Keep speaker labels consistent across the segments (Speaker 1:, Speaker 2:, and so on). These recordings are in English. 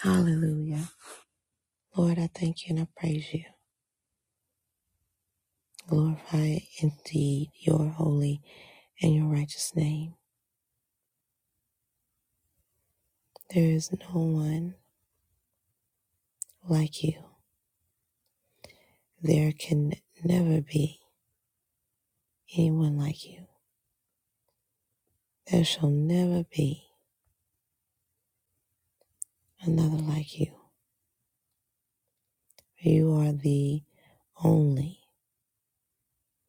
Speaker 1: Hallelujah. Lord, I thank you and I praise you. Glorify indeed your holy and your righteous name. There is no one like you. There can never be anyone like you. There shall never be another like you. You are the only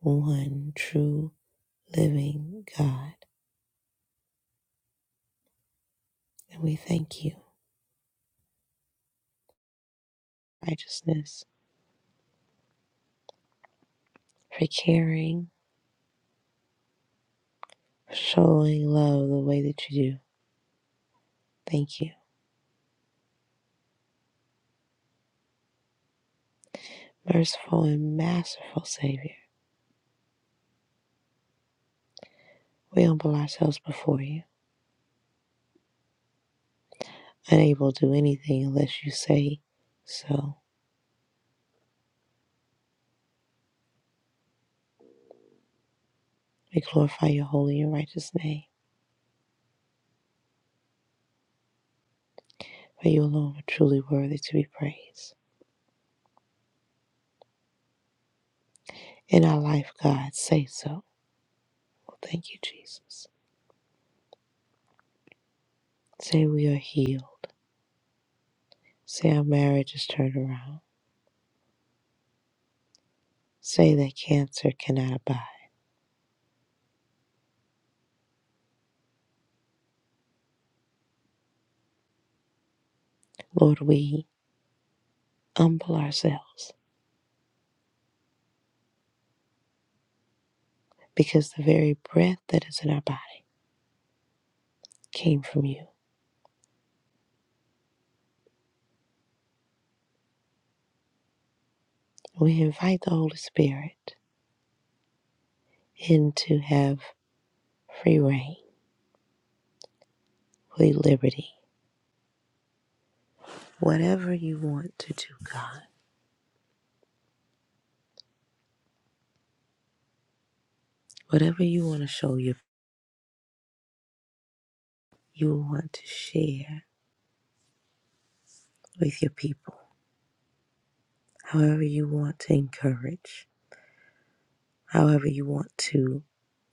Speaker 1: one true living God. And we thank you, righteousness, for caring, for showing love the way that you do. Thank you. Merciful and masterful Savior, we humble ourselves before you, unable to do anything unless you say so. We glorify your holy and righteous name, for you alone are truly worthy to be praised. In our life, God, say so. Thank you, Jesus. Say we are healed. Say our marriage is turned around. Say that cancer cannot abide. Lord, we humble ourselves because the very breath that is in our body came from you. We invite the Holy Spirit and to have free reign, free liberty. Whatever you want to do, God, whatever you want to show your, you want to share with your people, however you want to encourage, however you want to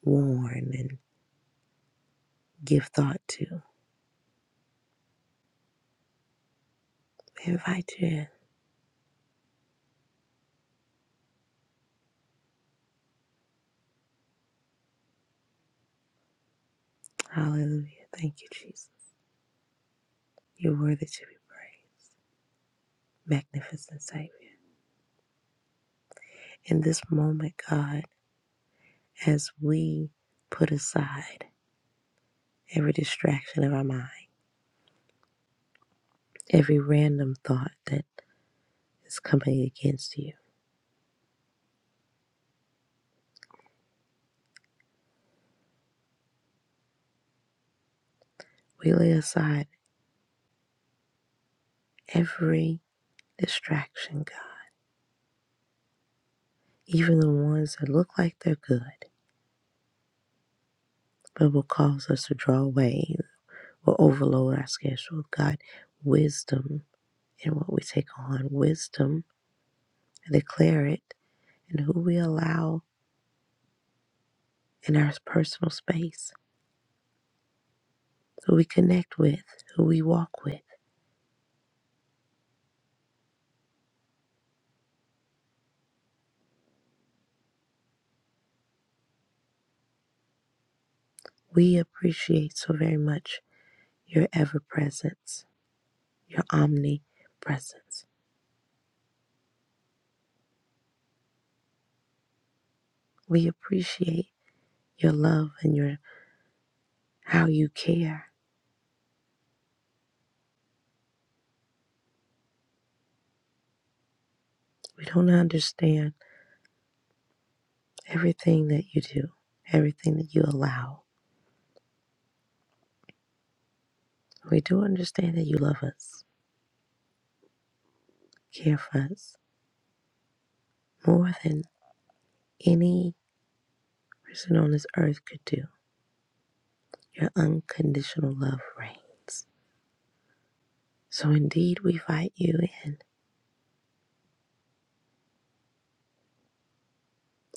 Speaker 1: warn and give thought to, we invite you in. Hallelujah. Thank you, Jesus. You're worthy to be praised. Magnificent Savior. In this moment, God, as we put aside every distraction of our mind, every random thought that is coming against you. We lay aside every distraction, God, even the ones that look like they're good, but will cause us to draw away or overload our schedule. God, wisdom in what we take on, wisdom and declare it, and who we allow in our personal space, who we connect with, who we walk with. We appreciate so very much your ever presence, your omnipresence. We appreciate your love and your how you care. We don't understand everything that you do, everything that you allow. We do understand that you love us, care for us more than any person on this earth could do. Your unconditional love reigns. So indeed, we invite you in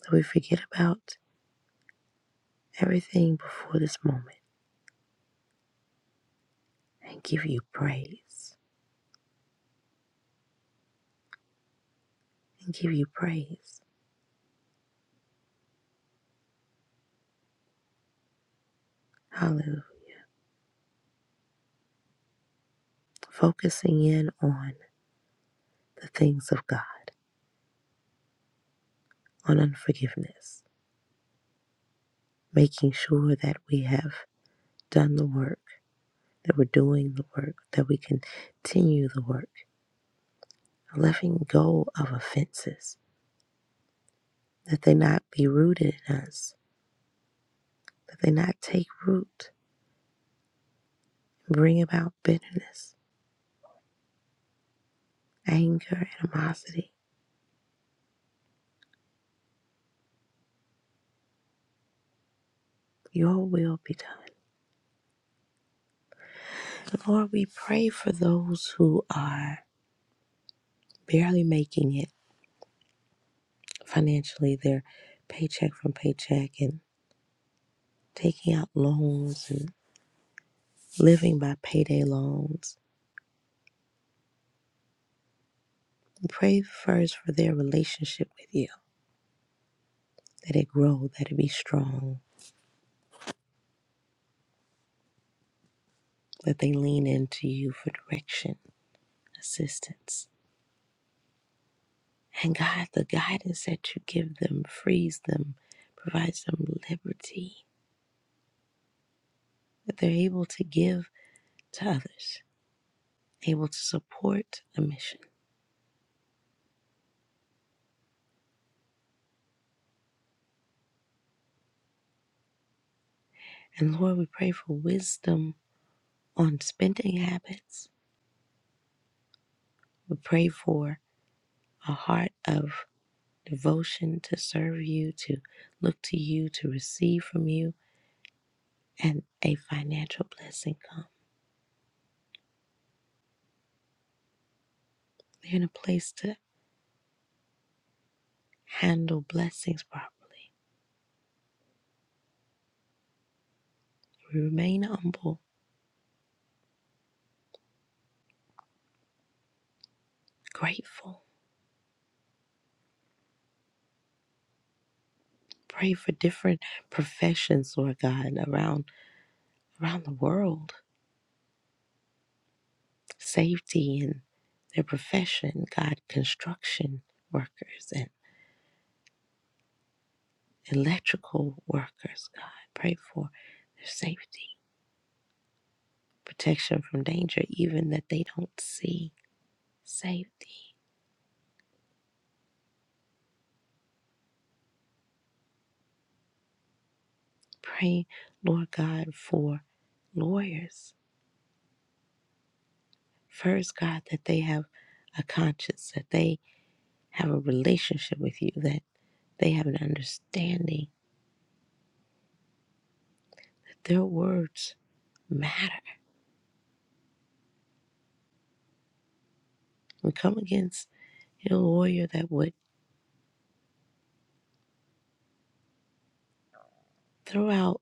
Speaker 1: that we forget about everything before this moment and give you praise and give you praise. Hallelujah. Focusing in on the things of God, on unforgiveness, making sure that we have done the work, that we're doing the work, that we continue the work, letting go of offenses, that they not be rooted in us, that they not take root, bring about bitterness, anger, animosity. Your will be done. Lord, we pray for those who are barely making it financially. They're paycheck from paycheck and taking out loans and. living by payday loans. Pray first for their relationship with you, that it grow, that it be strong, that they lean into you for direction, assistance. And God, the guidance that you give them frees them, provides them liberty, that they're able to give to others, able to support a mission. And Lord, we pray for wisdom on spending habits. We pray for a heart of devotion to serve you, to look to you, to receive from you, and a financial blessing come. They're in a place to handle blessings properly. We remain humble, grateful. Pray for different professions, Lord God, around around the world. Safety in their profession, God, construction workers and electrical workers, God. Pray for their safety, protection from danger, even that they don't see safety. Pray, Lord God, for lawyers. First, God, that they have a conscience, that they have a relationship with you, that they have an understanding that their words matter. We come against a lawyer that would throw out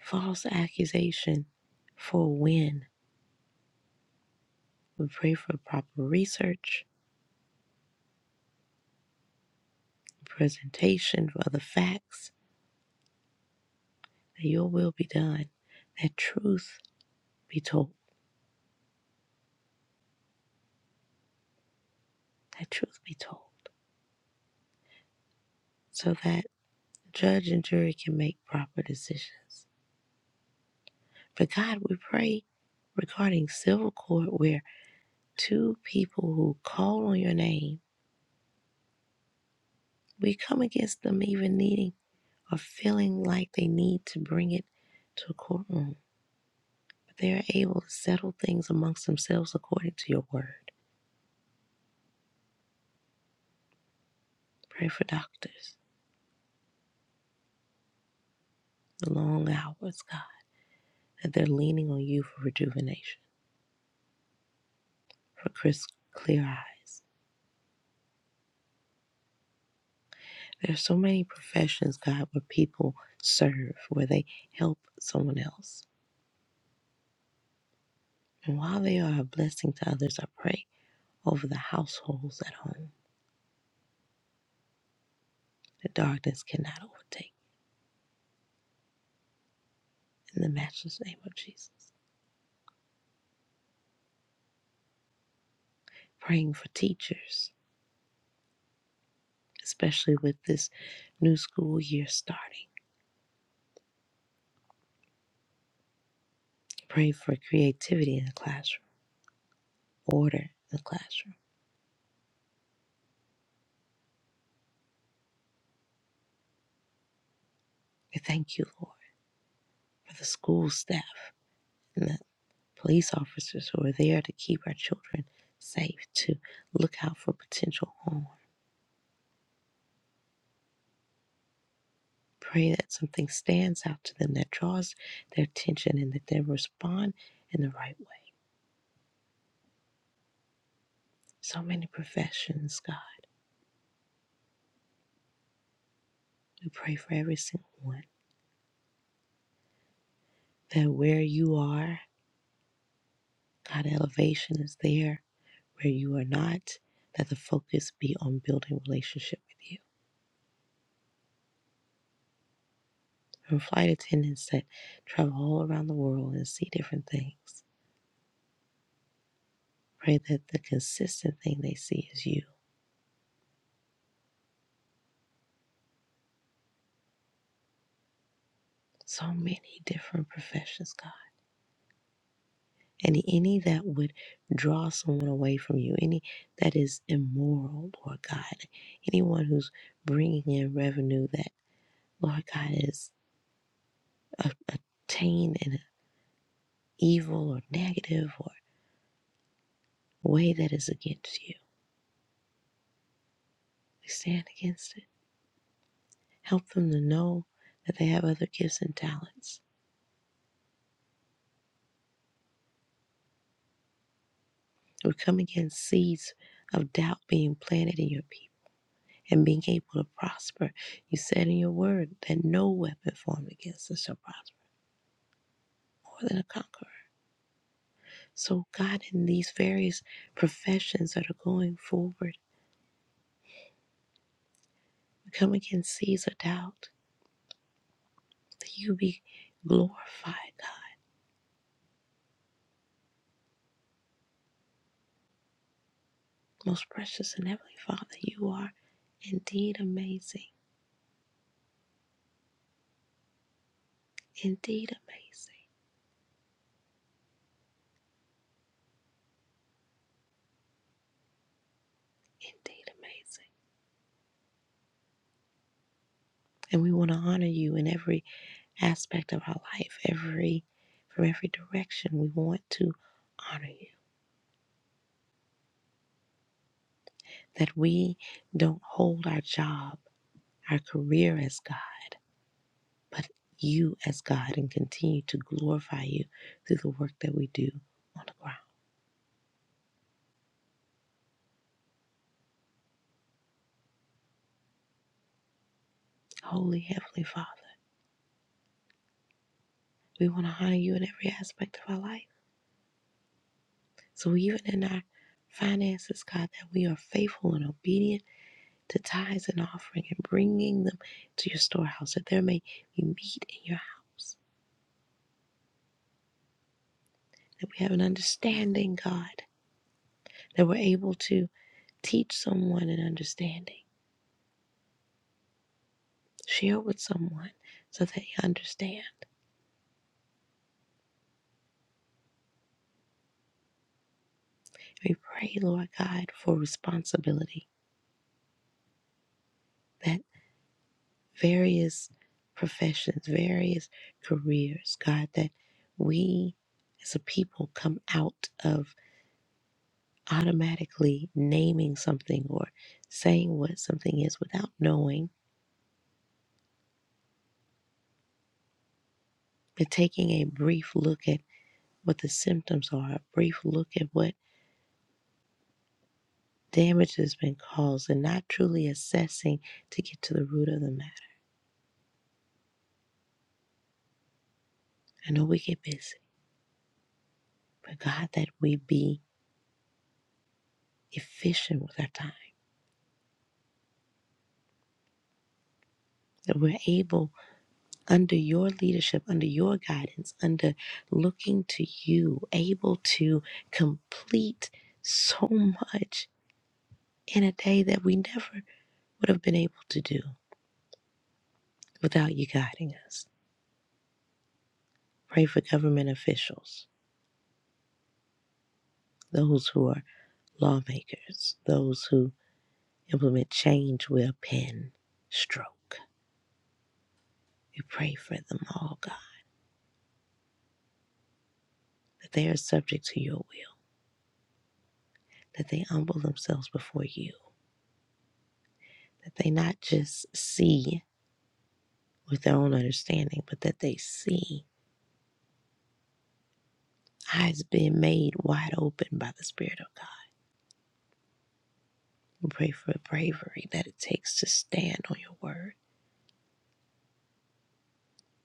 Speaker 1: false accusation for a win. We pray for proper research, presentation for the facts, that your will be done, that truth be told, that truth be told. so that judge and jury can make proper decisions. For God, we pray regarding civil court where two people who call on your name, we come against them even needing or feeling like they need to bring it to a courtroom. But they are able to settle things amongst themselves according to your word. Pray for doctors, the long hours, God, that they're leaning on you for rejuvenation, for crisp, clear eyes There's so many professions, God, where people serve, where they help someone else. And while they are a blessing to others, I pray over the households at home that darkness cannot overtake in the matchless name of Jesus. Praying for teachers, especially with this new school year starting. Pray for creativity in the classroom, order in the classroom. We thank you, Lord, for the school staff and the police officers who are there to keep our children safe, to look out for potential harm. Pray that something stands out to them that draws their attention and that they respond in the right way. So many professions, God. We pray for every single one. That where you are, God, elevation is there. Where you are not, that the focus be on building relationship with you. From flight attendants that travel all around the world and see different things Pray that the consistent thing they see is you. So many different professions, God. And any that would draw someone away from you, any that is immoral, Lord God, anyone who's bringing in revenue that, Lord God, is a- attained in an evil or negative or way that is against you, we stand against it. Help them to know that they have other gifts and talents. We come against seeds of doubt being planted in your people and being able to prosper. You said in your word that no weapon formed against us shall prosper more than a conqueror. So, God, in these various professions that are going forward, we come against seeds of doubt that you be glorified, God. Most precious and heavenly Father, you are indeed amazing, indeed amazing, indeed amazing. And we want to honor you in every aspect of our life, every from every direction. We want to honor you. that we don't hold our job, our career as God, but you as God and continue to glorify you through the work that we do on the ground. Holy Heavenly Father, we want to honor you in every aspect of our life. So even in our finances, God, that we are faithful and obedient to tithes and offering and bringing them to your storehouse, that there may be meat in your house. that we have an understanding, God, that we're able to teach someone an understanding, share with someone so that they understand. We pray, Lord God, for responsibility that various professions, various careers, God, that we as a people come out of automatically naming something or saying what something is without knowing, but taking a brief look at what the symptoms are, a brief look at what damage that has been caused and not truly assessing to get to the root of the matter. I know we get busy, but God, that we be efficient with our time, that we're able, under your leadership, under your guidance, under looking to you, able to complete so much in a day that we never would have been able to do without you guiding us. Pray for government officials, those who are lawmakers, those who implement change with a pen stroke. We pray for them all, God, that they are subject to your will, that they humble themselves before you, that they not just see with their own understanding, but that they see eyes being made wide open by the Spirit of God. We pray for the bravery that it takes to stand on your word,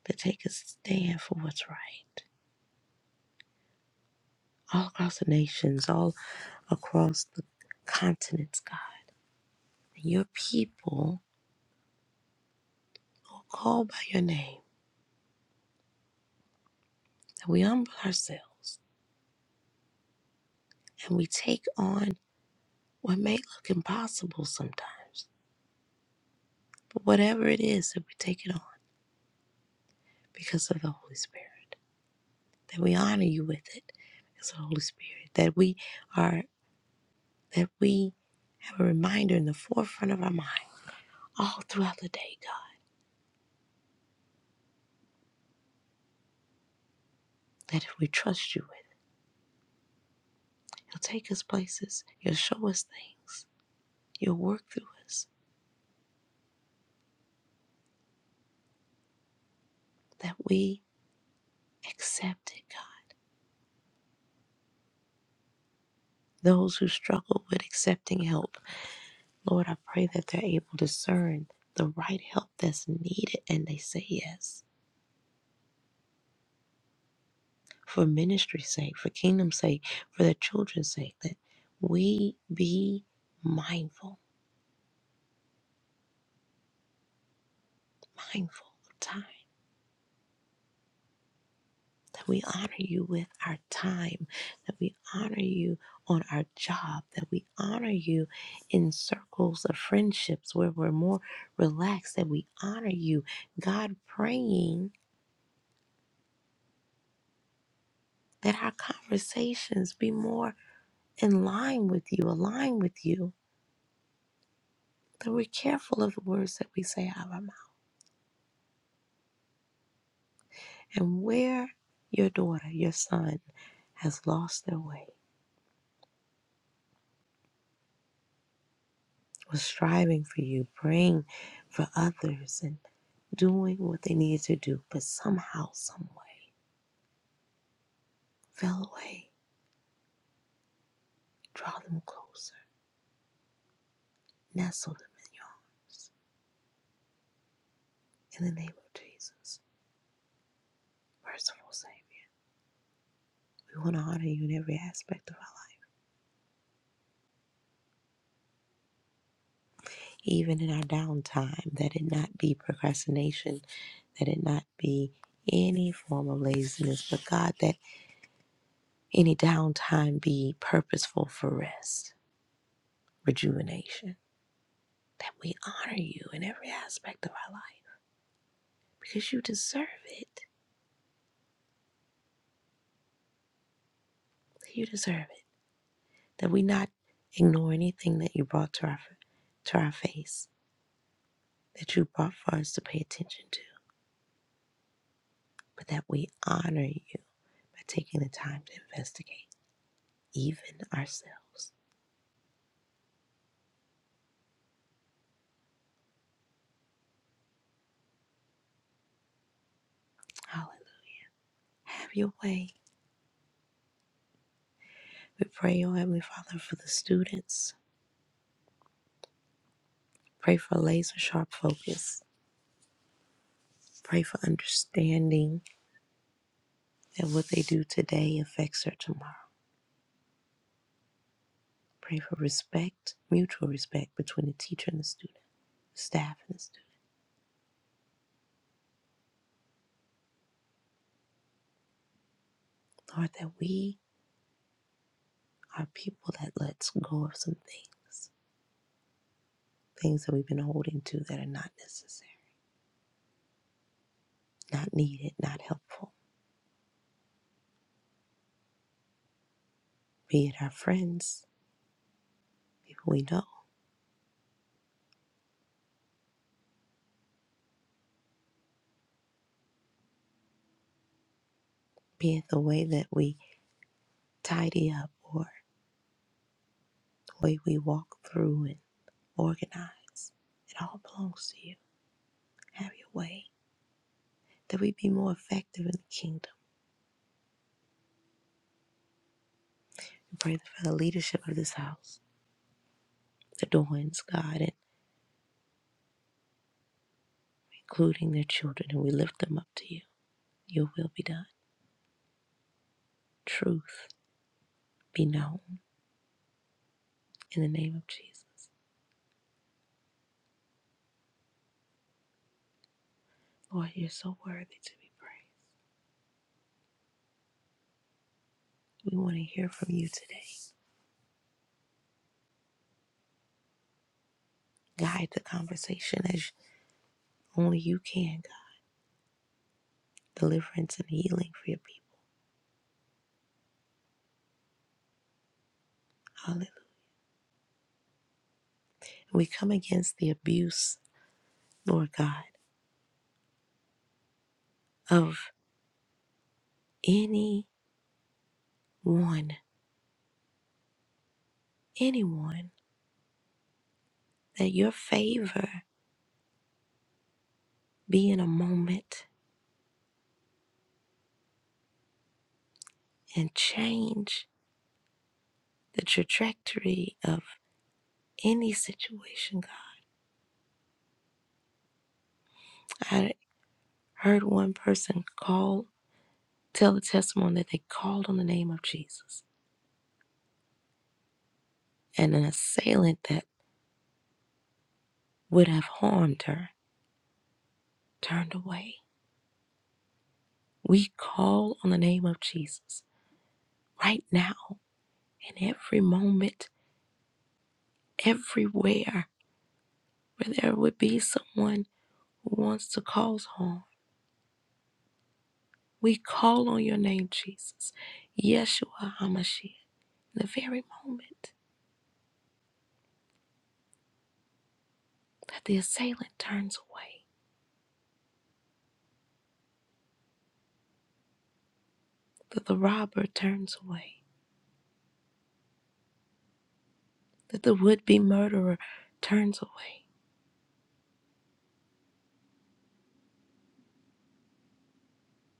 Speaker 1: to take a stand for what's right. All across the nations, all across the continents, God, and your people who are called by your name that we humble ourselves and we take on what may look impossible sometimes, but whatever it is that we take it on because of the Holy Spirit, that we honor you with it because of the Holy Spirit, that we are that we have a reminder in the forefront of our mind all throughout the day, God, that if we trust you with it, you'll take us places, you'll show us things, you'll work through us, that we accept it, God. Those who struggle with accepting help Lord, I pray that they're able to discern the right help that's needed and they say yes for ministry's sake, for kingdom's sake, for their children's sake, that we be mindful, mindful of time, that we honor you with our time, that we honor you on our job, that we honor you in circles of friendships where we're more relaxed, that we honor you. God, praying that our conversations be more in line with you, align with you, that we're careful of the words that we say out of our mouth. And where your daughter, your son, has lost their way, was striving for you, praying for others, and doing what they needed to do, but somehow, some way, fell away. Draw them closer, nestle them in your arms. In the name of Jesus, merciful Savior, we want to honor you in every aspect of our life. even in our downtime, that it not be procrastination, that it not be any form of laziness, but God, that any downtime be purposeful for rest, rejuvenation, that we honor you in every aspect of our life because you deserve it. You deserve it. That we not ignore anything that you brought to our to our face, that you brought for us to pay attention to, but that we honor you by taking the time to investigate. even ourselves. Hallelujah. Have your way. We pray, O Heavenly Father, for the students. Pray for laser sharp focus. Pray for understanding that what they do today affects their tomorrow. Pray for respect, mutual respect between the teacher and the student, the staff and the student. Lord, that we are people that lets go of some things, things that we've been holding to that are not necessary, not needed, not helpful. Be it our friends, people we know, be it the way that we tidy up or the way we walk through and organize. It all belongs to you. Have your way. That we be more effective in the kingdom. We pray for the leadership of this house, the Doyens, God, and including their children, and we lift them up to you. Your will be done. Truth be known in the name of Jesus. Lord, you're so worthy to be praised. We want to hear from you today. Guide the conversation as only you can, God. Deliverance and healing for your people. Hallelujah. We come against the abuse, Lord God, of anyone, anyone, that your favor be in a moment and change the trajectory of any situation, God. I heard one person call, tell the testimony that they called on the name of Jesus, and an assailant that would have harmed her turned away. We call on the name of Jesus right now in every moment everywhere where there would be someone who wants to cause harm. We call on your name, Jesus, Yeshua HaMashiach. The very moment that the assailant turns away, that the robber turns away, that the would be murderer turns away,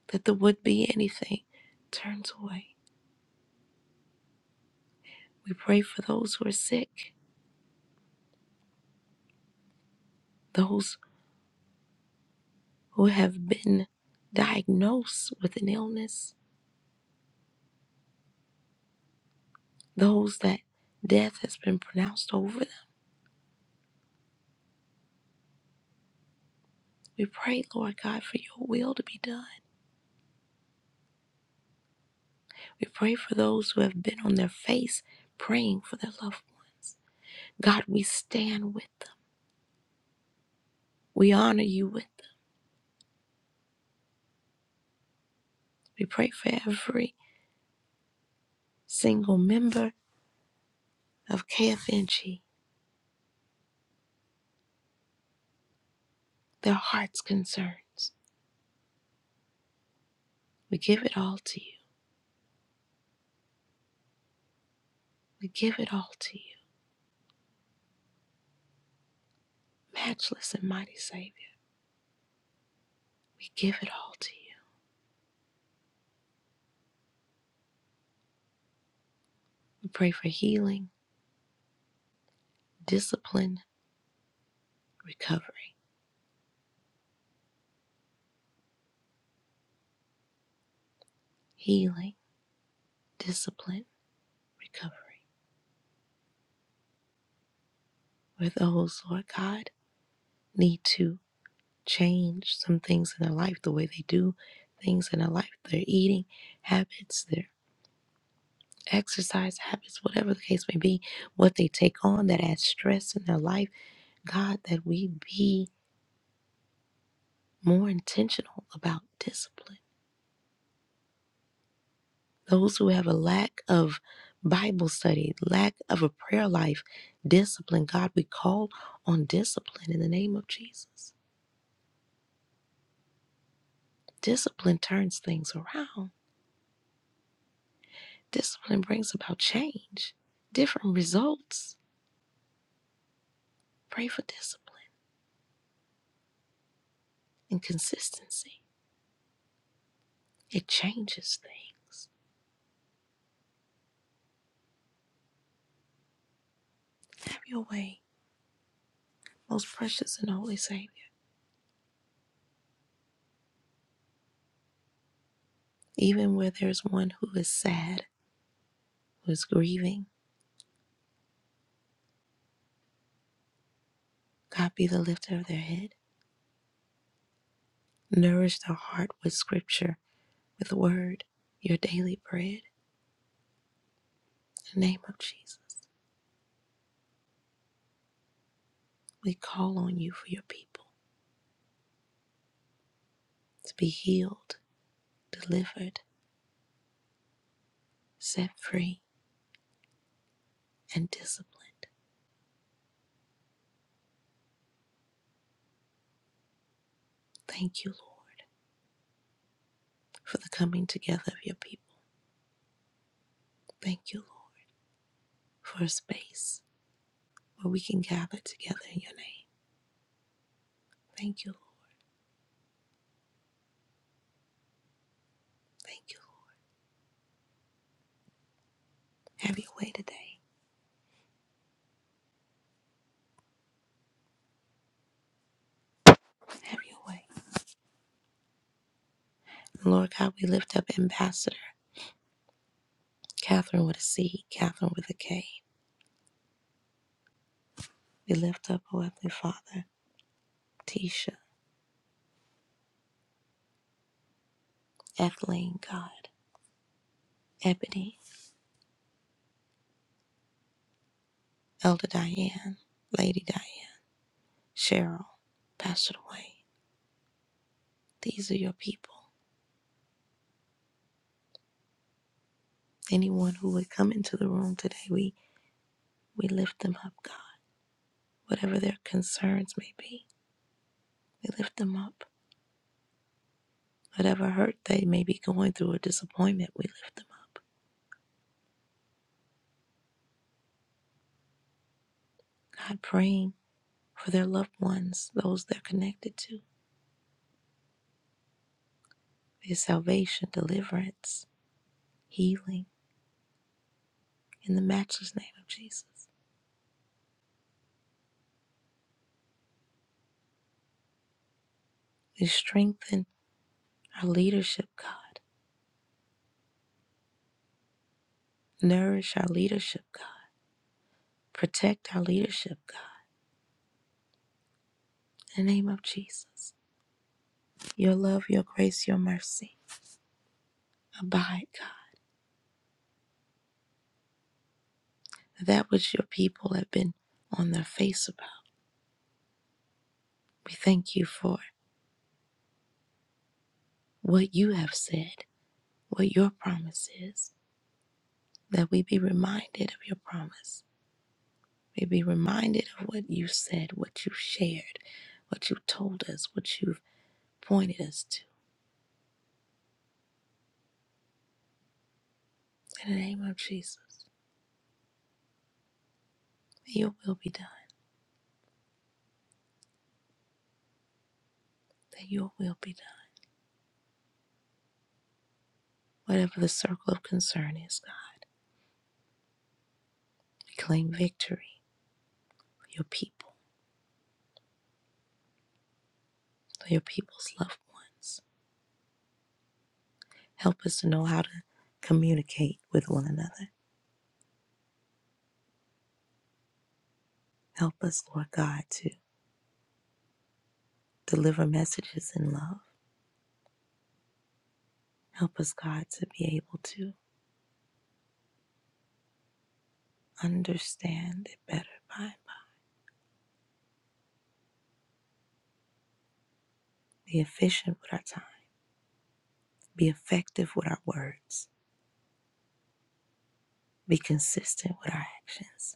Speaker 1: that the would be anything turns away. We pray for those who are sick, those who have been diagnosed with an illness, those that death has been pronounced over We pray, Lord God, for your will to be done. We pray for those who have been on their face praying for their loved ones. God, we stand with them. We honor you with them. We pray for every single member of KFNG, their heart's concerns. We give it all to you. We give it all to you. Matchless and mighty Savior, we give it all to you. We pray for healing, discipline, recovery. Healing, discipline, recovery. With those, Lord God need to change some things in their life, the way they do things in their life, their eating habits, their exercise habits, whatever the case may be, what they take on that adds stress in their life. God, that we be more intentional about discipline. Those who have a lack of Bible study, lack of a prayer life, discipline, God, we call on discipline in the name of Jesus. Discipline turns things around. Discipline brings about change, different results. Pray for discipline and consistency. It changes things. Have your way, most precious and holy Savior. Even where there's one who is sad, who is grieving, God be the lifter of their head. Nourish their heart with scripture, with word, your daily bread. In the name of Jesus, we call on you for your people to be healed, delivered, set free, and disciplined. Thank you, Lord, for the coming together of your people. Thank you, Lord, for a space where we can gather together in your name. Thank you, Lord. Thank you. Lord. Have your way today. Have your way. And Lord God, we lift up Ambassador Catherine with a C, Catherine with a K. We lift up, O Heavenly Father, Tisha, Ethelene, God, Ebony, Elder Diane, Lady Diane, Cheryl, Pastor Dwayne. These are your people. Anyone who would come into the room today, we. We lift them up, God. Whatever their concerns may be, we lift them up. Whatever hurt they may be going through or disappointment, we lift them up. God, praying for their loved ones, those they're connected to, their salvation, deliverance, healing, in the matchless name of Jesus. We strengthen our leadership, God. Nourish our leadership, God. Protect our leadership, God. In the name of Jesus. Your love, your grace, your mercy. Abide, God. that which your people have been on their face about. We thank you for what you have said, what your promise is, that we be reminded of your promise. We be reminded of what you said, what you shared, what you told us, what you've pointed us to. In the name of Jesus, may your will be done, that your will be done. Whatever the circle of concern is, God, we claim victory for your people, for your people's loved ones. Help us to know how to communicate with one another. Help us, Lord God, to deliver messages in love. Help us, God, to be able to understand it better by and by. Be efficient with our time. Be effective with our words. Be consistent with our actions.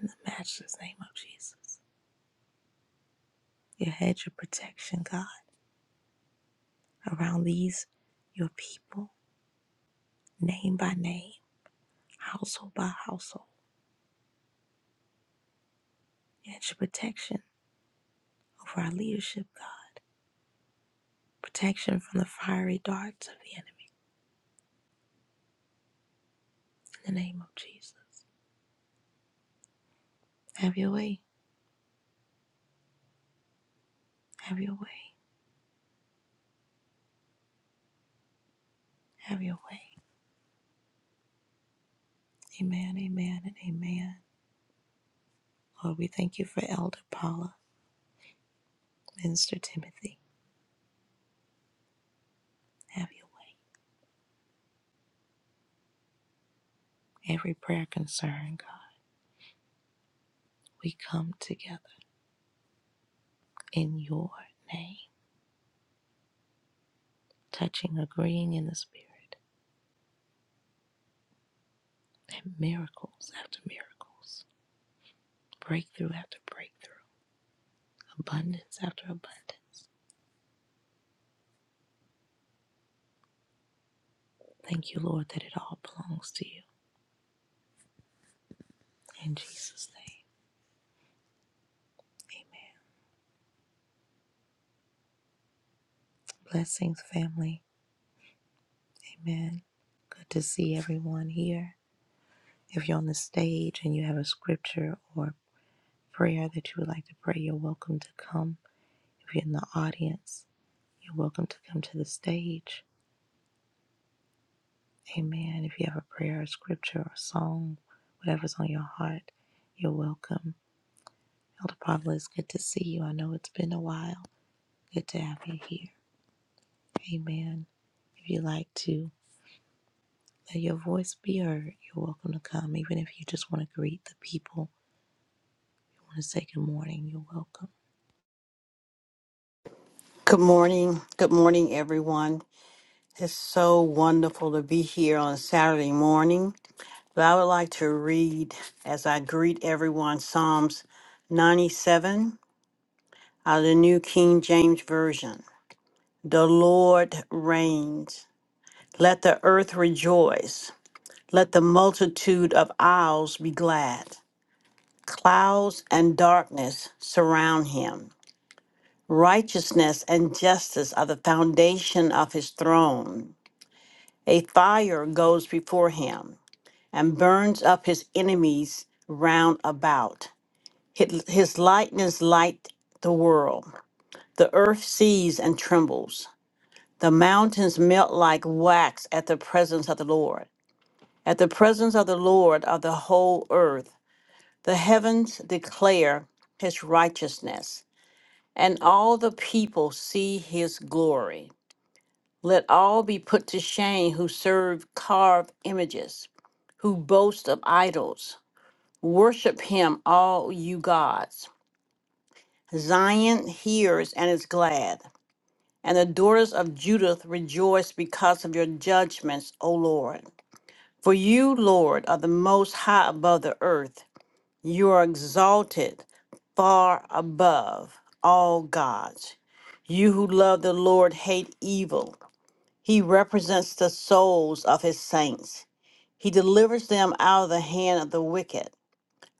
Speaker 1: In the matchless name of Jesus. Your hedge of protection, God, around these, your people, name by name, household by household. Your hedge of protection over our leadership, God. protection from the fiery darts of the enemy. In the name of Jesus. Have your way. Have your way. Have your way. Amen, amen, and amen. Lord, we thank you for Elder Paula, Minister Timothy. Have your way. Every prayer concern, God, we come together in your name, touching, agreeing in the Spirit, and miracles after miracles, breakthrough after breakthrough, abundance after abundance. Thank you, Lord, that it all belongs to you. In Jesus' name. Amen. Blessings, family. Amen. Good to see everyone here. If you're on the stage and you have a scripture or prayer that you would like to pray, you're welcome to come. If you're in the audience, you're welcome to come to the stage. Amen. If you have a prayer, or scripture, or song, whatever's on your heart, you're welcome. Elder Paula, it's good to see you. I know it's been a while. Good to have you here. Amen. If you like to Let your voice be heard. You're welcome to come, even if you just want to greet the people. You want to say good morning. You're welcome.
Speaker 2: Good morning. Good morning, everyone. It's so wonderful to be here on Saturday morning. But I would like to read, as I greet everyone, Psalms 97 out of the New King James Version. The Lord reigns. Let the earth rejoice. Let the multitude of isles be glad. Clouds and darkness surround him. Righteousness and justice are the foundation of his throne. A fire goes before him and burns up his enemies round about. His his lightnings light the world. The earth sees and trembles. The mountains melt like wax at the presence of the Lord. At the presence of the Lord of the whole earth, the heavens declare his righteousness, and all the people see his glory. Let all be put to shame who serve carved images, who boast of idols. Worship him, all you gods. Zion hears and is glad, and the daughters of Judith rejoice because of your judgments, O Lord. For you, Lord, are the most high above the earth. You are exalted far above all gods. You who love the Lord hate evil. He represents the souls of his saints. He delivers them out of the hand of the wicked.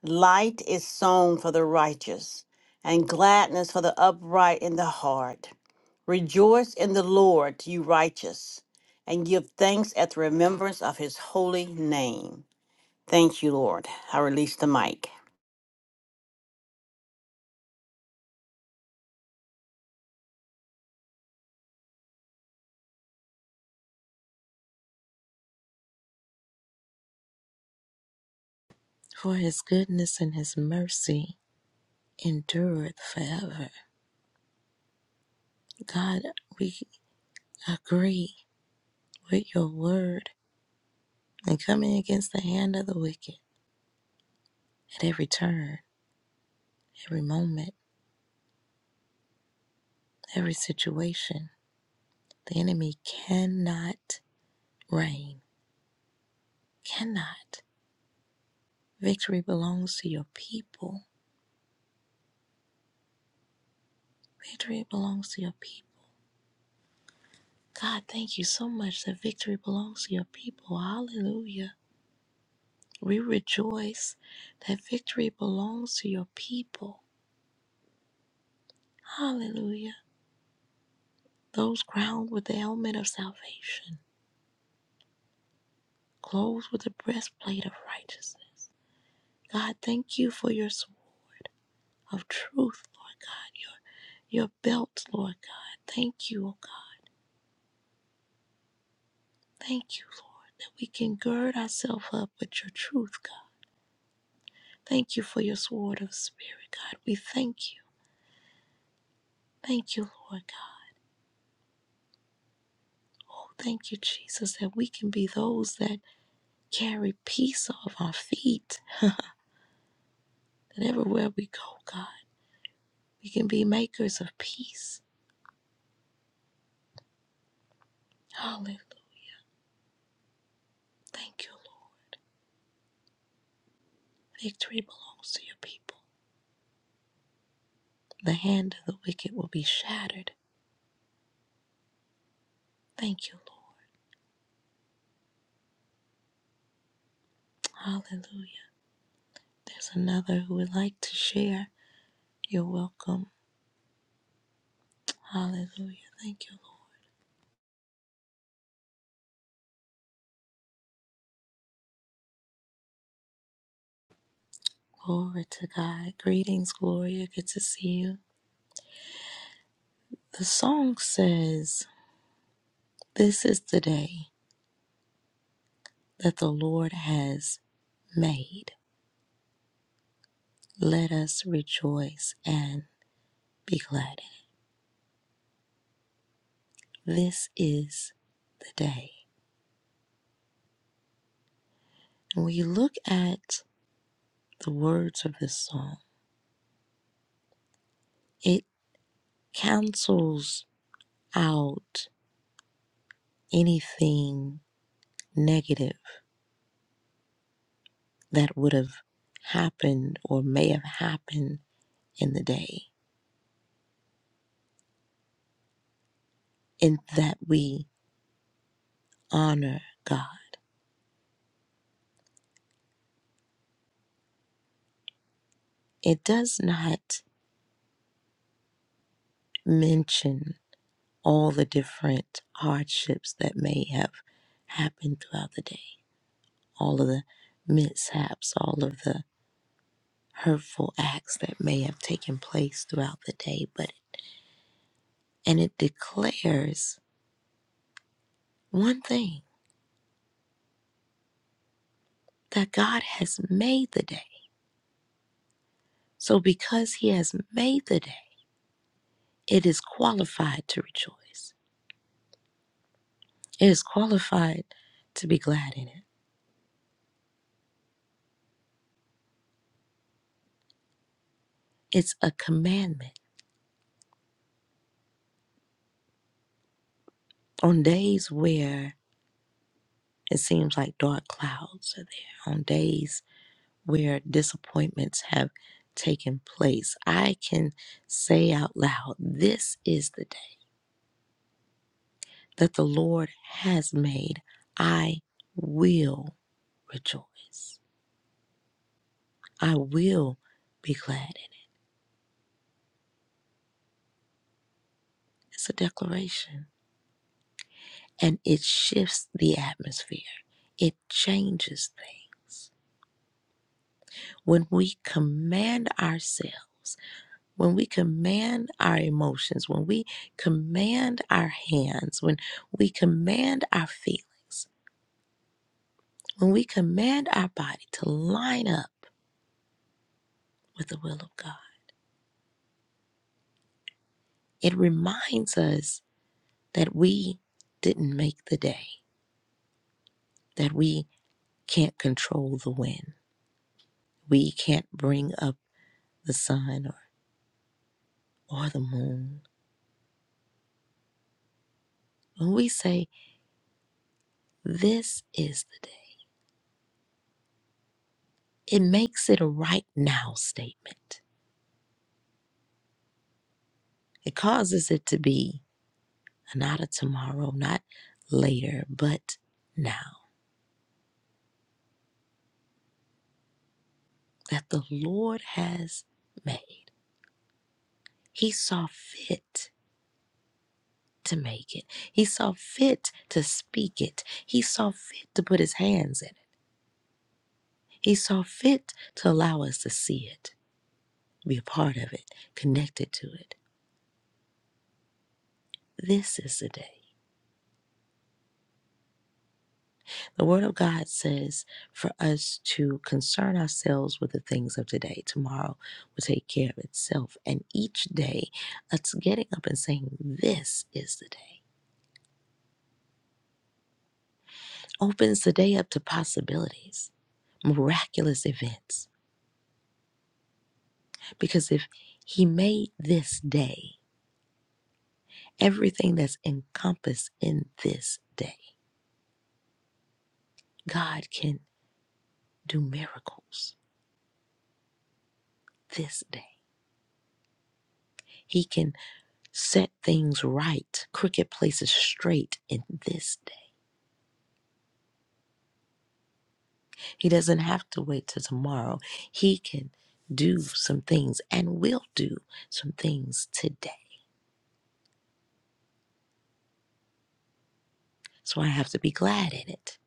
Speaker 2: Light is sown for the righteous, and gladness for the upright in the heart. Rejoice in the Lord, you righteous, and give thanks at the remembrance of his holy name. Thank you, Lord. I release the mic.
Speaker 1: For his goodness and his mercy endureth forever. God, we agree with your word and coming against the hand of the wicked at every turn, every moment, every situation. The enemy cannot reign. Cannot. Victory belongs to your people. Victory belongs to your people. God, thank you so much that victory belongs to your people. Hallelujah. We rejoice that victory belongs to your people. Hallelujah. Those crowned with the helmet of salvation, clothed with the breastplate of righteousness. God, thank you for your sword of truth, Lord God, your, your belt, Lord God. Thank you, oh God. Thank you, Lord, that we can gird ourselves up with your truth, God. Thank you for your sword of spirit, God. We thank you. Thank you, Lord God. Oh, thank you, Jesus, that we can be those that carry peace off our feet, that everywhere we go, God, we can be makers of peace. Hallelujah. Thank you, Lord. Victory belongs to your people. The hand of the wicked will be shattered. Thank you, Lord. Hallelujah. There's another who would like to share. You're welcome. Hallelujah. Thank you, Lord. Glory to God. Greetings, Gloria. Good to see you. The song says, This is the day. that the Lord has made. Let us rejoice and be glad in it. This is the day. When you look at the words of this song, it cancels out anything negative that would have happened or may have happened in the day, in that we honor God. It does not mention all the different hardships that may have happened throughout the day, all of the mishaps, all of the hurtful acts that may have taken place throughout the day, but and it declares one thing that God has made the day. So because he has made the day, it is qualified to rejoice. It is qualified to be glad in it. It's a commandment on days where It seems like dark clouds are there on days where disappointments have taken place. I can say out loud, This is the day that the Lord has made. I will rejoice. I will be glad in it. It's a declaration and it shifts the atmosphere, it changes things. When we command ourselves, when we command our emotions, when we command our hands, when we command our feelings, when we command our body to line up with the will of God, it reminds us that we didn't make the day, that we can't control the wind, we can't bring up the sun or, or the moon. When we say, This is the day, it makes it a right now statement. It causes it to be not a tomorrow, not later, but now that the Lord has made. He saw fit to make it, He saw fit to speak it, He saw fit to put His hands in it, He saw fit to allow us to see it, be a part of it, connected to it. This is the day. The Word of God says for us to concern ourselves with the things of today. Tomorrow will take care of itself. And each day, us getting up and saying, This is the day, opens the day up to possibilities, miraculous events. Because if He made this day, everything that's encompassed in this day, God can do miracles this day. He can set things right, crooked places straight in this day. He doesn't have to wait till tomorrow. He can do some things and will do some things today. So I have to be glad in it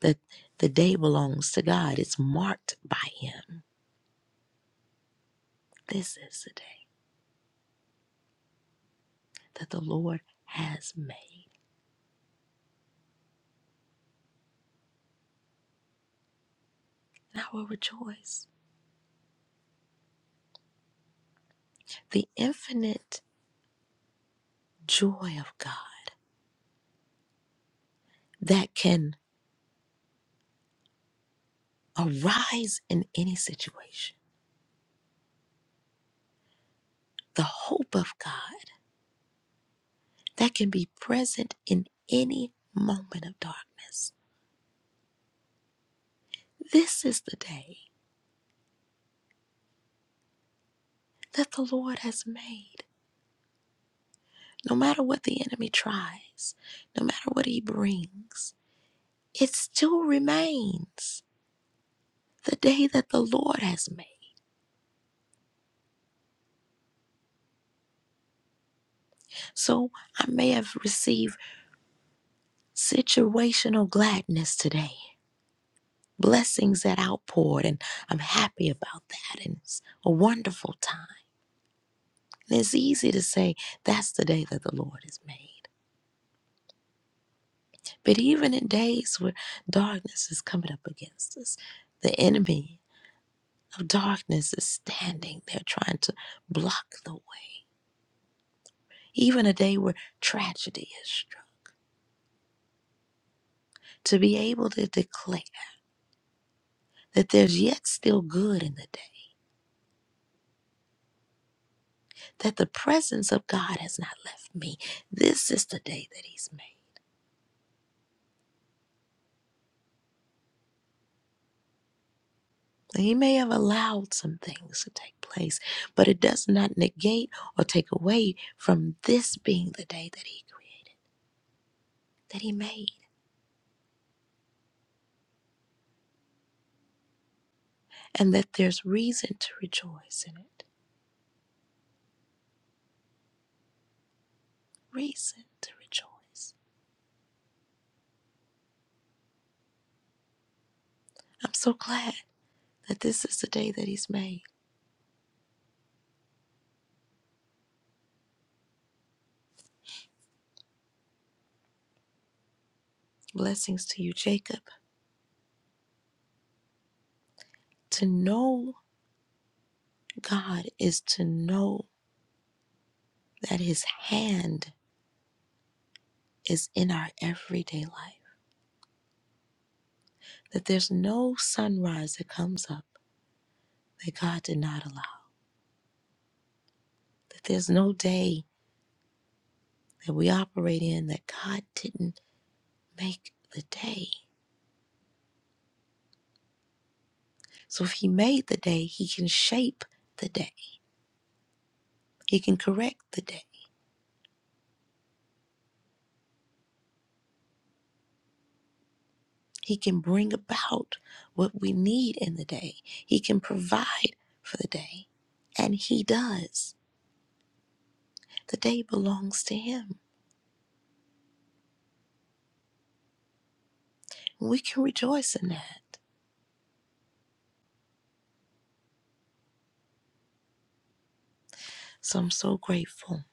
Speaker 1: that the day belongs to God. It's marked by Him. This is the day that the Lord has made. And I will rejoice. The infinite joy of God that can arise in any situation, the hope of God that can be present in any moment of darkness. This is the day that the Lord has made. No matter what the enemy tries, no matter what he brings, it still remains the day that the Lord has made. So I may have received situational gladness today, blessings that outpoured, and I'm happy about that. And it's a wonderful time. And it's easy to say, that's the day that the Lord has made. But even in days where darkness is coming up against us, the enemy of darkness is standing there trying to block the way. Even a day where tragedy is struck, to be able to declare that there's yet still good in the day, that the presence of God has not left me. This is the day that He's made. He may have allowed some things to take place, but it does not negate or take away from this being the day that He created, that He made. and that there's reason to rejoice in it. Reason to rejoice. I'm so glad that this is the day that He's made. Blessings to you, Jacob. To know God is to know that His hand is in our everyday life, that there's no sunrise that comes up that God did not allow, that there's no day that we operate in that God didn't make the day. So if He made the day, He can shape the day. He can correct the day. He can bring about what we need in the day. He can provide for the day. And He does. The day belongs to Him. We can rejoice in that. So I'm so grateful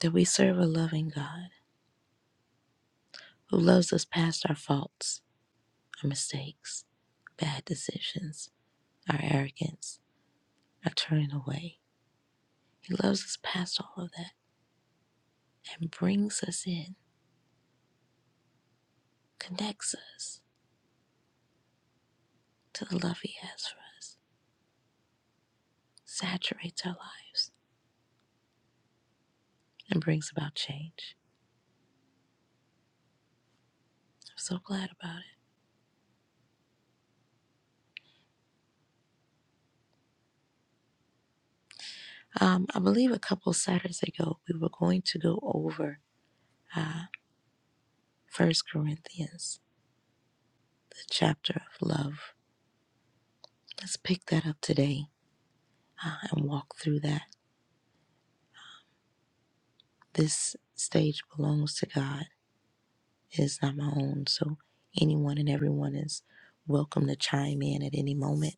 Speaker 1: that we serve a loving God who loves us past our faults, our mistakes, bad decisions, our arrogance, our turning away. He loves us past all of that and brings us in, connects us to the love He has for us. saturates our lives and brings about change. I'm so glad about it. Um, I believe a couple Saturdays ago, we were going to go over uh, First Corinthians, the chapter of love. Let's pick that up today uh, and walk through that. This stage belongs to God, it is not my own. So anyone and everyone is welcome to chime in at any moment.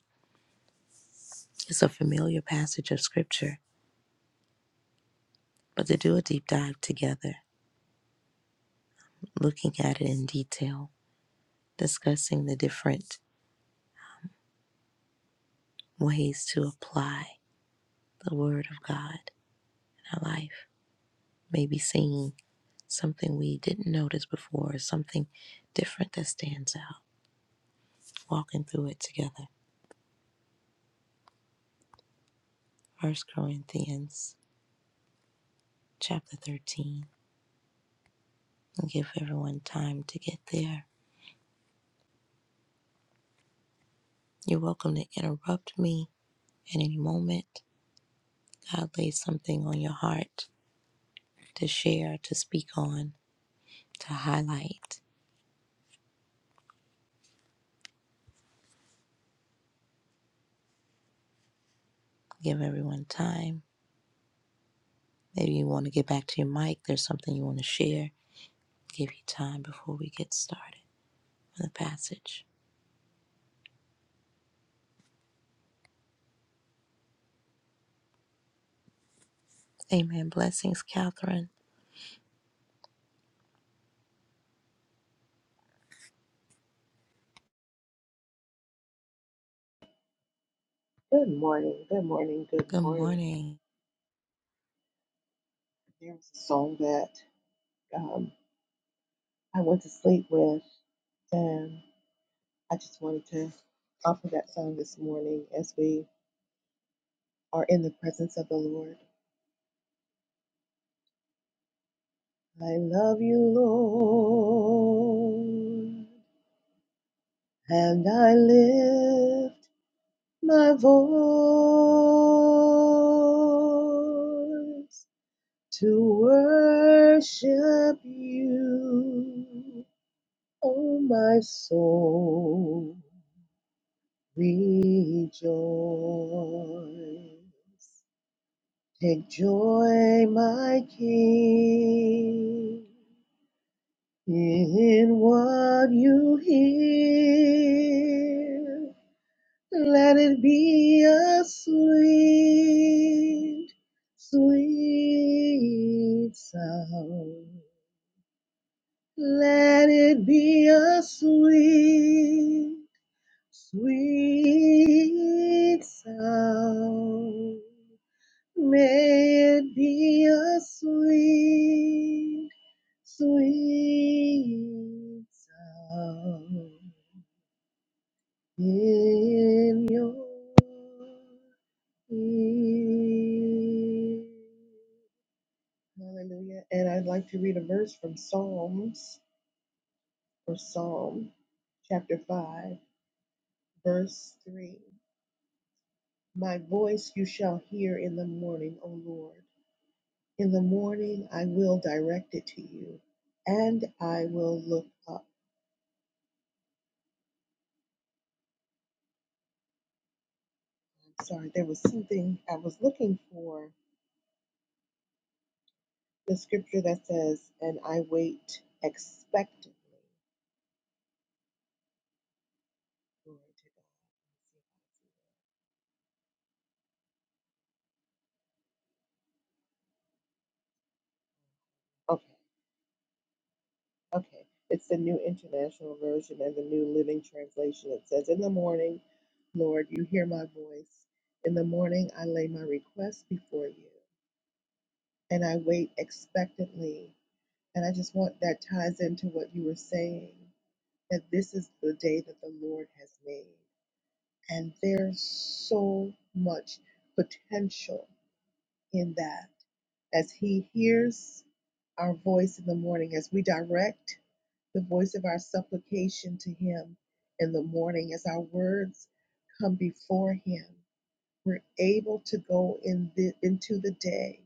Speaker 1: It's a familiar passage of Scripture, but to do a deep dive together, looking at it in detail, discussing the different ways to apply the Word of God in our life. Maybe seeing something we didn't notice before, or something different that stands out. Walking through it together. First Corinthians chapter 13. And give everyone time to get there. You're welcome to interrupt me at any moment. God lays something on your heart to share, to speak on, to highlight. Give everyone time Maybe you want to get back to your mic. There's something you want to share. Give you time before we get started on the passage. Amen. Blessings, Catherine.
Speaker 3: Good morning, good morning, good
Speaker 1: Good
Speaker 3: morning.
Speaker 1: morning.
Speaker 3: There was a song that um, I went to sleep with, and I just wanted to offer that song this morning as we are in the presence of the Lord. I love you, Lord, and I lift my voice to worship you. Oh, my soul, rejoice. Take joy, my King, in what you hear. Let it be a sweet, sweet sound. Let it be a sweet Sweet sound, may it be a sweet, sweet sound in your ear. Hallelujah. And I'd like to read a verse from Psalms or Psalm chapter 5, verse 3. My voice you shall hear in the morning, O Lord. In the morning, I will direct it to you and I will look up. I'm sorry, there was something I was looking for the scripture that says, and I wait expectantly. Okay, okay. It's the New International Version and the New Living Translation. It says, In the morning, Lord, you hear my voice. In the morning, I lay my request before you and I wait expectantly. And I just want that ties into what you were saying that this is the day that the Lord has made. And there's so much potential in that as He hears our voice in the morning, as we direct the voice of our supplication to Him in the morning, as our words come before Him, we're able to go in the, into the day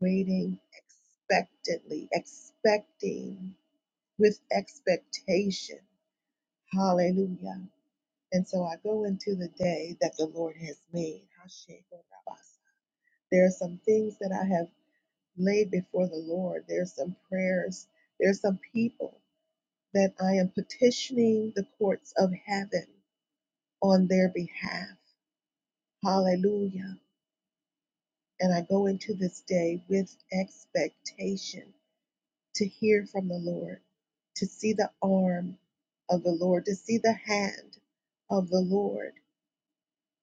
Speaker 3: waiting expectantly, expecting with expectation. Hallelujah And so I go into the day that the Lord has made. There are some things that I have laid before the Lord. There are some prayers. There are some people that I am petitioning the courts of heaven on their behalf. Hallelujah. And I go into this day with expectation to hear from the Lord, to see the arm of the Lord, to see the hand of the Lord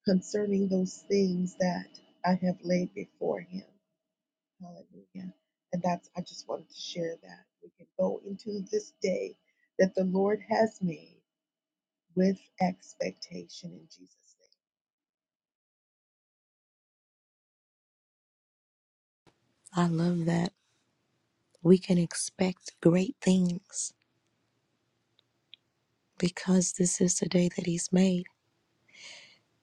Speaker 3: concerning those things that I have laid before him. Hallelujah. And that's, I just wanted to share that. We can go into this day that the Lord has made with expectation in Jesus' name.
Speaker 1: I love that we can expect great things because this is the day that He's made.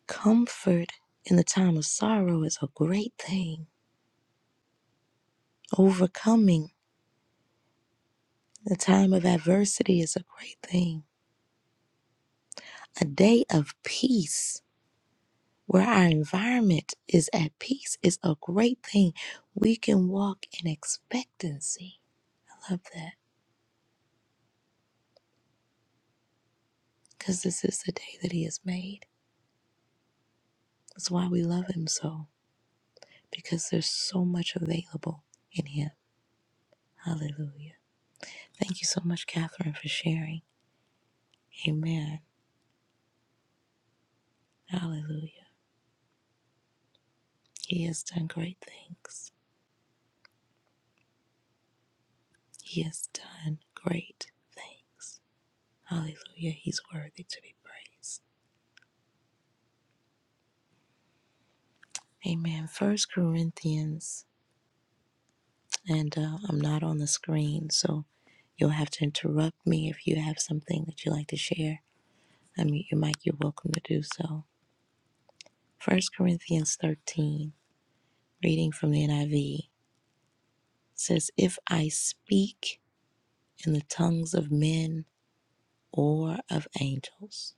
Speaker 1: Comfort in the time of sorrow is a great thing. Overcoming the time of adversity is a great thing. A day of peace where our environment is at peace is a great thing. We can walk in expectancy. I love that because this is the day that He has made. That's why we love Him so because there's so much available in Him. Hallelujah. Thank you so much, Catherine, for sharing. Amen. Hallelujah. He has done great things. He has done great things. Hallelujah. He's worthy to be praised. Amen. First Corinthians and uh, I'm not on the screen, so you'll have to interrupt me if you have something that you like to share. I mute your mic, you're welcome to do so. First Corinthians 13, reading from the NIV, says, If I speak in the tongues of men or of angels,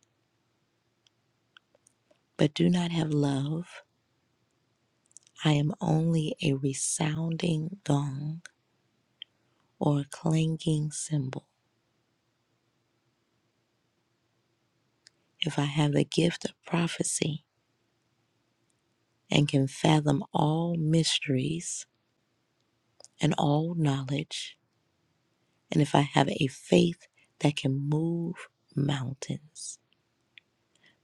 Speaker 1: but do not have love, I am only a resounding gong or a clanging cymbal. If I have the gift of prophecy, and can fathom all mysteries and all knowledge, and if I have a faith that can move mountains,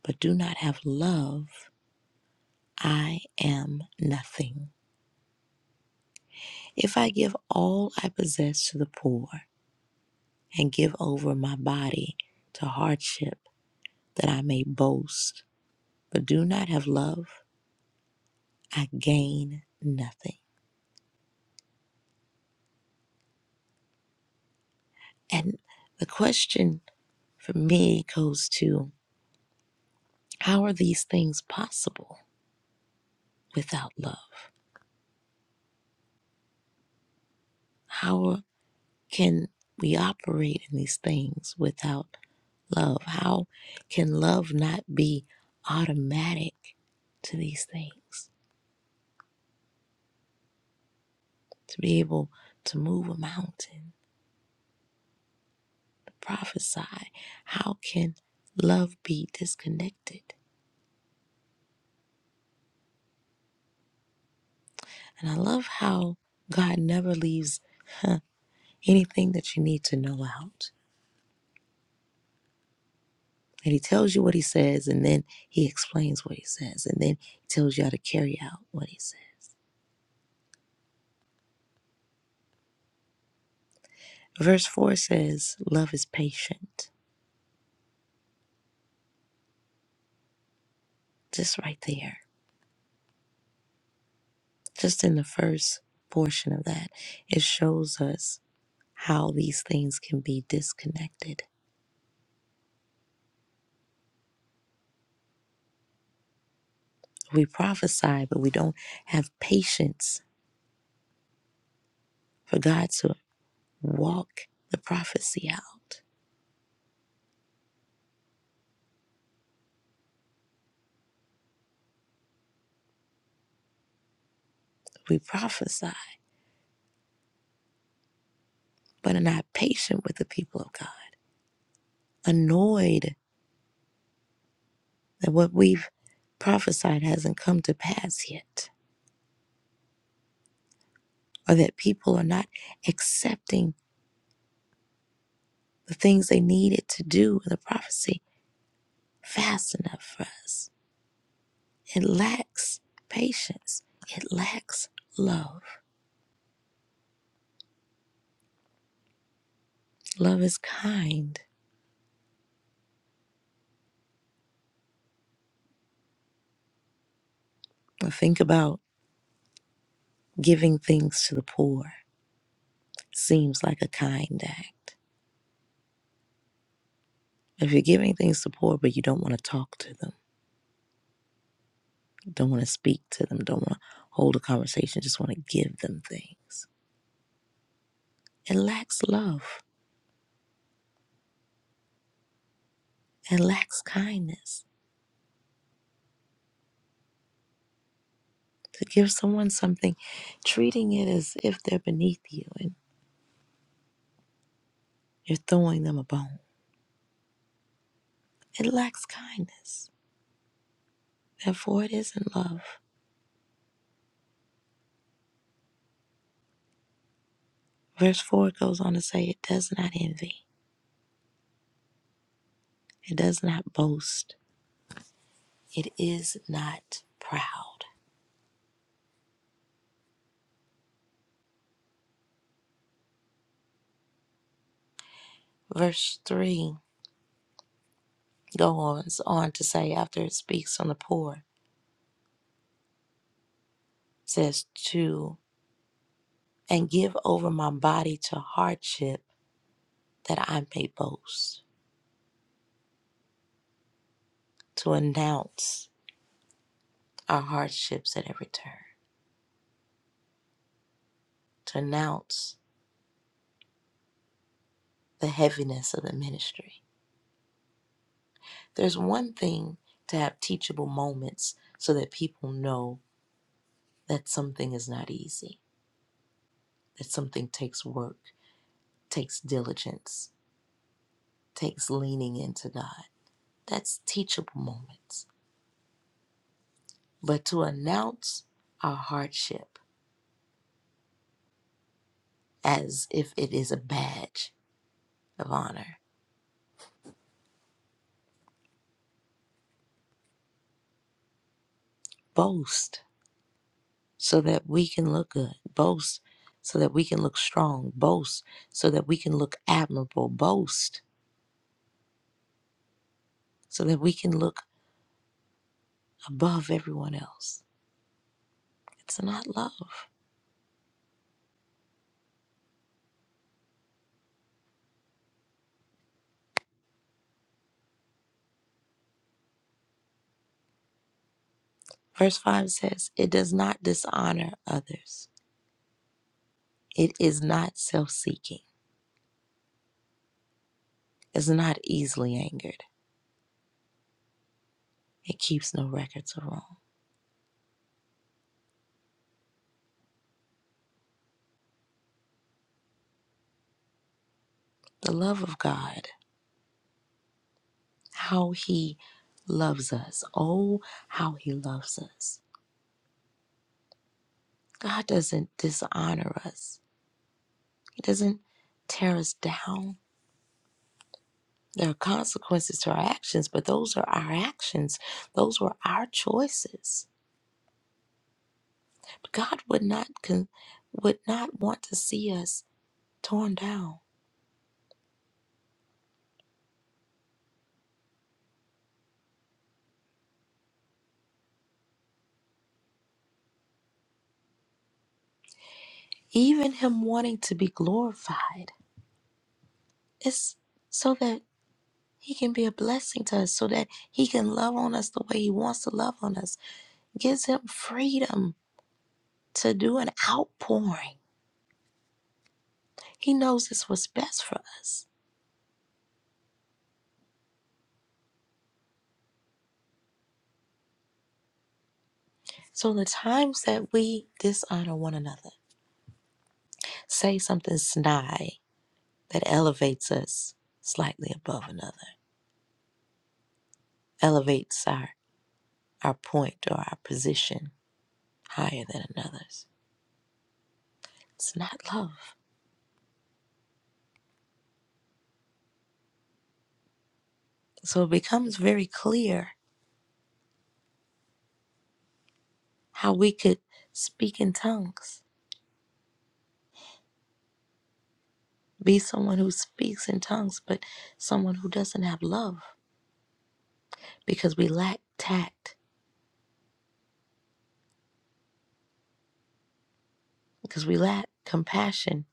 Speaker 1: but do not have love, I am nothing. If I give all I possess to the poor and give over my body to hardship that I may boast, but do not have love, I gain nothing. And the question for me goes to How are these things possible without love? How can we operate in these things without love? How can love not be automatic to these things? To be able to move a mountain, to prophesy, how can love be disconnected? And I love how God never leaves huh, anything that you need to know out. And he tells you what he says, and then he explains what he says, and then he tells you how to carry out what he said. Verse 4 says, Love is patient. Just right there, just in the first portion of that, it shows us how these things can be disconnected. We prophesy, but we don't have patience for God to walk the prophecy out. We prophesy, but are not patient with the people of God, annoyed that what we've prophesied hasn't come to pass yet, or that people are not accepting the things they needed to do in the prophecy fast enough for us. It lacks patience, it lacks love. Love is kind. I think about giving things to the poor. Seems like a kind act. If you're giving things to poor, but you don't want to talk to them, don't want to speak to them, don't want to hold a conversation, just want to give them things It lacks love. It lacks kindness. To give someone something, treating it as if they're beneath you and you're throwing them a bone, it lacks kindness. Therefore, it isn't love. Verse 4 goes on to say, It does not envy, it does not boast, it is not proud. Verse 3 goes on to say, after it speaks on the poor, it says, To and give over my body to hardship that I may boast to announce our hardships at every turn, to announce the heaviness of the ministry. There's one thing to have teachable moments so that people know that something is not easy, that something takes work, takes diligence, takes leaning into God. That's teachable moments. But to announce our hardship as if it is a badge of honor, boast so that we can look good. Boast so that we can look strong. Boast so that we can look admirable. Boast so that we can look above everyone else. It's not love. Verse 5 says, It does not dishonor others. It is not self seeking. It's not easily angered. It keeps no records of wrong. The love of God, how He loves us. Oh, how He loves us. God doesn't dishonor us. He doesn't tear us down. There are consequences to our actions, but those are our actions. Those were our choices. But God would not con- would not want to see us torn down. Even him wanting to be glorified is so that he can be a blessing to us, so that he can love on us the way he wants to love on us. Gives him freedom to do an outpouring. He knows it's what's best for us. So the times that we dishonor one another, say something snide that elevates us slightly above another, elevates our, our point or our position higher than another's. It's not love. So it becomes very clear how we could speak in tongues, be someone who speaks in tongues, but someone who doesn't have love because we lack tact, because we lack compassion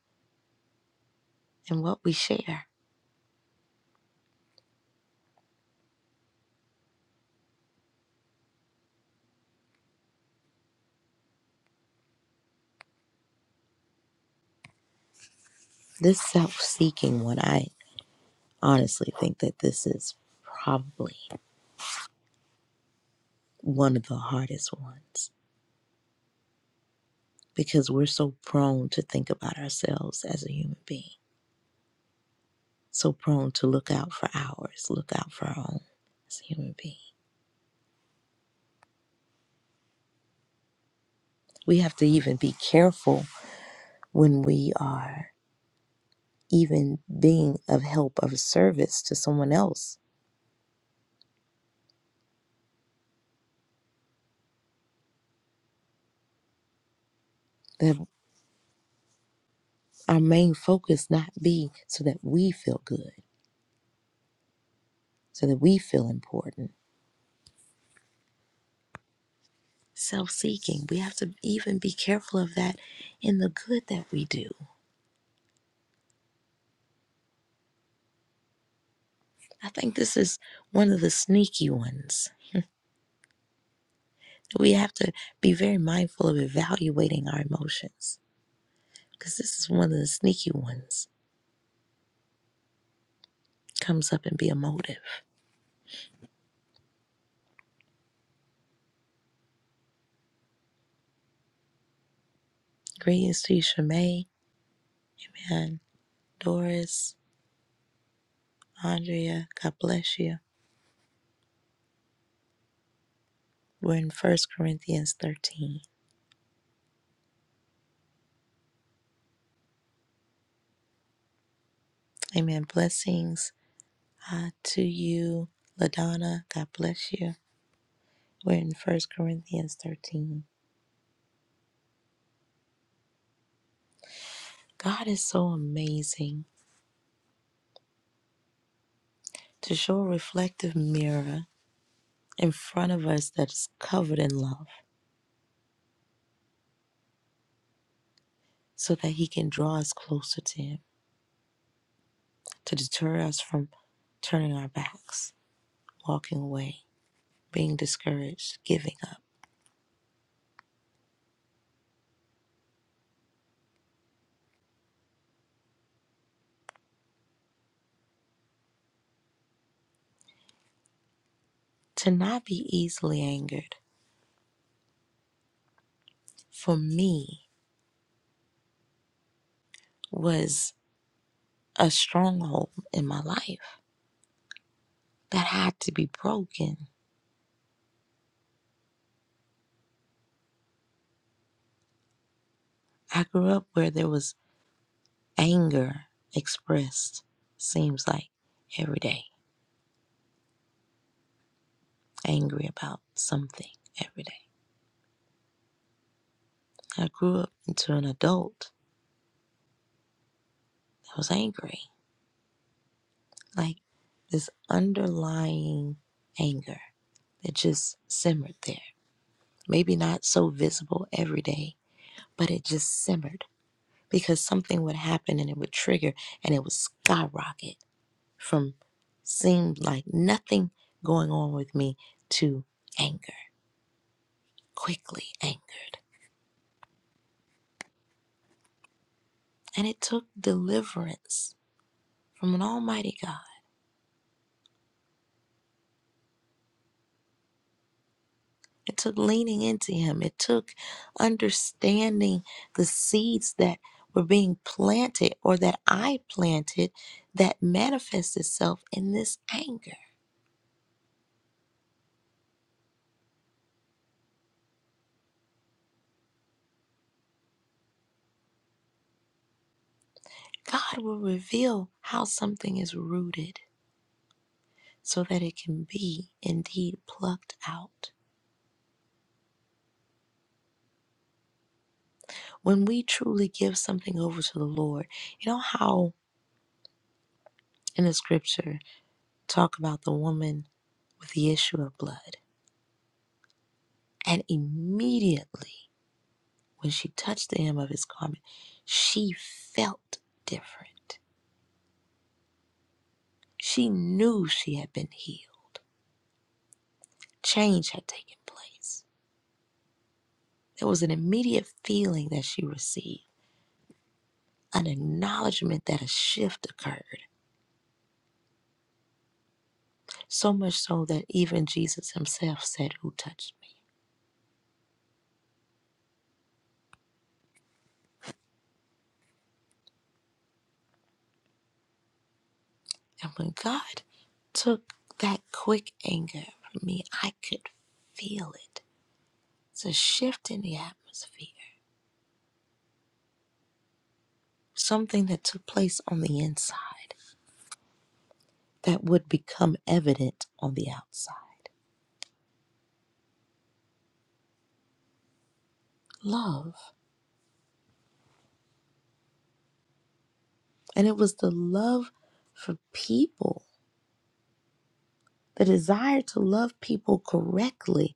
Speaker 1: in what we share. This self seeking one, I. honestly think that this is probably one of the hardest ones because we're so prone to think about ourselves as a human being, so prone to look out for ours, look out for our own as a human being. We have to even be careful when we are even being of help, of service to someone else, that our main focus not be so that we feel good, so that we feel important self seeking. We have to even be careful of that in the good that we do. I think this is one of the sneaky ones. We have to be very mindful of evaluating our emotions because this is one of the sneaky ones. Comes up and be emotive. motive. Greetings to you, Shemay. Amen. Doris, Andrea, God bless you. We're in First Corinthians 13. Amen. Blessings uh, to you, LaDonna. God bless you. We're in First Corinthians 13. God is so amazing to show a reflective mirror in front of us that's covered in love so that He can draw us closer to Him, to deter us from turning our backs, walking away, being discouraged, giving up. To not be easily angered for me was a stronghold in my life that had to be broken. I grew up where there was anger expressed seems like every day angry about something every day i grew up into an adult that was angry like this underlying anger that just simmered there maybe not so visible every day but it just simmered because something would happen and it would trigger and it would skyrocket from seemed like nothing going on with me to anger quickly angered. And it took deliverance from an almighty God. It took leaning into him. It took understanding the seeds that were being planted or that I planted that manifests itself in this anger. God will reveal how something is rooted so that it can be indeed plucked out. When we truly give something over to the Lord, you know how in the scripture talk about the woman with the issue of blood. And immediately when she touched the hem of his garment, she felt different. She knew she had been healed. Change had taken place. There was an immediate feeling that she received, an acknowledgement that a shift occurred, so much so that even Jesus himself said, Who touched me? And when God took that quick anger from me, I could feel it. It's a shift in the atmosphere, something that took place on the inside that would become evident on the outside. Love. And it was the love for people, the desire to love people correctly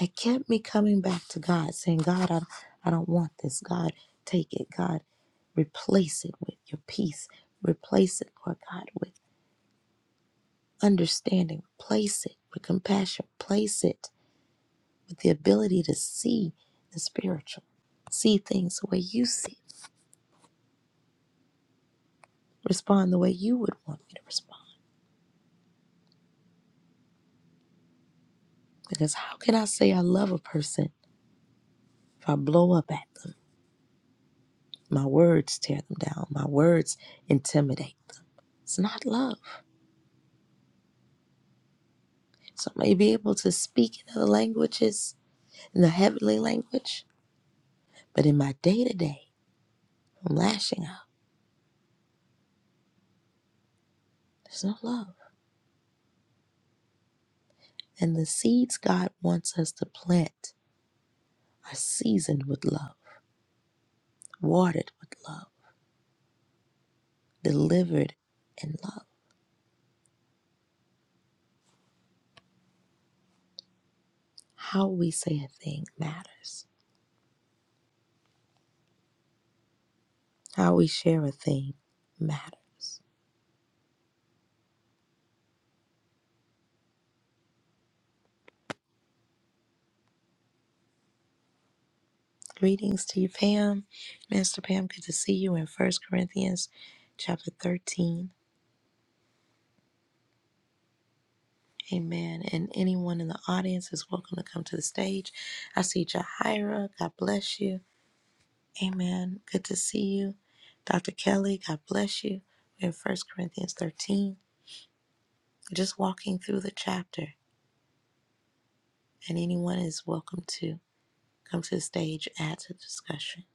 Speaker 1: that kept me coming back to God, saying, God, I, I don't want this. God, take it. God, replace it with your peace. Replace it, Lord God, with understanding. Replace it with compassion. Place it with the ability to see the spiritual, see things the way you see it, respond the way you would want me to respond. Because how can I say I love a person if I blow up at them? My words tear them down, my words intimidate them. It's not love. So I may be able to speak in other languages, in the heavenly language, but in my day to day, I'm lashing out. There's no love. And the seeds God wants us to plant are seasoned with love, watered with love delivered in love. How we say a thing matters. How we share a thing matters. Greetings to you, Pam. Minister Pam, good to see you in First Corinthians chapter 13. Amen. And anyone in the audience is welcome to come to the stage. I see Jahira. God bless you. Amen. Good to see you. Dr. Kelly, God bless you. We're in First Corinthians 13. We're just walking through the chapter, and anyone is welcome to. come to the stage, add to the discussion.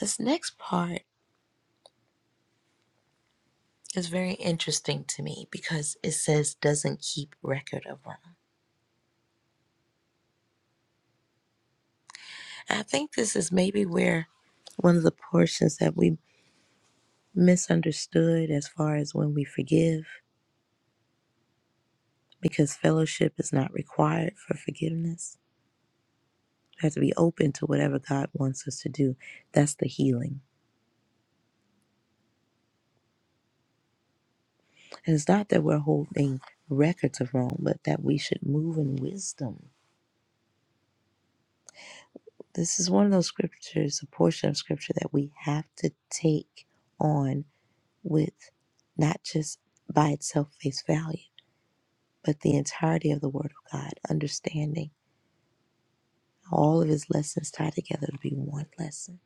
Speaker 1: This next part is very interesting to me because it says doesn't keep record of wrong. And I think this is maybe where one of the portions that we misunderstood as far as when we forgive, because fellowship is not required for forgiveness. We have to be open to whatever God wants us to do. That's the healing. And it's not that we're holding records of wrong, but that we should move in wisdom This is one of those scriptures, a portion of scripture that we have to take on with not just by itself face value, but the entirety of the Word of God, understanding how all of His lessons tie together to be one lesson.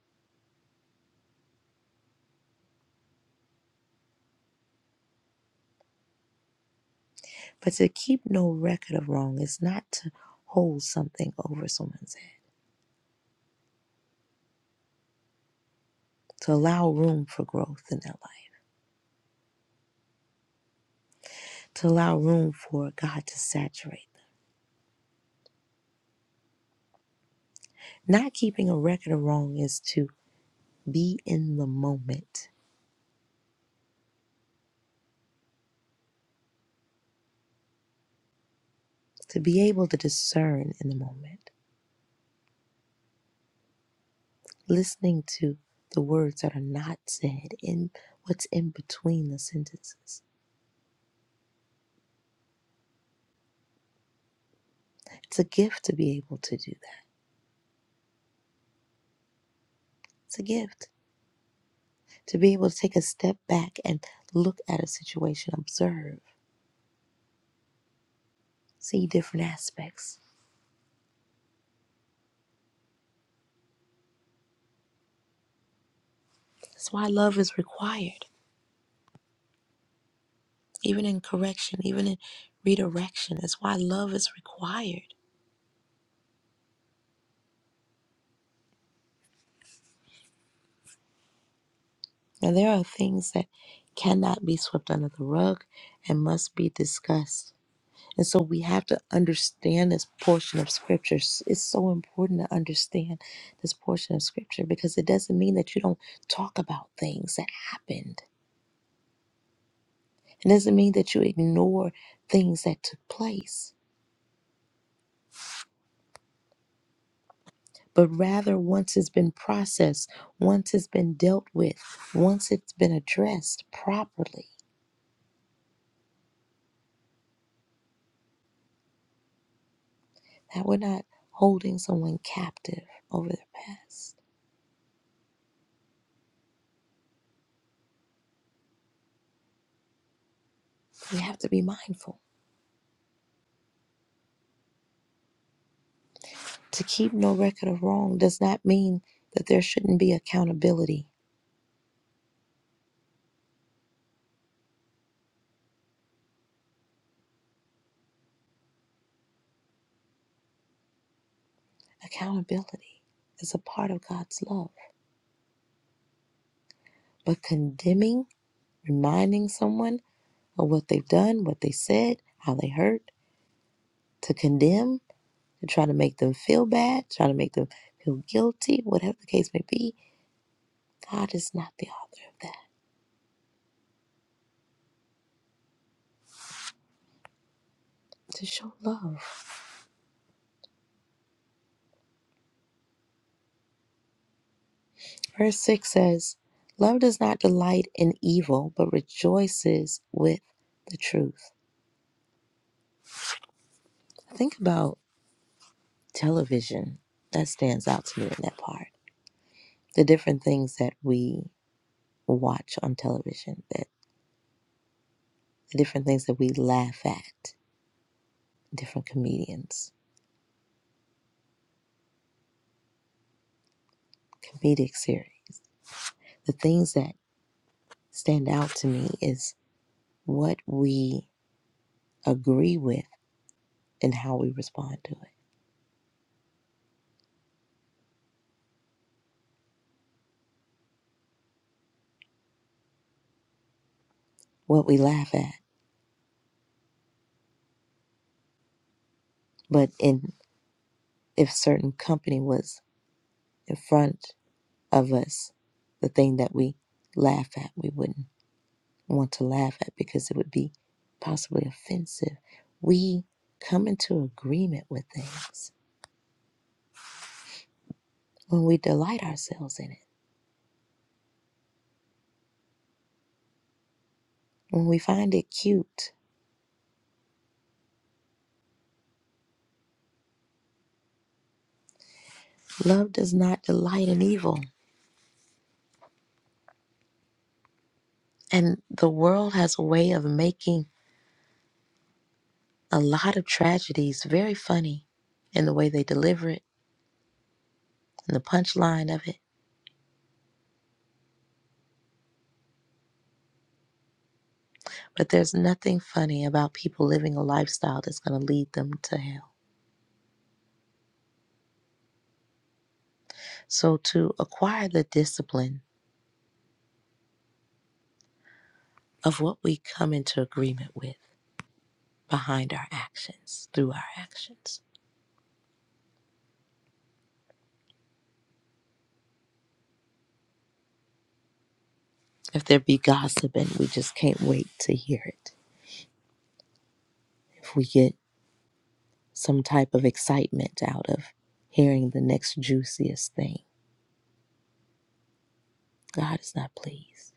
Speaker 1: But to keep no record of wrong is not to hold something over someone's head, to allow room for growth in their life, to allow room for God to saturate. them. Not keeping a record of wrong is to be in the moment to be able to discern in the moment, listening to the words that are not said in what's in between the sentences. It's a gift to be able to do that. It's a gift to be able to take a step back and look at a situation, observe, see different aspects. That's why love is required, even in correction, even in redirection. That's why love is required. Now, there are things that cannot be swept under the rug and must be discussed And so we have to understand this portion of scripture. S- It's so important to understand this portion of scripture because it doesn't mean that you don't talk about things that happened. It doesn't mean that you ignore things that took place. But rather, once it's been processed, once it's been dealt with, once it's been addressed properly, that we're not holding someone captive over their past. We have to be mindful To keep no record of wrong does not mean that there shouldn't be accountability. Accountability is a part of God's love. But condemning, reminding someone of what they've done, what they said, how they hurt, to condemn, to try to make them feel bad, try to make them feel guilty, whatever the case may be, God is not the author of that. To show love. Verse 6 says, Love does not delight in evil, but rejoices with the truth. Think about television that stands out to me in that part the different things that we watch on television that the different things that we laugh at different comedians comedic series the things that stand out to me is what we agree with and how we respond to it what we laugh at but in if certain company was in front of us the thing that we laugh at we wouldn't want to laugh at because it would be possibly offensive. We come into agreement with things when we delight ourselves in it, when we find it cute. Love does not delight in evil. And the world has a way of making a lot of tragedies very funny in the way they deliver it and the punchline of it. But there's nothing funny about people living a lifestyle that's going to lead them to hell. So, to acquire the discipline of what we come into agreement with, behind our actions, through our actions. If there be gossiping, we just can't wait to hear it. If we get some type of excitement out of hearing the next juiciest thing, God is not pleased.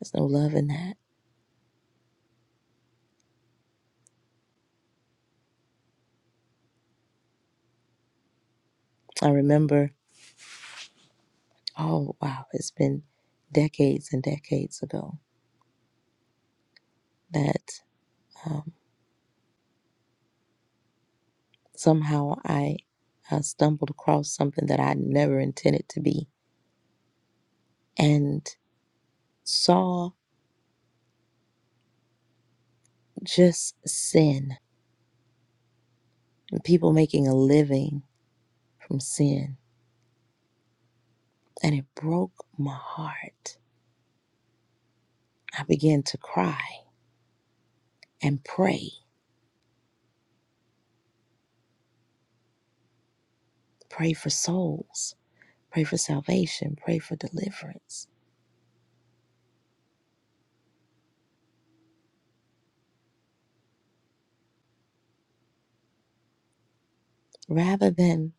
Speaker 1: There's no love in that. I remember, oh wow, it's been decades and decades ago that um, somehow I uh, stumbled across something that I never intended to be and saw just sin and people making a living from sin. And it broke my heart. I began to cry and pray, pray for souls, pray for salvation, pray for deliverance, rather than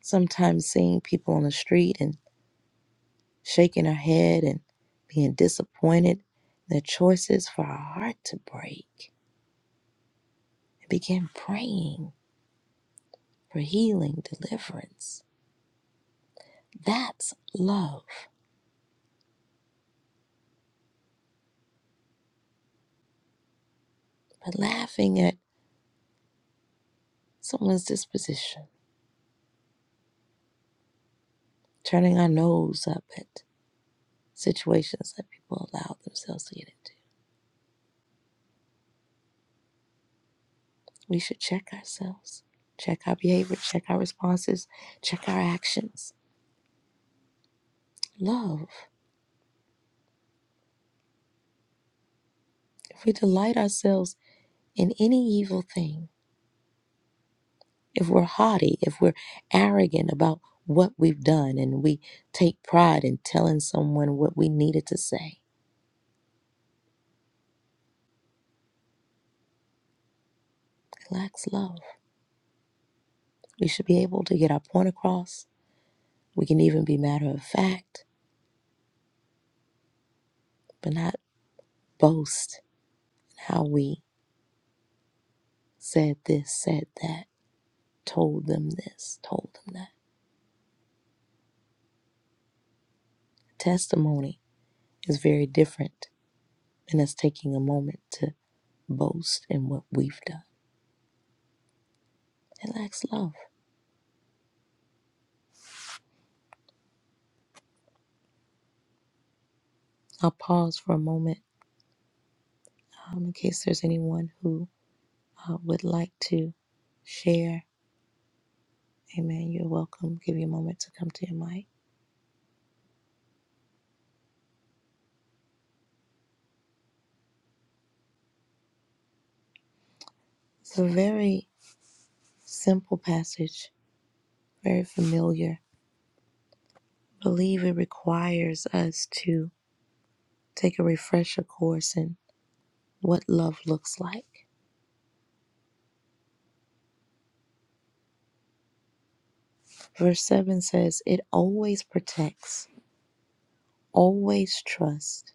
Speaker 1: sometimes seeing people on the street and shaking our head and being disappointed their choices for our heart to break. I began praying for healing, deliverance. That's love. But laughing at someone's disposition turning our nose up at situations that people allow themselves to get into. We should check ourselves, check our behavior, check our responses, check our actions. Love. If we delight ourselves in any evil thing, if we're haughty, if we're arrogant about what we've done, and we take pride in telling someone what we needed to say, it lacks love. We should be able to get our point across. We can even be matter of fact, but not boast how we said this, said that, told them this, told them that. Testimony is very different than us taking a moment to boast in what we've done. It lacks love. I'll pause for a moment um, in case there's anyone who uh, would like to share. Amen. You're welcome. Give you a moment to come to your mic. It's a very simple passage, very familiar. I believe it requires us to take a refresher course in what love looks like. Verse 7 says, It always protects, always trusts,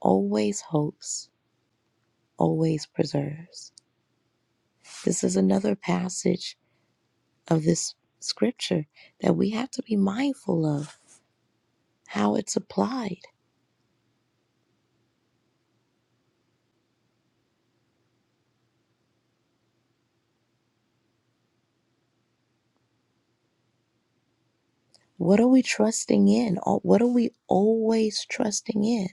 Speaker 1: always hopes, always preserves. This is another passage of this scripture that we have to be mindful of how it's applied. What are we trusting in? Al- What are we always trusting in?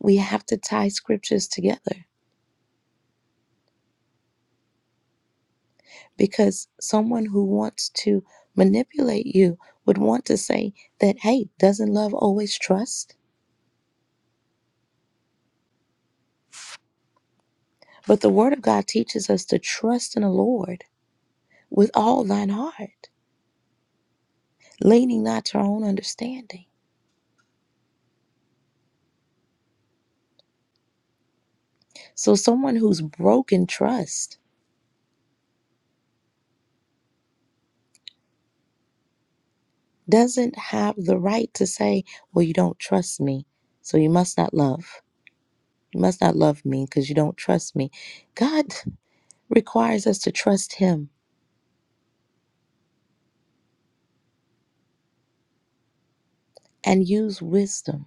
Speaker 1: We have to tie scriptures together because someone who wants to manipulate you would want to say that, hey, doesn't love always trust? But the Word of God teaches us to trust in the Lord with all thine heart, leaning not to our own understanding. So, someone who's broken trust doesn't have the right to say, Well, you don't trust me, so you must not love. You must not love me because you don't trust me. God requires us to trust Him and use wisdom.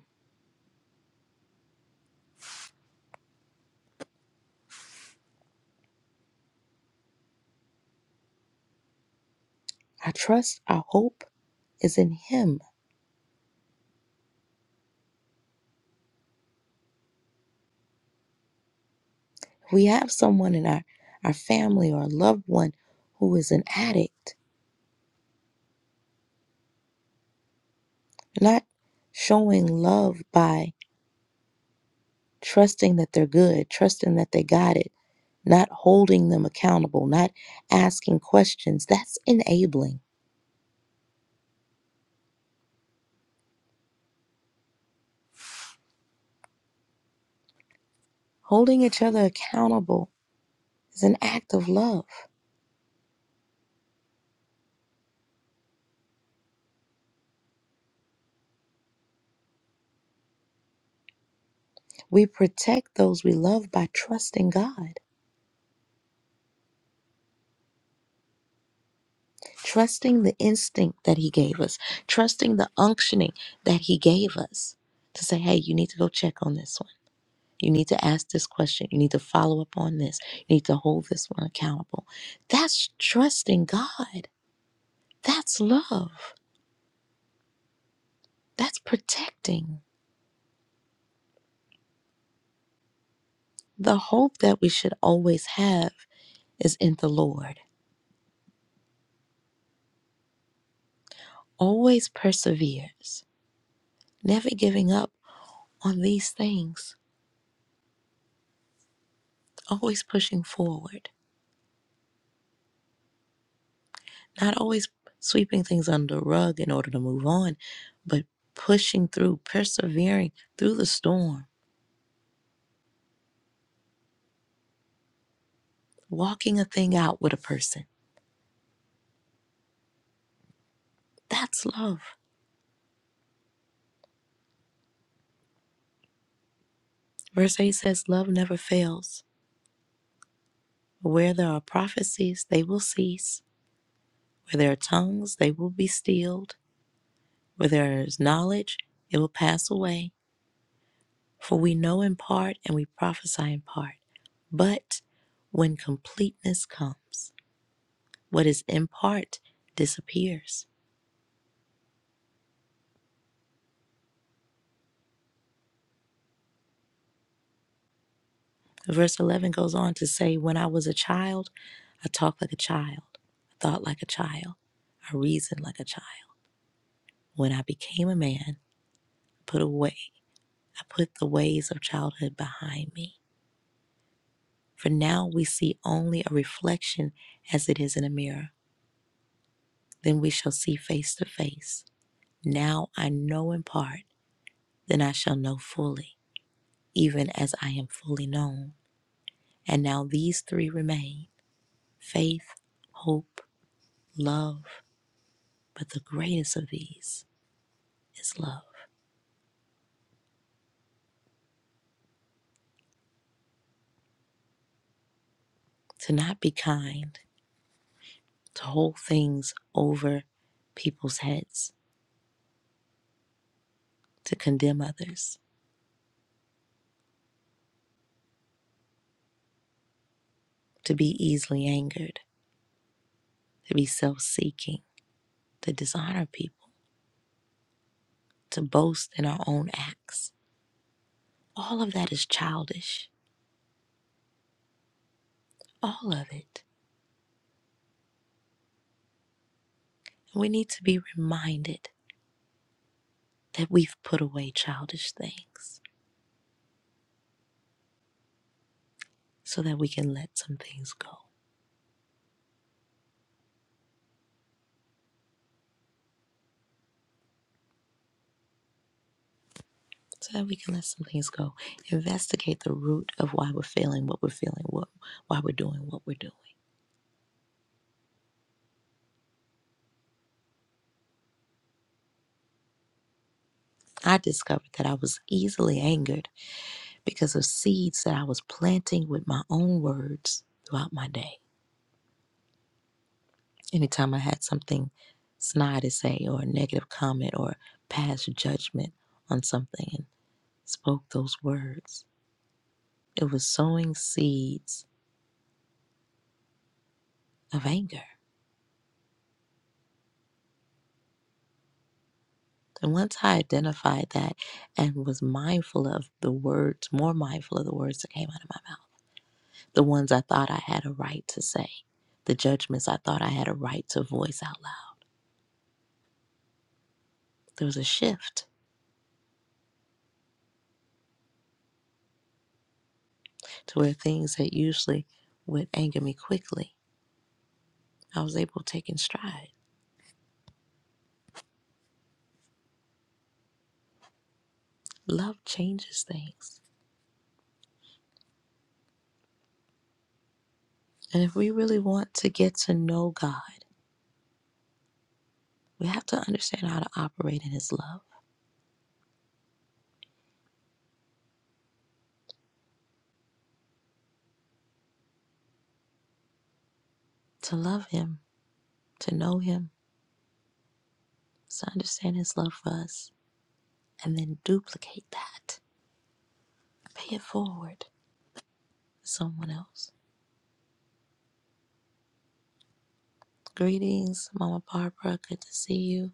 Speaker 1: Our trust, our hope is in Him. We have someone in our, our family or a loved one who is an addict Not showing love by trusting that they're good, trusting that they got it, not holding them accountable, not asking questions. That's enabling. Holding each other accountable is an act of love. We protect those we love by trusting God, trusting the instinct that He gave us, trusting the unctioning that He gave us to say, hey, you need to go check on this one You need to ask this question. You need to follow up on this. You need to hold this one accountable. That's trusting God. That's love. That's protecting. The hope that we should always have is in the Lord. Always perseveres, never giving up on these things, always pushing forward, not always sweeping things under the rug in order to move on, but pushing through, persevering through the storm, walking a thing out with a person That's love. Verse 8 says, Love never fails. Where there are prophecies, they will cease. Where there are tongues, they will be stilled. Where there is knowledge, it will pass away. For we know in part and we prophesy in part. But when completeness comes, what is in part disappears. Verse 11 goes on to say, When I was a child, I talked like a child, I thought like a child, I reasoned like a child. When I became a man, put away. I put the ways of childhood behind me. For now we see only a reflection as it is in a mirror. Then we shall see face to face. Now I know in part, then I shall know fully, even as I am fully known. And now these three remain faith, hope, love. But the greatest of these is love. To not be kind, to hold things over people's heads, to condemn others to be easily angered, to be self seeking, to dishonor people, to boast in our own acts. All of that is childish. All of it. We need to be reminded that we've put away childish things so that we can let some things go. So that we can let some things go. Investigate the root of why we're feeling what we're feeling, what, why we're doing what we're doing. I discovered that I was easily angered because of seeds that I was planting with my own words throughout my day. Anytime I had something snide to say or a negative comment or past judgment on something and spoke those words, it was sowing seeds of anger. And once I identified that and was mindful of the words, more mindful of the words that came out of my mouth, the ones I thought I had a right to say, the judgments I thought I had a right to voice out loud, there was a shift to where things that usually would anger me quickly, I was able to take in stride. Love changes things. And if we really want to get to know God, we have to understand how to operate in His love. To love Him, to know Him, is to understand His love for us, and then duplicate that. Pay it forward to someone else. Greetings, Mama Barbara. Good to see you.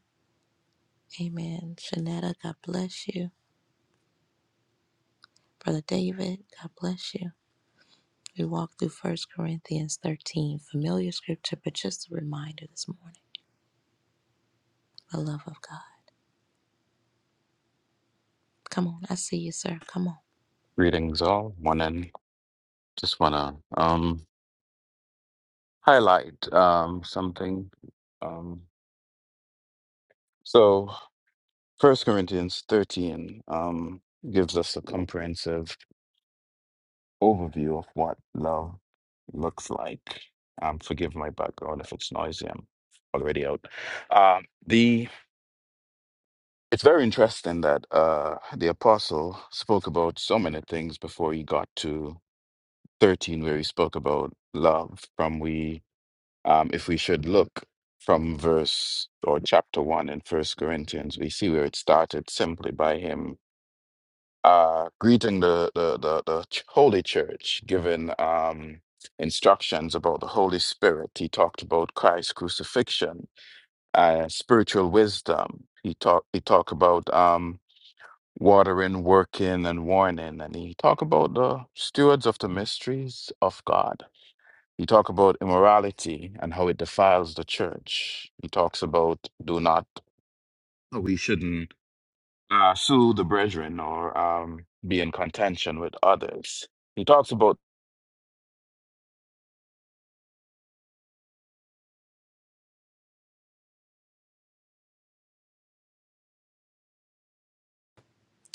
Speaker 1: Amen. Shanetta, God bless you. Brother David, God bless you. We walked through First Corinthians 13, familiar scripture, but just a reminder this morning the love of God. Come on, I see you, sir. Come on.
Speaker 4: Greetings all. Morning. Just wanna um highlight um something. Um so First Corinthians thirteen um gives us a comprehensive overview of what love looks like. Um forgive my background if it's noisy, I'm already out. Um the it's very interesting that uh the apostle spoke about so many things before he got to thirteen where he spoke about love from we Um, if we should look from verse or chapter one in First Corinthians, we see where it started simply by him uh, greeting the, the the the ch- holy church, giving um, instructions about the Holy Spirit. He talked about Christ's crucifixion, uh, spiritual wisdom. He talked he talked about um, watering, working, and warning, and he talked about the stewards of the mysteries of God. He talks about immorality and how it defiles the church. He talks about do not, we shouldn't uh, sue the brethren or um, be in contention with others. He talks about,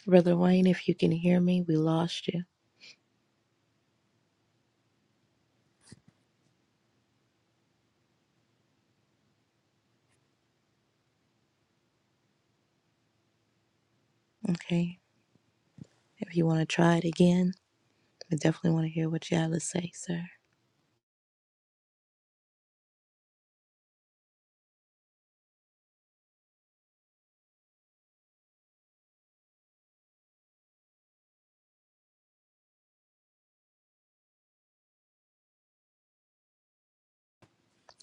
Speaker 1: Brother Wayne, if you can hear me, we lost you. Okay. If you want to try it again, I definitely want to hear what you have to say, sir.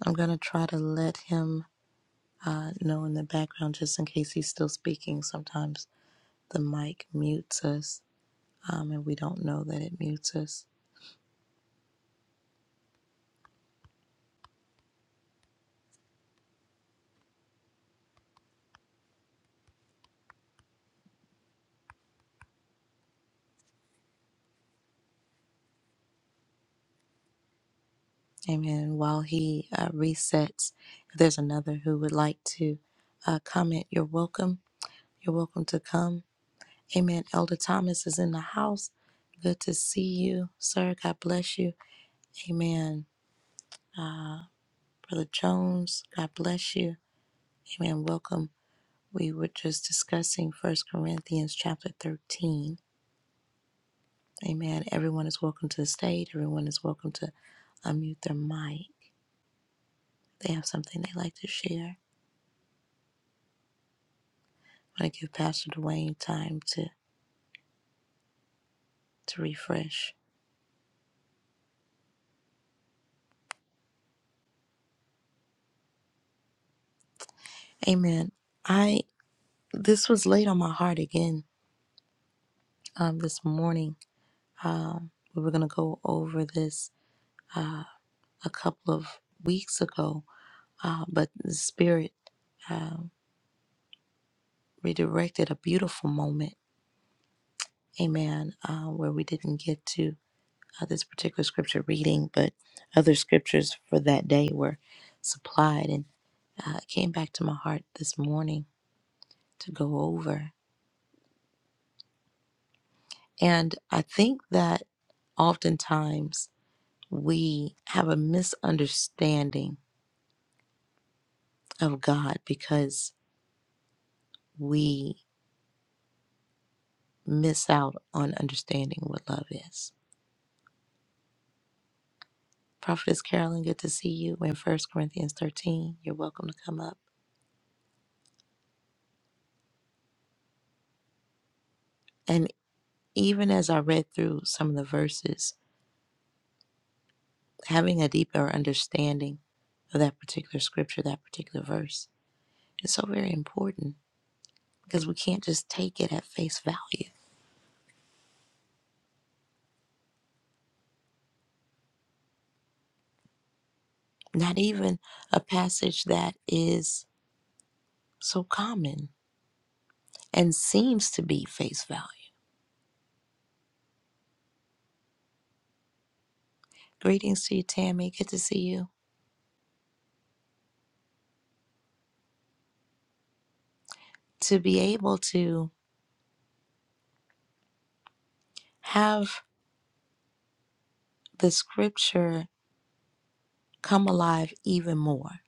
Speaker 1: I'm going to try to let him uh, know in the background just in case he's still speaking. Sometimes the mic mutes us um, and we don't know that it mutes us. Amen. While he uh, resets, if there's another who would like to uh, comment, you're welcome. You're welcome to come. Amen. Elder Thomas is in the house. Good to see you, sir. God bless you. Amen. Uh, Brother Jones, God bless you. Amen. Welcome. We were just discussing First Corinthians chapter 13. Amen. Everyone is welcome to the stage. Everyone is welcome to unmute their mic. They have something they like to share. I want to give Pastor Dwayne time to, to refresh. Amen. I this was laid on my heart again um, this morning Um, we were going to go over this uh, a couple of weeks ago, uh, but the Spirit um redirected a beautiful moment, amen, uh, where we didn't get to uh, this particular scripture reading, but other scriptures for that day were supplied. And uh, it came back to my heart this morning to go over. And I think that oftentimes we have a misunderstanding of God because we miss out on understanding what love is. Prophetess Carolyn, good to see you in First Corinthians 13. You're welcome to come up. And even as I read through some of the verses, having a deeper understanding of that particular scripture, that particular verse, is so very important because we can't just take it at face value. Not even a passage that is so common and seems to be face value. Greetings to you, Tammy. Good to see you. to be able to have the scripture come alive even more.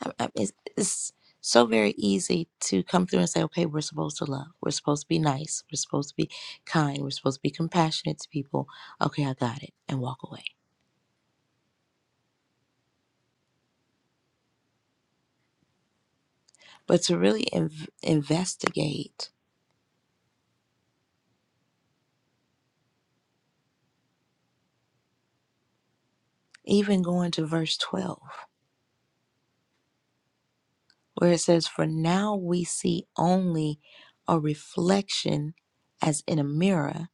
Speaker 1: I- I- It's, it's so very easy to come through and say, okay, we're supposed to love. We're supposed to be nice. We're supposed to be kind. We're supposed to be compassionate to people. Okay, I got it, and walk away. But to really inv- investigate, even going to verse 12, where it says, For now we see only a reflection as in a mirror,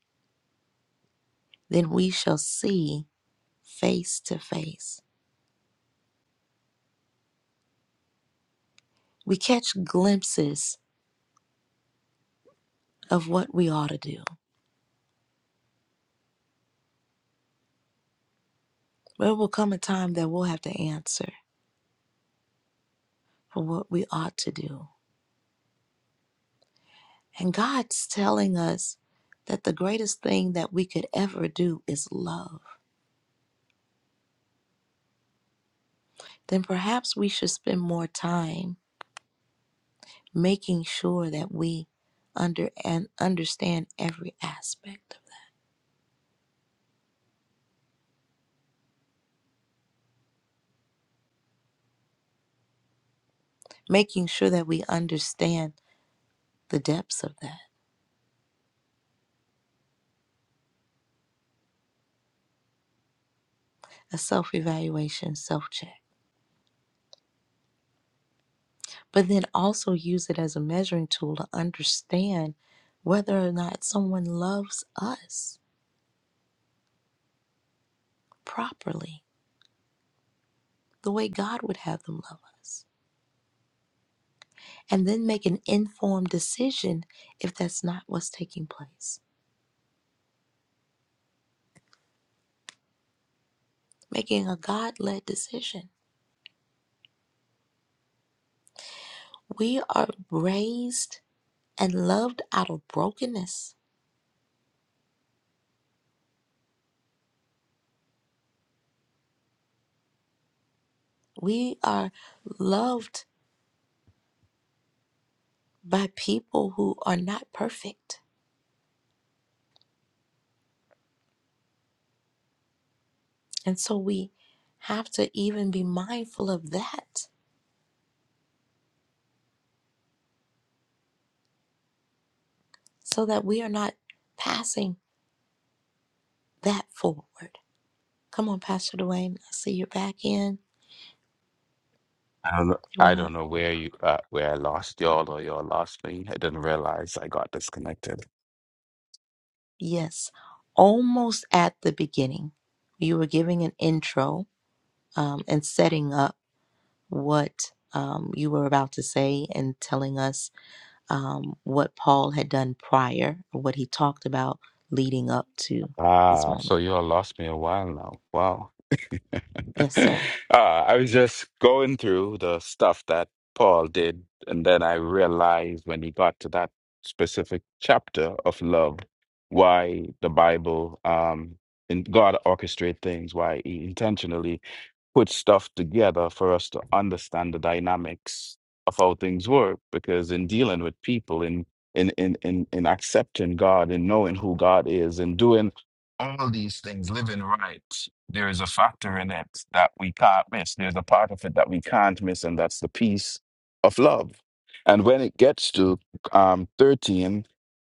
Speaker 1: then we shall see face to face. We catch glimpses of what we ought to do. There will come a time that we'll have to answer for what we ought to do. And God's telling us that the greatest thing that we could ever do is love. Then perhaps we should spend more time making sure that we under and understand every aspect of that. Making sure that we understand the depths of that. A self-evaluation, self-check. but then also use it as a measuring tool to understand whether or not someone loves us properly, the way God would have them love us, and then make an informed decision if that's not what's taking place. Making a God led decision. We are raised and loved out of brokenness. We are loved by people who are not perfect. And so we have to even be mindful of that so that we are not passing that forward. Come on, Pastor Dwayne. I see you're back in.
Speaker 4: I don't know,
Speaker 1: You
Speaker 4: I
Speaker 1: want to?
Speaker 4: don't know where you, uh, where I lost y'all or y'all lost me. I didn't realize I got disconnected.
Speaker 1: Yes. Almost at the beginning, you were giving an intro um, and setting up what um, you were about to say and telling us um, what Paul had done prior, or what he talked about leading up to this
Speaker 4: Ah, so
Speaker 1: moment.
Speaker 4: y'all lost me a while now. Wow.
Speaker 1: Yes,
Speaker 4: uh,
Speaker 1: sir.
Speaker 4: I was just going through the stuff that Paul did, and then I realized when he got to that specific chapter of love, why the Bible um, and God orchestrate things, why He intentionally put stuff together for us to understand the dynamics of how things work because in dealing with people in in in in, in accepting god and knowing who god is and doing all these things living right there is a factor in it that we can't miss there's a part of it that we can't miss and that's the peace of love and when it gets to um 13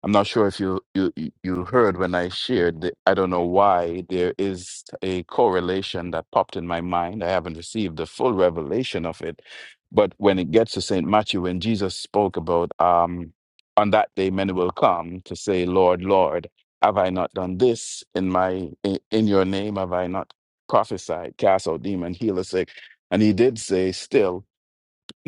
Speaker 4: I'm not sure if you you you you heard when I shared. The, I don't know why there is a correlation that popped in my mind. I haven't received the full revelation of it, but when it gets to Saint Matthew, when Jesus spoke about um, on that day many will come to say, Lord, Lord, have I not done this in my in, in your name? Have I not prophesied, cast out demon, heal the sick? And he did say still.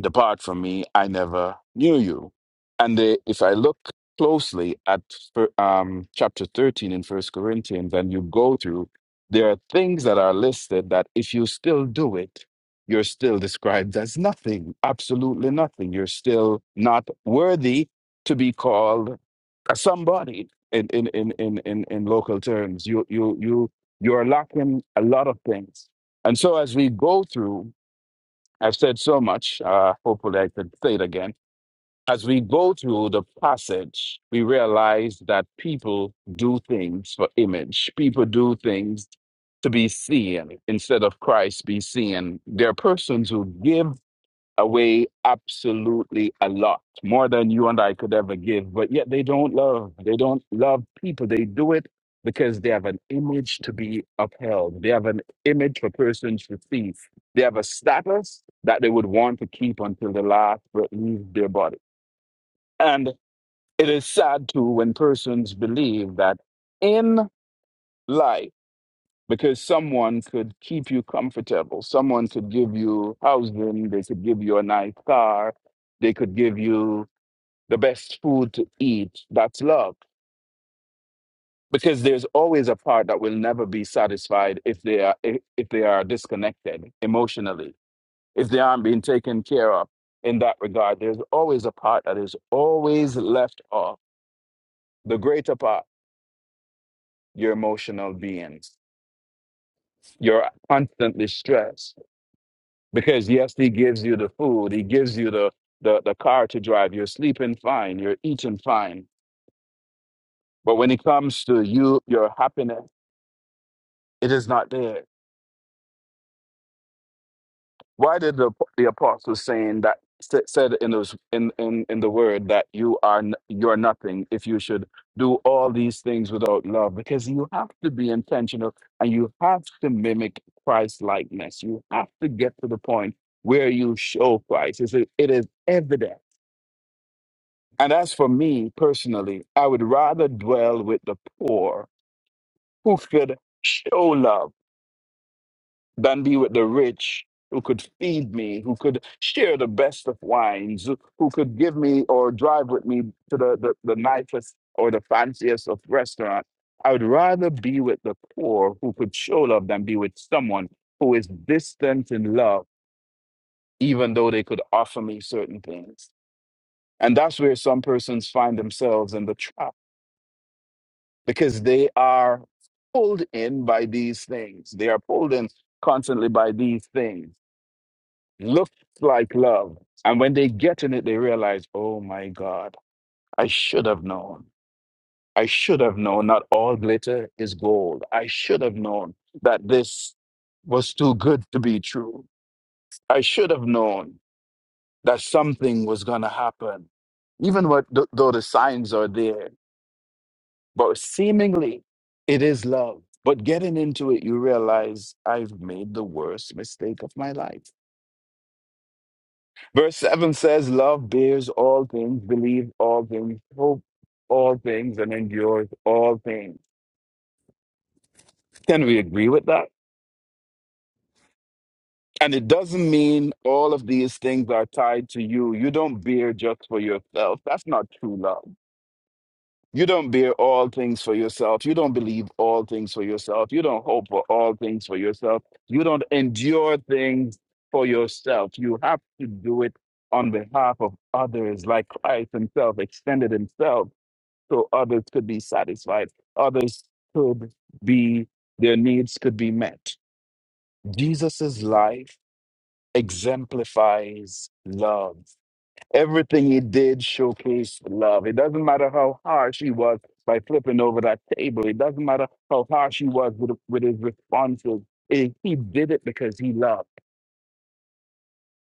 Speaker 4: Depart from me, I never knew you. And the, if I look closely at fir- um, chapter 13 in First Corinthians, and you go through, there are things that are listed that if you still do it, you're still described as nothing, absolutely nothing. You're still not worthy to be called a somebody in, in, in, in, in, in local terms. You, you, you, you're lacking a lot of things. And so as we go through I've said so much. Uh, hopefully, I can say it again. As we go through the passage, we realize that people do things for image. People do things to be seen instead of Christ be seen. There are persons who give away absolutely a lot more than you and I could ever give but yet they don't love they don't love people they do it because they have an image to be upheld they have an image for persons to see they have a status that they would want to keep until the last breath leaves their body and it is sad too when persons believe that in life because someone could keep you comfortable. Someone could give you housing, they could give you a nice car, they could give you the best food to eat. That's love. Because there's always a part that will never be satisfied if they are if, if they are disconnected emotionally, if they aren't being taken care of in that regard. There's always a part that is always left off. The greater part, your emotional beings. You're constantly stressed Because yes, he gives you the food, he gives you the, the, the car to drive, you're sleeping fine, you're eating fine. But when it comes to you, your happiness, it is not there. Why did the, the apostles saying that sa- said in those in, in, in the word that you are n- you're nothing if you should do all these things without love? Because you have to be intentional and you have to mimic Christ likeness. You have to get to the point where you show Christ. It's, it is evident And as for me personally, I would rather dwell with the poor who could show love than be with the rich who could feed me, who could share the best of wines, who who could give me or drive with me to the, the, the nicest or the fanciest of restaurants. I would rather be with the poor who could show love than be with someone who is distant in love, even though they could offer me certain things. And that's where some persons find themselves in the trap because they are pulled in by these things. They are pulled in constantly by these things. Looks like love. And when they get in it, they realize, oh my God, I should have known. I should have known not all glitter is gold. I should have known that this was too good to be true. I should have known that something was going to happen. Even what, th- though the signs are there, But seemingly, it is love. But getting into it, you realize I've made the worst mistake of my life. Verse 7 says, Love bears all things, believes all things, hopes all things, and endures all things. Can we agree with that? And it doesn't mean all of these things are tied to you. You don't bear just for yourself. That's not true love. You don't bear all things for yourself. You don't believe all things for yourself. You don't hope for all things for yourself. You don't endure things for yourself. You have to do it on behalf of others, like Christ Himself extended Himself so others could be satisfied, others could be, their needs could be met. Jesus's life exemplifies love. Everything he did showcased love. It doesn't matter how harsh he was by flipping over that table. It doesn't matter how harsh he was with, with his responses. It- he did it because he loved,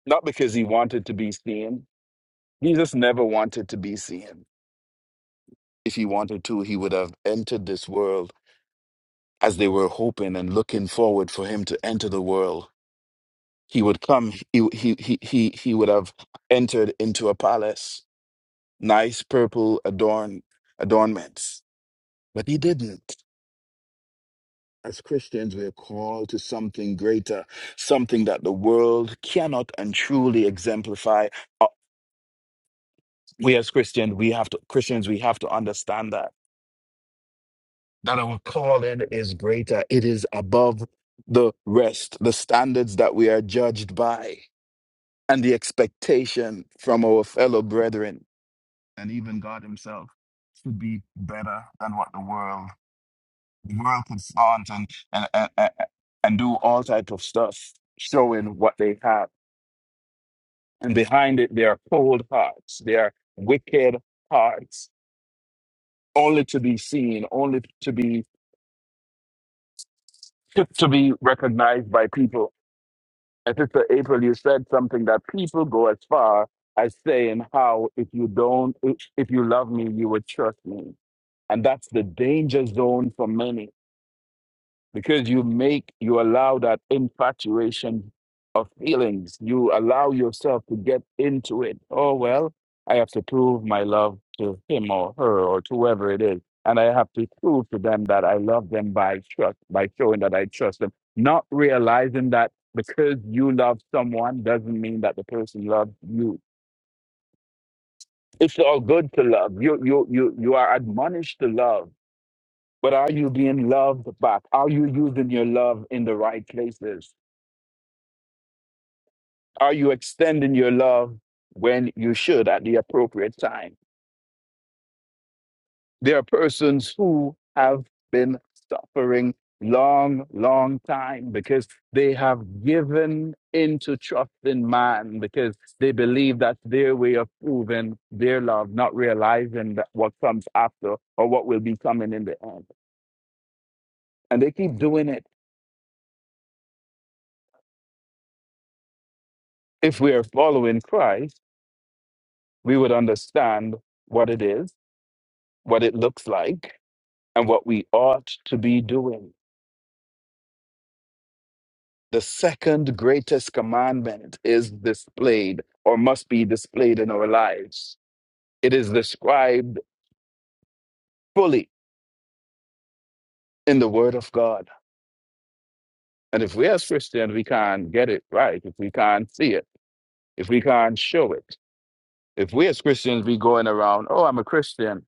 Speaker 4: not because he wanted to be seen. Jesus never wanted to be seen. If he wanted to, he would have entered this world as they were hoping and looking forward for him to enter the world. He would come, he, he, he, he, he would have entered into a palace, nice purple adorn, adornments But he didn't. As Christians, we are called to something greater, something that the world cannot and truly exemplify. Uh, We as Christians, we have to Christians, we have to understand that that our calling is greater. It is above the rest, the standards that we are judged by, and the expectation from our fellow brethren and even God Himself to be better than what the world. world could flaunt and and, and and and do all type of stuff showing what they have and behind it they are cold hearts they are wicked hearts only to be seen only to be to be recognized by people and sister april you said something that people go as far as saying how if you don't if if you love me you would trust me and that's the danger zone for many because you make you allow that infatuation of feelings you allow yourself to get into it oh well i have to prove my love to him or her or to whoever it is and i have to prove to them that i love them by trust by showing that i trust them not realizing that because you love someone doesn't mean that the person loves you it's all good to love you you you you are admonished to love but are you being loved back are you using your love in the right places Are you extending your love when you should at the appropriate time? There are persons who have been suffering long, long time because they have given into trust in man because they believe that's their way of proving their love, not realizing that what comes after or what will be coming in the end. And they keep doing it. If we are following Christ, we would understand what it is, what it looks like, and what we ought to be doing. The second greatest commandment is displayed or must be displayed in our lives. It is described fully in the Word of God. And if we as Christians, we can't get it right, if we can't see it, if we can't show it, if we as Christians be going around, oh, I'm a Christian,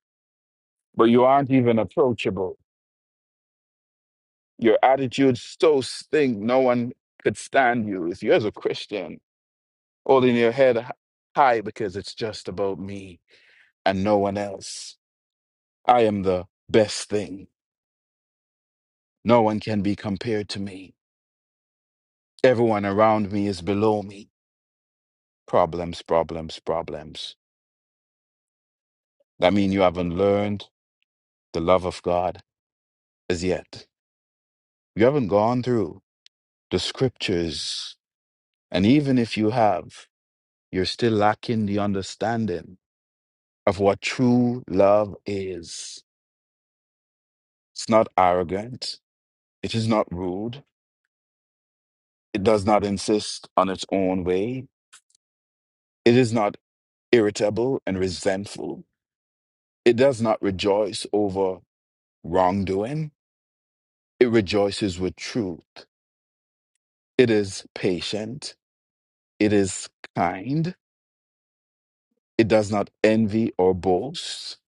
Speaker 4: but you aren't even approachable. Your attitude so stink, no one could stand you. If you as a Christian holding your head h- high because it's just about me, and no one else. I am the best thing. No one can be compared to me. Everyone around me is below me. Problems, problems, problems. That means you haven't learned the love of God as yet. You haven't gone through the scriptures. And even if you have, you're still lacking the understanding of what true love is. It's not arrogant. It is not rude. It does not insist on its own way. It is not irritable and resentful. It does not rejoice over wrongdoing, it rejoices with truth. It is patient, it is kind, it does not envy or boast.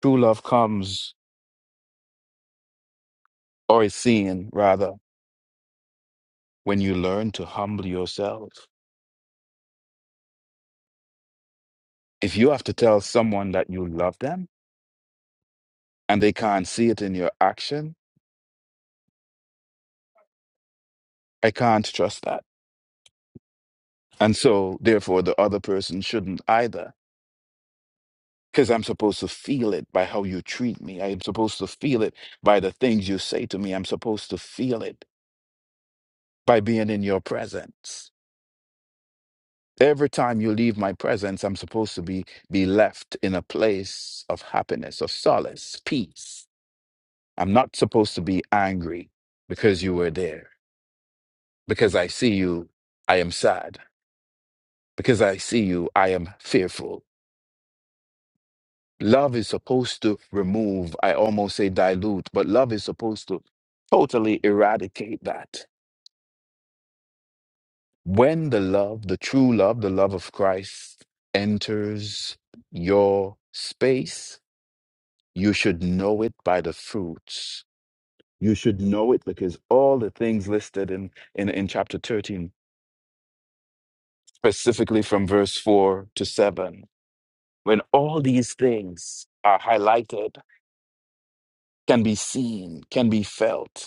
Speaker 4: True love comes, or is seen rather, when you learn to humble yourself. If you have to tell someone that you love them and they can't see it in your action, I can't trust that. And so, therefore, the other person shouldn't either Because I'm supposed to feel it by how you treat me. I am supposed to feel it by the things you say to me. I'm supposed to feel it by being in your presence. Every time you leave my presence, I'm supposed to be, be left in a place of happiness, of solace, peace. I'm not supposed to be angry because you were there. Because I see you, I am sad. Because I see you, I am fearful Love is supposed to remove, I almost say dilute, but love is supposed to totally eradicate that. When the love, the true love, the love of Christ enters your space, you should know it by the fruits. You should know it because all the things listed in, in, in chapter 13, specifically from verse 4 to 7, when all these things are highlighted, can be seen, can be felt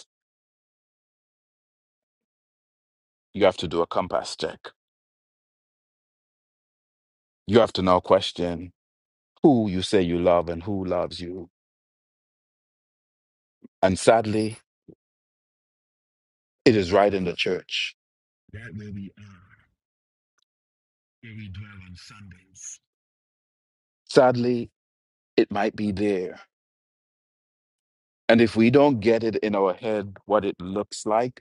Speaker 4: you have to do a compass check. You have to now question who you say you love and who loves you. And sadly, it is right in the church. Right where we are, where we dwell on Sundays. Sadly, it might be there. And if we don't get it in our head what it looks like,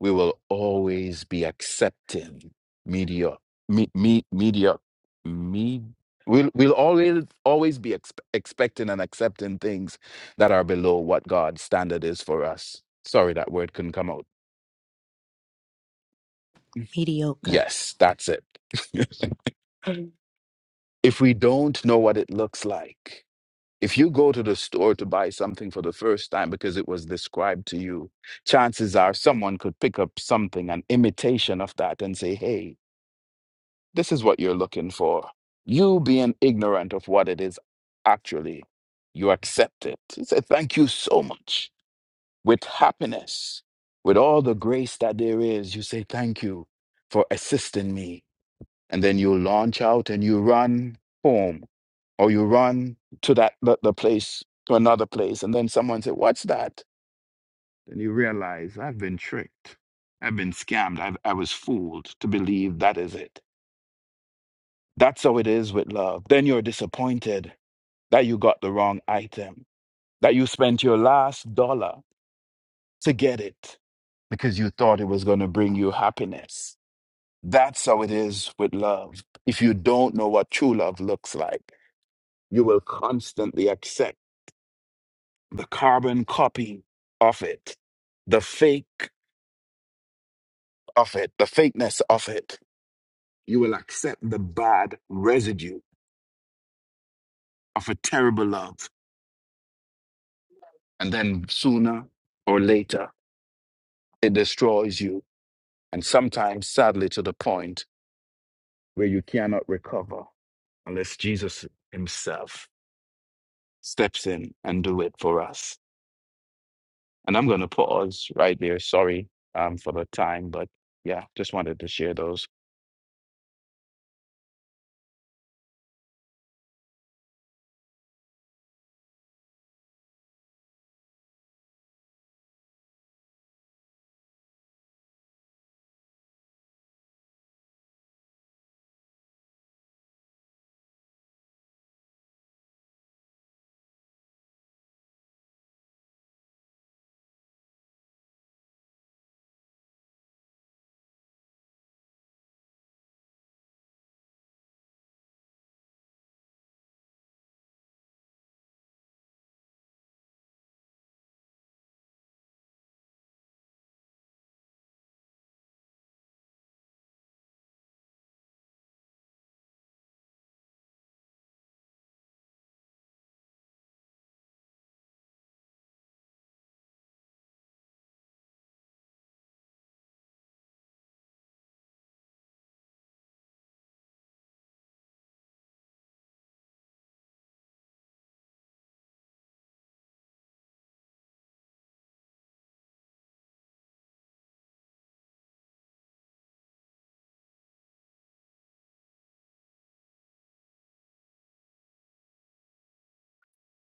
Speaker 4: we will always be accepting media me, me, media me we'll, we'll always always be exp- expecting and accepting things that are below what god's standard is for us sorry that word couldn't come out
Speaker 1: Mediocre.
Speaker 4: yes that's it if we don't know what it looks like if you go to the store to buy something for the first time because it was described to you chances are someone could pick up something an imitation of that and say hey This is what you're looking for. You being ignorant of what it is actually, you accept it. You say Thank you so much. With happiness, with all the grace that there is, you say, Thank you for assisting me. And then you launch out and you run home or you run to that the, the place to another place and then someone said what's that and you realize i've been tricked i've been scammed I've, i was fooled to believe that is it That's how it is with love. Then you're disappointed that you got the wrong item, that you spent your last dollar to get it because you thought it was going to bring you happiness. That's how it is with love. If you don't know what true love looks like, you will constantly accept the carbon copy of it, the fake of it, the fakeness of it. You will accept the bad residue of a terrible love. And then sooner or later, It destroys you. And sometimes, sadly, to the point where you cannot recover unless Jesus himself steps in and do it for us. And I'm going to pause right there. Sorry um, for the time, but yeah, just wanted to share those.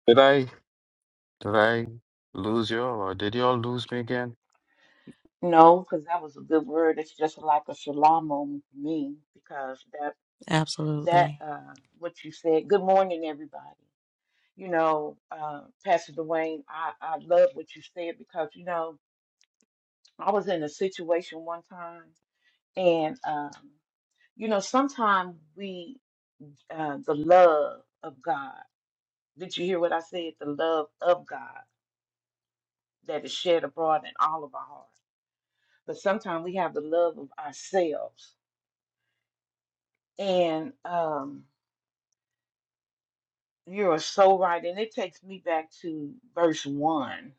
Speaker 4: Did I did I lose you all or did you all lose me again?
Speaker 5: No, because that was a good word. It's just like a shalom moment for me because that that
Speaker 1: Absolutely.
Speaker 5: uh what you said. Good morning, everybody. You know, uh, Pastor Dwayne, I I love what you said because you know I was in a situation one time, and um, you know sometimes we uh, the love of God. Did you hear what I said? The love of God that is shed abroad in all of our hearts. But sometimes we have the love of ourselves and. um You are so right. And it takes me back to verse one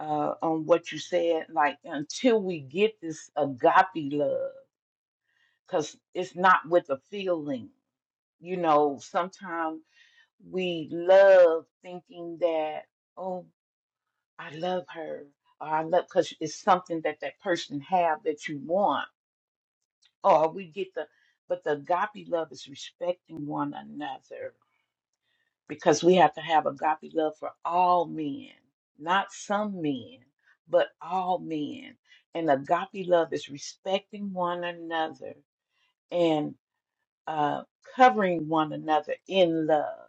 Speaker 5: uh, on what you said, like until we get this agape love, because it's not with a feeling. You know, sometimes we love thinking that, oh, I love her, or I love, because it's something that that person have that you want, or we get the, but the agape love is respecting one another because we have to have agape love for all men, not some men, but all men. And agape love is respecting one another and uh, covering one another in love.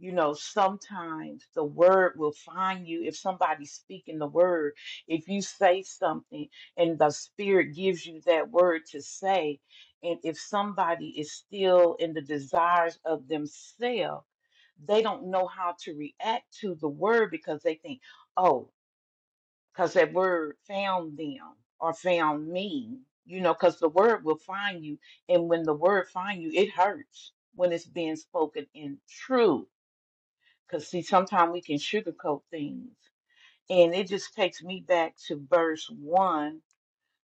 Speaker 5: You know, sometimes the word will find you if somebody's speaking the word. If you say something and the spirit gives you that word to say, and if somebody is still in the desires of themselves, they don't know how to react to the word because they think, oh, because that word found them or found me, you know, because the word will find you. And when the word find you, it hurts when it's being spoken in truth. Because see, sometimes we can sugarcoat things. And it just takes me back to verse one,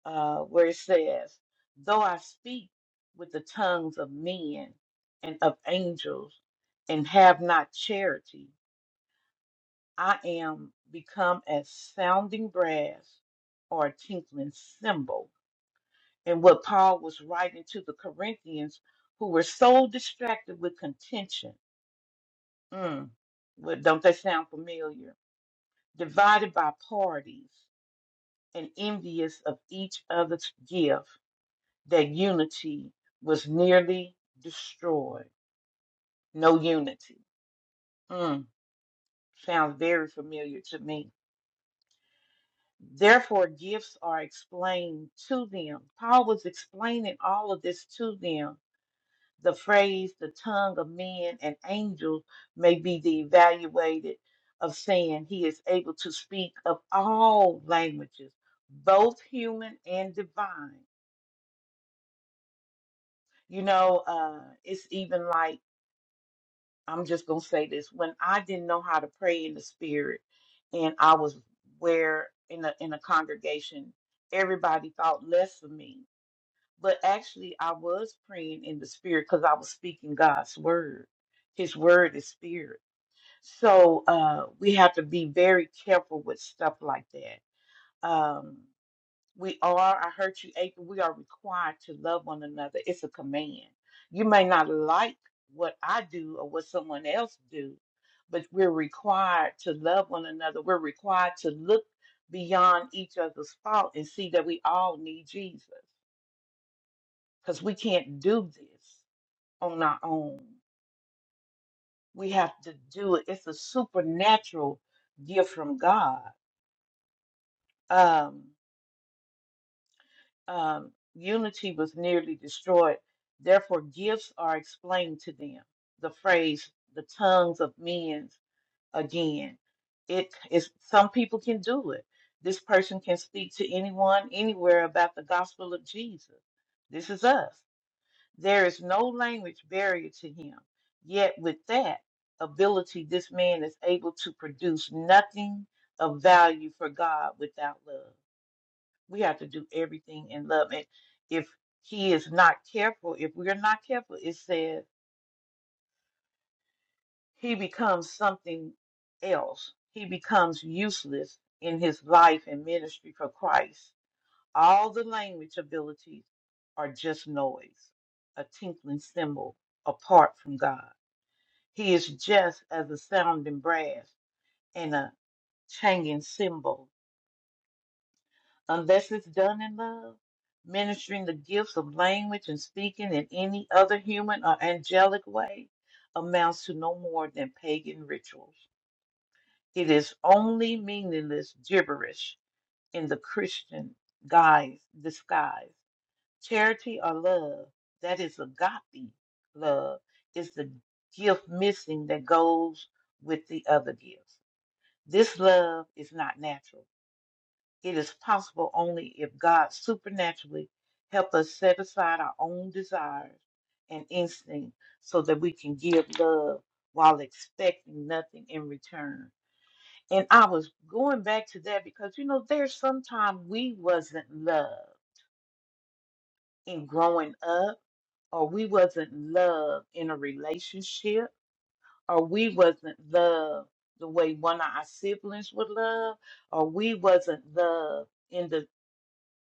Speaker 5: uh, where it says, Though I speak with the tongues of men and of angels and have not charity, I am become as sounding brass or a tinkling cymbal. And what Paul was writing to the Corinthians who were so distracted with contention. Mm, what- don't they sound familiar? Divided by parties and envious of each other's gift, that unity was nearly destroyed. No unity. Mm, sounds very familiar to me Therefore, gifts are explained to them. Paul was explaining all of this to them. The phrase, the tongue of men and angels, may be the evaluated of saying he is able to speak of all languages, both human and divine. You know, uh, it's even like, I'm just going to say this when I didn't know how to pray in the spirit, and I was where in a, in a congregation, everybody thought less of me But actually, I was praying in the spirit because I was speaking God's word. His word is spirit. So uh, we have to be very careful with stuff like that. Um, we are, I heard you, April, we are required to love one another. It's a command. You may not like what I do or what someone else do, but we're required to love one another. We're required to look beyond each other's fault and see that we all need Jesus because we can't do this on our own. We have to do it. It's a supernatural gift from God. Um, um, unity was nearly destroyed. Therefore, gifts are explained to them. The phrase, the tongues of men, again. It is some people can do it. This person can speak to anyone, anywhere about the gospel of Jesus. This is us. There is no language barrier to him. Yet, with that ability, this man is able to produce nothing of value for God without love. We have to do everything in love. And if he is not careful, if we're not careful, it says he becomes something else. He becomes useless in his life and ministry for Christ. All the language abilities are just noise, a tinkling cymbal apart from God. He is just as a sounding brass and a changing cymbal. Unless it's done in love, ministering the gifts of language and speaking in any other human or angelic way amounts to no more than pagan rituals. It is only meaningless gibberish in the Christian guise, disguise. Charity or love, that is agape love, is the gift missing that goes with the other gifts. This love is not natural. It is possible only if God supernaturally helps us set aside our own desires and instincts so that we can give love while expecting nothing in return. And I was going back to that because you know there's sometimes we wasn't loved in growing up or we wasn't loved in a relationship or we wasn't loved the way one of our siblings would love, or we wasn't loved in the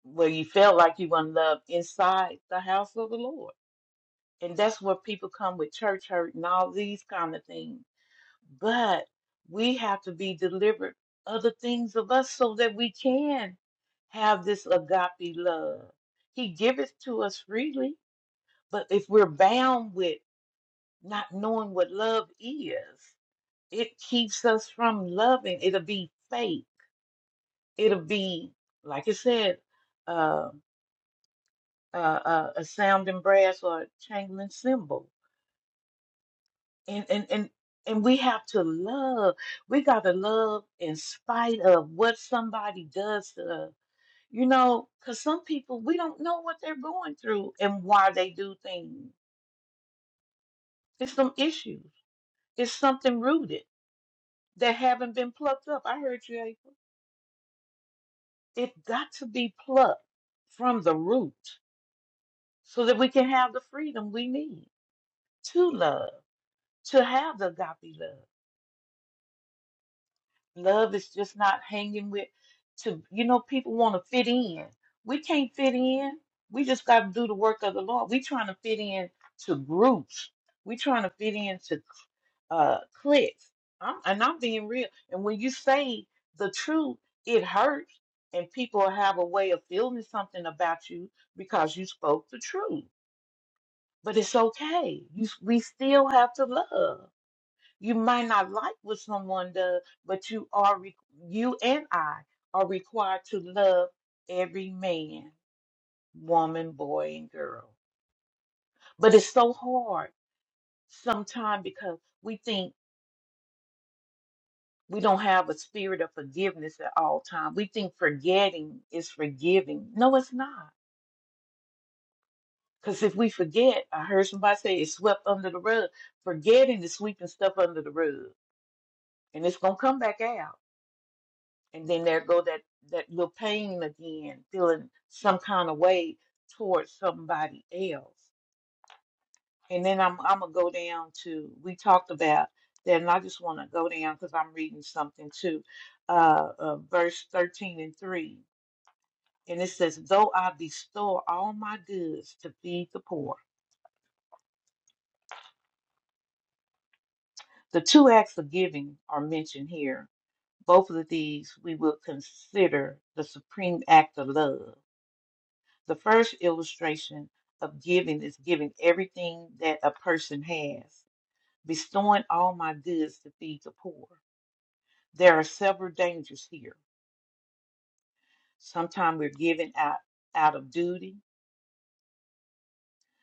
Speaker 5: where you felt like you weren't loved inside the house of the Lord. And that's where people come with church hurt and all these kind of things. But we have to be delivered other things of us so that we can have this agape love. He giveth to us freely, but if we're bound with not knowing what love is, it keeps us from loving. It'll be fake. It'll be, like I said, uh, uh, uh, a sounding brass or a jangling cymbal. And and and and we have to love. We got to love in spite of what somebody does to us. You know, because some people we don't know what they're going through and why they do things. It's some issues. It's something rooted that haven't been plucked up. I heard you, April. It got to be plucked from the root so that we can have the freedom we need to love, to have the agape love. Love is just not hanging with, to, you know, people want to fit in. We can't fit in. We just got to do the work of the Lord. We trying to fit in to groups. We trying to fit in to. uh clicks. I'm, and I'm being real. And when you say the truth, it hurts, and people have a way of feeling something about you because you spoke the truth. But it's okay. You, s- we still have to love. You might not like what someone does, but you are re- you and I are required to love every man, woman, boy, and girl. But it's so hard sometimes because we think. we don't have a spirit of forgiveness at all times. We think forgetting is forgiving. No, it's not. Because if we forget, I heard somebody say it's swept under the rug. Forgetting is sweeping stuff under the rug, and it's gonna come back out. And then there go that that little pain again, feeling some kind of way towards somebody else. And then I'm I'm gonna go down to we talked about that, and I just want to go down because I'm reading something too, uh, uh, verse thirteen and three. And it says, Though I bestow all my goods to feed the poor. The two acts of giving are mentioned here. Both of these we will consider the supreme act of love. The first illustration of giving is giving everything that a person has, bestowing all my goods to feed the poor. There are several dangers here. Sometimes we're giving out, out of duty,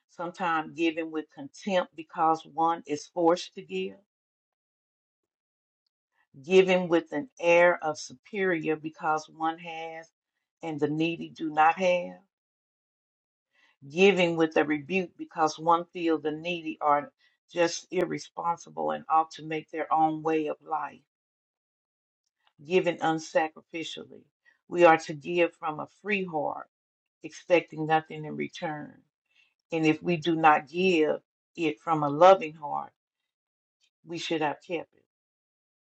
Speaker 5: sometimes giving with contempt because one is forced to give giving with an air of superior because one has and the needy do not have, giving with a rebuke because one feels the needy are just irresponsible and ought to make their own way of life, giving unsacrificially. We are to give from a free heart, expecting nothing in return. And if we do not give it from a loving heart, we should have kept it.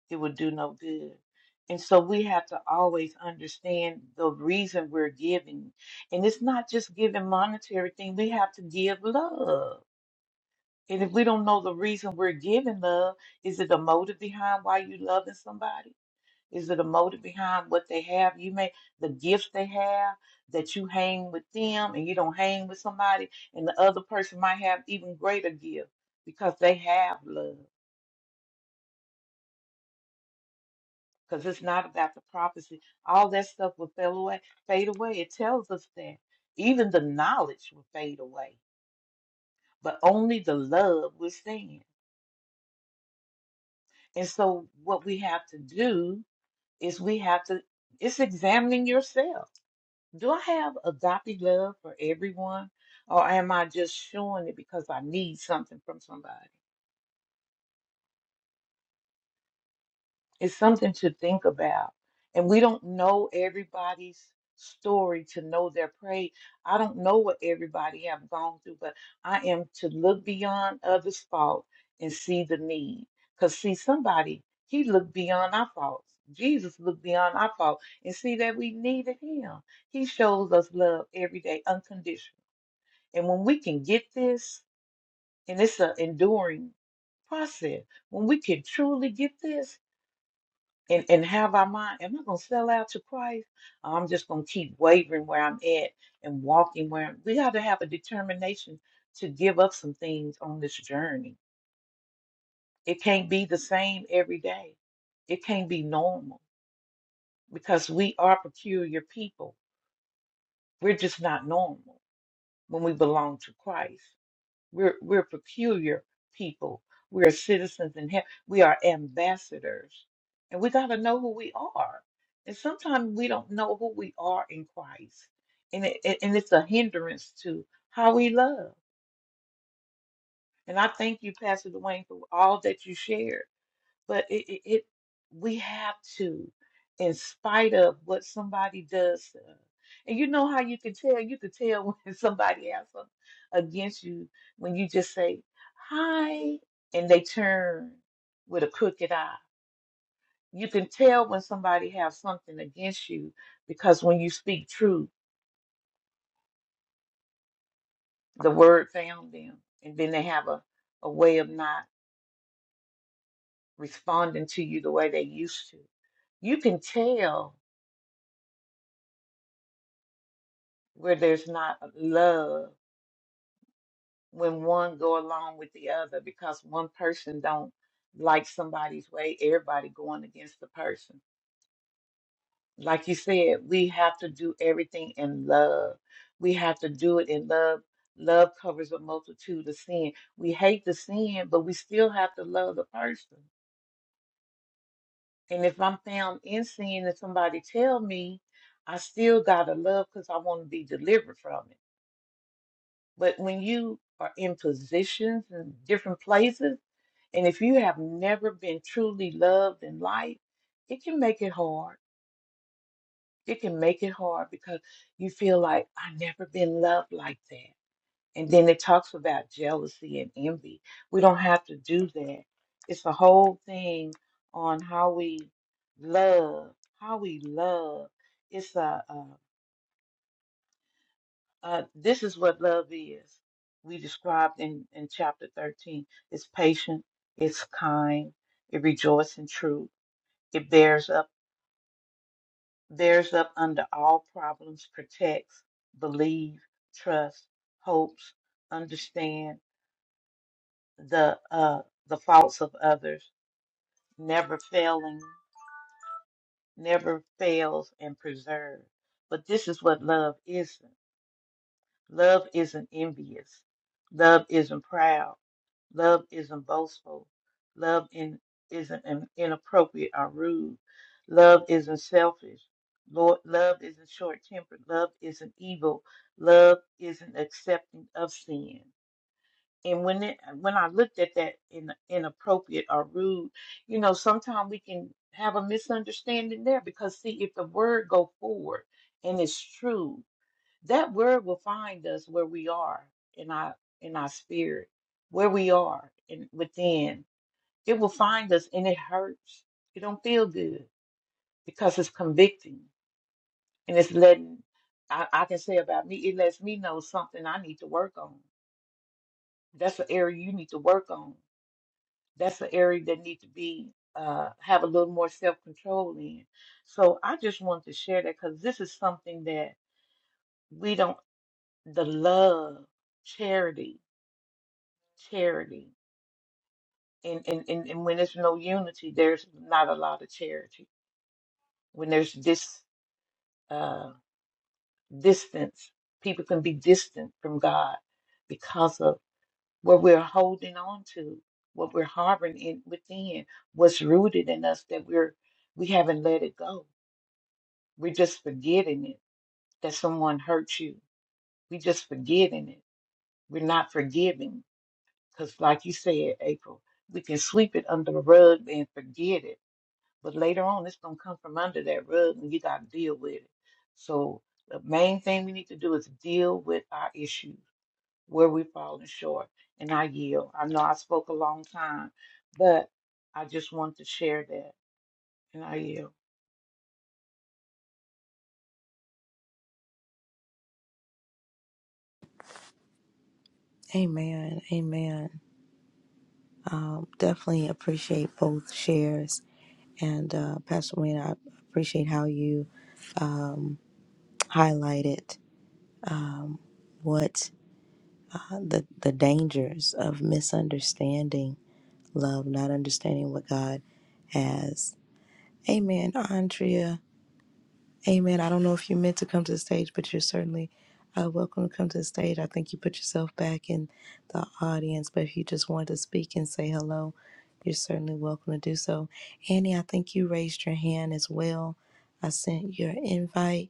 Speaker 5: it would do no good. And so we have to always understand the reason we're giving. And it's not just giving monetary thing, we have to give love. And if we don't know the reason we're giving love, is it a motive behind why you loving somebody? Is it a motive behind what they have? You may the gifts they have that you hang with them and you don't hang with somebody and the other person might have even greater gift because they have love. because it's not about the prophecy. All that stuff will fade away. Fade away. It tells us that even the knowledge will fade away, but only the love will stand. And so, what we have to do is we have to. It's examining yourself. Do I have agape love for everyone, or am I just showing it because I need something from somebody? It's something to think about. And we don't know everybody's story to know their praise. I don't know what everybody have gone through, but I am to look beyond others' fault and see the need. Cause see somebody, he looked beyond our faults. Jesus looked beyond our fault and see that we needed him. He shows us love every day, unconditional. And when we can get this, and it's an enduring process, when we can truly get this, and and have our mind am i going to sell out to christ i'm just going to keep wavering where i'm at and walking where I'm-" we got to have a determination to give up some things on this journey it can't be the same every day it can't be normal because we are peculiar people we're just not normal when we belong to christ We're we're peculiar people. We're citizens in heaven. We are ambassadors, and we got to know who we are. And sometimes we don't know who we are in Christ, and it, it- and it's a hindrance to how we love. And I thank you, Pastor Dwayne, for all that you shared. But it, it, it we have to, in spite of what somebody does to us. And you know how you can tell? You can tell when somebody has something against you when you just say, hi, and they turn with a crooked eye. You can tell when somebody has something against you because when you speak truth, the word found them. And then they have a, a way of not responding to you the way they used to. You can tell where there's not love when one go along with the other because one person don't like somebody's way everybody going against the person like you said we have to do everything in love we have to do it in love love covers a multitude of sin we hate the sin but we still have to love the person and if i'm found in sin and somebody tell me i still gotta love because i want to be delivered from it But when you are in positions and different places, and if you have never been truly loved in life, it can make it hard. It can make it hard because you feel like I have never been loved like that. And then it talks about jealousy and envy. We don't have to do that. It's a whole thing on how we love, how we love. It's a, Uh, this is what love is. We described in, in chapter 13. It's patient, it's kind, it rejoices in truth, it bears up, bears up under all problems, protects, believe, trust, hopes, understand the uh, the faults of others, never failing, never fails and preserve. But this is what love isn't. Love isn't envious. Love isn't proud. Love isn't boastful. Love in, isn't in- inappropriate or rude. Love isn't selfish. Lord, love isn't short tempered. Love isn't evil. Love isn't accepting of sin. And when it, when I looked at that in inappropriate or rude, you know, sometimes we can have a misunderstanding there because see, if the word go forward and it's true, that word will find us where we are in our in our spirit, where we are in within. It will find us and it hurts. It don't feel good because it's convicting and it's letting I, I can say about me, it lets me know something I need to work on. That's an area you need to work on. That's an area that need to be uh, have a little more self control in. So I just wanted to share that because this is something that we don't the love, charity, charity. And, and, and, and when there's no unity, there's not a lot of charity. When there's this uh, distance, people can be distant from God because of what we're holding on to, what we're harboring in, within, what's rooted in us that we're we haven't let it go. We're just forgetting it that someone hurt you. We just forgetting it. We're not forgiving because, like you said, April, we can sweep it under the rug and forget it But later on, it's going to come from under that rug and you got to deal with it. So the main thing we need to do is deal with our issues, where we're falling short, and I yield. I know I spoke a long time, but I just wanted to share that, and I yield.
Speaker 1: Amen. Amen. Um, definitely appreciate both shares. And uh, Pastor Wayne, I appreciate how you um, highlighted um, what uh, the, the dangers of misunderstanding love, not understanding what God has. Amen, Andrea. Amen. I don't know if you meant to come to the stage, but you're certainly uh, welcome to come to the stage. I think you put yourself back in the audience, but if you just wanted to speak and say hello, you're certainly welcome to do so. Annie, I think you raised your hand as well. I sent your invite.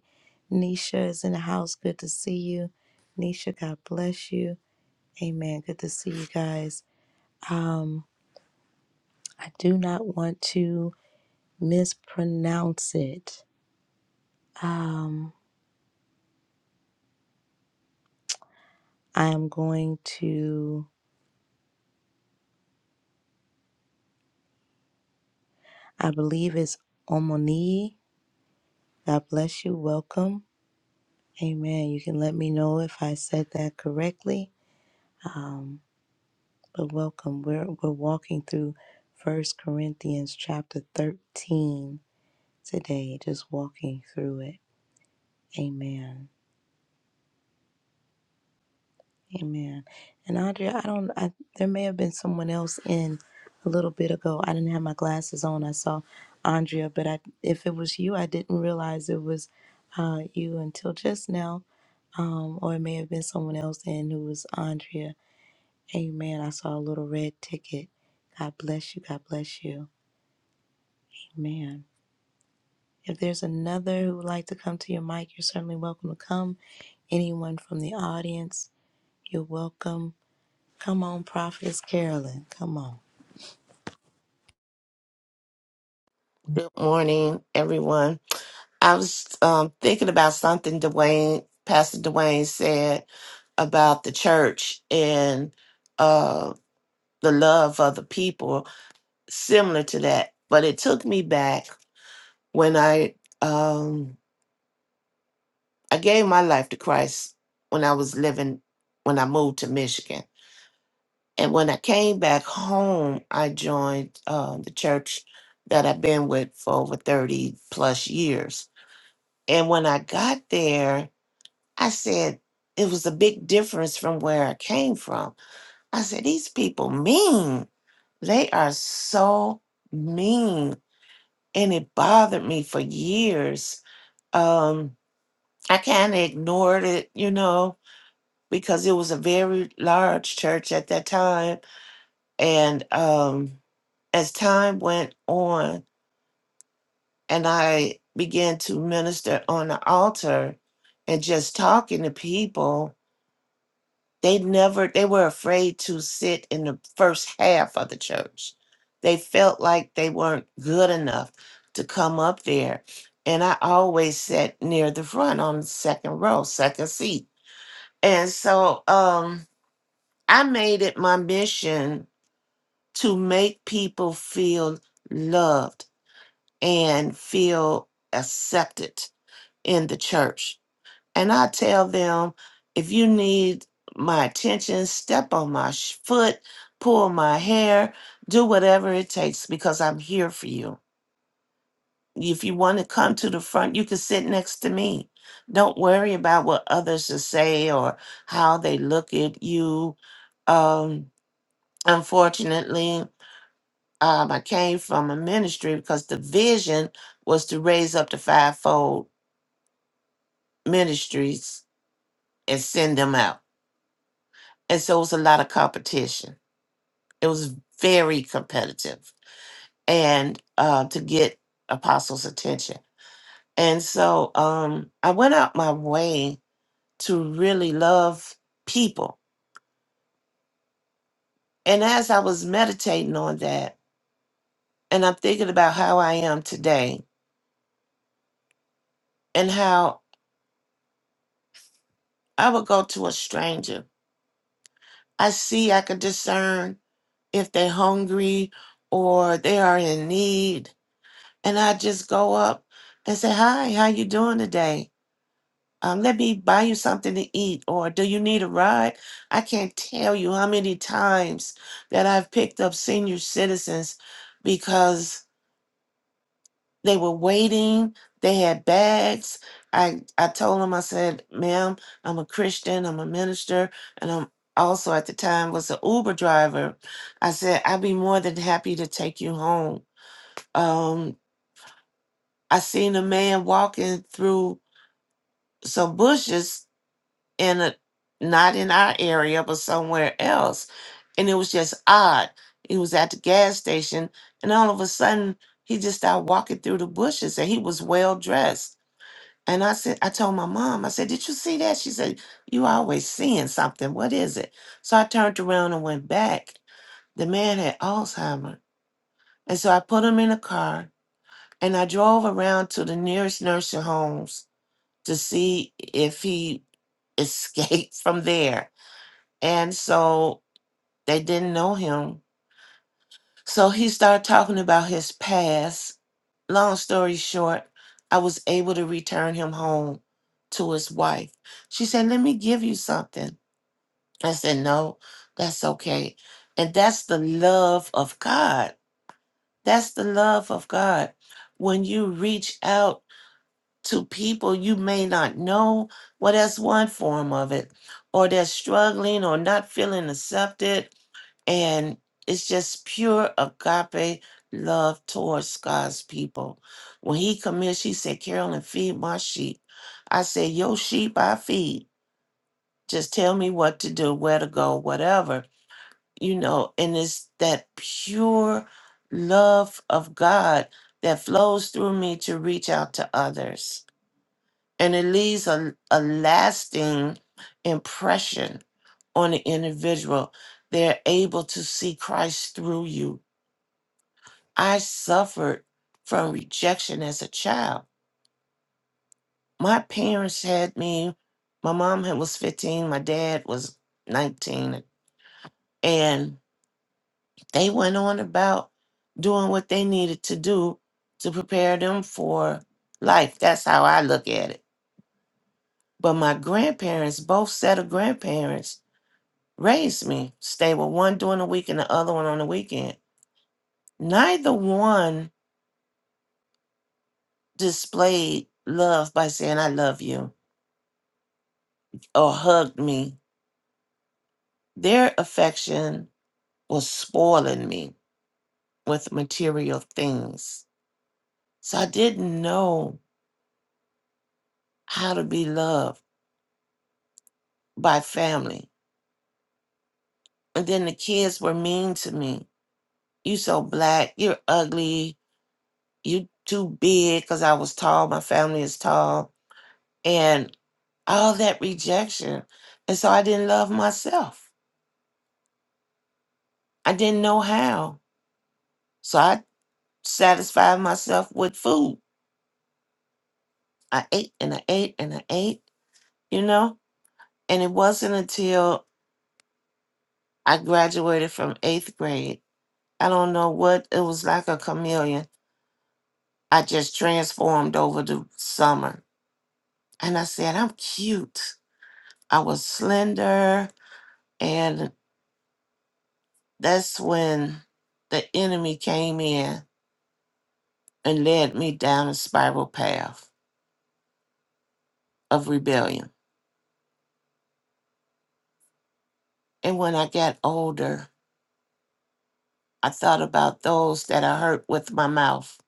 Speaker 1: Nisha is in the house. Good to see you. Nisha, God bless you. Amen. Good to see you guys. Um, I do not want to mispronounce it. Um, I am going to, I believe it's Omoni. God bless you. Welcome. Amen. You can let me know if I said that correctly. Um, but welcome. We're we're walking through First Corinthians chapter 13 today, just walking through it. Amen. Amen. And Andrea, I don't. I, there may have been someone else in a little bit ago. I didn't have my glasses on. I saw Andrea, but I, if it was you, I didn't realize it was uh, you until just now. Um, or it may have been someone else in who was Andrea. Amen. I saw a little red ticket. God bless you. God bless you. Amen. If there's another who would like to come to your mic, you're certainly welcome to come. Anyone from the audience, you're welcome Come on, Prophetess Carolyn. Come on.
Speaker 6: Good morning, everyone. I was um, thinking about something Dwayne, Pastor Dwayne said about the church and uh, the love of the people, similar to that. But it took me back when I um, I gave my life to Christ when I was living when I moved to Michigan, and when I came back home, I joined uh, the church that I've been with for over thirty plus years And when I got there, I said, it was a big difference from where I came from. I said, these people mean. They are so mean. And it bothered me for years. Um, I kind of ignored it, you know, because it was a very large church at that time. And um, as time went on and I began to minister on the altar and just talking to people, They never, they were afraid to sit in the first half of the church. They felt like they weren't good enough to come up there. And I always sat near the front on the second row, second seat. And so um, I made it my mission to make people feel loved and feel accepted in the church and I tell them, if you need my attention, step on my sh- foot, pull my hair, do whatever it takes because I'm here for you. If you want to come to the front, you can sit next to me. Don't worry about what others will say or how they look at you. Um, unfortunately, um, I came from a ministry because the vision was to raise up the fivefold ministries and send them out and so it was a lot of competition. It was very competitive, and uh, to get Apostle's attention. And so um, I went out my way to really love people. And as I was meditating on that, and I'm thinking about how I am today, and how I would go to a stranger, I see I could discern if they're hungry or they are in need, and I just go up and say, "Hi, how you doing today?" Um, let me buy you something to eat, or do you need a ride? I can't tell you how many times that I've picked up senior citizens because they were waiting, they had bags. I, I told them, I said, ma'am, I'm a Christian, I'm a minister, and I'm also at the time was an Uber driver. I said, I'd be more than happy to take you home. Um, I seen a man walking through some bushes in a not in our area but somewhere else and it was just odd he was at the gas station and all of a sudden he just started walking through the bushes and he was well dressed and i said i told my mom i said did you see that she said you always seeing something what is it so i turned around and went back the man had alzheimer and so i put him in a car and i drove around to the nearest nursing homes to see if he escaped from there and so they didn't know him. So he started talking about his past. Long story short, I was able to return him home to his wife. She said, Let me give you something. I said, No, that's okay. And that's the love of God. That's the love of God. When you reach out to people you may not know, well, that's one form of it, or they're struggling or not feeling accepted and it's just pure agape love towards God's people. When he come here, she said, Carolyn, feed my sheep. I said, Your sheep I feed. Just tell me what to do, where to go, whatever. You know, and it's that pure love of God that flows through me to reach out to others. And it leaves a, a lasting impression on the individual. They're able to see Christ through you I suffered from rejection as a child. My parents had me, my mom had- was 15, my dad was 19, and they went on about doing what they needed to do to prepare them for life. That's how I look at it. But my grandparents, both set of grandparents, raised me, stayed with one during the week and the other one on the weekend. Neither one displayed love by saying, I love you or hugged me Their affection was spoiling me with material things. So I didn't know how to be loved by family. And then the kids were mean to me. You so black, you're ugly, you too big because I was tall, my family is tall, and all that rejection. And so I didn't love myself. I didn't know how. So I satisfied myself with food. I ate and I ate and I ate, you know? And it wasn't until I graduated from eighth grade. I don't know what it was like a chameleon. I just transformed over the summer. And I said, I'm cute. I was slender. And that's when the enemy came in and led me down a spiral path of rebellion. And when I got older, I thought about those that I hurt with my mouth.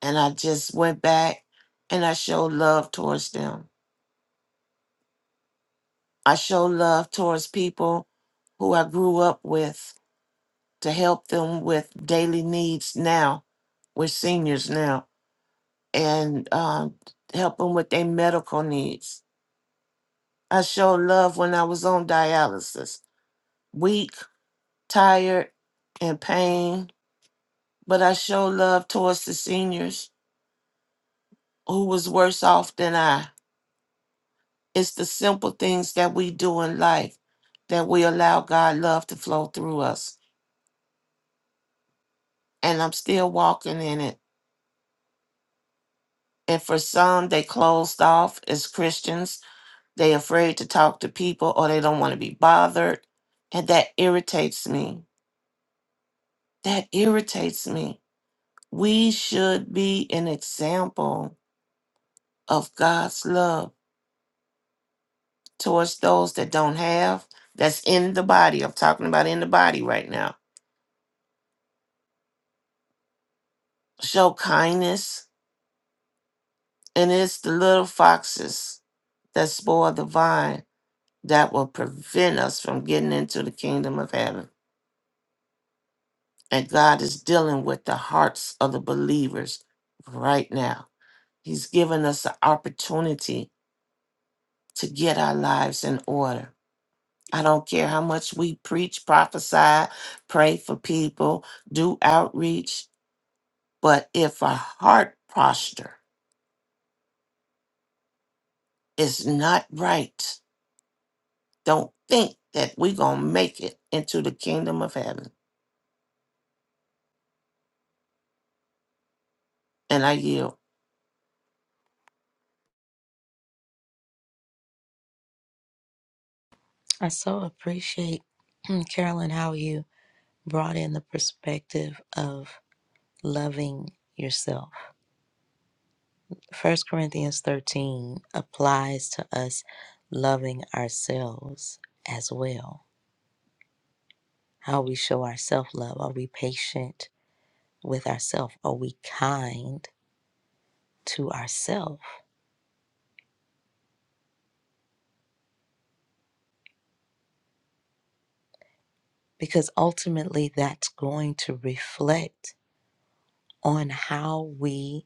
Speaker 6: And I just went back and I showed love towards them. I show love towards people who I grew up with to help them with daily needs now, with seniors now, and um, help them with their medical needs. I show love when I was on dialysis, weak, tired, and pain, but I show love towards the seniors who was worse off than I. It's the simple things that we do in life that we allow God love to flow through us. And I'm still walking in it And for some, they closed off as Christians. They afraid to talk to people or they don't want to be bothered. And that irritates me. That irritates me. We should be an example of God's love towards those that don't have, that's in the body. I'm talking about in the body right now. Show kindness. And it's the little foxes that spoil the vine that will prevent us from getting into the kingdom of heaven. And God is dealing with the hearts of the believers right now. He's given us the opportunity to get our lives in order. I don't care how much we preach, prophesy, pray for people, do outreach, but if our heart posture is not right, don't think that we're going to make it into the kingdom of heaven. And I yield.
Speaker 1: I so appreciate, Carolyn, how you brought in the perspective of loving yourself. First Corinthians 13 applies to us loving ourselves as well. How we show our self love. Are we patient with ourselves? Are we kind to ourselves? Because ultimately, that's going to reflect on how we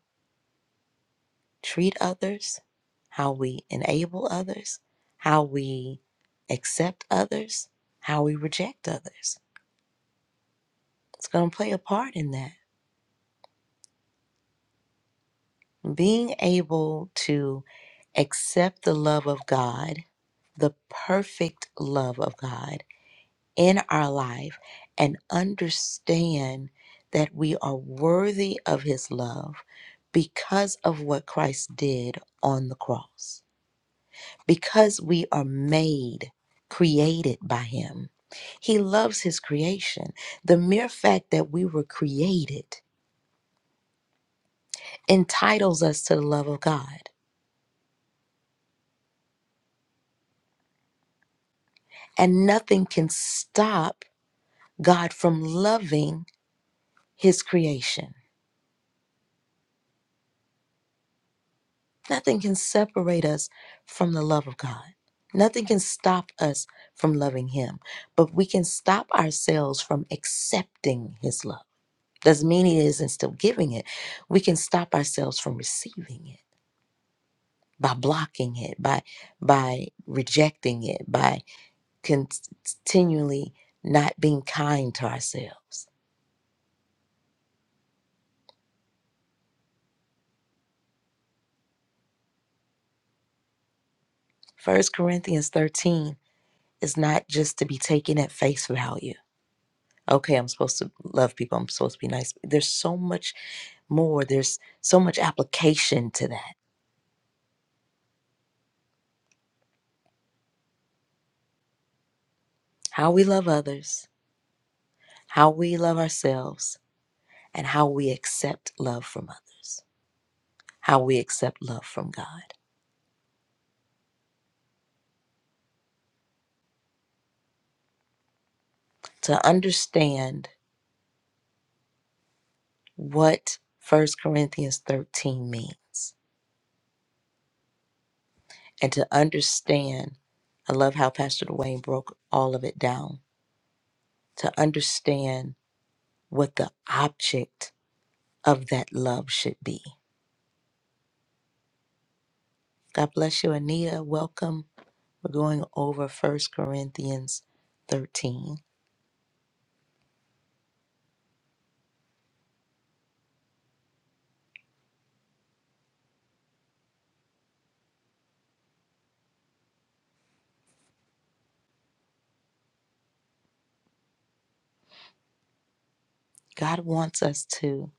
Speaker 1: treat others, how we enable others, how we accept others, how we reject others. It's going to play a part in that. Being able to accept the love of God, the perfect love of God in our life, and understand that we are worthy of His love because of what Christ did on the cross. because we are made, created by Him. He loves His creation. The mere fact that we were created entitles us to the love of God, and nothing can stop God from loving His creation. Nothing can separate us from the love of God. Nothing can stop us from loving Him, but we can stop ourselves from accepting His love. doesn't mean he isn't still giving it we can stop ourselves from receiving it by blocking it by by rejecting it by con- continually not being kind to ourselves first corinthians 13 is not just to be taken at face value okay i'm supposed to love people i'm supposed to be nice there's so much more there's so much application to that how we love others how we love ourselves and how we accept love from others how we accept love from God. To understand what First Corinthians 13 means and to understand, I love how Pastor Dwayne broke all of it down, to understand what the object of that love should be. God bless you, Anita. Welcome. We're going over First Corinthians 13. God wants us to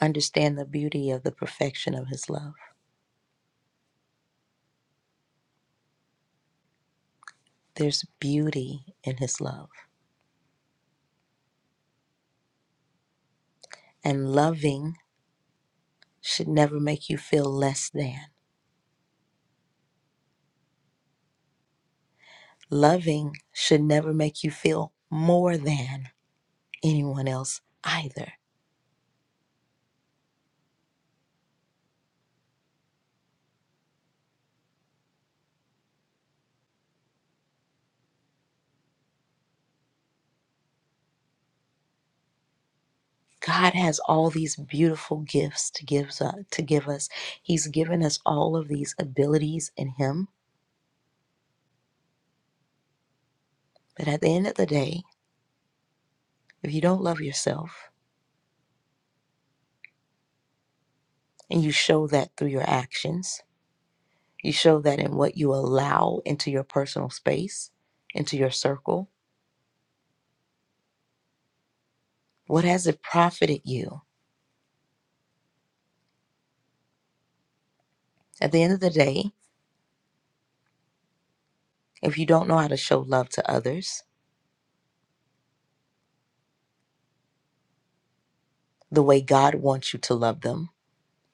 Speaker 1: understand the beauty of the perfection of His love. There's beauty in His love And loving should never make you feel less than. Loving should never make you feel more than anyone else either. God has all these beautiful gifts to give, us- to give us. He's given us all of these abilities in Him. But at the end of the day, if you don't love yourself and you show that through your actions, you show that in what you allow into your personal space, into your circle, what has it profited you? At the end of the day, If you don't know how to show love to others the way God wants you to love them,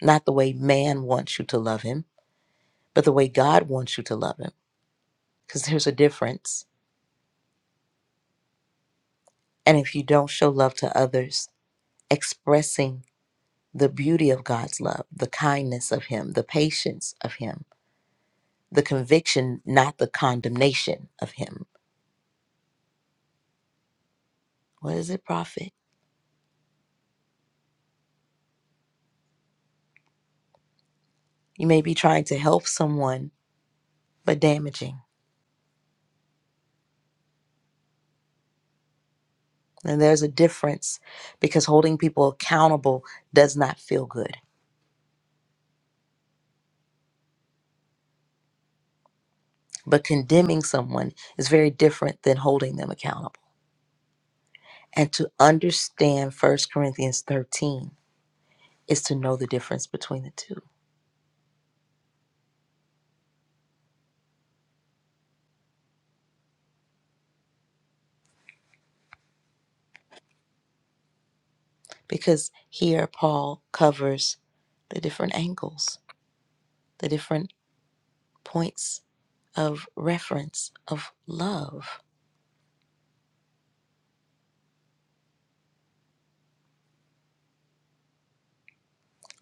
Speaker 1: not the way man wants you to love him, but the way God wants you to love him, because there's a difference. And if you don't show love to others, expressing the beauty of God's love, the kindness of him, the patience of him, the conviction, not the condemnation of him, what does it profit? You may be trying to help someone, but damaging. And there's a difference because holding people accountable does not feel good But condemning someone is very different than holding them accountable. And to understand First Corinthians 13 is to know the difference between the two. Because here Paul covers the different angles, the different points of reference of love.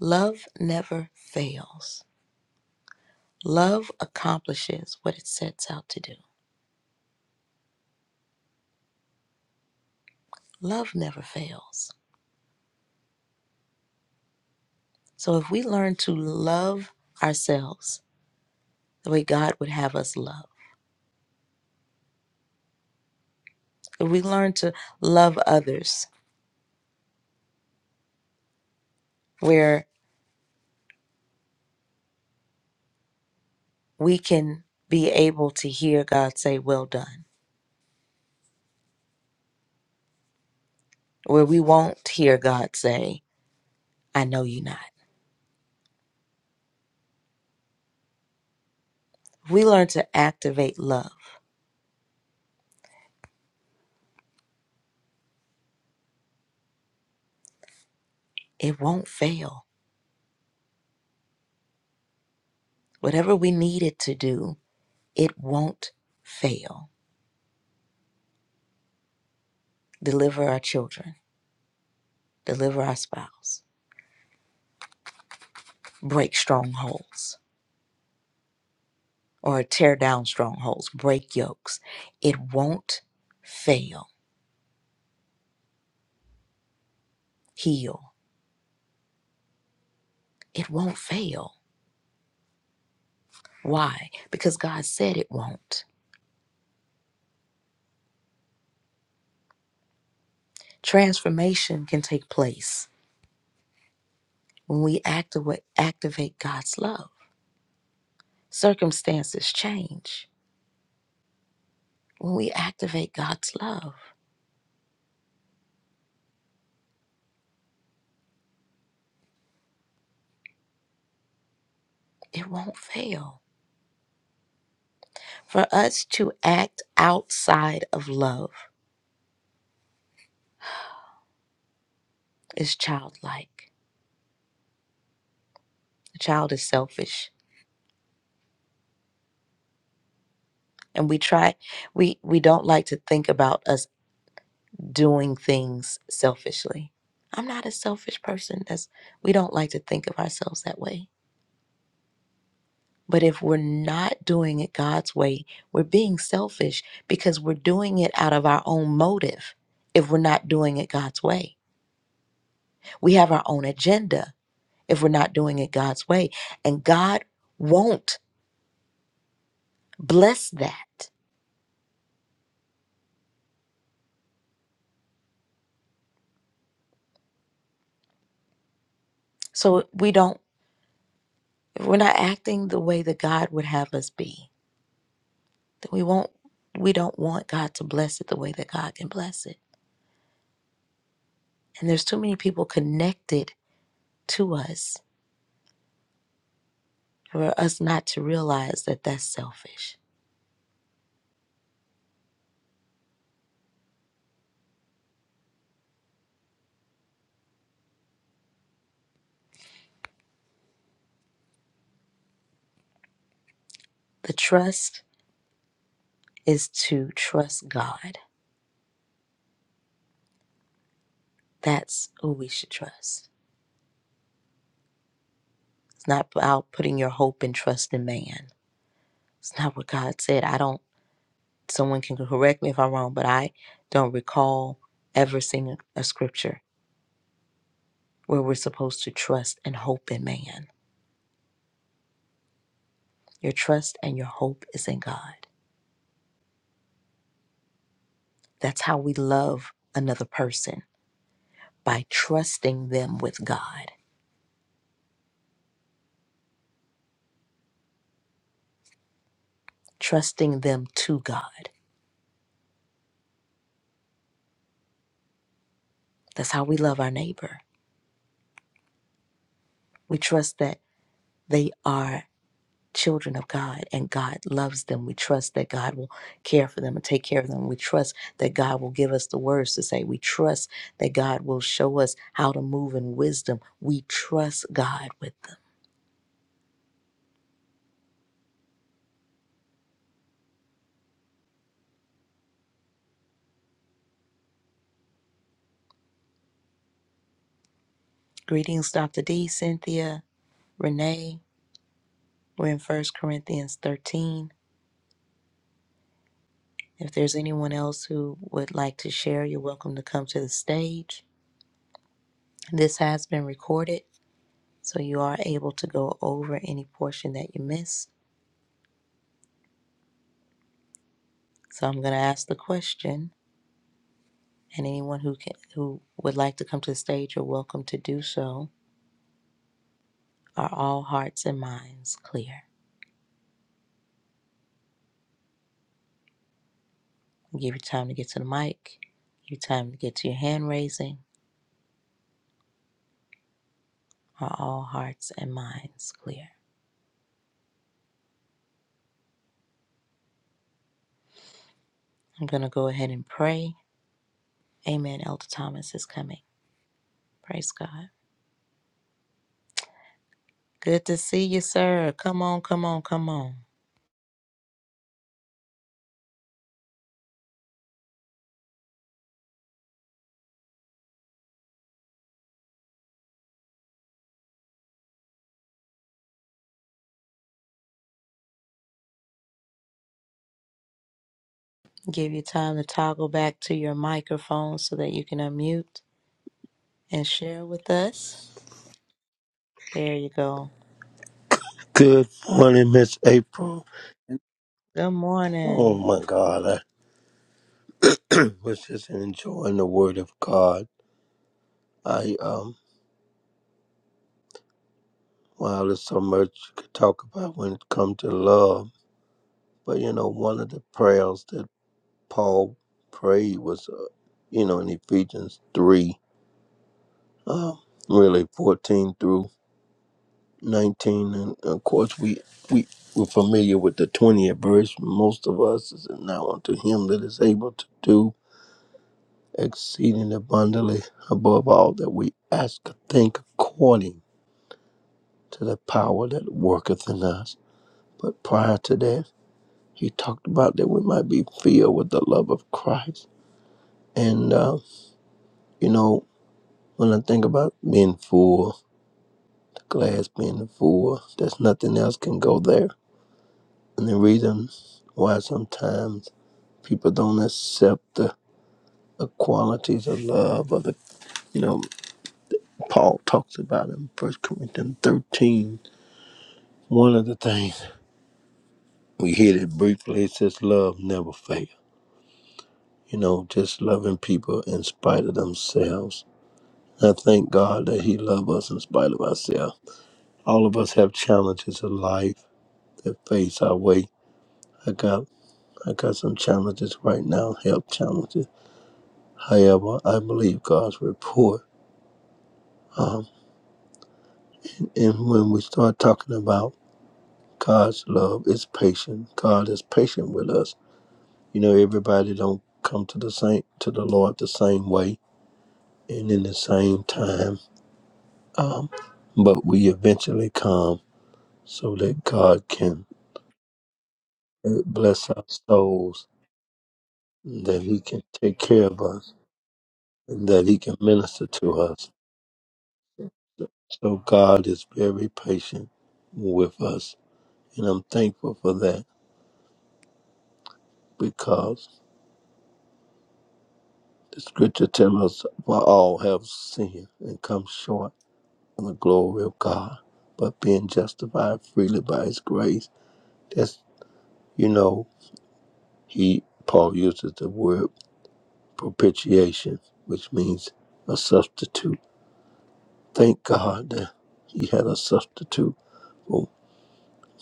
Speaker 1: Love never fails. Love accomplishes what it sets out to do. Love never fails. So if we learn to love ourselves the way God would have us love, If we learn to love others, where we can be able to hear God say, Well done, where we won't hear God say, I know you not. If we learn to activate love, it won't fail. Whatever we need it to do, it won't fail. Deliver our children, deliver our spouse, break strongholds or tear down strongholds, break yokes. It won't fail. Heal. It won't fail Why? Because God said it won't. Transformation can take place when we activate, activate God's love. Circumstances change. When we activate God's love, it won't fail. For us to act outside of love is childlike. The child is selfish. And we try, we, we don't like to think about us doing things selfishly. I'm not a selfish person. That's, we don't like to think of ourselves that way But if we're not doing it God's way, we're being selfish because we're doing it out of our own motive if we're not doing it God's way. We have our own agenda if we're not doing it God's way. And God won't bless that. So we don't if we're not acting the way that God would have us be. Then we won't we don't want God to bless it the way that God can bless it. And there's too many people connected to us for us not to realize that that's selfish. The trust is to trust God. That's who we should trust. It's not about putting your hope and trust in man. It's not what God said. I don't, someone can correct me if I'm wrong, but I don't recall ever seeing a scripture where we're supposed to trust and hope in man. Your trust and your hope is in God. That's how we love another person by trusting them with God, trusting them to God. That's how we love our neighbor. We trust that They are children of God and God loves them. We trust that God will care for them and take care of them. We trust that God will give us the words to say. We trust that God will show us how to move in wisdom. We trust God with them. Greetings, Dr. D, Cynthia, Renee. We're in First Corinthians 13. If there's anyone else who would like to share, you're welcome to come to the stage. This has been recorded, so you are able to go over any portion that you missed. So I'm going to ask the question, and anyone who can, who would like to come to the stage, you're welcome to do so. Are all hearts and minds clear? I'll give you time to get to the mic. Give you time to get to your hand raising. Are all hearts and minds clear? I'm going to go ahead and pray. Amen. Elder Thomas is coming. Praise God. Good to see you, sir. Come on, come on, come on. Give you time to toggle back to your microphone so that you can unmute and share with us. There you go.
Speaker 7: Good morning, Miss April.
Speaker 1: Good
Speaker 7: Oh
Speaker 1: morning.
Speaker 7: my God, I was just enjoying the Word of God. I um, wow, there's so much you could talk about when it comes to love. But you know, one of the prayers that Paul prayed was, uh, you know, in Ephesians three, um, really fourteen through nineteen, and of course we we we're familiar with the twentieth verse. Most of us is now unto Him that is able to do. exceeding abundantly above all that we ask or think according to the power that worketh in us. But prior to that, he talked about that we might be filled with the love of Christ. And, uh, you know, when I think about being full, the glass being full, there's nothing else can go there. And the reason why sometimes people don't accept the, the qualities of love or the, you know, Paul talks about in First Corinthians 13 One of the things we hit it briefly, it says love never fails. You know, just loving people in spite of themselves. I thank God that He loves us in spite of ourselves. All of us have challenges in life that face our way. I got I got some challenges right now, health challenges. However, I believe God's report. Um, and when we start talking about God's love, it's patient. God is patient with us. You know, everybody don't come to the same to the Lord the same way and in the same time, um, but we eventually come so that God can uh, bless our souls, that He can take care of us, and that He can minister to us. So God is very patient with us, and I'm thankful for that because the Scripture tells us we all have sinned and come short of the glory of God, but being justified freely by His grace. That's you know he Paul uses the word propitiation, which means a substitute. Thank God that He had a substitute. For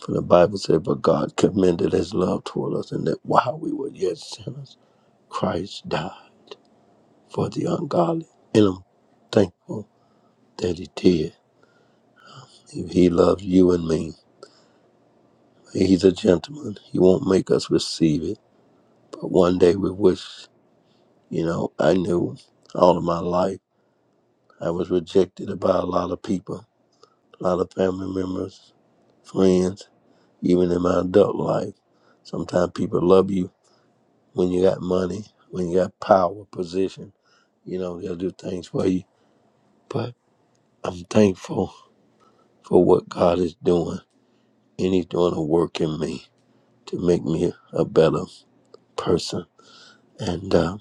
Speaker 7: for the Bible said, But God commended His love toward us, and that while we were yet sinners, Christ died for the ungodly. And I'm thankful that He did. If He loves you and me, He's a gentleman. He won't make us receive it. But one day we wish, you know, I knew all of my life I was rejected by a lot of people, a lot of family members friends, even in my adult life. Sometimes people love you when you got money, when you got power, position. You know, they'll do things for you. But I'm thankful for what God is doing, and He's doing a work in me to make me a better person. And uh,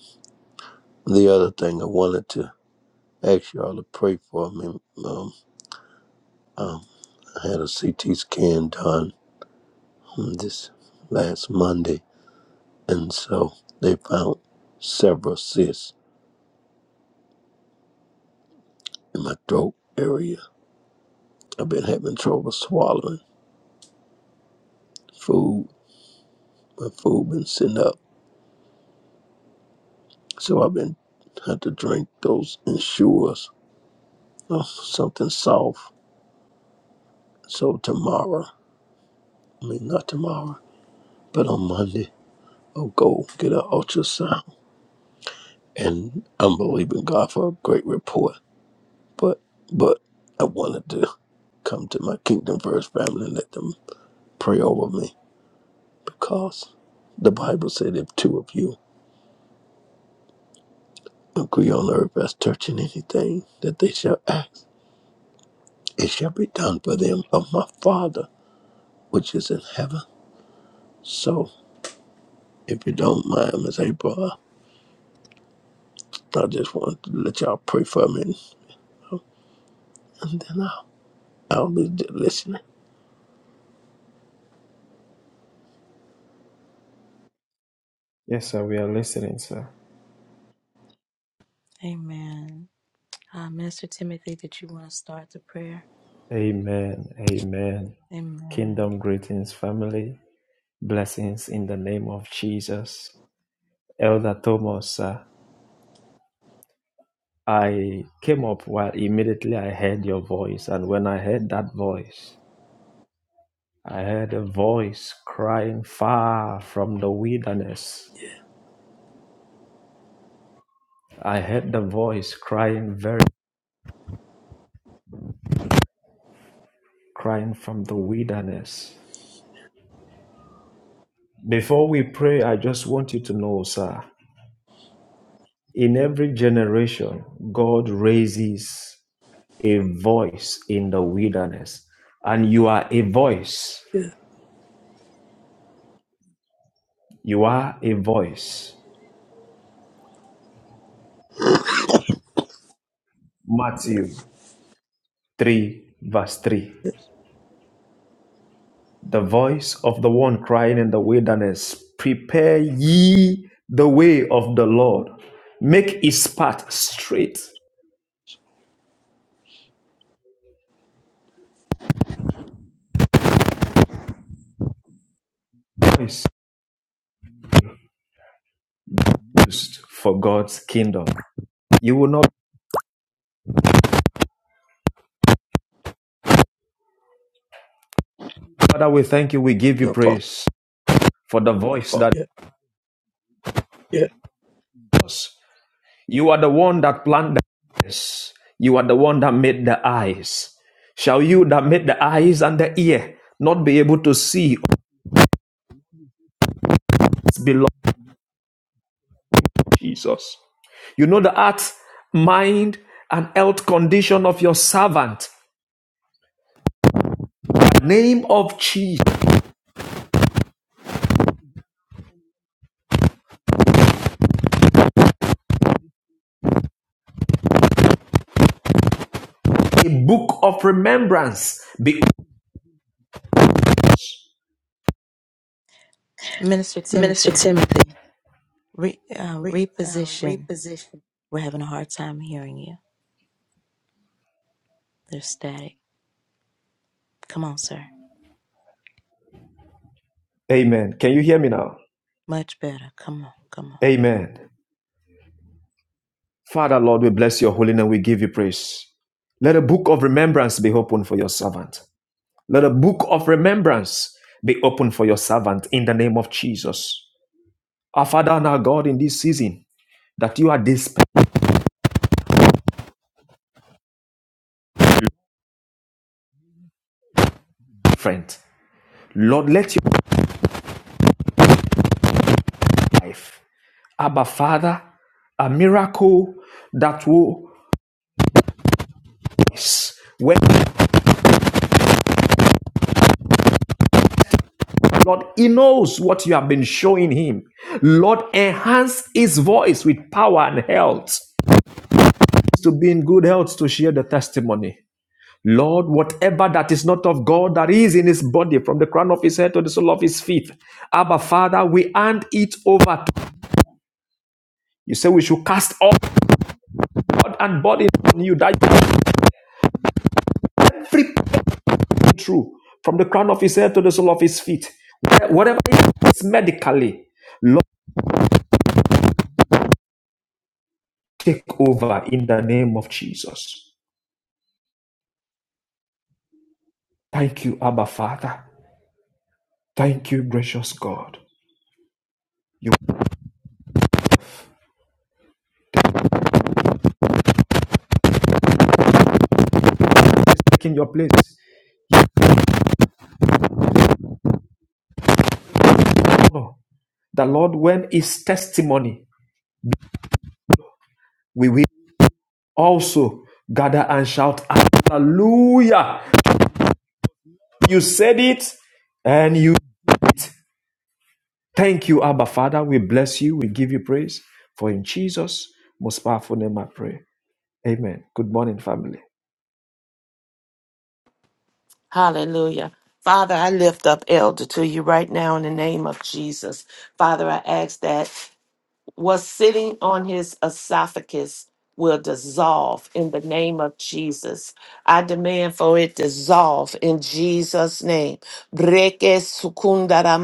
Speaker 7: the other thing I wanted to ask y'all to pray for me. Um, um, I had a CT scan done on this last Monday, and so they found several cysts in my throat area. I've been having trouble swallowing food. My food been sitting up, so I've been had to drink those Ensures, oh, something soft. So tomorrow, I mean not tomorrow, but on Monday, I'll go get an ultrasound, and I'm believing God for a great report. But but I wanted to come to my Kingdom First family and let them pray over me because the Bible said if two of you agree on earth as touching anything that they shall ask. It shall be done for them of my Father which is in heaven. So, if you don't mind, Miss April, I just want to let y'all pray for me, and then I'll, I'll be listening.
Speaker 8: Yes, sir, we are listening, sir.
Speaker 1: Amen. Uh, Minister Timothy, did you want to start the prayer?
Speaker 8: Amen. Amen.
Speaker 1: Amen.
Speaker 8: Kingdom greetings, family. Blessings in the name of Jesus. Elder Thomas, sir, I came up while immediately I heard your voice. And when I heard that voice, I heard a voice crying far from the wilderness. I heard the voice crying very, crying from the wilderness. Before we pray, I just want you to know, sir. In every generation, God raises a voice in the wilderness, and you are a voice.
Speaker 7: Yes,
Speaker 8: You are a voice. Matthew 3, verse 3.
Speaker 7: yes.
Speaker 8: The voice of the one crying in the wilderness, Prepare ye the way of the Lord, make his path straight. Voice used for God's kingdom. You will not, Father, we thank you, we give you
Speaker 7: Your phone.
Speaker 8: praise for the voice that
Speaker 7: Yeah.
Speaker 8: is us. You are the one that planted the ears. You are the one that made the eyes. Shall you that made the eyes and the ear not be able to see what's belong to Jesus? You know the heart, mind, and health condition of your servant. The name of Jesus, a book of remembrance. Be-
Speaker 1: Minister Timothy, re, uh, reposition. We're having a hard time hearing you. There's static. Come on, sir.
Speaker 8: Amen. Can you hear me now?
Speaker 1: Much better. Come on. Come on.
Speaker 8: Amen. Father, Lord, we bless your holy name. We give you praise. Let a book of remembrance be opened for your servant. Let a book of remembrance be open for your servant in the name of Jesus. Our Father and our God in this season, that you are this friend, Lord, let your life, Abba Father, a miracle that will when Lord he knows what you have been showing him. Lord, enhance his voice with power and health. To be in good health to share the testimony. Lord, whatever that is not of God that is in his body, from the crown of his head to the sole of his feet, Abba, Father, we hand it over. You say we should cast all God and body on you. That is true. From the crown of his head to the sole of his feet, whatever it is medically, Lord, take over in the name of Jesus. Thank you, Abba, Father. Thank you, gracious God. You are taking your place. Oh, the Lord, when His testimony? we will. also gather and shout hallelujah you said it and you thank you abba father we bless you we give you praise for in jesus most powerful name i pray amen good morning family
Speaker 6: Hallelujah. Father, I lift up Elder to you right now in the name of Jesus. Father, I ask that what's sitting on his esophagus will dissolve in the name of Jesus. I demand for it dissolve in Jesus' name. Breke sukundara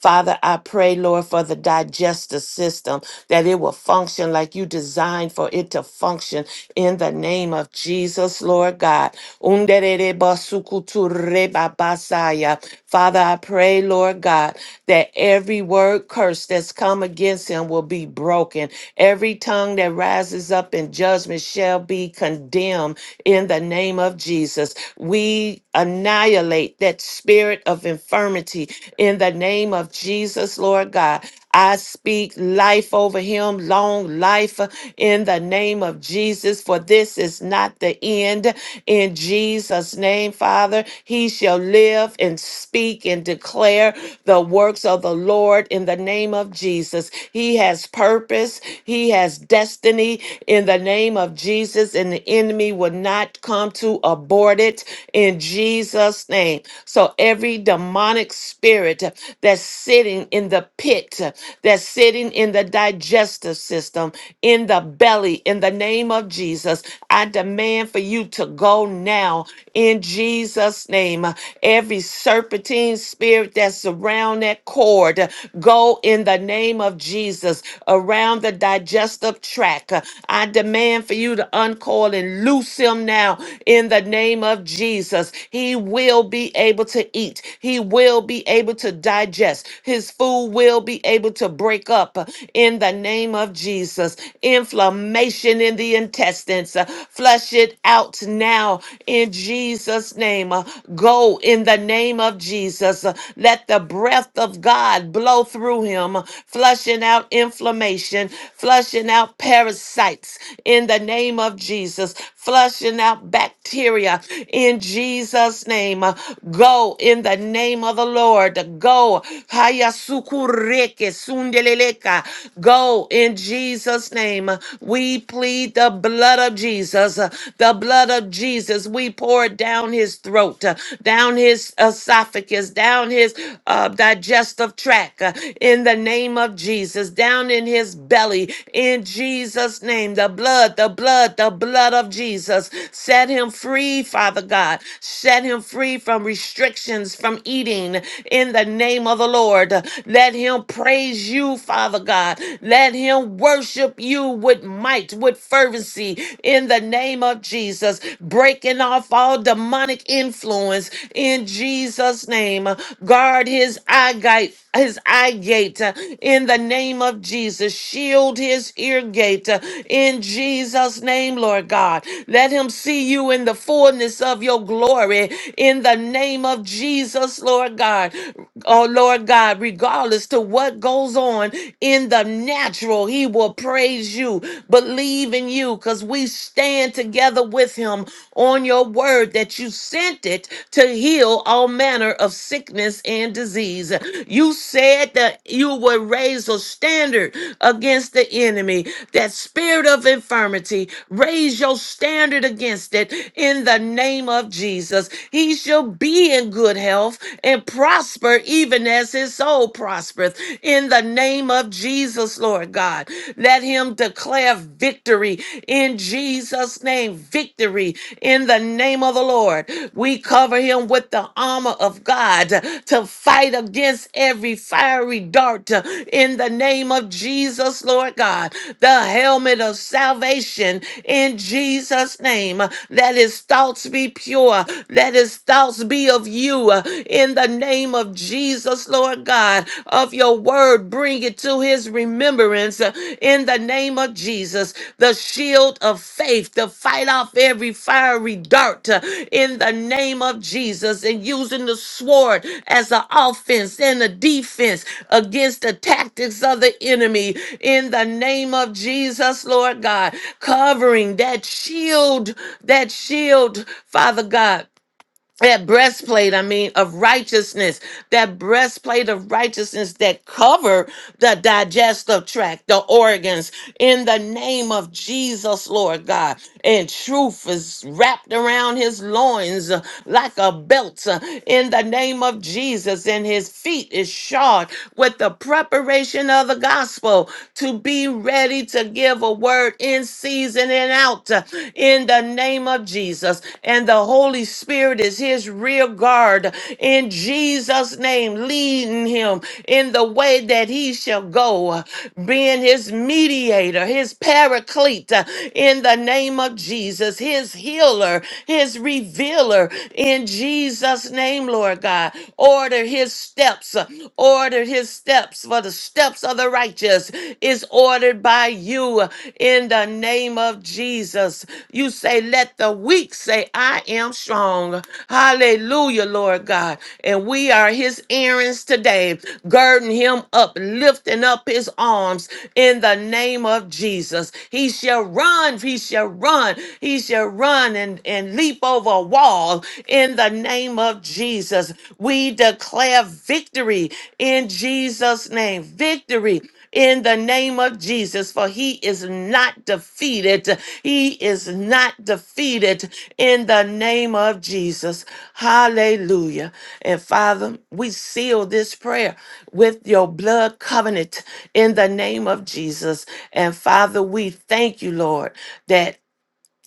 Speaker 6: Father, I pray, Lord, for the digestive system that it will function like you designed for it to function in the name of Jesus, Lord God. Undererebasukuturebabasaya. Father, I pray, Lord God, that every word curse that's come against him will be broken. Every tongue that rises up in judgment shall be condemned in the name of Jesus. We annihilate that spirit of infirmity in the name of Jesus, Lord God. I speak life over him, long life uh, in the name of Jesus, for this is not the end. In Jesus' name, Father, he shall live and speak and declare the works of the Lord in the name of Jesus. He has purpose, he has destiny in the name of Jesus, and the enemy will not come to abort it in Jesus' name. So every demonic spirit uh, that's sitting in the pit, uh, that's sitting in the digestive system, in the belly, in the name of Jesus. I demand for you to go now in Jesus' name. Uh, Every serpentine spirit that's around that cord, uh, go in the name of Jesus around the digestive tract. Uh, I demand for you to uncoil and loose him now in the name of Jesus. He will be able to eat. He will be able to digest. His food will be able to break up uh, in the name of Jesus. Inflammation in the intestines, uh, flush it out now in Jesus' name. Uh, Go in the name of Jesus. Uh, Let the breath of God blow through him, uh, flushing out inflammation, flushing out parasites in the name of Jesus, flushing out bacteria in Jesus' name. Uh, Go in the the name of the Lord. Go. haya sukureke sundeleleka. Go in Jesus' name. We plead the blood of Jesus. The blood of Jesus. We pour it down his throat, down his esophagus, down his uh, digestive tract uh, in the name of Jesus, down in his belly in Jesus' name. The blood, the blood, the blood of Jesus. Set him free, Father God. Set him free from restrictions restrictions from eating in the name of the Lord. Let him praise you, Father God. Let him worship you with might, with fervency in the name of Jesus. Breaking off all demonic influence in Jesus' name. Guard his eye gate. His eye gate uh, in the name of Jesus. Shield his ear gate uh, in Jesus' name, Lord God. Let him see you in the fullness of your glory in the name name of Jesus, Lord God. Oh, Lord God, regardless to what goes on in the natural, he will praise you, believe in you, because we stand together with him on your word that you sent it to heal all manner of sickness and disease. You said that you would raise a standard against the enemy, that spirit of infirmity, raise your standard against it in the name of Jesus. He shall shall be in good health and prosper even as his soul prospereth. In the name of Jesus, Lord God, let him declare victory in Jesus' name. Victory in the name of the Lord. We cover him with the armor of God to fight against every fiery dart uh, in the name of Jesus, Lord God. The helmet of salvation in Jesus' name. Let his thoughts be pure. Let his his thoughts be of you uh, in the name of Jesus, Lord God, of your word. Bring it to his remembrance uh, in the name of Jesus. The shield of faith to fight off every fiery dart uh, in the name of Jesus and using the sword as an offense and a defense against the tactics of the enemy in the name of Jesus, Lord God. Covering that shield, that shield, Father God that breastplate i mean of righteousness that breastplate of righteousness that cover the digestive tract the organs in the name of jesus lord god and truth is wrapped around his loins uh, like a belt uh, in the name of jesus and his feet is shod with the preparation of the gospel to be ready to give a word in season season and out uh, in the name of Jesus. And the Holy Spirit is his rear guard in Jesus' name, leading him in the way that he shall go, uh, being his mediator, his paraclete uh, in the name of Jesus, his healer, his revealer in Jesus' name, Lord God. Order his steps, uh, order his steps steps, for the steps of the righteous is ordered by you in the name of Jesus. You say, Let the weak say, I am strong. Hallelujah, Lord God. And we are his errands today, girding him up, lifting up his arms in the name of Jesus. He shall run, he shall run, he shall run and, and leap over a wall in the name name of Jesus. We declare victory in Jesus' name. Victory in the name of Jesus, for he is not defeated. He is not defeated in the name of Jesus. Hallelujah. And Father, we seal this prayer with your blood covenant in the name of Jesus. And Father, we thank you, Lord, that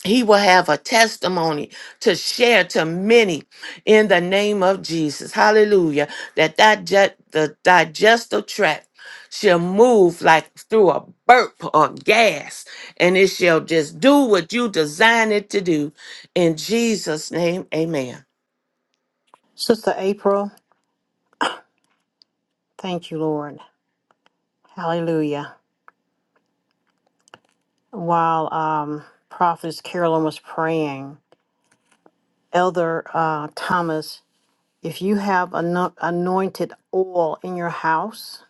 Speaker 6: he will have a testimony to share to many in the name of Jesus. Hallelujah. That digest, the digestive tract shall move like through a burp or gas, and it shall just do what you design it to do. In Jesus' name, amen.
Speaker 2: Sister April, thank you, Lord. Hallelujah. While um, Prophetess Carolyn was praying, Elder uh, Thomas, if you have ano- anointed oil in your house,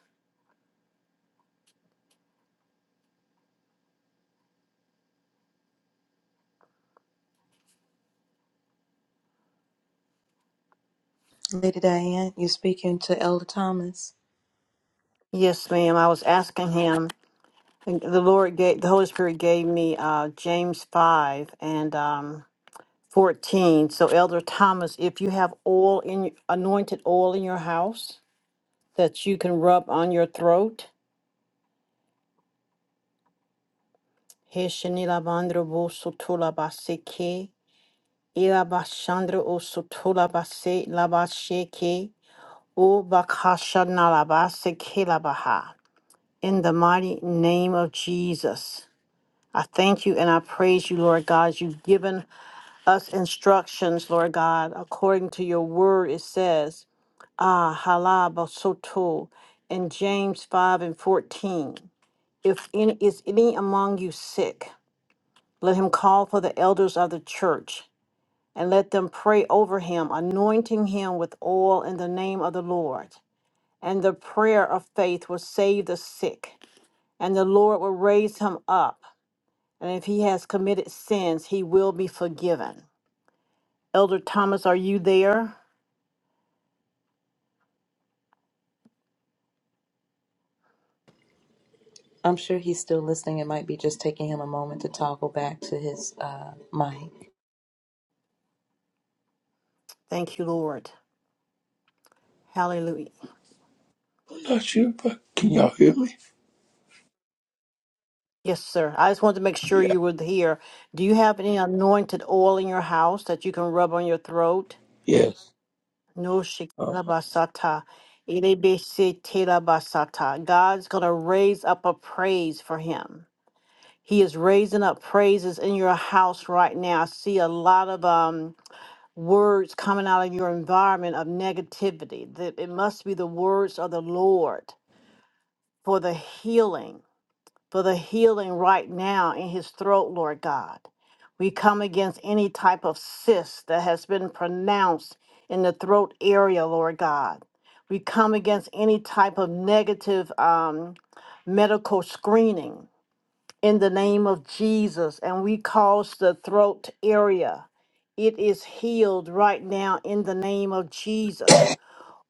Speaker 1: Lady Diane, you're speaking to Elder Thomas.
Speaker 2: yes, ma'am. I was asking him. and The Lord gave the Holy Spirit gave me uh, James five and um, fourteen. So, Elder Thomas, if you have oil in y- anointed oil in your house that you can rub on your throat, he shani lavandra bo sotula baseke, ila bashandra o sotula base la O Bakasha Nalabase Kelabaha. In the mighty name of Jesus, I thank you and I praise you, Lord God. as You've given us instructions, Lord God, according to your word. It says, Ah, halabasoto, in James 5 and 14. If any, is any among you sick, let him call for the elders of the church, and let them pray over him, anointing him with oil in the name of the Lord and the prayer of faith will save the sick, and the Lord will raise him up. And if he has committed sins, he will be forgiven. Elder Thomas, are you there?
Speaker 1: I'm sure he's still listening. It might be just taking him a moment to toggle back to his uh, mic.
Speaker 2: Thank you, Lord. Hallelujah.
Speaker 7: I'm not sure, but can y'all hear me?
Speaker 2: Yes, sir. I just wanted to make sure
Speaker 7: Yeah.
Speaker 2: you were here. Do you have any anointed oil in your house that you can rub on your throat?
Speaker 7: Yes.
Speaker 2: No
Speaker 7: Uh,
Speaker 2: shikila basata. Elebe se tela basata. God's going to raise up a praise for him. He is raising up praises in your house right now. I see a lot of um, words coming out of your environment of negativity. That it must be the words of the Lord for the healing, for the healing right now in his throat, Lord God. We come against any type of cyst that has been pronounced in the throat area, Lord God. We come against any type of negative um, medical screening in the name of Jesus, and we cause the throat area. It is healed right now in the name of Jesus.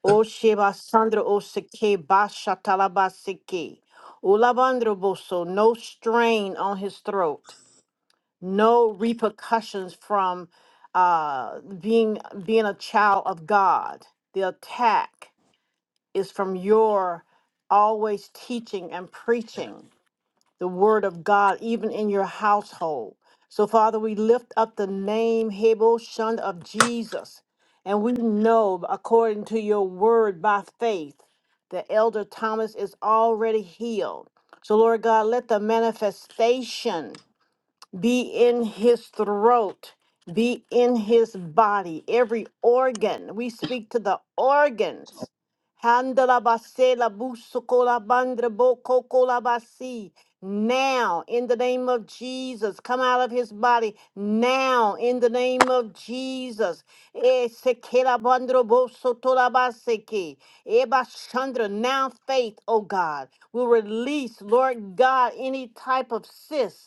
Speaker 2: O Sheba Sandra O Seke Basha Talaba Seke. Ulabandro Boso, no strain on his throat, no repercussions from uh, being being a child of God. The attack is from your always teaching and preaching the word of God, even in your household. So, Father, we lift up the name Hebel Shun of Jesus. And we know, according to your word by faith, that Elder Thomas is already healed. So, Lord God, let the manifestation be in his throat, be in his body, every organ. We speak to the organs. Handala basela busukola bandra bokokola basi. Now, in the name of Jesus, come out of his body. Now, in the name of Jesus. Esekela bandro bosotola baseke. Eba Chandra, now faith, oh God, will release, Lord God, any type of cyst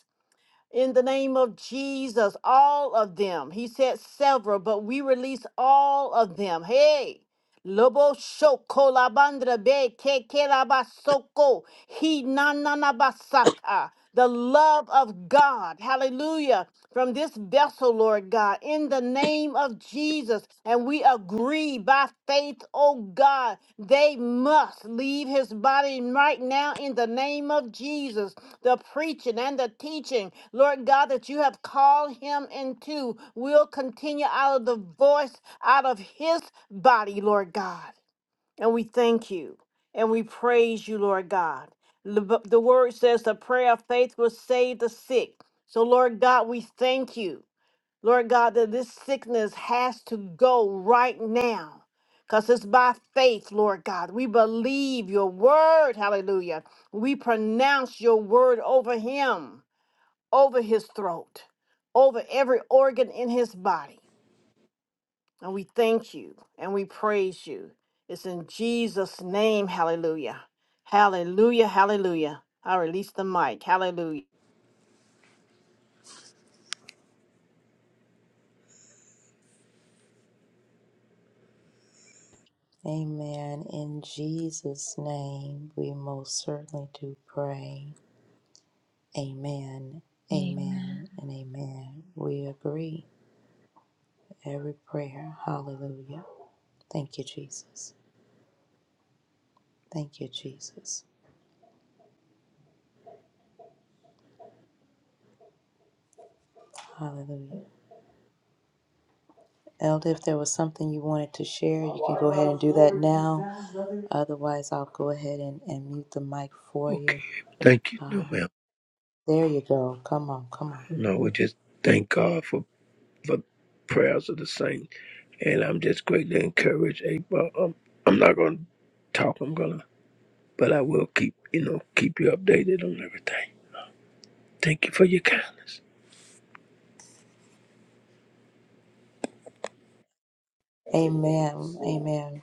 Speaker 2: in the name of Jesus, all of them. He said several, but we release all of them. Hey. Lobo shoko la bandra be ke ke la basoko he na na na basaka. The love of God, hallelujah, from this vessel, Lord God, in the name of Jesus. And we agree by faith Oh God, they must leave his body right now in the name of Jesus. The preaching and the teaching, Lord God, that you have called him into will continue out of the voice, out of his body, Lord God. And we thank you and we praise you, Lord God. The the word says the prayer of faith will save the sick. So, Lord God, we thank you. Lord God, that this sickness has to go right now. Because it's by faith, Lord God. We believe your word. Hallelujah. We pronounce your word over him, over his throat, over every organ in his body. And we thank you and we praise you. It's in Jesus' name. Hallelujah. Hallelujah. Hallelujah. I release the mic. Hallelujah.
Speaker 1: Amen. In Jesus' name, we most certainly do pray. Amen,
Speaker 9: Amen.
Speaker 1: amen, and amen. We agree every prayer. Hallelujah. Thank you, Jesus. Thank you, Jesus. Hallelujah. Elder, if there was something you wanted to share, you can go ahead and do that now. Otherwise, I'll go ahead and, and mute the mic for
Speaker 7: okay.
Speaker 1: you.
Speaker 7: Thank you. No,
Speaker 1: Uh,
Speaker 7: ma'am.
Speaker 1: there you go. Come on, come on.
Speaker 7: No, we just thank God for for prayers of the saint. And I'm just greatly encouraged, April. i I'm not going to talk, I'm going to, but I will keep, you know, keep you updated on everything. Thank you for your kindness.
Speaker 1: Amen, amen,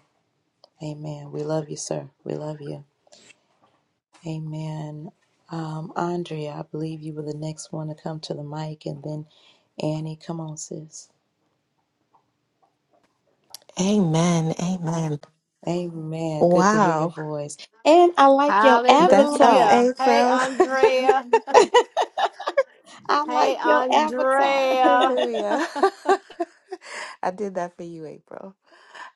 Speaker 1: amen. We love you, sir. We love you. Amen. Um, Andrea, I believe you were the next one to come to the mic, and then Annie, come on, sis.
Speaker 10: Amen. Amen.
Speaker 1: Amen. Good to hear your
Speaker 10: Wow.
Speaker 1: voice. And I like your
Speaker 10: That's us,
Speaker 1: avatar.
Speaker 2: Hallelujah. Hey,
Speaker 10: April.
Speaker 2: Andrea.
Speaker 1: I
Speaker 2: Hey,
Speaker 1: like your avatar.
Speaker 2: Andrea.
Speaker 10: Hallelujah. I did that for you, April.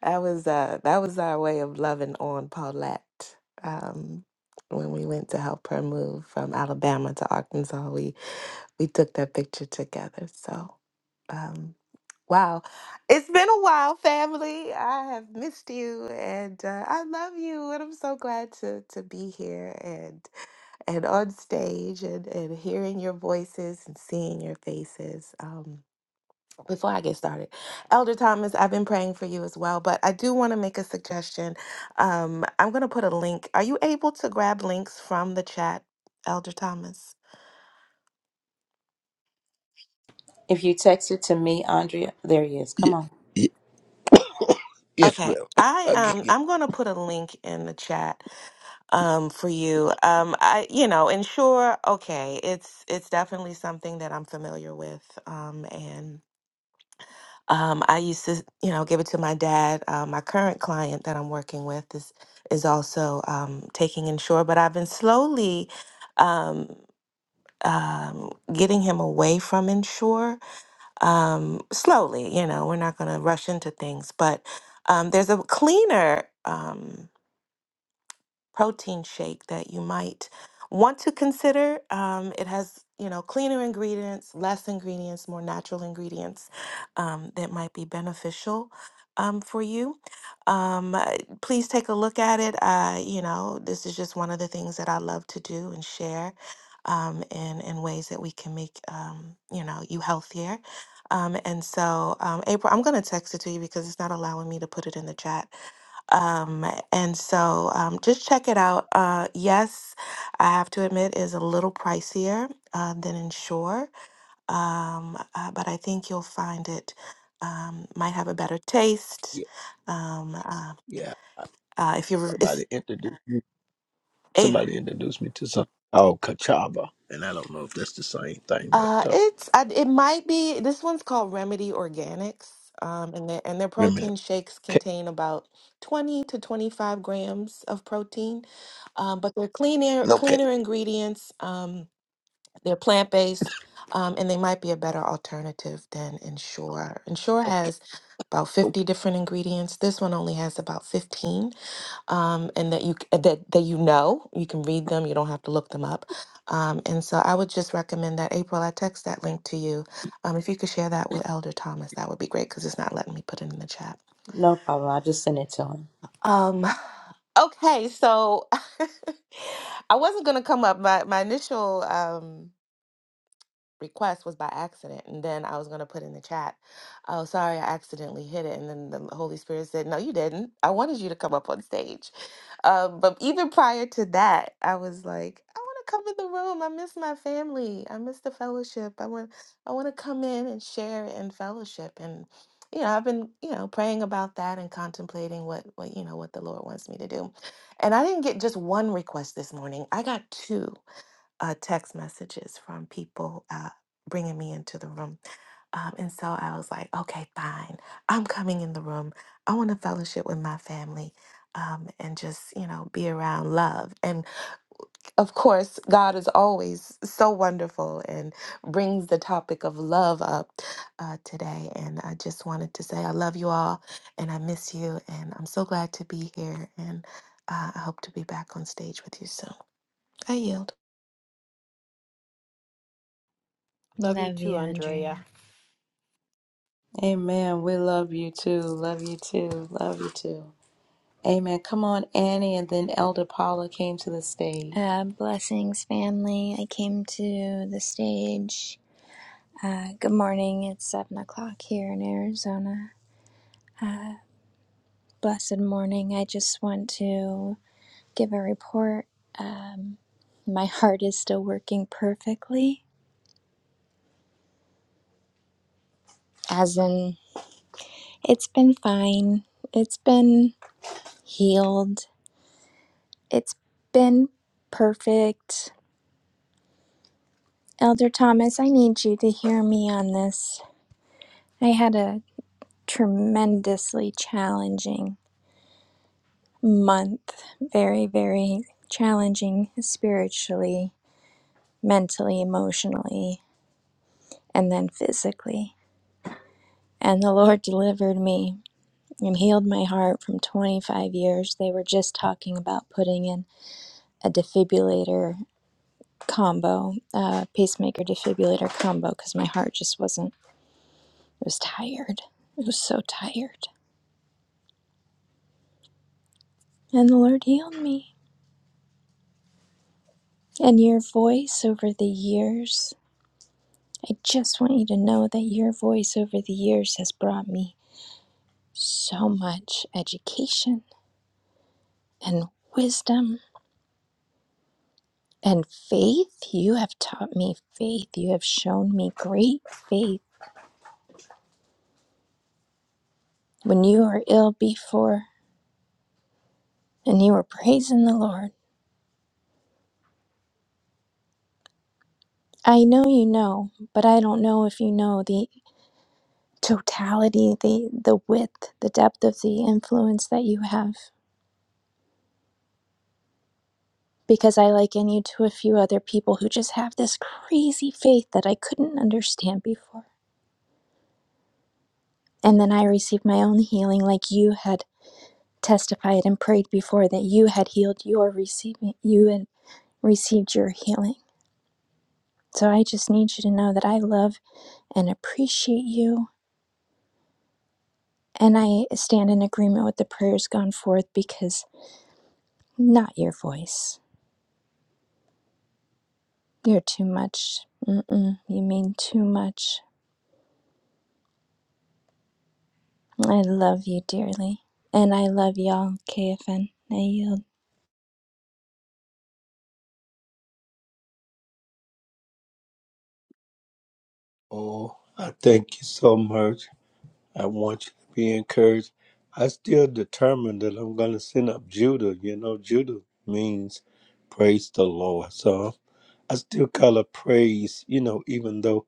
Speaker 10: That was uh that was our way of loving on Paulette. Um when we went to help her move from Alabama to Arkansas, we we took that picture together. So um wow. It's been a while, family. I have missed you and uh, I love you and I'm so glad to to be here and and on stage and, and hearing your voices and seeing your faces. Um, before I get started, Elder Thomas, I've been praying for you as well, but I do want to make a suggestion. Um, I'm going to put a link. Are you able to grab links from the chat, Elder Thomas?
Speaker 1: If you text it to me, Andrea, there he is. Come
Speaker 7: Yeah,
Speaker 1: on.
Speaker 7: ye- Yes,
Speaker 10: Okay,
Speaker 7: well,
Speaker 10: I um
Speaker 7: again,
Speaker 10: I'm gonna put a link in the chat um for you. Um, I you know, and sure, okay, it's it's definitely something that I'm familiar with. Um, and Um, I used to, you know, give it to my dad. Uh, my current client that I'm working with is is also um, taking insure, but I've been slowly um, um, getting him away from insure. Um, slowly, you know, we're not going to rush into things, but um, there's a cleaner. Um, protein shake that you might want to consider. Um, it has, you know, cleaner ingredients, less ingredients, more natural ingredients um, that might be beneficial um, for you. Um, uh, please take a look at it. Uh, you know, this is just one of the things that I love to do and share. Um, in, in ways that we can make um, you know you healthier um, and so um, april i'm going to text it to you because it's not allowing me to put it in the chat um, and so um, just check it out. Uh, yes, I have to admit, is a little pricier uh, than Ensure, um, uh, but I think you'll find it um, might have a better taste.
Speaker 7: yeah,
Speaker 10: Um, uh,
Speaker 7: yeah.
Speaker 10: uh, if you're, it's,
Speaker 7: Somebody introduced me.
Speaker 10: eh,
Speaker 7: Somebody introduced me to something called cachava, and I don't know if that's the same thing,
Speaker 10: uh,
Speaker 7: but uh,
Speaker 10: it's, I, it might be. This one's called Remedy Organics, um, and their and their
Speaker 7: remember. that.
Speaker 10: protein shakes
Speaker 7: Okay,
Speaker 10: contain about twenty to twenty five grams of protein, um, but they're cleaner,
Speaker 7: okay,
Speaker 10: cleaner ingredients. Um, They're plant based, um, and they might be a better alternative than Ensure. Ensure
Speaker 7: okay.
Speaker 10: has about 50 different ingredients. This one only has about 15, um, and that you c- uh, that that you know you can read them. You don't have to look them up. Um, and so I would just recommend that April. I text that link to you. Um, if you could share that with Elder Thomas, that would be great because it's not letting me put it in the chat.
Speaker 1: No problem. I'll just send it to him.
Speaker 10: Um, okay, so I wasn't gonna come up. My my initial um request was by accident and then i was going to put in the chat oh sorry i accidentally hit it and then the holy spirit said no you didn't i wanted you to come up on stage um, but even prior to that i was like i want to come in the room i miss my family i miss the fellowship i want i want to come in and share and fellowship and you know i've been you know praying about that and contemplating what what you know what the lord wants me to do and i didn't get just one request this morning i got two uh, text messages from people uh, bringing me into the room. Um, and so I was like, okay, fine. I'm coming in the room. I want to fellowship with my family um, and just, you know, be around love. And of course, God is always so wonderful and brings the topic of love up uh, today. And I just wanted to say, I love you all and I miss you. And I'm so glad to be here. And uh, I hope to be back on stage with you soon. I yield.
Speaker 2: Love you
Speaker 9: Love you,
Speaker 2: too, Andrea.
Speaker 9: Andrea.
Speaker 1: Amen. We love you too. Love you too. Love you too. Amen. Come on, Annie, and then Elder Paula came to the stage.
Speaker 9: Uh, blessings, family. I came to the stage. Uh, good morning. It's seven o'clock here in Arizona. Uh, blessed morning. I just want to give a report. Um, my heart is still working perfectly, as in, it's been fine. It's been healed. It's been perfect. Elder Thomas, I need you to hear me on this. I had a tremendously challenging month. Very, very challenging spiritually, mentally, emotionally, and then physically. And the Lord delivered me and healed my heart from 25 years. They were just talking about putting in a defibrillator combo, uh, pacemaker defibrillator combo, because my heart just wasn't, it was tired. It was so tired. And the Lord healed me. And your voice over the years. I just want you to know that your voice over the years has brought me so much education and wisdom and faith. You have taught me faith. You have shown me great faith. When you were ill before and you were praising the Lord, I know you know, but I don't know if you know the totality, the, the width, the depth of the influence that you have. because I liken you to a few other people who just have this crazy faith that I couldn't understand before. And then I received my own healing, like you had testified and prayed before that you had healed your receiving, you had received your healing. So I just need you to know that I love and appreciate you. And I stand in agreement with the prayers gone forth because not your voice. You're too much. Mm-mm, you mean too much. I love you dearly. And I love y'all, KFN. I yield.
Speaker 7: Oh, I thank you so much. I want you to be encouraged. I still determined that I'm going to send up Judah. You know, Judah means praise the Lord. So I still call it praise, you know, even though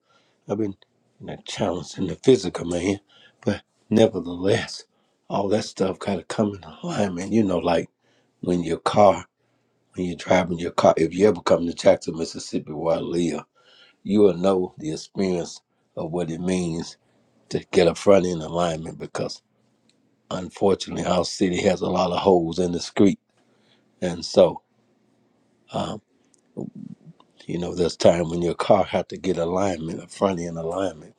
Speaker 7: I've been you know, challenged in the physical, man. But nevertheless, all that stuff kind of come in alignment, you know, like when your car, when you're driving your car, if you ever come to Jackson, Mississippi, where I live, you will know the experience of what it means to get a front end alignment because unfortunately, our city has a lot of holes in the street, and so um, you know there's time when your car had to get alignment, a front end alignment,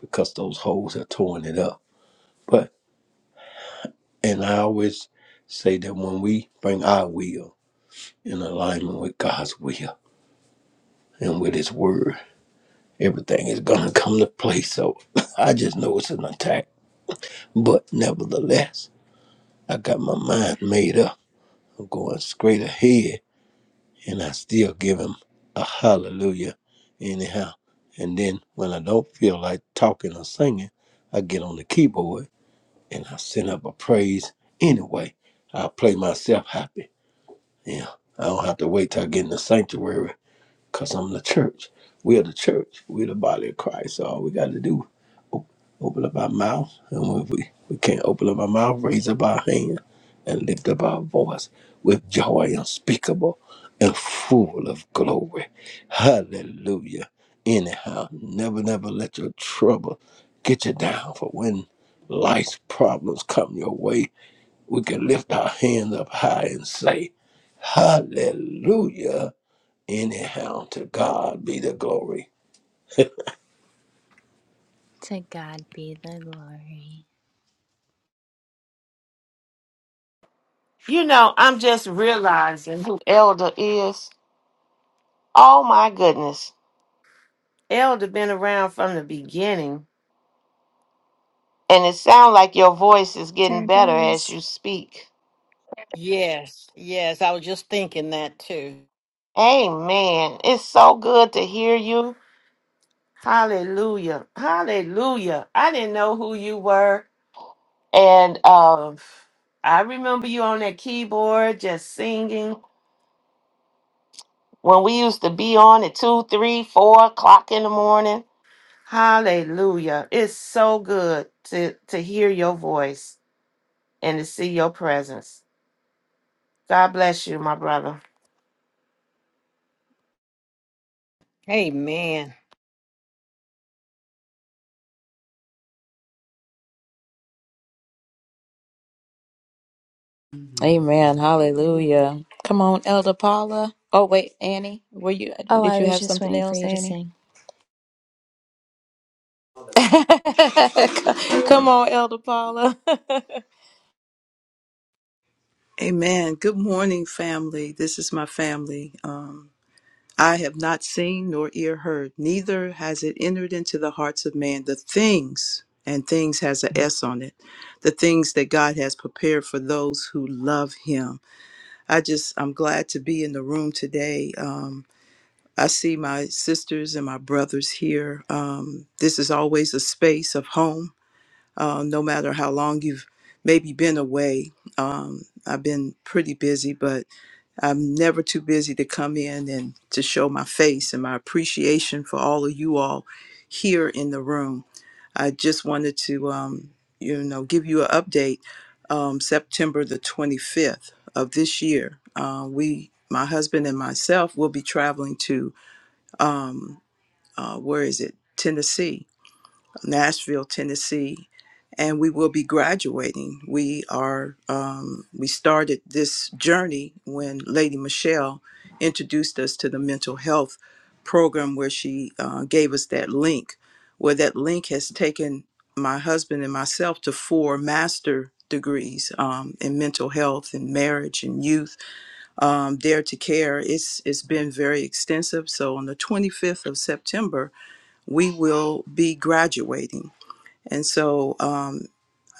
Speaker 7: because those holes are torn it up. But and I always say that when we bring our will in alignment with God's will and with His Word, everything is gonna come to place. So I just know it's an attack, but nevertheless, I got my mind made up. I'm going straight ahead and I still give him a hallelujah anyhow. And then when I don't feel like talking or singing, I get on the keyboard and I send up a praise anyway. I play myself happy. Yeah, I don't have to wait till I get in the sanctuary because I'm the church. We're the church. We're the body of Christ. All we got to do Open up our mouth, and when we, we can't open up our mouth, raise up our hand and lift up our voice with joy unspeakable and full of glory. Hallelujah. Anyhow, never, never let your trouble get you down for when life's problems come your way. We can lift our hands up high and say, Hallelujah. Anyhow, to God be the glory.
Speaker 9: To God be the glory.
Speaker 6: You know, I'm just realizing who Elder is. Oh my goodness. Elder been around from the beginning. And it sounds like your voice is getting
Speaker 9: Sure
Speaker 6: better
Speaker 9: does.
Speaker 6: as you speak.
Speaker 2: Yes, yes. I was just thinking that too.
Speaker 6: Amen. It's so good to hear you. Hallelujah. Hallelujah. I didn't know who you were. And um I remember you on that keyboard just singing when we used to be on at two, three, four o'clock in the morning. Hallelujah. It's so good to to hear your voice and to see your presence. God bless you, my brother.
Speaker 2: Amen.
Speaker 1: Amen. Hallelujah. Come on, Elder Paula. Oh wait, Annie, were you?
Speaker 9: Oh,
Speaker 1: Did
Speaker 9: I
Speaker 1: you
Speaker 9: was
Speaker 1: have
Speaker 9: just
Speaker 1: something
Speaker 9: waiting for
Speaker 1: else,
Speaker 9: you to
Speaker 1: Annie?
Speaker 9: sing.
Speaker 1: Come on, Elder Paula.
Speaker 11: Amen. Good morning, family. This is my family. Um, I have not seen nor ear heard, neither has it entered into the hearts of man the things, and things has a S on it, the things that God has prepared for those who love Him. I just, I'm glad to be in the room today. Um, I see my sisters and my brothers here. Um, this is always a space of home, uh, no matter how long you've maybe been away. Um, I've been pretty busy, but I'm never too busy to come in and to show my face and my appreciation for all of you all here in the room. I just wanted to, um, you know, give you an update. Um, September the 25th of this year, uh, we, my husband and myself, will be traveling to, um, uh, where is it? Tennessee Nashville, Tennessee, and we will be graduating. We are um, we started this journey when Lady Michelle introduced us to the mental health program, where she uh, gave us that link. Where that link has taken my husband and myself to four master degrees um, in mental health and marriage and youth um, dare to care it's it's been very extensive so on the 25th of september we will be graduating and so um,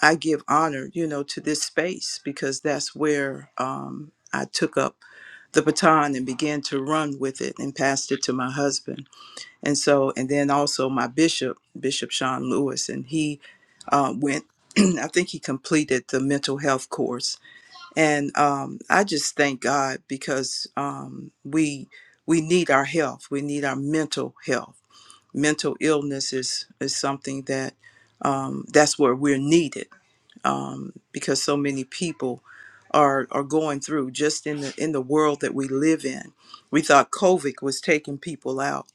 Speaker 11: I give honor, you know, to this space because that's where um, I took up the baton and began to run with it and passed it to my husband. And so, and then also my bishop, Bishop Sean Lewis, and he uh, went. I think he completed the mental health course, and um, I just thank God because um, we we need our health. We need our mental health. Mental illness is is something that um, that's where we're needed um, because so many people are are going through just in the in the world that we live in. We thought COVID was taking people out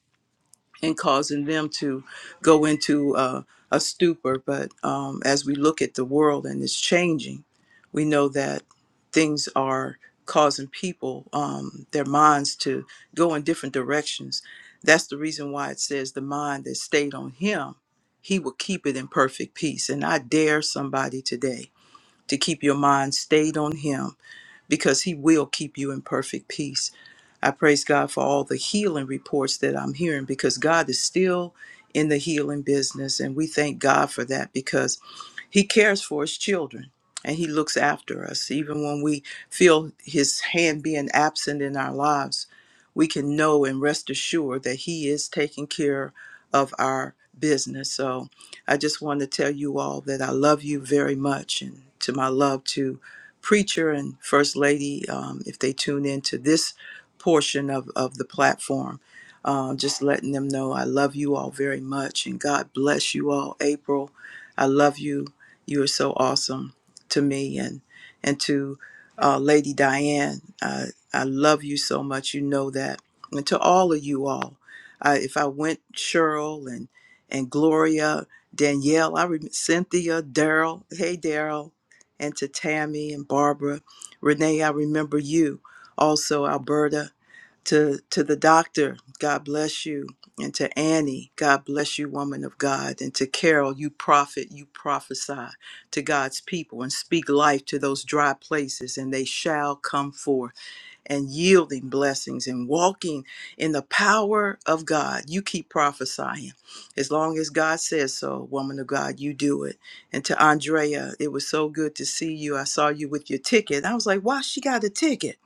Speaker 11: and causing them to go into uh, a stupor, but um, as we look at the world and it's changing, we know that things are causing people um, their minds to go in different directions. That's the reason why it says the mind that stayed on Him, He will keep it in perfect peace. And I dare somebody today to keep your mind stayed on Him because He will keep you in perfect peace. I praise God for all the healing reports that I'm hearing because God is still in the healing business. And we thank God for that because He cares for His children and He looks after us. Even when we feel His hand being absent in our lives, we can know and rest assured that He is taking care of our business. So I just want to tell you all that I love you very much and to my love to preacher and first lady, um, if they tune in to this portion of, of the platform, um, just letting them know I love you all very much and God bless you all. April, I love you. You are so awesome to me and and to uh, Lady Diane. I, I love you so much. You know that. And to all of you all, I, if I went Cheryl and and Gloria, Danielle, I remember Cynthia, Daryl. Hey, Daryl and to Tammy and Barbara. Renee, I remember you. Also, Alberta, to, to the doctor, God bless you. And to Annie, God bless you, woman of God. And to Carol, you prophet, you prophesy to God's people and speak life to those dry places, and they shall come forth and yielding blessings and walking in the power of God. You keep prophesying. As long as God says so, woman of God, you do it. And to Andrea, it was so good to see you. I saw you with your ticket. I was like, wow, she got a ticket.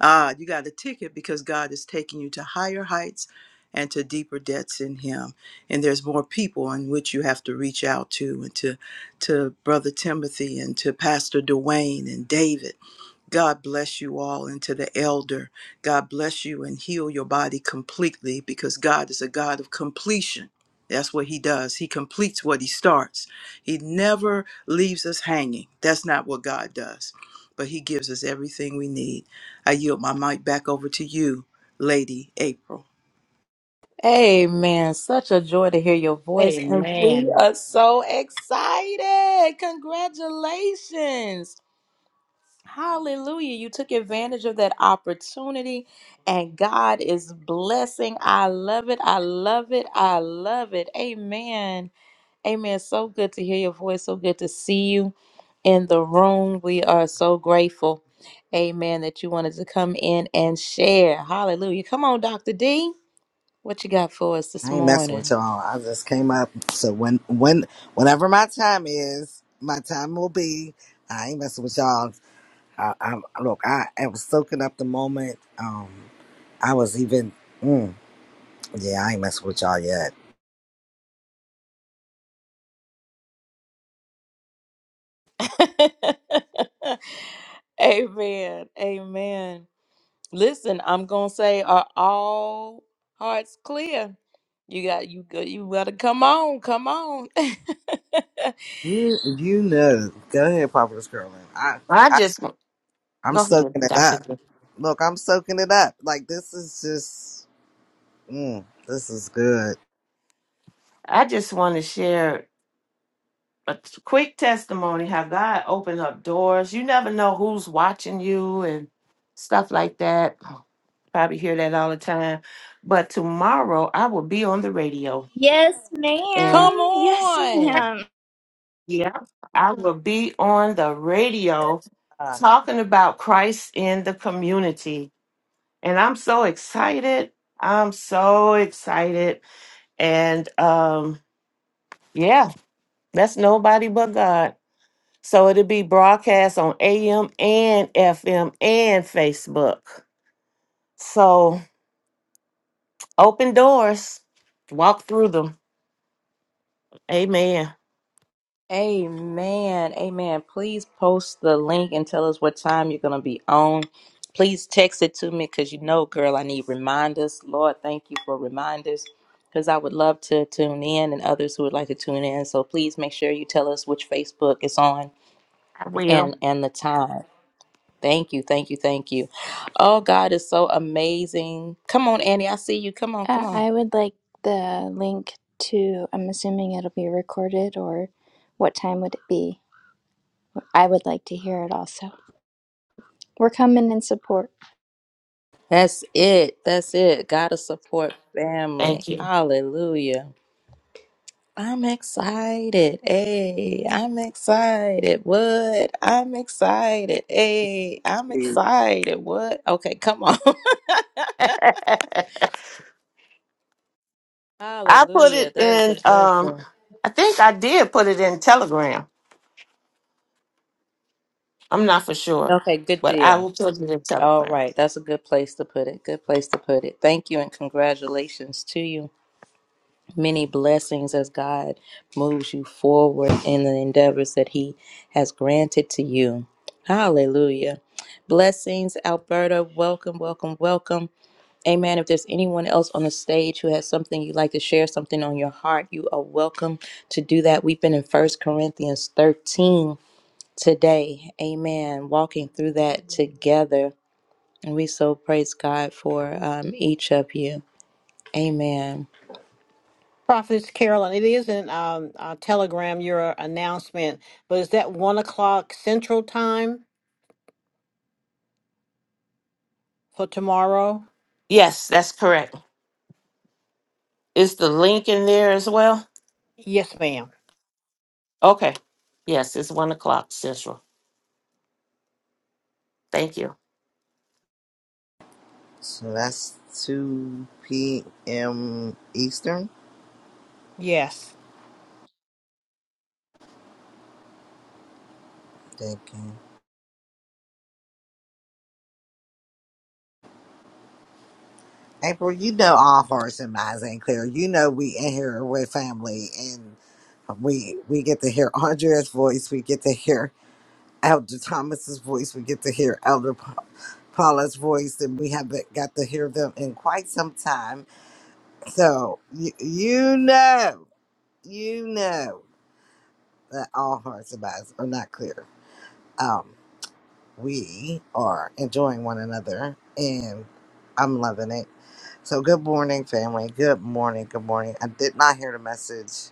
Speaker 11: Ah, you got a ticket because God is taking you to higher heights and to deeper depths in Him. And there's more people in which you have to reach out to and to to Brother Timothy and to Pastor Dwayne and David God bless you all and to the elder. God bless you and heal your body completely because God is a God of completion. That's what he does. He completes what he starts. He never leaves us hanging. That's not what God does. But he gives us everything we need. I yield my mic back over to you, Lady April.
Speaker 1: Amen. Such a joy to hear your voice, and we
Speaker 2: Amen.
Speaker 1: are so excited. Congratulations. Hallelujah. You took advantage of that opportunity, and God is blessing. I love it. I love it. I love it. Amen. Amen. So good to hear your voice. So good to see you in the room. We are so grateful. Amen. That you wanted to come in and share. Hallelujah. Come on, Dr. D. What you got for us this
Speaker 12: I ain't messing with
Speaker 1: morning?
Speaker 12: y'all. I just came up. So when when whenever my time is, my time will be. I ain't messing with y'all. I, I look. I, I was soaking up the moment. Um, I was even. Mm, yeah, I ain't messing with y'all yet.
Speaker 1: Amen. Amen. Listen, I'm gonna say, are all hearts clear? You got you go you gotta come on, come on.
Speaker 12: You, you know. Go ahead, Poplar's girl. I,
Speaker 6: I
Speaker 12: I
Speaker 6: just go
Speaker 12: I'm
Speaker 6: ahead,
Speaker 12: soaking it
Speaker 6: Dr.
Speaker 12: up. Look, I'm soaking it up. Like this is just. Mm, this is good.
Speaker 6: I just want to share a t- quick testimony how God opened up doors. You never know who's watching you and stuff like that. Probably hear that all the time. But tomorrow I will be on the radio.
Speaker 9: Yes,
Speaker 6: And
Speaker 1: come
Speaker 9: ma'am. Yes,
Speaker 1: on.
Speaker 9: ma'am.
Speaker 6: yeah, I will be on the radio
Speaker 12: Ah,
Speaker 6: talking about Christ in the community. And I'm so excited. I'm so excited. And um yeah, that's nobody but God. So it'll be broadcast on AM and FM and Facebook. So open doors, walk through them. Amen.
Speaker 1: Amen. Amen. Please post the link and tell us what time you're going to be on. Please text it to me because you know, girl, I need reminders. Lord, thank you for reminders because I would love to tune in and others who would like to tune in. So please make sure you tell us which Facebook is on
Speaker 6: I will.
Speaker 1: and and the time. Thank you. Thank you. Thank you. Oh, God is so amazing. Come on, Annie. I see you. Come on. Come
Speaker 9: Uh,
Speaker 1: on.
Speaker 9: I would like the link to, I'm assuming it'll be recorded, or what time would it be? I would like to hear it also. We're coming in support.
Speaker 1: That's it. That's it. Gotta support family.
Speaker 6: Thank you.
Speaker 1: Hallelujah. I'm excited. Hey, I'm excited. What? I'm excited. Hey, I'm excited. What? Okay, come on.
Speaker 6: I put
Speaker 1: Hallelujah.
Speaker 6: it
Speaker 1: That is a
Speaker 6: in um
Speaker 1: blessing.
Speaker 6: I think I did put it in Telegram. I'm not for sure,
Speaker 1: Okay, good
Speaker 6: but I
Speaker 1: deal.
Speaker 6: will put it in
Speaker 1: All
Speaker 6: Telegram.
Speaker 1: right. That's a good place to put it. Good place to put it. Thank you and congratulations to you. Many blessings as God moves you forward in the endeavors that He has granted to you. Hallelujah. Blessings, Alberta. Welcome, welcome, welcome. Amen. If there's anyone else on the stage who has something you'd like to share, something on your heart, you are welcome to do that. We've been in First Corinthians 13 today. Amen. Walking through that together. And we so praise God for um, each of you. Amen.
Speaker 2: Prophetess Carolyn, it is in um, uh, Telegram, your announcement, but is that one o'clock central time for tomorrow?
Speaker 6: Yes, that's correct. Is the link in there as well?
Speaker 2: Yes, ma'am.
Speaker 6: Okay. Yes, it's one o'clock central. Thank you.
Speaker 12: So that's two p.m. Eastern.
Speaker 2: Yes.
Speaker 12: Thinking. April, you know all hearts and minds ain't clear. You know we in here with family and we we get to hear Andrea's voice, we get to hear Elder Thomas's voice, we get to hear Elder Pa- Paula's voice, and we haven't got to hear them in quite some time. So you, you know, you know that all hearts and minds are not clear. Um, we are enjoying one another and I'm loving it. So good morning, family. Good morning. Good morning. I did not hear the message,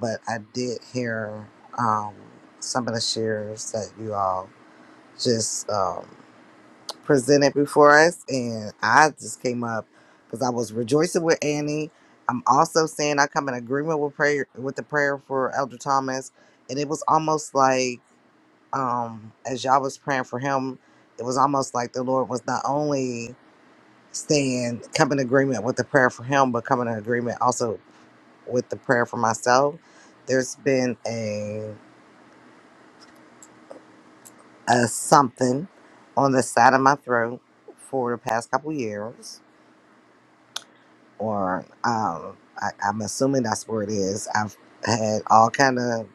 Speaker 12: but I did hear um, some of the shares that you all just um, presented before us, and I just came up because I was rejoicing with Annie. I'm also saying I come in agreement with prayer with the prayer for Elder Thomas, and it was almost like um, as y'all was praying for him, it was almost like the Lord was not only saying, come in agreement with the prayer for him, but come in agreement also with the prayer for myself. There's been a, a something on the side of my throat for the past couple years, or um, I, I'm assuming that's where it is. I've had all kind of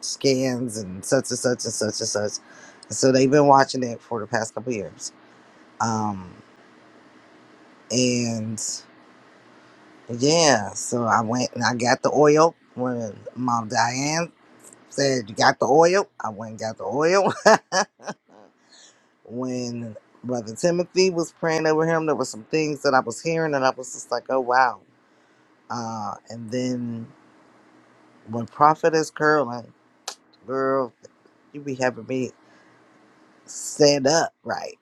Speaker 12: scans and such and such and such and such. So they've been watching it for the past couple years. Um, and Yeah, so I went and I got the oil when Mom Diane said, You got the oil? I went and got the oil. when Brother Timothy was praying over him, there were some things that I was hearing and I was just like, Oh, wow. Uh, and then when Prophet is curling, girl, you be having me set up right.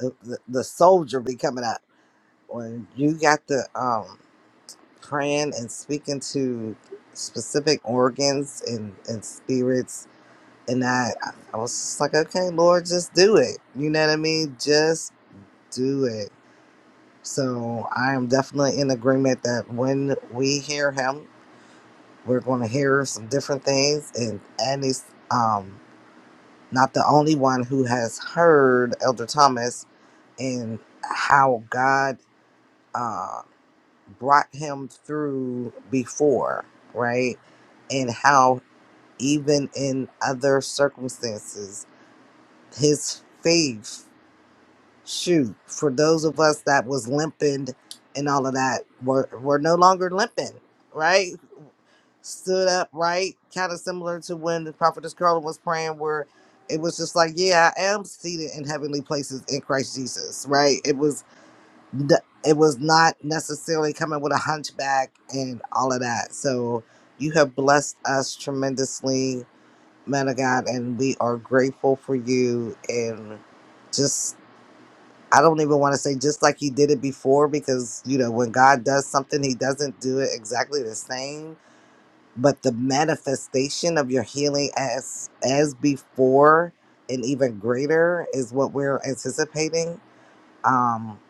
Speaker 12: The, the, the soldier be coming up. When you got the um praying and speaking to specific organs and, and spirits. And I, I was just like, okay, Lord, just do it. You know what I mean? Just do it. So I am definitely in agreement that when we hear him, we're going to hear some different things. And and he's um, not the only one who has heard Elder Thomas and how God. uh. brought him through before, right? And how even in other circumstances, his faith, shoot, for those of us that was limping and all of that, were were no longer limping, right? Stood up, right? Kind of similar to when the prophetess Carla was praying where it was just like, yeah, I am seated in heavenly places in Christ Jesus, right? It was th- it was not necessarily coming with a hunchback and all of that. So you have blessed us tremendously, man of God, and we are grateful for you. And just, I don't even want to say just like you did it before, because, you know, when God does something, he doesn't do it exactly the same. But the manifestation of your healing as as before and even greater is what we're anticipating. Um,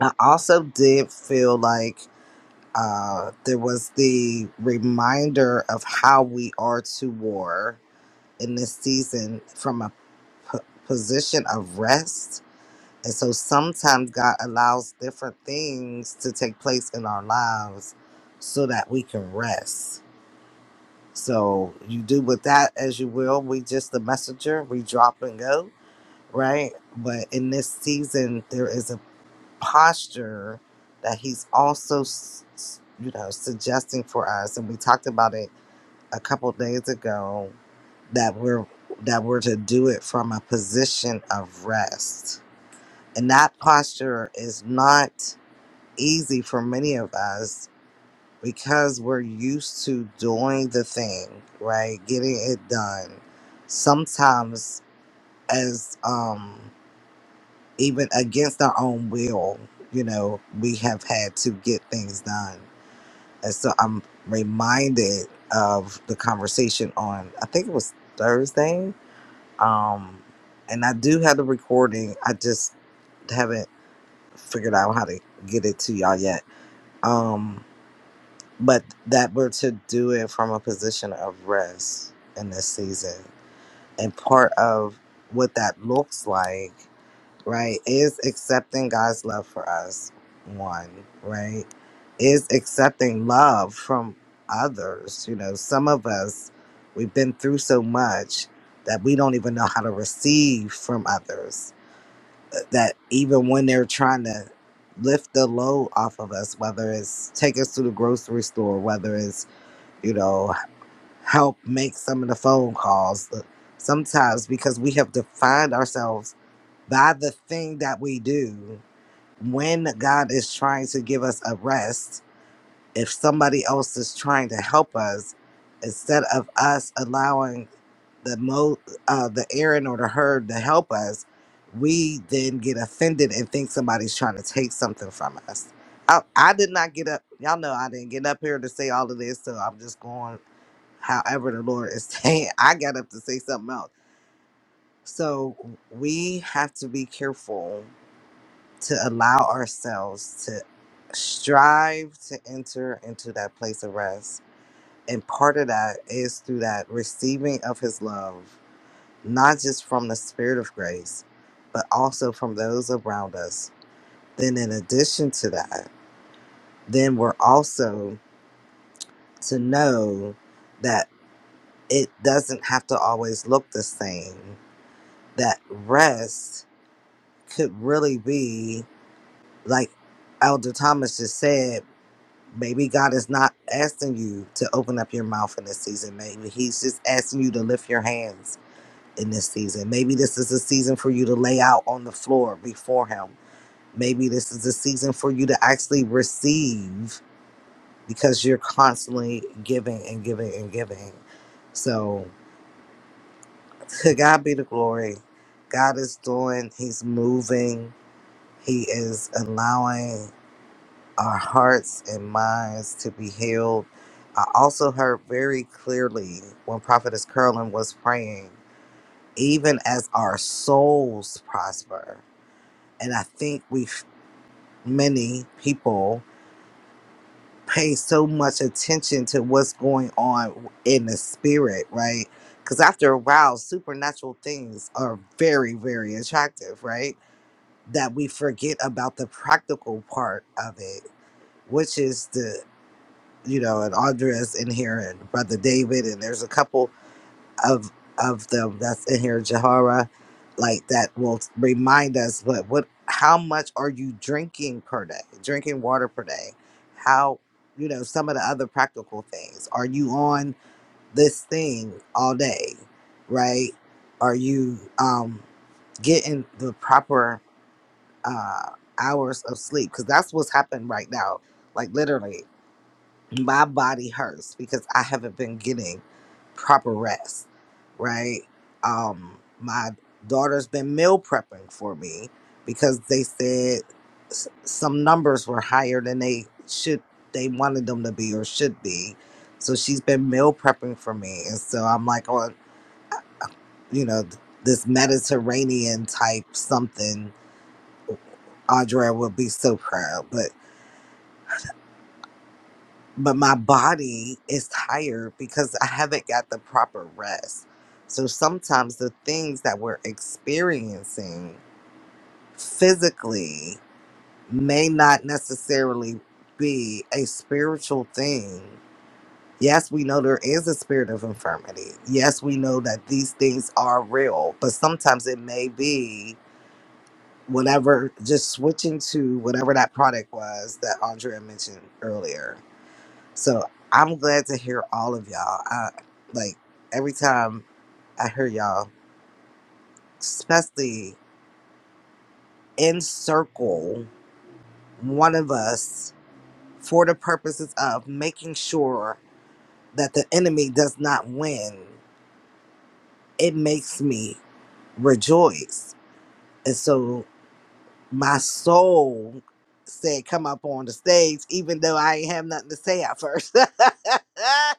Speaker 12: I also did feel like uh, there was the reminder of how we are to war in this season from a p- position of rest. And so sometimes God allows different things to take place in our lives so that we can rest. So you do with that as you will. We just the messenger, we drop and go, right? But in this season, there is a posture that he's also s- s- you know suggesting for us and we talked about it a couple days ago that we're that we're to do it from a position of rest and that posture is not easy for many of us because we're used to doing the thing right getting it done sometimes as um even against our own will, you know, we have had to get things done. And so I'm reminded of the conversation on, I think it was Thursday. Um, and I do have the recording. I just haven't figured out how to get it to y'all yet. Um, but that we're to do it from a position of rest in this season. And part of what that looks like right? Is accepting God's love for us one, right? Is accepting love from others. You know, some of us, we've been through so much that we don't even know how to receive from others. uh, That even when they're trying to lift the load off of us, whether it's take us to the grocery store, whether it's, you know, help make some of the phone calls, uh, sometimes because we have defined ourselves by the thing that we do when God is trying to give us a rest, if somebody else is trying to help us, instead of us allowing the mo uh, the Aaron or the herd to help us, we then get offended and think somebody's trying to take something from us. I, I did not get up. Y'all know I didn't get up here to say all of this, so I'm just going however the Lord is saying. I got up to say something else. So we have to be careful to allow ourselves to strive to enter into that place of rest. And part of that is through that receiving of his love, not just from the spirit of grace, but also from those around us. Then, in addition to that, then we're also to know that it doesn't have to always look the same, that rest could really be like Elder Thomas just said Maybe God is not asking you to open up your mouth in this season. Maybe He's just asking you to lift your hands in this season. Maybe this is a season for you to lay out on the floor before Him. Maybe this is a season for you to actually receive because you're constantly giving and giving and giving. So, to God be the glory. God is doing, He's moving, He is allowing. our hearts and minds to be healed. I also heard very clearly when Prophetess Curlin was praying, even as our souls prosper. And I think we, many people, pay so much attention to what's going on in the spirit, right? Because after a while, supernatural things are very, very attractive, right? That we forget about the practical part of it, which is the you know, and Andrea's in here, and Brother David, and there's a couple of of them that's in here, Jahara, like that will remind us. But what? How much are you drinking per day? Drinking water per day? How? You know, some of the other practical things. Are you on this thing all day? Right? Are you um, getting the proper uh, hours of sleep? Because that's what's happened right now. Like literally my body hurts because I haven't been getting proper rest, right? Um, my daughter's been meal prepping for me because they said s- some numbers were higher than they should, they wanted them to be or should be. So she's been meal prepping for me. And so I'm like on, you know, th- this Mediterranean type something. Audra would be so proud, but my body is tired because I haven't got the proper rest. So sometimes the things that we're experiencing physically may not necessarily be a spiritual thing. Yes, we know there is a spirit of infirmity. Yes, we know that these things are real, but sometimes it may be whatever, just switching to whatever that product was that Andrea mentioned earlier so I'm glad to hear all of y'all. I, like every time I hear y'all, especially in circle, one of us for the purposes of making sure that the enemy does not win, it makes me rejoice. And so my soul said, Come up on the stage, even though I ain't have nothing to say at first.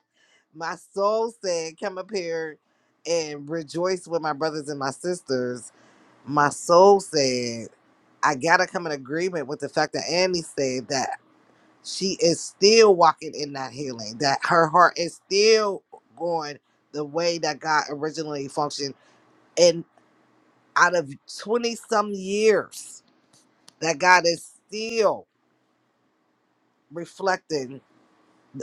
Speaker 12: my soul said, Come up here and rejoice with my brothers and my sisters. My soul said, I gotta come in agreement with the fact that Annie said that she is still walking in that healing, that her heart is still going the way that God originally functioned. And out of 20 some years, that God is still reflecting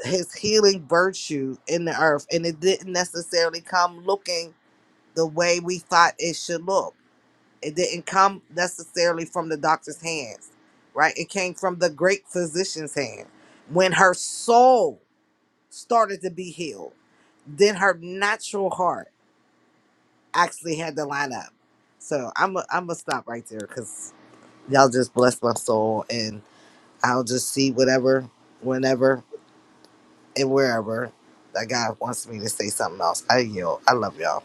Speaker 12: his healing virtue in the earth. And it didn't necessarily come looking the way we thought it should look. It didn't come necessarily from the doctor's hands, right? It came from the great physician's hand. When her soul started to be healed, then her natural heart actually had to line up. So I'm i I'm gonna stop right there because y'all just blessed my soul, and I'll just see whatever, whenever, and wherever that God wants me to say something else. I yield. I love y'all.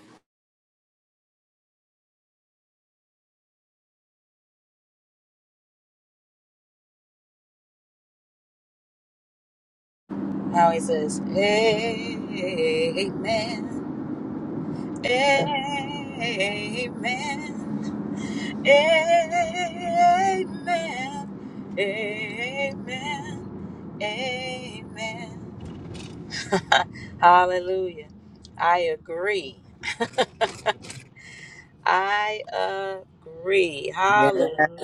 Speaker 1: Now he says, Amen. Amen. Amen. Amen. Amen. Hallelujah. I agree. I agree.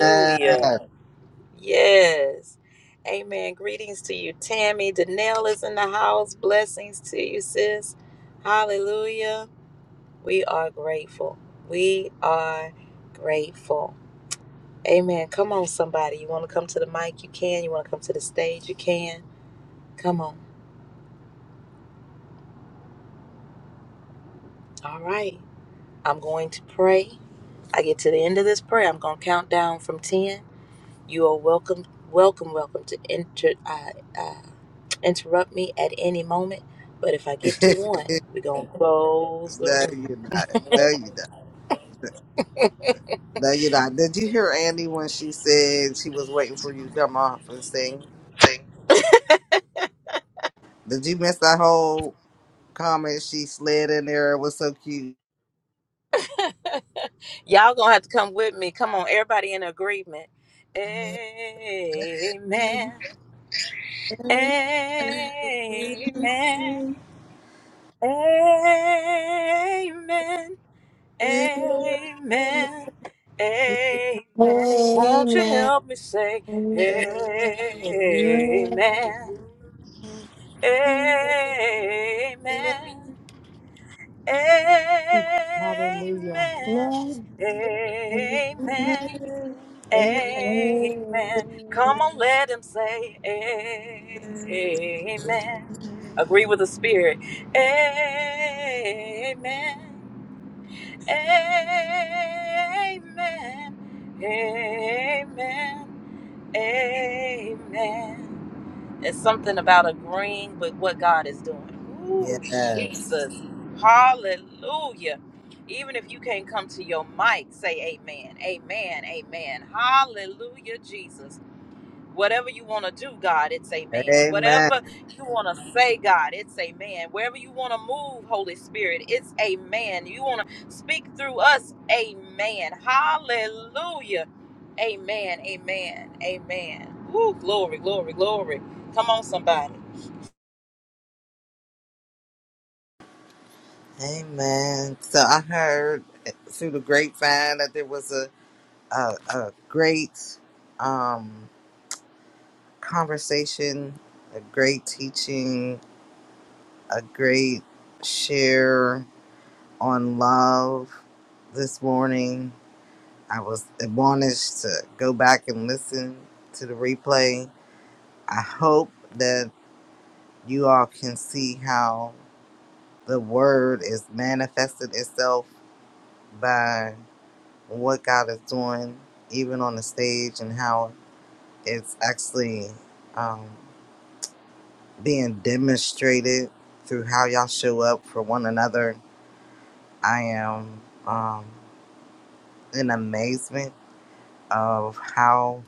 Speaker 12: Yeah.
Speaker 1: Yes. Amen. Greetings to you, Tammy. Danelle is in the house. Blessings to you, sis. Hallelujah. We are grateful. We are grateful. Amen. Come on, somebody. You want to come to the mic? You can. You want to come to the stage? You can. Come on. All right. I'm going to pray. I get to the end of this prayer, I'm going to count down from 10. You are welcome, welcome, welcome to inter, uh, uh, interrupt me at any moment. But if I get to one, we're going to close the
Speaker 12: No,
Speaker 1: room.
Speaker 12: you're not. No, you're not. No, you're not. Did you hear Andy when she said she was waiting for you to come off and sing? Did you miss that whole comment she slid in there? It was so cute.
Speaker 1: Y'all going to have to come with me. Come on, everybody in agreement. Amen. Amen. Amen. Amen. Amen. Won't you
Speaker 2: Amen.
Speaker 1: help me say
Speaker 2: Amen.
Speaker 1: amen? Amen. Amen. Amen. Amen. Come on, let him say amen. Agree with the spirit. Amen. Amen. Amen. Amen. It's something about agreeing with what God is doing. Ooh,
Speaker 12: Yes.
Speaker 1: Jesus. Hallelujah. Even if you can't come to your mic, say amen. Amen. Amen. Hallelujah, Jesus. Whatever you want to do, God, it's amen.
Speaker 12: Amen.
Speaker 1: Whatever you want to say, God, it's amen. Wherever you want to move, Holy Spirit, it's amen. You want to speak through us, amen. Hallelujah. Amen, amen, amen. Woo, glory, glory, glory. Come on, somebody.
Speaker 12: Amen. So I heard through the grapevine that there was a a, a great um, conversation, a great teaching, a great share on love this morning. I was admonished to go back and listen to the replay. I hope that you all can see how the word is manifested itself by what God is doing, even on the stage, and how it's actually. Um, being demonstrated through how y'all show up for one another. I am um, in amazement of how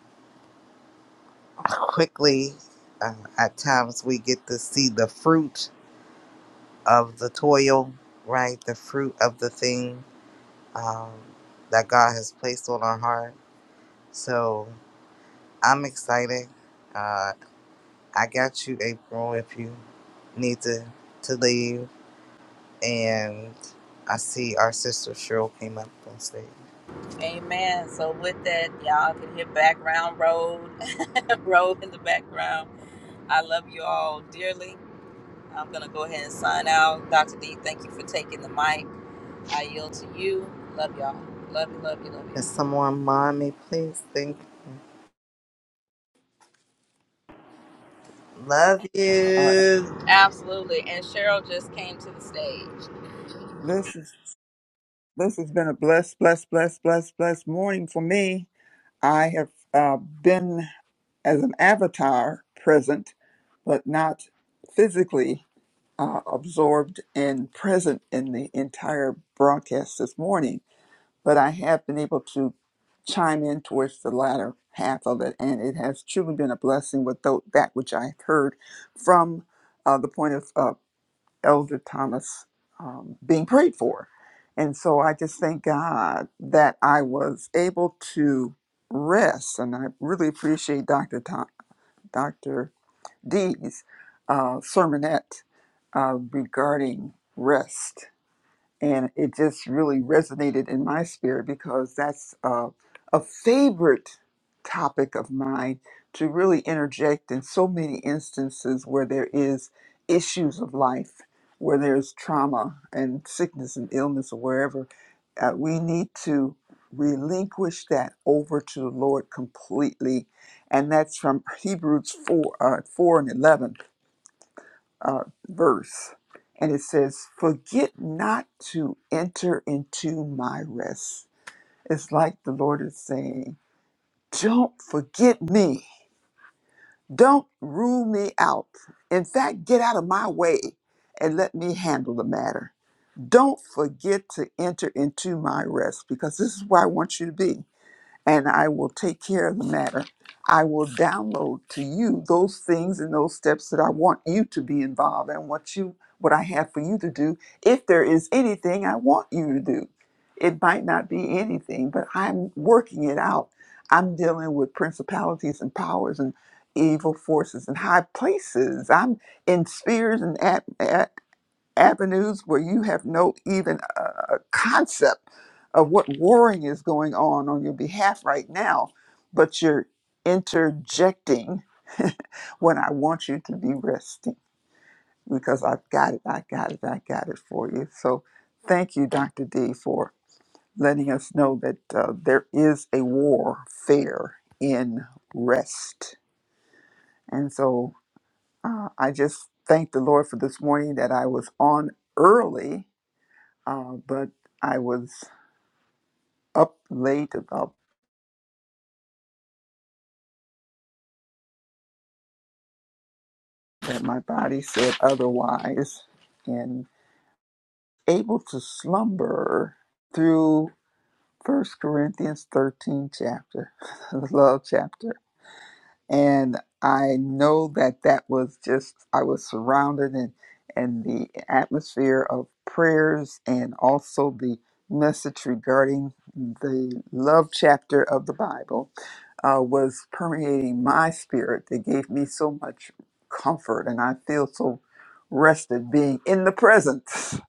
Speaker 12: quickly, uh, at times, we get to see the fruit of the toil, right? The fruit of the thing um, that God has placed on our heart. So I'm excited. Uh, I got you, April, if you need to, to leave. And I see our sister Cheryl came up on stage.
Speaker 1: Amen. So with that, y'all can hear background road, road in the background. I love you all dearly. I'm gonna go ahead and sign out. Dr. D, thank you for taking the mic. I yield to you. Love y'all. Love you, love you, love you.
Speaker 12: Can someone mind me, please? Think, love
Speaker 13: All right.
Speaker 12: you.
Speaker 1: Absolutely. And Cheryl just came to the stage.
Speaker 13: This is this has been a blessed, blessed, blessed, blessed, blessed morning for me. I have uh, been as an avatar present, but not physically uh, absorbed and present in the entire broadcast this morning. But I have been able to chime in towards the latter half of it, and it has truly been a blessing with tho- that which I've heard from uh, the point of. uh, Elder Thomas um, being prayed for. And so I just thank God that I was able to rest. And I really appreciate Dr. Tom, Dr. D's uh, sermonette uh, regarding rest and it just really resonated in my spirit because that's uh, a favorite topic of mine to really interject in so many instances where there is issues of life where there's trauma and sickness and illness or wherever uh, we need to relinquish that over to the lord completely and that's from hebrews 4 uh, 4 and 11 uh, verse, and it says, Forget not to enter into my rest. It's like the Lord is saying, Don't forget me. Don't rule me out. In fact, get out of my way and let me handle the matter. Don't forget to enter into my rest because this is where I want you to be and I will take care of the matter. I will download to you those things and those steps that I want you to be involved in, what you what I have for you to do. If there is anything I want you to do, it might not be anything, but I'm working it out. I'm dealing with principalities and powers and evil forces and high places. I'm in spheres and at, avenues where you have no even uh, concept of what warring is going on on your behalf right now, but you're interjecting when I want you to be resting because I've got it, I got it, I got it for you. So thank you, Dr. D, for letting us know that uh, there is a warfare in rest. And so uh, I just thank the Lord for this morning that I was on early uh, but I was up late enough that my body said otherwise and able to slumber through First Corinthians 13 chapter, the love chapter. and I know that that was just I was surrounded in in the atmosphere of prayers and also the message regarding the love chapter of the Bible uh, was permeating my spirit that gave me so much comfort and I feel so rested being in the presence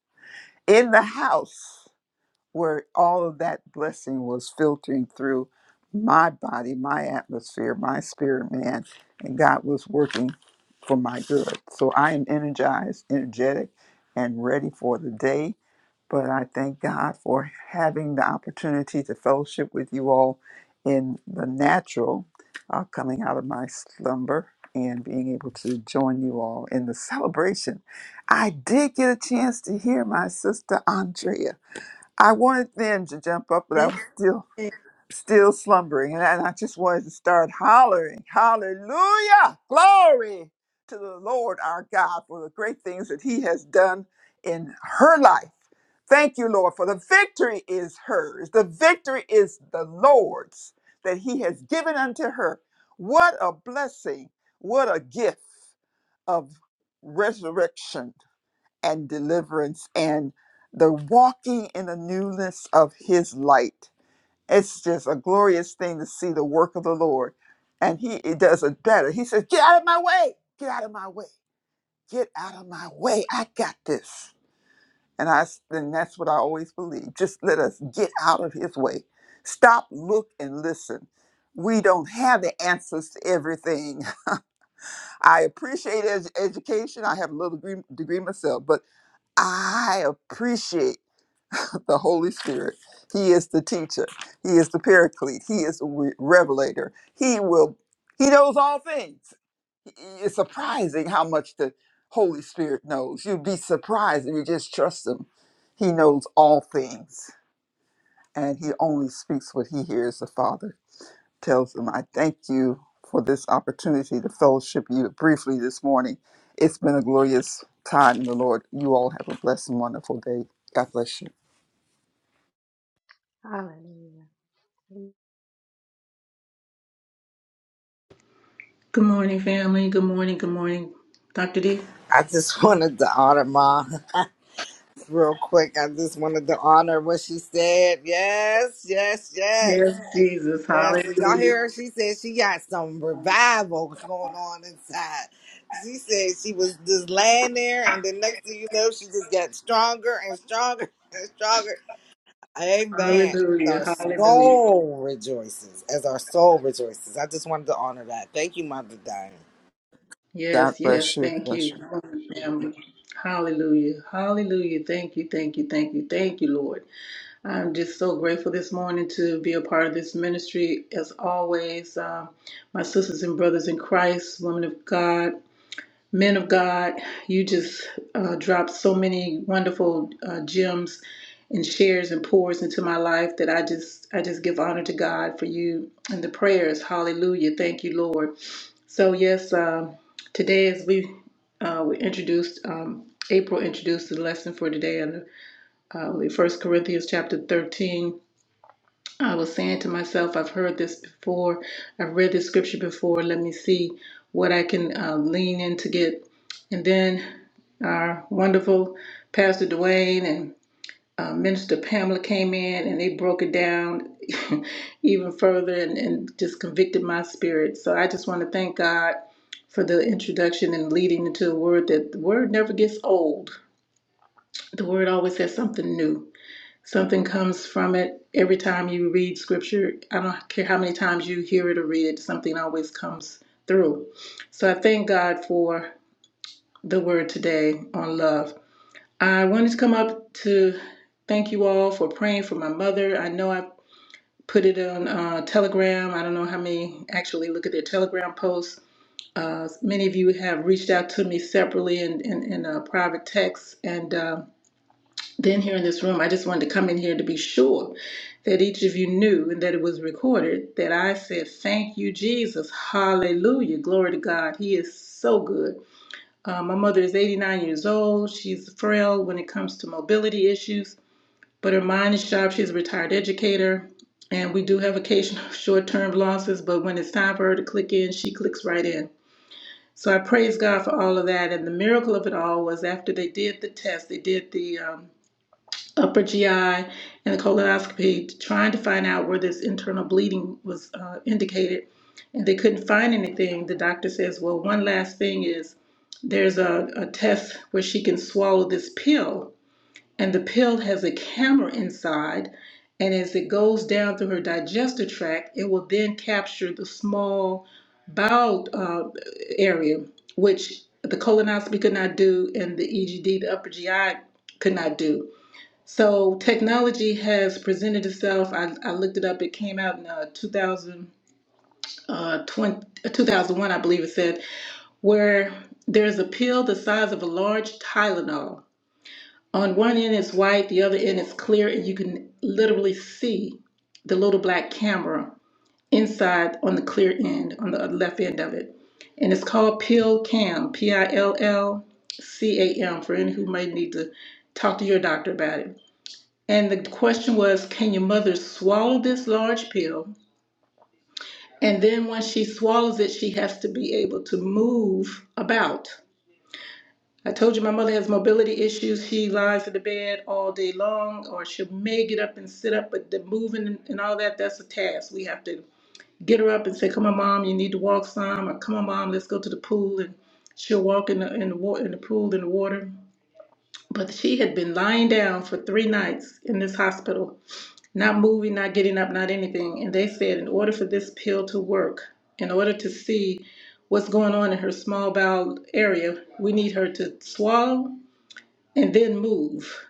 Speaker 13: in the house where all of that blessing was filtering through my body, my atmosphere, my spirit man, and God was working for my good. So I am energized, energetic, and ready for the day. But I thank God for having the opportunity to fellowship with you all in the natural, uh, coming out of my slumber and being able to join you all in the celebration. I did get a chance to hear my sister Andrea I wanted then to jump up, but I was
Speaker 12: Yay.
Speaker 13: still still slumbering, and I, and I just wanted to start hollering, "Hallelujah, glory to the Lord our God for the great things that He has done in her life." Thank you, Lord, for the victory is hers. The victory is the Lord's that He has given unto her. What a blessing! What a gift! of resurrection and deliverance and the walking in the newness of his light. It's just a glorious thing to see the work of the Lord. And he it does it better. He says, Get out of my way. Get out of my way. Get out of my way. I got this. And I, then that's what I always believe. Just let us get out of his way. Stop, look, and listen. We don't have the answers to everything. I appreciate ed- education. I have a little degree, degree myself, but I appreciate. the Holy Spirit. He is the teacher. He is the paraclete. He is the re- revelator. He will. He knows all things. It's surprising how much the Holy Spirit knows. You'd be surprised if you just trust him. He knows all things, and he only speaks what he hears. The Father tells him, "I thank you for this opportunity to fellowship you briefly this morning. It's been a glorious time in the Lord. You all have a blessed and wonderful day. God bless you."
Speaker 10: Hallelujah.
Speaker 14: Good morning, family. Good morning. Good morning, Dr. D.
Speaker 12: I just wanted to honor Ma real quick. I just wanted to honor what she said. Yes, yes,
Speaker 14: Yes,
Speaker 12: yes,
Speaker 14: Jesus.
Speaker 12: yes. Did y'all
Speaker 14: Hallelujah.
Speaker 12: hear her? She said she got some revival going on inside. She said she was just laying there, and the next thing you know, she just got stronger and stronger and stronger. Amen. Our
Speaker 14: Hallelujah. Hallelujah.
Speaker 12: soul rejoices. As our soul rejoices. I just wanted to honor that. Thank you, Mother Diane.
Speaker 13: God
Speaker 14: Yes,
Speaker 13: bless
Speaker 14: yes.
Speaker 13: you.
Speaker 14: Thank you.
Speaker 13: Bless you.
Speaker 14: Good morning, family. Hallelujah. Hallelujah. Thank you. Thank you. Thank you. Thank you, Lord. I'm just so grateful this morning to be a part of this ministry. As always, uh, my sisters and brothers in Christ, women of God, Men of God, you just uh, dropped so many wonderful uh, gems and shares and pours into my life that I just I just give honor to God for you and the prayers. Hallelujah! Thank you, Lord. So yes, um, today as we uh, we introduced um, April introduced the lesson for today in uh, First Corinthians chapter thirteen I was saying to myself, I've heard this before. I've read this scripture before. Let me see what I can uh, lean in to get. And then our wonderful Pastor Dwayne and uh, Minister Pamela came in and they broke it down even further and, and just convicted my spirit. So I just want to thank God for the introduction and leading into the word that the word never gets old. The word always has something new. Something comes from it every time you read scripture. I don't care how many times you hear it or read it, something always comes through. So I thank God for the word today on love. I wanted to come up to thank you all for praying for my mother. I know I put it on uh, Telegram. I don't know how many actually look at their Telegram posts. Uh, many of you have reached out to me separately in, in, in a private text, and um, then here in this room, I just wanted to come in here to be sure that each of you knew and that it was recorded that I said, Thank you, Jesus. Hallelujah. Glory to God. He is so good. Uh, my mother is 89 years old. She's frail when it comes to mobility issues, but her mind is sharp. She's a retired educator. And we do have occasional short term losses, but when it's time for her to click in, she clicks right in. So I praise God for all of that. And the miracle of it all was after they did the test, they did the um, upper GI and the colonoscopy, trying to find out where this internal bleeding was uh, indicated, and they couldn't find anything. The doctor says, "Well, one last thing is there's a, a test where she can swallow this pill, and the pill has a camera inside." And as it goes down through her digestive tract, it will then capture the small bowel uh, area, which the colonoscopy could not do, and the EGD, the upper GI, could not do. So technology has presented itself. I, I looked it up. It came out in uh, 2000, uh, 20, uh, 2001, I believe it said, where there's a pill the size of a large Tylenol. On one end it's white, the other end is clear, and you can literally see the little black camera inside on the clear end, on the left end of it. And it's called PillCam. P I L L C A M, for any who may need to talk to your doctor about it and the question was, can your mother swallow this large pill? And then when she swallows it, she has to be able to move about. I told you my mother has mobility issues. She lies in the bed all day long, or she may get up and sit up, but the moving and all that, that's a task. We have to get her up and say, Come on, mom, you need to walk some, or come on, mom, let's go to the pool. And she'll walk in the, in the, wa- in the pool, in the water. But she had been lying down for three nights in this hospital not moving, not getting up, not anything. And they said, in order for this pill to work, in order to see what's going on in her small bowel area, we need her to swallow and then move.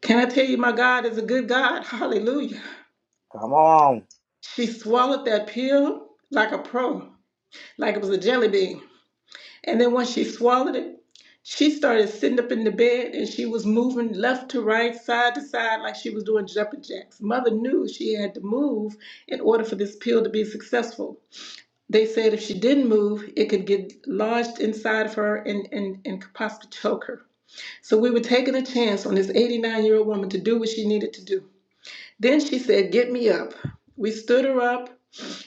Speaker 14: Can I tell you, my God is a good God? Hallelujah.
Speaker 12: Come on.
Speaker 14: She swallowed that pill like a pro, like it was a jelly bean. And then once she swallowed it, she started sitting up in the bed and she was moving left to right, side to side, like she was doing jumping jacks. Mother knew she had to move in order for this pill to be successful. They said if she didn't move, it could get lodged inside of her and, and, and could possibly choke her. So we were taking a chance on this 89 year old woman to do what she needed to do. Then she said, Get me up. We stood her up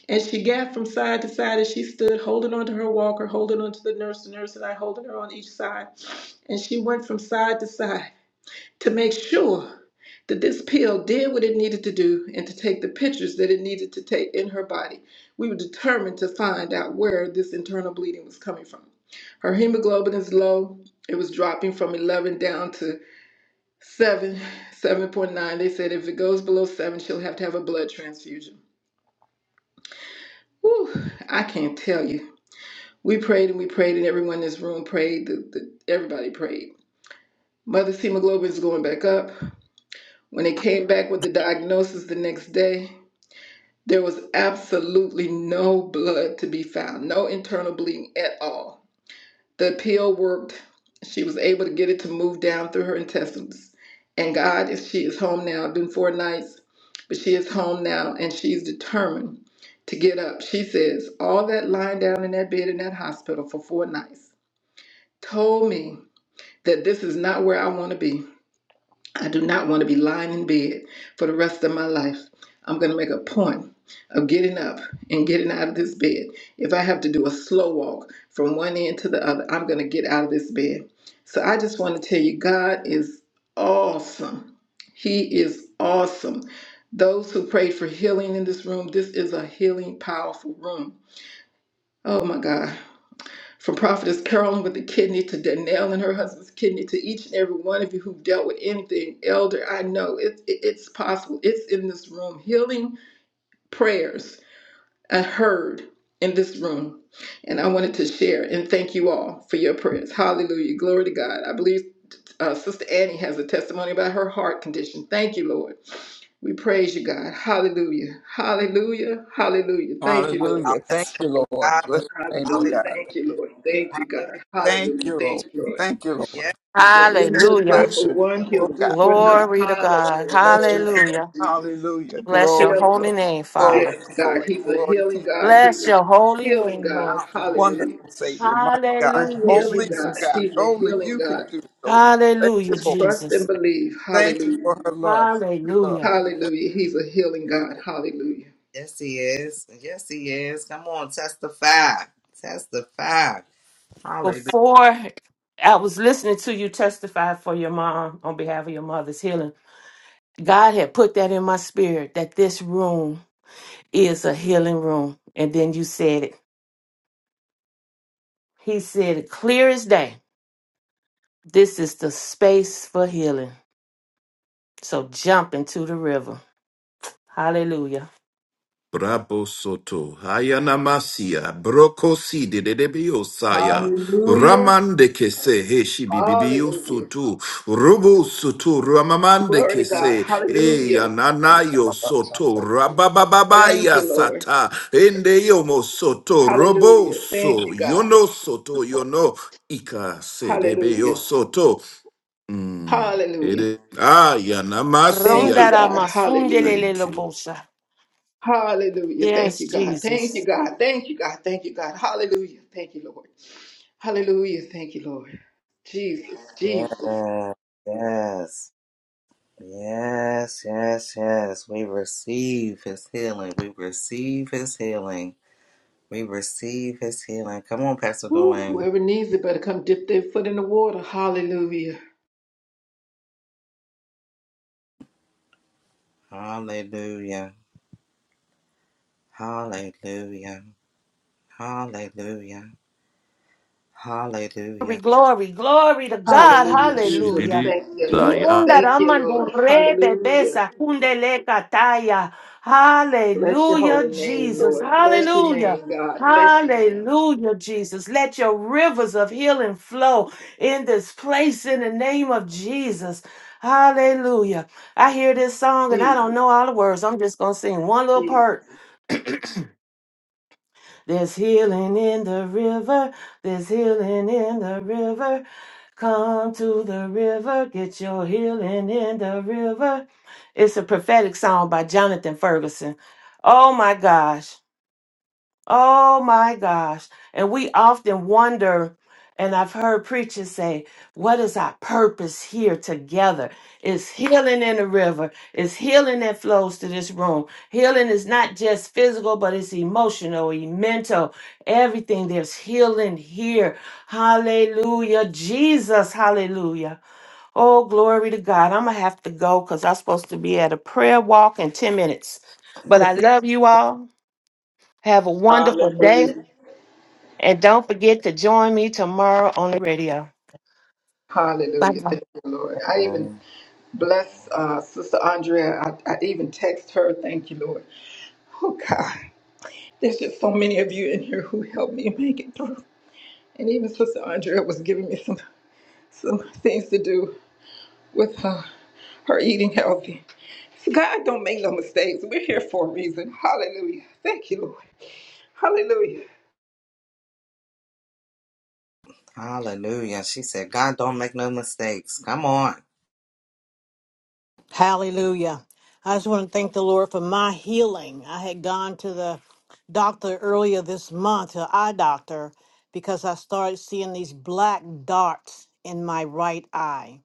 Speaker 14: and she gasped from side to side as she stood, holding onto her walker, holding onto the nurse, the nurse and I holding her on each side. And she went from side to side to make sure that this pill did what it needed to do and to take the pictures that it needed to take in her body. We were determined to find out where this internal bleeding was coming from. Her hemoglobin is low. It was dropping from 11 down to 7, 7.9. They said if it goes below 7, she'll have to have a blood transfusion. Whew, I can't tell you. We prayed and we prayed, and everyone in this room prayed. The, the, everybody prayed. Mother's hemoglobin is going back up. When they came back with the diagnosis the next day, there was absolutely no blood to be found, no internal bleeding at all. The pill worked. She was able to get it to move down through her intestines. And God, is she is home now. It's been four nights, but she is home now and she's determined to get up. She says, All that lying down in that bed in that hospital for four nights. told me that this is not where I want to be. I do not want to be lying in bed for the rest of my life. I'm going to make a point of getting up and getting out of this bed. If I have to do a slow walk from one end to the other, I'm going to get out of this bed. So I just want to tell you, God is awesome. He is awesome. Those who prayed for healing in this room, this is a healing, powerful room. Oh my God. From Prophetess Carolyn with the kidney to Danelle and her husband's kidney to each and every one of you who've dealt with anything, Elder, I know it, it- it's possible. It's in this room. Healing prayers are heard in this room. And I wanted to share and thank you all for your prayers. Hallelujah. Glory to God. I believe uh, Sister Annie has a testimony about her heart condition. Thank you, Lord. We praise you, God. Hallelujah. Hallelujah. Hallelujah. Thank
Speaker 12: Come
Speaker 14: you,
Speaker 12: on,
Speaker 14: Lord.
Speaker 12: y'all.
Speaker 13: Hallelujah. Thank
Speaker 12: Let's
Speaker 13: you,
Speaker 12: praise
Speaker 13: Lord.
Speaker 12: God
Speaker 13: Bless
Speaker 12: with
Speaker 13: your name, oh
Speaker 14: Hallelujah.
Speaker 12: hallelujah.
Speaker 13: God.
Speaker 14: Thank you, Lord. Thank you, God.
Speaker 12: Hallelujah.
Speaker 13: Thank
Speaker 14: Hallelujah.
Speaker 12: Thank
Speaker 13: you,
Speaker 12: you,
Speaker 13: Lord.
Speaker 14: Thank you, Lord.
Speaker 12: Jesus.
Speaker 13: Thank you, Lord.
Speaker 12: Yes,
Speaker 14: That what he'll do
Speaker 6: Hallelujah.
Speaker 13: Bless
Speaker 14: for
Speaker 13: your name,
Speaker 14: one,
Speaker 13: oh
Speaker 12: Lord.
Speaker 14: he'll do
Speaker 13: God.
Speaker 14: for another.
Speaker 6: Glory to
Speaker 12: Lord.
Speaker 6: God.
Speaker 14: Hallelujah.
Speaker 13: Bless
Speaker 14: Lord,
Speaker 13: you.
Speaker 14: thank you,
Speaker 6: Hallelujah.
Speaker 14: Jesus.
Speaker 13: Hallelujah.
Speaker 12: Lord.
Speaker 6: Bless your
Speaker 13: Glory,
Speaker 6: holy
Speaker 14: Healing.
Speaker 6: name,
Speaker 12: Yes,
Speaker 6: Father.
Speaker 13: glory,
Speaker 14: Yes,
Speaker 13: glory,
Speaker 14: God.
Speaker 12: yes,
Speaker 13: glory
Speaker 14: He's a
Speaker 13: glory to
Speaker 14: healing
Speaker 13: your
Speaker 14: God.
Speaker 13: name.
Speaker 14: He's
Speaker 6: Bless
Speaker 14: a
Speaker 6: your holy
Speaker 14: healing
Speaker 6: name,
Speaker 14: God.
Speaker 6: Lord
Speaker 12: God.
Speaker 6: God.
Speaker 12: yes,
Speaker 14: Hallelujah.
Speaker 13: Wonderful Savior, my
Speaker 14: A
Speaker 13: God.
Speaker 6: Hallelujah,
Speaker 13: Only
Speaker 14: healing God.
Speaker 13: you,
Speaker 12: yes.
Speaker 6: Jesus.
Speaker 13: God.
Speaker 14: He's a
Speaker 13: Only
Speaker 14: healing
Speaker 13: you can
Speaker 14: God.
Speaker 13: do it, oh Lord. Thank you,
Speaker 6: Hallelujah,
Speaker 13: Lord.
Speaker 14: Trust and
Speaker 6: Jesus.
Speaker 14: believe.
Speaker 13: Thank you
Speaker 14: Hallelujah.
Speaker 13: for her love. Thank you, love.
Speaker 6: Hallelujah.
Speaker 13: Thank
Speaker 14: Hallelujah. He's a healing
Speaker 13: thank you,
Speaker 14: God. Hallelujah.
Speaker 12: Yes, he is. Yes, he is. Come on, testify. Testify. Hallelujah.
Speaker 6: Before I was listening to you testify for your mom on behalf of your mother's healing, God had put that in my spirit that this room is a healing room. And then you said it. He said it clear as day. This is the space for healing. So jump into the river. Hallelujah.
Speaker 4: Brabo soto, hayanamasia, brokosi de de debio saya,
Speaker 14: Hallelujah.
Speaker 4: ramande kese, heshi bibibio
Speaker 14: Hallelujah.
Speaker 4: soto, rubu soto, ramamande
Speaker 14: Glory to
Speaker 13: Lord.
Speaker 14: God.
Speaker 4: kese, e
Speaker 14: Hallelujah.
Speaker 4: ananayo soto,
Speaker 14: Thank
Speaker 4: rababababaya
Speaker 14: you, Lord.
Speaker 4: sata, ende yomo soto, robo
Speaker 14: Hallelujah. Thank
Speaker 4: so
Speaker 14: you, God.
Speaker 4: yono soto, yono, ika se debio
Speaker 14: Hallelujah.
Speaker 4: soto. Mm, it
Speaker 14: Hallelujah.
Speaker 4: is, ah,
Speaker 14: Thank you, God. Hallelujah.
Speaker 4: Thank you.
Speaker 6: Rondaramasundelelelebosha.
Speaker 14: Hallelujah. Thank
Speaker 6: Yes,
Speaker 14: you, God. Thank
Speaker 6: Jesus.
Speaker 14: you, God. Thank you, God. Thank you, God. Hallelujah. Thank you, Lord. Hallelujah. Thank you, Lord. Jesus.
Speaker 12: Yes.
Speaker 14: Jesus.
Speaker 12: Yes. Yes, yes, yes. We receive his healing. We receive his healing. We receive his healing. Come on, Pastor
Speaker 14: Woo,
Speaker 12: Dwayne.
Speaker 14: whoever needs it better come dip their foot in the water. Hallelujah.
Speaker 12: Hallelujah. Hallelujah. Hallelujah.
Speaker 6: Glory,
Speaker 12: Hallelujah.
Speaker 6: glory, glory to God.
Speaker 14: Hallelujah,
Speaker 4: She did
Speaker 14: Jesus.
Speaker 6: Hallelujah.
Speaker 4: it.
Speaker 14: Thank you, Lord.
Speaker 4: Saya.
Speaker 6: Yikunda
Speaker 14: Thank you, Lord.
Speaker 6: ramandure
Speaker 14: Hallelujah.
Speaker 6: bebesa kundele kataya.
Speaker 14: Bless your
Speaker 6: Hallelujah,
Speaker 14: holy name,
Speaker 6: Jesus.
Speaker 14: Lord. Bless your
Speaker 6: Hallelujah.
Speaker 14: name, God. Bless your name.
Speaker 6: Hallelujah, Jesus. Let your rivers of healing flow in this place in the name of Jesus. Hallelujah. I hear this song and I don't
Speaker 14: Jesus.
Speaker 6: know all the words. I'm just going to sing one little
Speaker 14: Jesus.
Speaker 6: part there's healing in the river. There's healing in the river. Come to the river. Get your healing in the river. It's a prophetic song by Jonathan Ferguson. Oh my gosh. Oh my gosh. And we often wonder, and I've heard preachers say, what is our purpose here together? It's healing in the river, it's healing that flows to this room. Healing is not just physical, but it's emotional, e- mental, everything. There's healing here. Hallelujah. Jesus, hallelujah. Oh, glory to God. I'm going to have to go because I'm supposed to be at a prayer walk in 10 minutes. But I love you all. Have a wonderful day.
Speaker 14: Hallelujah.
Speaker 6: And don't forget to join me tomorrow on the radio. Bye
Speaker 14: Hallelujah.
Speaker 6: bye.
Speaker 14: Thank you, Lord. I even
Speaker 12: Mm.
Speaker 14: bless uh, Sister Andrea. I, I even text her. Thank you, Lord. Oh, God. There's just so many of you in here who helped me make it through. And even Sister Andrea was giving me some, some things to do with her, her eating healthy. So God don't make no mistakes. We're here for a reason. Hallelujah. Thank you, Lord. Hallelujah.
Speaker 12: Hallelujah. She said, God don't make no mistakes. Come on.
Speaker 2: Hallelujah. I just want to thank the Lord for my healing. I had gone to the doctor earlier this month, an eye doctor, because I started seeing these black darts in my right eye.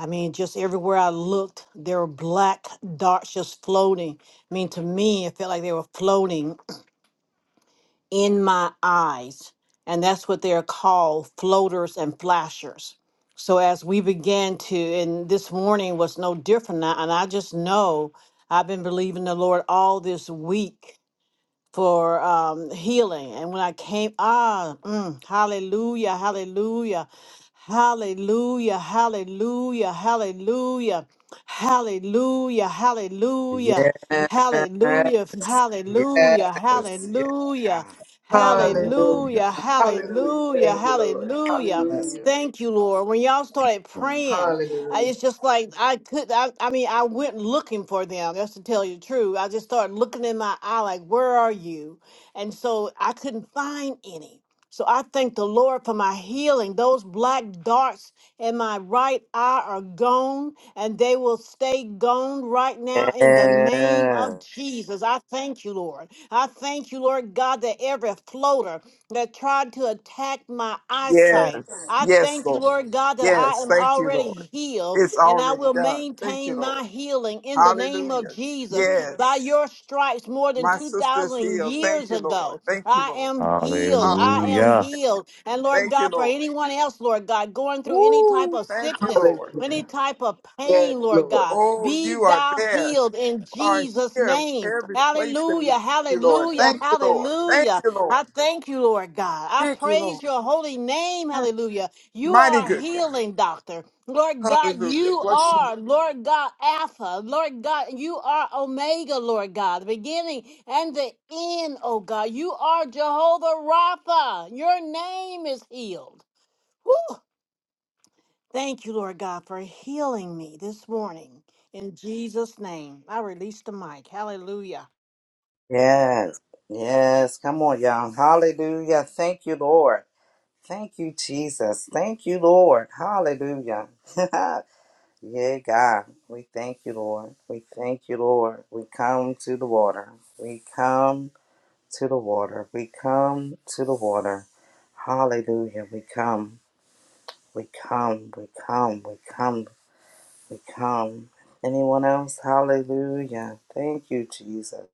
Speaker 2: I mean, just everywhere I looked, there were black darts just floating. I mean, to me, it felt like they were floating in my eyes. And that's what they're called floaters and flashers. So as we began to, and this morning was no different. And I and I just know I've been believing the Lord all this week for um, healing. And when I came, ah, mm, hallelujah, hallelujah, hallelujah, hallelujah, hallelujah, hallelujah, hallelujah,
Speaker 12: Yes.
Speaker 2: hallelujah, hallelujah,
Speaker 12: Yes. Yes,
Speaker 2: hallelujah,
Speaker 12: God.
Speaker 14: Hallelujah.
Speaker 2: hallelujah,
Speaker 14: Hallelujah.
Speaker 2: hallelujah,
Speaker 14: Thank you, Lord.
Speaker 2: hallelujah.
Speaker 12: Yes.
Speaker 14: Hallelujah.
Speaker 2: Thank you, Lord. When y'all started praying, I,
Speaker 14: Hallelujah.
Speaker 2: it's just like I could. I, I mean, I went looking for them. That's to tell you the truth. I just started looking in my eye, like, "Where are you?" And so I couldn't find any. So I thank the Lord for my healing. Those black darts in my right eye are gone, and they will stay gone right now in the name
Speaker 12: Yes.
Speaker 2: of Jesus. I thank you, Lord. I thank you, Lord God, that every floater that tried to attack my
Speaker 13: Yes.
Speaker 2: eyesight. I
Speaker 13: Yes,
Speaker 2: thank you,
Speaker 13: Lord.
Speaker 2: Lord God, that I
Speaker 13: Yes.
Speaker 2: am
Speaker 13: Thank you,
Speaker 2: already
Speaker 13: Lord.
Speaker 2: healed
Speaker 13: It's
Speaker 2: and I
Speaker 13: already
Speaker 2: will
Speaker 13: done. Thank you,
Speaker 2: maintain
Speaker 13: Lord.
Speaker 2: my healing in the name of
Speaker 13: Hallelujah.
Speaker 2: Jesus. By
Speaker 13: Yes.
Speaker 2: your stripes, more than
Speaker 13: My sister's
Speaker 2: 2,000
Speaker 13: healed. Thank
Speaker 2: years
Speaker 13: you, Lord.
Speaker 2: ago,
Speaker 13: Thank you,
Speaker 2: I
Speaker 13: Lord.
Speaker 2: am healed. I
Speaker 13: Hallelujah.
Speaker 2: am
Speaker 4: Hallelujah.
Speaker 2: healed. And Lord
Speaker 13: Thank you,
Speaker 2: God, for
Speaker 13: Lord.
Speaker 2: anyone else, Lord God, going through any type
Speaker 13: Woo.
Speaker 2: of
Speaker 13: Thank you,
Speaker 2: sickness,
Speaker 13: Lord.
Speaker 2: any
Speaker 14: Hallelujah.
Speaker 2: type of
Speaker 14: Yes,
Speaker 2: pain, Lord
Speaker 14: Lord.
Speaker 2: God,
Speaker 13: Oh,
Speaker 2: be
Speaker 13: you are
Speaker 2: thou
Speaker 13: there.
Speaker 2: healed
Speaker 13: You
Speaker 2: in
Speaker 13: Are
Speaker 2: Jesus'
Speaker 13: here
Speaker 2: name.
Speaker 13: every place that we need
Speaker 2: Hallelujah,
Speaker 13: you, Lord.
Speaker 2: hallelujah,
Speaker 13: Thank you, Lord. Thank
Speaker 2: hallelujah.
Speaker 13: you,
Speaker 2: I
Speaker 13: Lord.
Speaker 2: thank you, Lord God. I
Speaker 13: Thank you,
Speaker 2: praise
Speaker 13: Lord.
Speaker 2: your holy name. Hallelujah. You
Speaker 13: Mighty
Speaker 2: are
Speaker 13: good
Speaker 2: healing, doctor. Lord
Speaker 13: God.
Speaker 2: God,
Speaker 13: Hallelujah.
Speaker 2: you
Speaker 13: Bless you.
Speaker 2: are, Lord God, Alpha. Lord God, you are Omega, Lord God, the beginning and the end, oh God. You are Jehovah Rapha. Your name is healed. Whew. Thank you, Lord God, for healing me this morning. In Jesus' name, I release the mic. Hallelujah.
Speaker 12: Yes, yes. Come on, y'all. Hallelujah. Thank you, Lord. Thank you, Jesus. Thank you, Lord. Hallelujah. yeah, God. We thank you, Lord. We thank you, Lord. We come to the water. We come to the water. We come to the water. Hallelujah. We come. We come. We come. We come. We come. Anyone else? Hallelujah. Thank you, Jesus.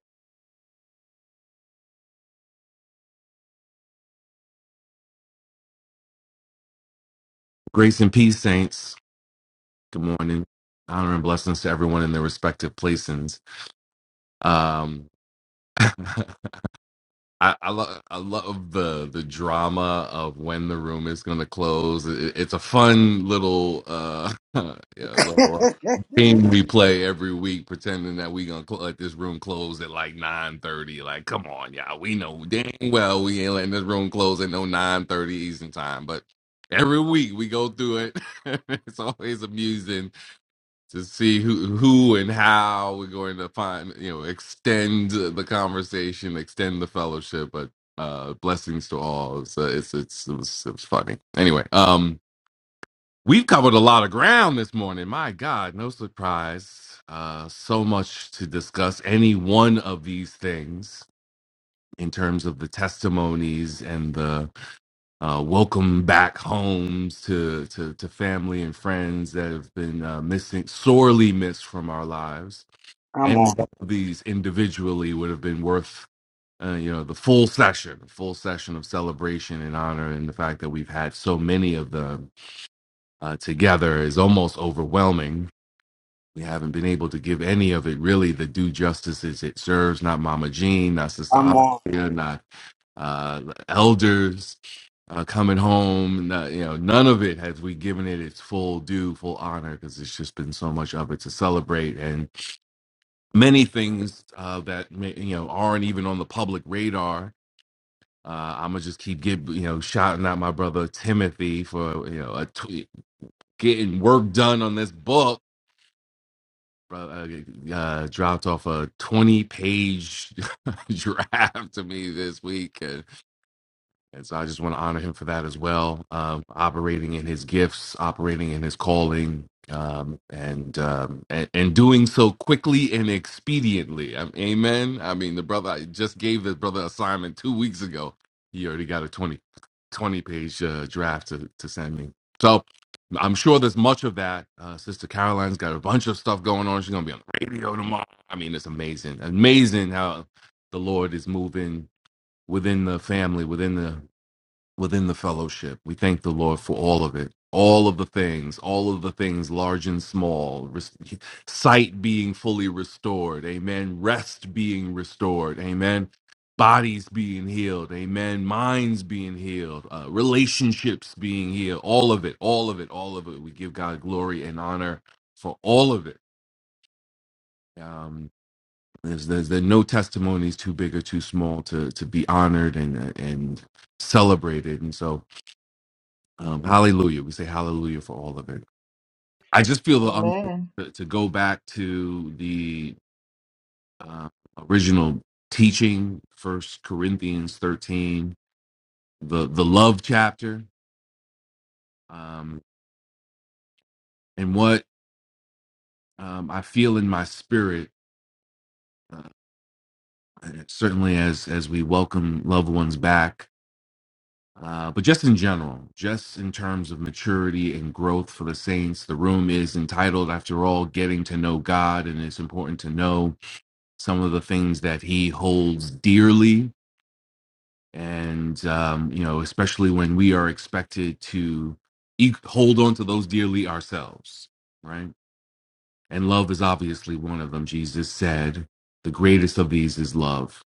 Speaker 15: Grace and peace, saints. Good morning. Honor and blessings to everyone in their respective places. Um, I, I, lo- I love the the drama of when the room is going to close. It, it's a fun little uh, yeah, little uh,
Speaker 12: Come
Speaker 15: game we play every week, pretending that we gonna cl- let this room close at like nine thirty. Like, come on, y'all. We know dang well we ain't letting this room close at no nine thirty Eastern time, but every week we go through it. it's always amusing to see who who and how we're going to find you know extend the conversation extend the fellowship but uh blessings to all it's uh, it's, it's it, was, it was funny anyway um we've covered a lot of ground this morning my god no surprise uh so much to discuss any one of these things in terms of the testimonies and the uh, welcome back homes to, to to family and friends that have been uh, missing sorely missed from our lives any
Speaker 12: on.
Speaker 15: one of these individually would have been worth, uh, you know, the full session, full session of celebration and honor. And the fact that we've had so many of them uh, together is almost overwhelming. We haven't been able to give any of it really the due justice as it serves. Not Mama Jean, not Sister
Speaker 12: Come on.
Speaker 15: Andrea, not uh, elders uh, coming home. no- you know, none of it has we given it its full due, full honor, because it's just been so much of it to celebrate. And many things uh, that may, you know aren't even on the public radar. Uh, I'm gonna just keep give you know shouting out my brother Timothy for you know a tw- getting work done on this book. Bro- Uh, uh, dropped off a 20 page draft to me this week. And so I just want to honor him for that as well, um, operating in his gifts, operating in his calling, um, and, um, and and doing so quickly and expediently. Um, Amen. I mean, the brother I just gave the brother assignment two weeks ago. He already got a 20 20 page uh, draft to, to send me. So I'm sure there's much of that. Uh, Sister Caroline's got a bunch of stuff going on. She's gonna be on the radio tomorrow. I mean, it's amazing, amazing how the Lord is moving within the family, within the within the fellowship. We thank the Lord for all of it, all of the things, all of the things, large and small, res- sight being fully restored, amen, rest being restored, amen, bodies being healed, amen, minds being healed, uh, relationships being healed, all of it, all of it, all of it. We give God glory and honor for all of it. Um, there's, there's there are no testimonies too big or too small to to be honored and and celebrated, and so um, hallelujah. We say hallelujah for all of it. I just feel the i
Speaker 14: Amen.
Speaker 15: to, to go back to the uh, original teaching, First Corinthians 13, the the love chapter, um, and what um, I feel in my spirit. Uh, and certainly, as as we welcome loved ones back. Uh, but just in general, just in terms of maturity and growth for the saints, the room is entitled, after all, Getting to Know God. And it's important to know some of the things that he holds dearly. And, um, you know, especially when we are expected to e- hold on to those dearly ourselves, right? And love is obviously one of them. Jesus said, the greatest of these is love.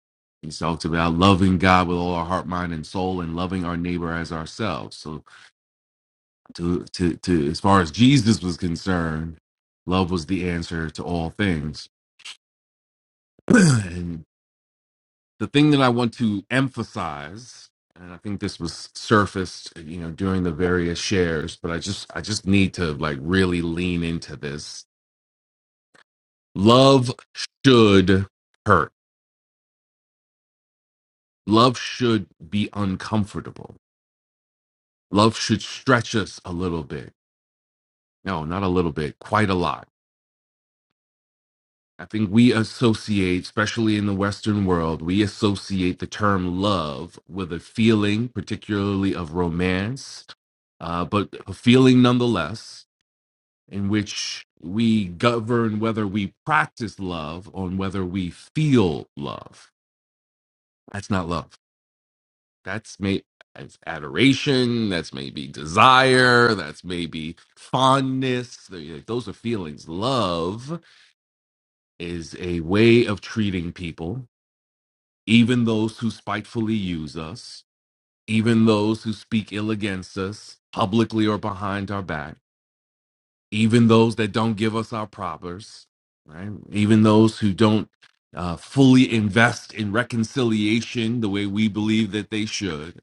Speaker 15: He talked about loving God with all our heart, mind, and soul, and loving our neighbor as ourselves. So, to, to, to as far as Jesus was concerned, love was the answer to all things. and the thing that I want to emphasize, and I think this was surfaced, you know, during the various shares, but I just I just need to like really lean into this. Love should hurt. Love should be uncomfortable. Love should stretch us a little bit. No, not a little bit, quite a lot I think we associate, especially in the Western world, we associate the term love with a feeling, particularly of romance, uh, but a feeling nonetheless, in which we govern whether we practice love on whether we feel love. That's not love. That's may that's adoration. That's maybe desire. That's maybe fondness. Th- Those are feelings. Love is a way of treating people even those who spitefully use us, even those who speak ill against us, publicly or behind our back, even those that don't give us our propers, right? Even those who don't uh, fully invest in reconciliation the way we believe that they should,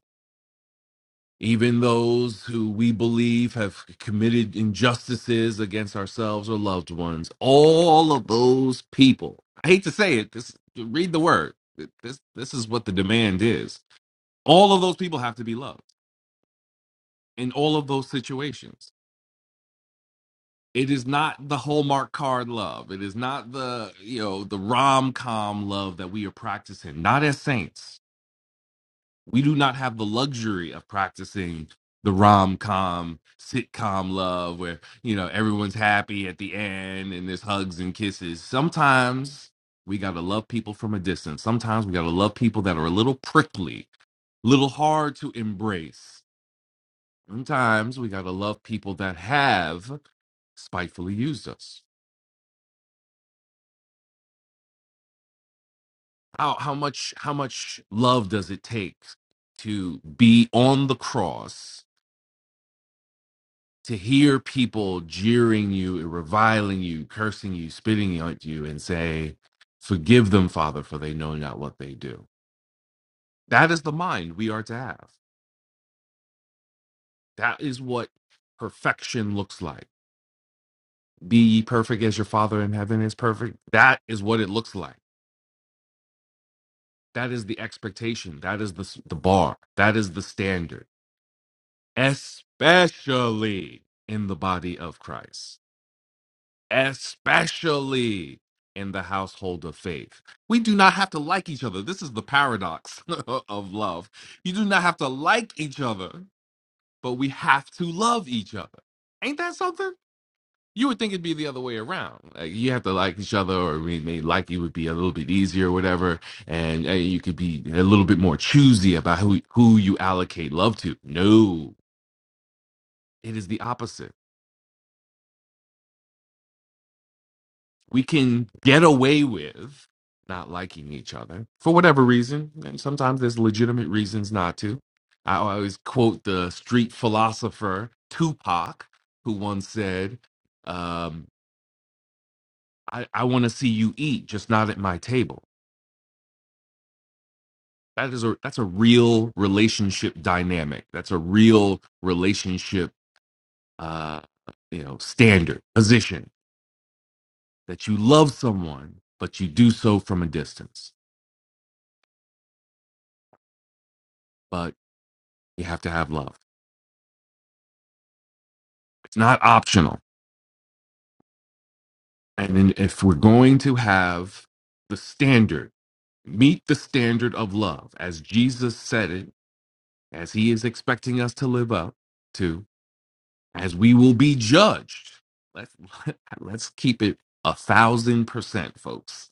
Speaker 15: even those who we believe have committed injustices against ourselves or loved ones, all of those people. I hate to say it, this read the word. This this is what the demand is all of those people have to be loved in all of those situations. It is not the Hallmark card love. It is not the, you know, the rom-com love that we are practicing. Not as saints. We do not have the luxury of practicing the rom-com sitcom love where, you know, everyone's happy at the end and there's hugs and kisses. Sometimes we got to love people from a distance. Sometimes we got to love people that are a little prickly, a little hard to embrace sometimes we gotta love people that have spitefully used us. How how much how much love does it take to be on the cross, to hear people jeering you, reviling you, cursing you, spitting at you, and say, Forgive them, Father, for they know not what they do. That is the mind we are to have. That is what perfection looks like. Be ye perfect as your Father in heaven is perfect. That is what it looks like That is the expectation. That is the the bar. That is the standard, especially in the body of Christ, especially in the household of faith. We do not have to like each other. This is the paradox of love. You do not have to like each other, but we have to love each other. Ain't that something? you would think it'd be the other way around. Like you have to like each other, or maybe like you would be a little bit easier, or whatever, and uh, you could be a little bit more choosy about who who you allocate love to. No, it is the opposite. We can get away with not liking each other for whatever reason, and sometimes there's legitimate reasons not to. I always quote the street philosopher Tupac, who once said, um, "I, I want to see you eat, just not at my table." that is a that's a real relationship dynamic that's a real relationship uh you know standard position that you love someone but you do so from a distance but you have to have love it's not optional and then if we're going to have the standard meet the standard of love as jesus said it as he is expecting us to live up to as we will be judged. Let's let's keep it a thousand percent, folks.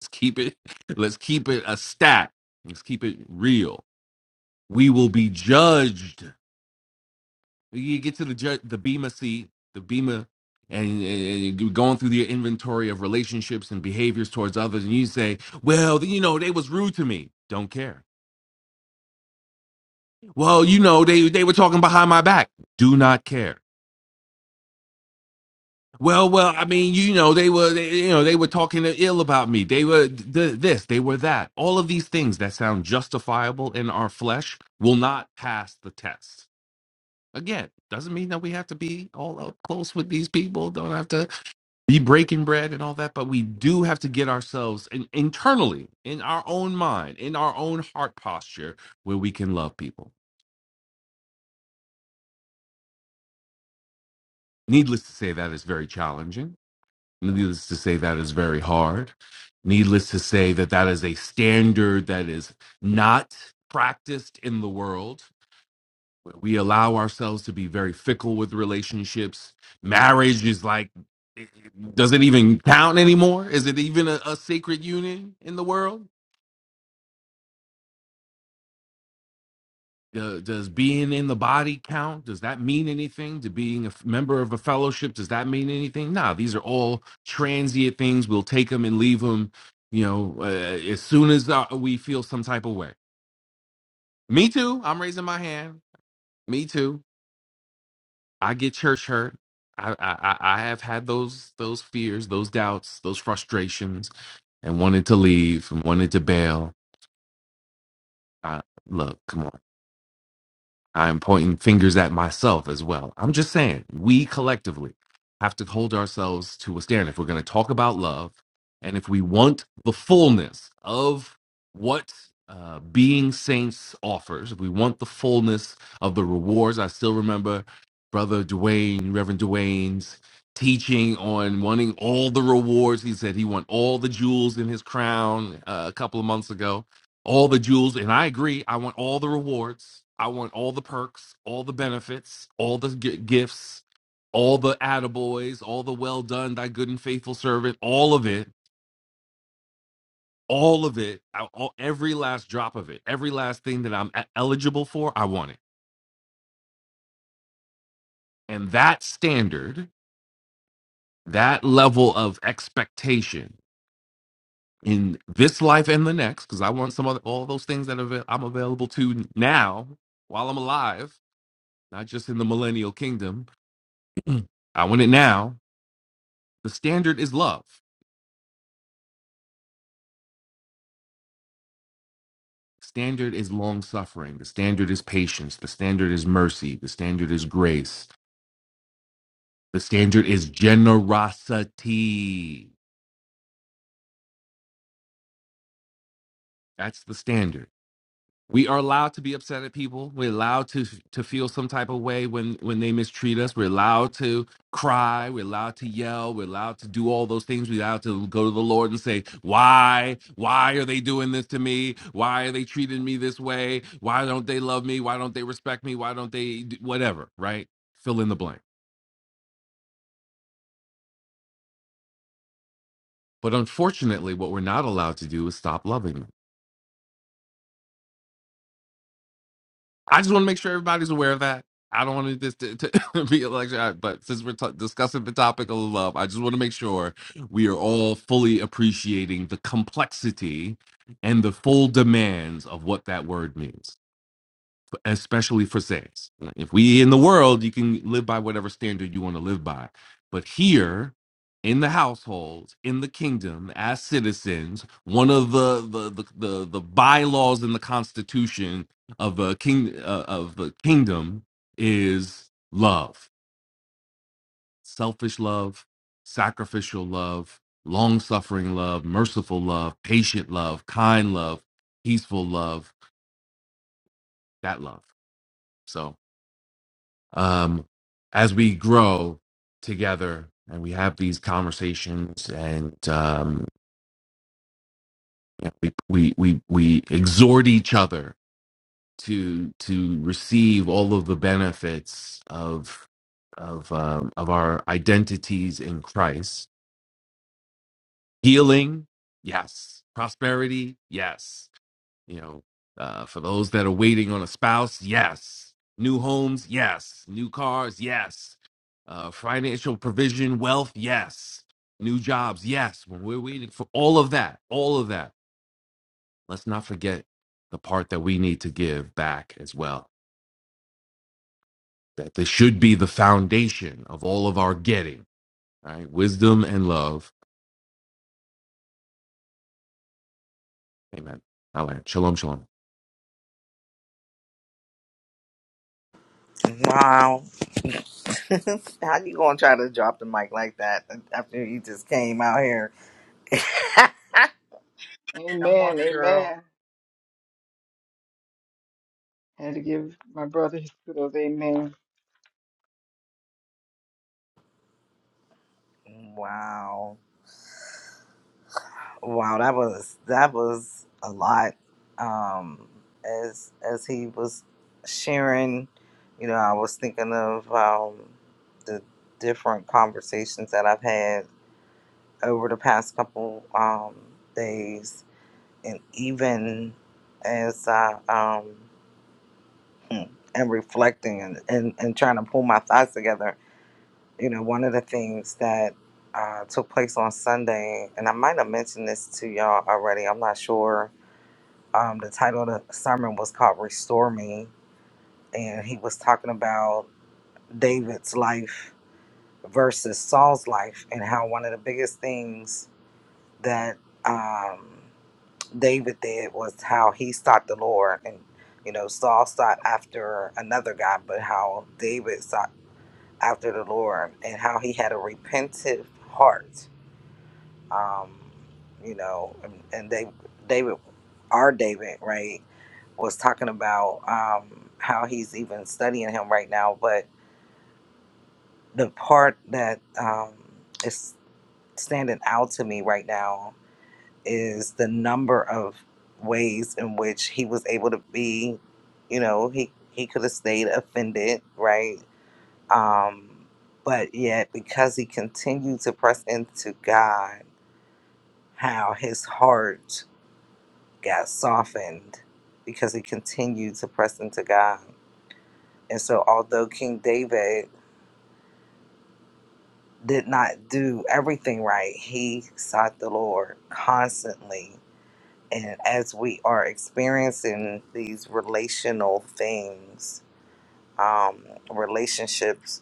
Speaker 15: Let's keep it. Let's keep it a stat. Let's keep it real. We will be judged. You get to the judge, the bema seat, the bema, and, and and you're going through the inventory of relationships and behaviors towards others, and you say, "Well, you know, they was rude to me. Don't care." Well, you know, they they were talking behind my back. Do not care Well, well, I mean, you know, they were, they, you know, they were talking ill about me. They were th- this, they were that. All of these things that sound justifiable in our flesh will not pass the test. Again, doesn't mean that we have to be all up close with these people. Don't have to be breaking bread and all that, but we do have to get ourselves in, internally, in our own mind, in our own heart posture, where we can love people. Needless to say, that is very challenging Needless to say, that is very hard. Needless to say, that that is a standard that is not practiced in the world. We allow ourselves to be very fickle with relationships. Marriage is like, does it even count anymore? Is it even a, a sacred union in the world? Do- does being in the body count? Does that mean anything? To being a f- member of a fellowship, does that mean anything? Nah, these are all transient things. We'll take them and leave them. You know, uh, uh, as soon as uh, we feel some type of way. Me too. I'm raising my hand. Me too. I get church hurt. I I, I I have had those those fears, those doubts, those frustrations, and wanted to leave and wanted to bail. I, look, come on. I'm pointing fingers at myself as well. I'm just saying, we collectively have to hold ourselves to a standard. If we're going to talk about love, and if we want the fullness of what uh, being saints offers, if we want the fullness of the rewards, I still remember Brother Dwayne, Reverend Dwayne's teaching on wanting all the rewards. He said he want all the jewels in his crown uh, a couple of months ago all the jewels and i agree i want all the rewards i want all the perks all the benefits all the g- gifts all the attaboys all the well done thy good and faithful servant all of it all of it I- all, every last drop of it every last thing that i'm e- eligible for i want it and that standard that level of expectation in this life and the next because i want some other all those things that avail- i'm available to now while i'm alive not just in the millennial kingdom Mm. I want it now. The standard is love. Standard is long suffering. The standard is patience. The standard is mercy. The standard is grace. The standard is generosity. That's the standard. we are allowed to be upset at people we're allowed to to feel some type of way when when they mistreat us we're allowed to cry we're allowed to yell we're allowed to do all those things we're allowed to go to the lord and say why why are they doing this to me why are they treating me this way why don't they love me why don't they respect me why don't they do-" whatever right fill in the blank but unfortunately what we're not allowed to do is stop loving them I just want to make sure everybody's aware of that. I don't want this to, to be a lecture, I- but since we're t- discussing the topic of love, I just want to make sure we are all fully appreciating the complexity and the full demands of what that word means especially for saints. If we in the world, you can live by whatever standard you want to live by. But here in the household, in the kingdom, as citizens, one of the the the, the, the bylaws in the constitution of a king uh, of the kingdom is love. Selfish love, sacrificial love, long-suffering love, merciful love, patient love, kind love, peaceful love, that love. So um, as we grow together and we have these conversations and um, you know, we, we we we exhort each other to to receive all of the benefits of of um, of our identities in Christ. Healing, yes. Prosperity, yes you know, uh, for those that are waiting on a spouse, yes. New homes, yes. New cars, yes. Uh, financial provision, wealth, yes. New jobs, yes. When we're waiting for all of that, all of that, let's not forget the part that we need to give back as well. That this should be the foundation of all of our getting. All right, wisdom and love. Amen. All right, shalom, shalom.
Speaker 12: Wow. How you gonna try to drop the mic like that after you just came out here? Come on,
Speaker 14: Amen.
Speaker 12: girl.
Speaker 14: Amen. Had to give my brother his kudos. Amen.
Speaker 12: Wow. Wow, that was that was a lot. Um as as he was sharing, you know, I was thinking of um the different conversations that I've had over the past couple um days and even as I um and reflecting and, and, and trying to pull my thoughts together. You know, one of the things that uh, took place on Sunday, and I might have mentioned this to y'all already, I'm not sure. Um, the title of the sermon was called Restore Me, and he was talking about David's life versus Saul's life, and how one of the biggest things that um, David did was how he sought the Lord and you know, Saul sought after another guy, but how David sought. after the Lord and how he had a repentive heart. Um, you know, and, and they, David, our David, right, was talking about um, how he's even studying him right now. But the part that um, is standing out to me right now is the number of ways in which he was able to be, you know, he, he could have stayed offended, right? Um, but yet, because he continued to press into God, how his heart got softened because he continued to press into God. And so, although King David did not do everything right, he sought the Lord constantly. And as we are experiencing these relational things, um, relationships,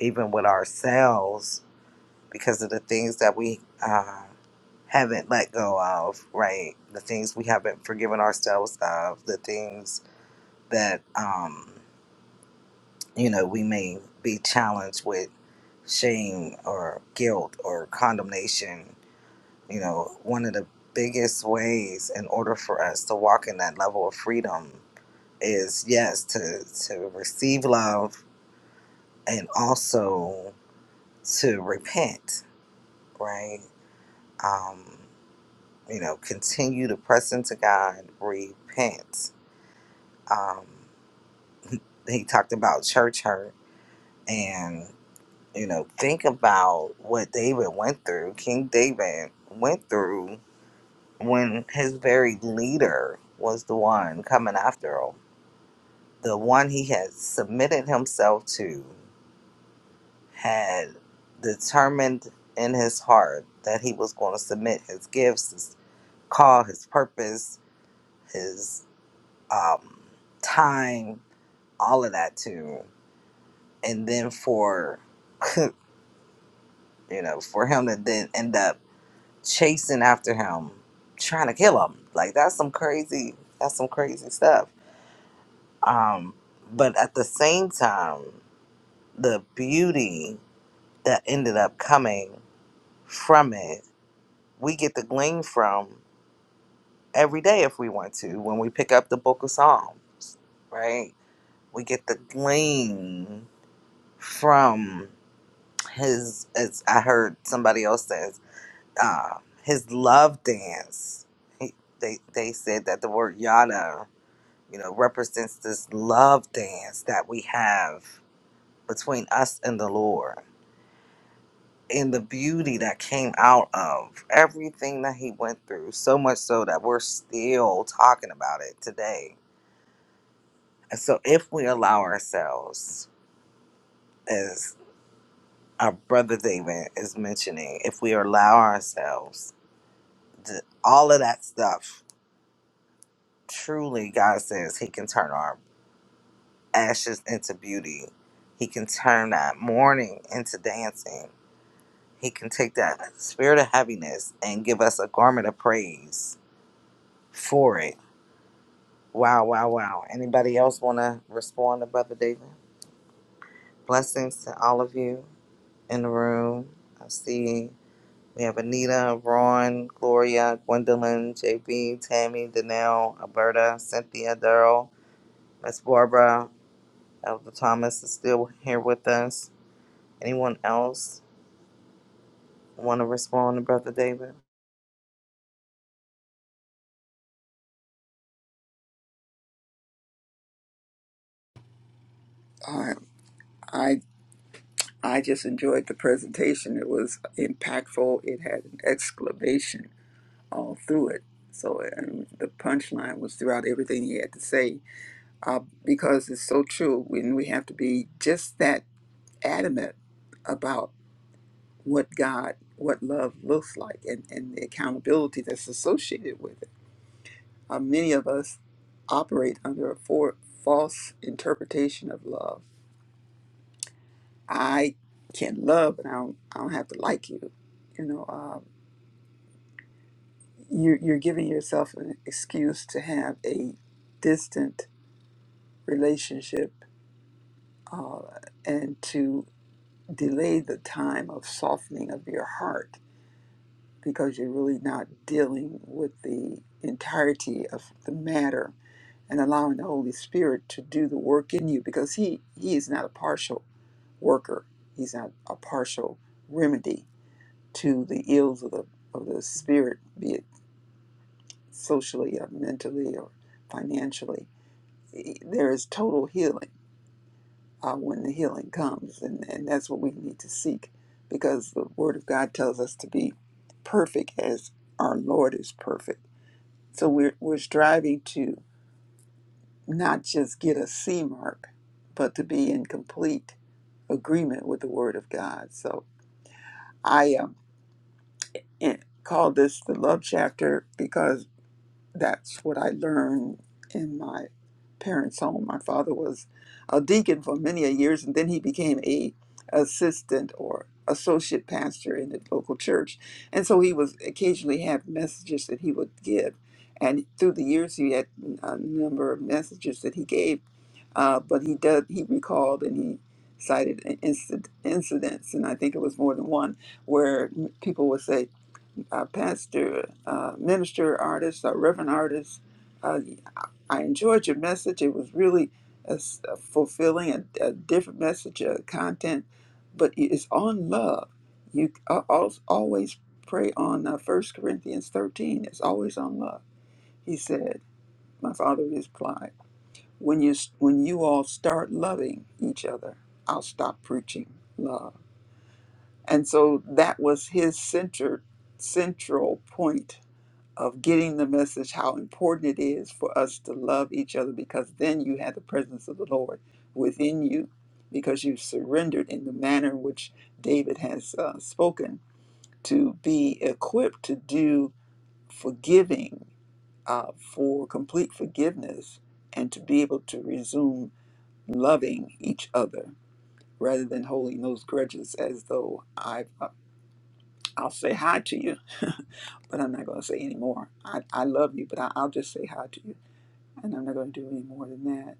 Speaker 12: even with ourselves, because of the things that we um, haven't let go of, right? The things we haven't forgiven ourselves of, the things that, um, you know, we may be challenged with shame or guilt or condemnation. You know, one of the biggest ways in order for us to walk in that level of freedom is, yes, to, to receive love and also to repent, right? Um, you know, continue to press into God, repent. Um, he talked about church hurt and, you know, think about what David went through. King David went through when his very leader was the one coming after him. The one he had submitted himself to had determined in his heart that he was going to submit his gifts, his call, his purpose, his um, time all of that too. And then for, you know, for him to then end up chasing after him, trying to kill him. Like that's some crazy, that's some crazy stuff. Um, but at the same time, the beauty that ended up coming from it, we get to glean from every day if we want to when we pick up the book of Psalms, right? We get to glean from his as I heard somebody else says, uh, his love dance. He, they they said that the word yada, you know, represents this love dance that we have between us and the Lord. And the beauty that came out of everything that he went through, so much so that we're still talking about it today. And so, if we allow ourselves, as our brother David is mentioning, if we allow ourselves th- all of that stuff. Truly, God says He can turn our ashes into beauty. He can turn that mourning into dancing. He can take that spirit of heaviness and give us a garment of praise for it. Wow, wow, wow. Anybody else want to respond to Brother David? Blessings to all of you in the room. I see we have Anita, Ron, Gloria, Gwendolyn, JB, Tammy, Danelle, Alberta, Cynthia, Daryl, Miss Barbara, Elder Thomas is still here with us. Anyone else want to respond to Brother David?
Speaker 13: I, I I just enjoyed the presentation. It was impactful. It had an exclamation all through it. So and the punchline was throughout everything he had to say uh, because it's so true. When we have to be just that adamant about what God, what love looks like, and, and the accountability that's associated with it. Uh, many of us operate under a for, false interpretation of love. I can love, and I don't, I don't have to like you. You know. uh, you're, you're giving yourself an excuse to have a distant relationship uh, and to delay the time of softening of your heart because you're really not dealing with the entirety of the matter and allowing the Holy Spirit to do the work in you because he, he is not a partial worker. He's not a partial remedy to the ills of the, of the spirit, be it socially or mentally or financially there is total healing uh, when the healing comes, and, and that's what we need to seek because the Word of God tells us to be perfect as our Lord is perfect. So we're, we're striving to not just get a C mark, but to be in complete agreement with the Word of God. So I um, eh, call this the love chapter because that's what I learned in my parents' home. My father was a deacon for many a years, and then he became a assistant or associate pastor in the local church. And so he was occasionally had messages that he would give, and through the years he had a number of messages that he gave. Uh, but he did he recalled and he cited in- incident, incidents, and I think it was more than one where people would say uh, pastor, uh, minister, artist, uh, reverend artist. Uh, I enjoyed your message. It was really uh, s- uh, fulfilling, a, a different message, uh, content, but it is on love. You uh, al- always pray on uh, 1 Corinthians 13. It's always on love. He said, my father replied, when you, s- when you all start loving each other, I'll stop preaching love. And so that was his center, central point of getting the message how important it is for us to love each other because then you have the presence of the Lord within you because you've surrendered in the manner in which David has uh, spoken to be equipped to do forgiving uh, for complete forgiveness and to be able to resume loving each other rather than holding those grudges as though I've, uh, I'll say hi to you, but I'm not going to say anymore. I, I love you, but I, I'll just say hi to you and I'm not going to do any more than that.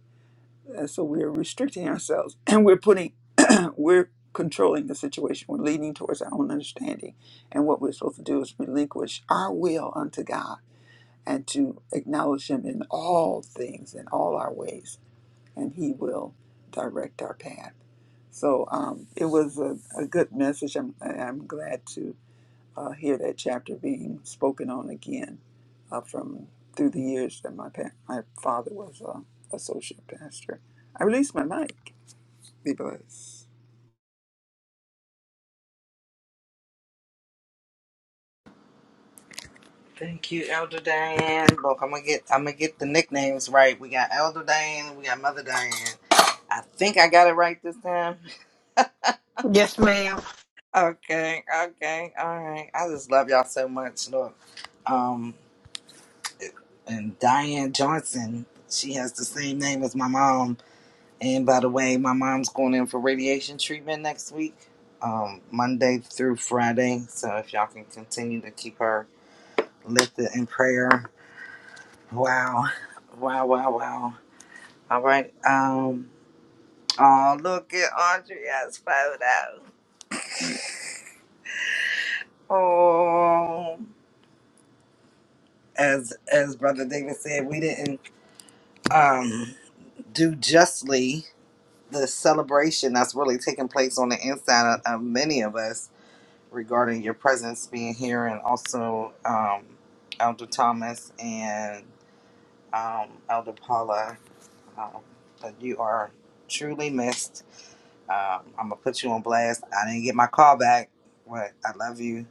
Speaker 13: Uh, So we're restricting ourselves, and we're putting, we're controlling the situation. We're leaning towards our own understanding, and what we're supposed to do is relinquish our will unto God and to acknowledge Him in all things, in all our ways, and He will direct our path. So um, it was a, a good message. I'm, I'm glad to uh, hear that chapter being spoken on again uh, from through the years that my pa- my father was uh, associate pastor. I release my mic. Be blessed.
Speaker 12: Thank you, Elder Diane. Look, I'm gonna get I'm gonna get the nicknames right. We got Elder Diane, we got Mother Diane. I think I got it right this time.
Speaker 2: Yes, ma'am.
Speaker 12: Okay, okay, all right. I just love y'all so much. Look, um, and Diane Johnson, she has the same name as my mom And by the way, my mom's going in for radiation treatment next week, um, Monday through Friday. So if y'all can continue to keep her lifted in prayer. Wow. Wow, wow, wow. All right. Um, oh, look at Andrea's photo. Oh. As as Brother David said, we didn't um, do justly the celebration that's really taking place on the inside of, of many of us regarding your presence being here and also um, Elder Thomas and um, Elder Paula. Um, that you are truly missed. Um, I'm going to put you on blast. I didn't get my call back, but I love you.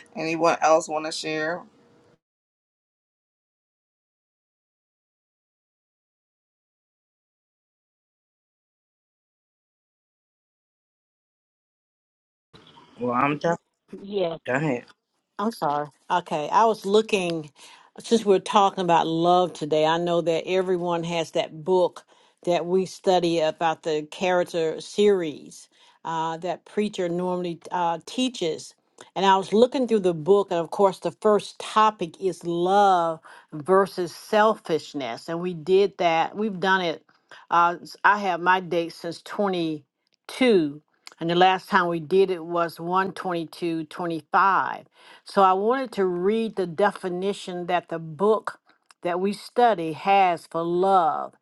Speaker 12: Anyone else want to share? Well, I'm done. Go ahead.
Speaker 2: I'm sorry. Okay, I was looking since we're talking about love today. I know that everyone has that book that we study about the character series uh, that preacher normally uh, teaches. And I was looking through the book, and of course, the first topic is love versus selfishness. And we did that. We've done it. Uh, s- I have my date since 22, and the last time we did it was one twenty two twenty five. So I wanted to read the definition that the book that we study has for love.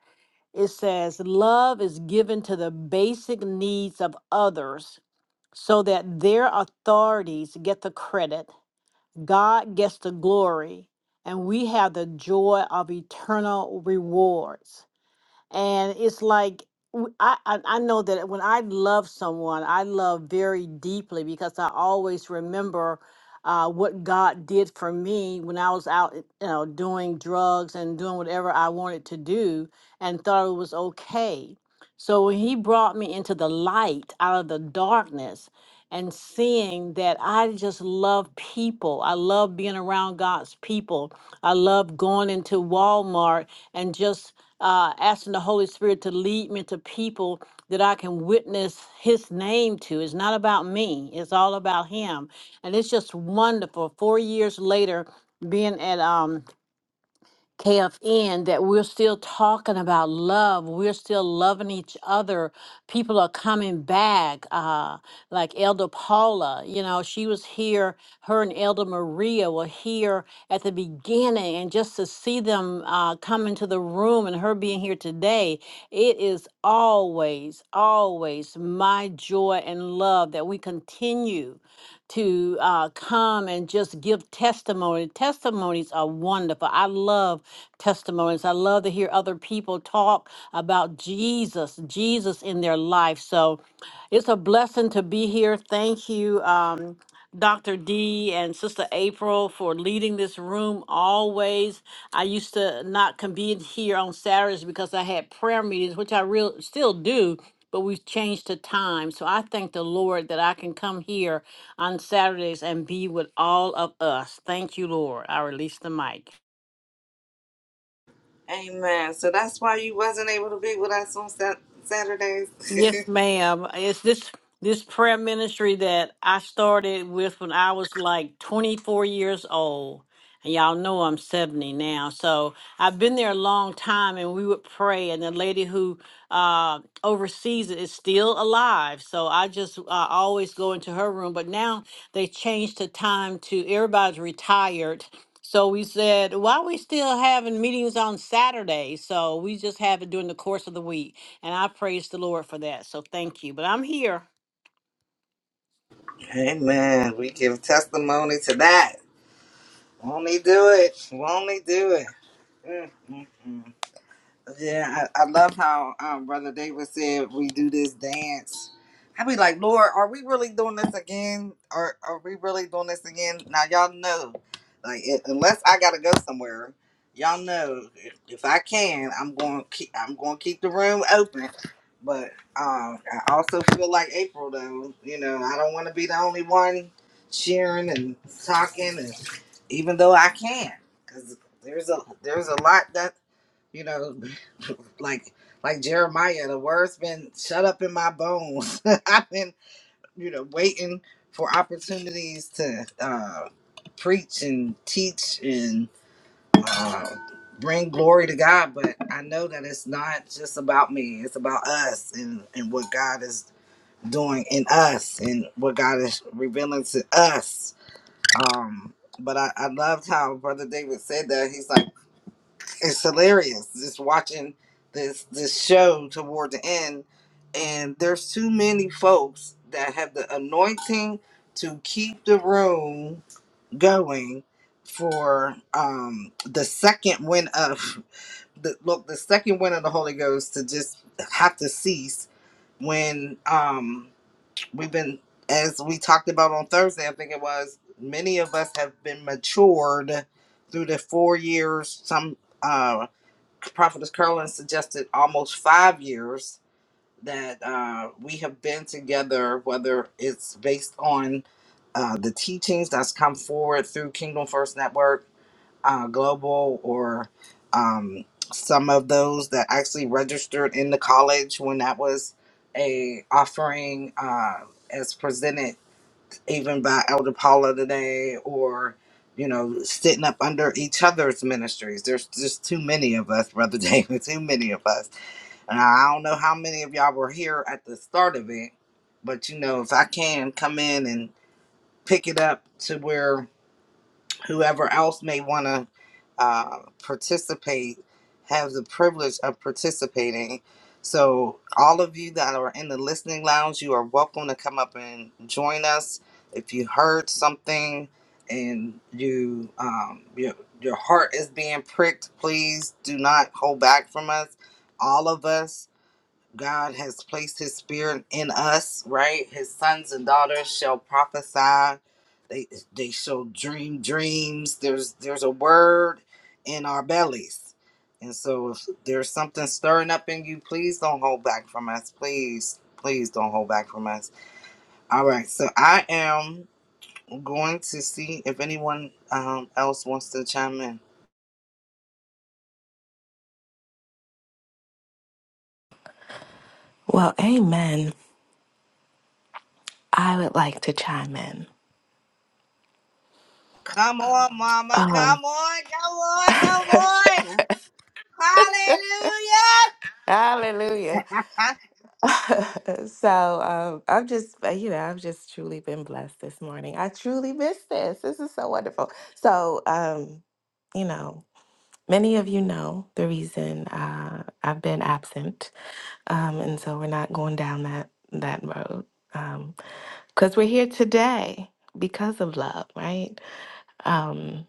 Speaker 2: It says, Love is given to the basic needs of others so that their authorities get the credit, God gets the glory, and we have the joy of eternal rewards and it's like w- I, I I know that when I love someone, I love very deeply because I always remember uh, what God did for me when I was out, you know, doing drugs and doing whatever I wanted to do and thought it was okay. So when He brought me into the light out of the darkness and seeing that I just love people. I love being around God's people. I love going into Walmart and just uh, asking the Holy Spirit to lead me to people that I can witness His name to. It's not about me, it's all about Him. And it's just wonderful. Four years later, being at um, KFN that we're still talking about love. We're still loving each other. People are coming back. Uh, like Elder Paula, you know, she was here. Her and Elder Maria were here at the beginning, and just to see them uh, come into the room and her being here today, it is always, always my joy and love that we continue continue to uh, come and just give testimony. Testimonies are wonderful. I love testimonies. I love to hear other people talk about Jesus, Jesus in their life. So it's a blessing to be here. Thank you. Um, Dr. D and Sister April for leading this room always. I used to not convene here on Saturdays because I had prayer meetings, which I real still do, but we've changed the time. So I thank the Lord that I can come here on Saturdays and be with all of us. Thank you, Lord. I release the mic.
Speaker 12: Amen. So that's why you wasn't able to be with us on Sat- Saturdays.
Speaker 2: Yes, ma'am. It's this this prayer ministry that I started with when I was like 24 years old. And y'all know I'm 70 now. So I've been there a long time and we would pray and the lady who uh oversees it is still alive. So I just uh, always go into her room, but now they changed the time to everybody's retired. So we said, why are we still having meetings on Saturday? So we just have it during the course of the week. And I praise the Lord for that. So thank you. But I'm here.
Speaker 12: Amen. We give testimony to that. Won't he do it? Won't he do it? Mm, mm, mm. Yeah, I, I love how um, Brother David said we do this dance. I be like, Lord, are we really doing this again? Or are we really doing this again? Now y'all know, like, it, unless I gotta go somewhere, y'all know if, if I can, I'm going keep I'm going to keep the room open. But um, I also feel like April though. You know, I don't want to be the only one cheering and talking, and even though I can, because there's a there's a lot that you know like like Jeremiah, the word's been shut up in my bones. I've been, you know, waiting for opportunities to uh, preach and teach and uh, bring glory to God. But I know that it's not just about me; it's about us and and what God is doing in us and what God is revealing to us. Um, but I, I loved how Brother David said that. He's like it's hilarious just watching this this show toward the end and there's too many folks that have the anointing to keep the room going for um the second win of the look the second win of the holy ghost to just have to cease when um we've been as we talked about on thursday i think it was many of us have been matured through the four years some uh Prophetess Curlin suggested almost five years that uh, we have been together, whether it's based on uh, the teachings that's come forward through Kingdom First Network uh, Global or um, some of those that actually registered in the college when that was a offering uh, as presented even by Elder Paula today or you know sitting up under each other's ministries there's just too many of us brother david too many of us and i don't know how many of y'all were here at the start of it but you know if i can come in and pick it up to where whoever else may want to uh, participate have the privilege of participating. So, all of you that are in the listening lounge, you are welcome to come up and join us. If you heard something and you um, your your heart is being pricked, please do not hold back from us. All of us God has placed his spirit in us, right? His sons and daughters shall prophesy. They they shall dream dreams. There's there's a word in our bellies. And so if there's something stirring up in you, please don't hold back from us. Please, please don't hold back from us. All right. So I am going to see if anyone um, else wants to chime in.
Speaker 10: Well, amen. I would like to chime in.
Speaker 12: Come on, mama.
Speaker 10: Um,
Speaker 12: Come on. Come on. Come on. Hallelujah.
Speaker 10: hallelujah. so um, i am just, uh, you know, I've just truly been blessed this morning. I truly miss this. This is so wonderful. So, um, you know, many of you know the reason uh, I've been absent. Um, and so we're not going down that, that road because we're here today because of love, right? Um,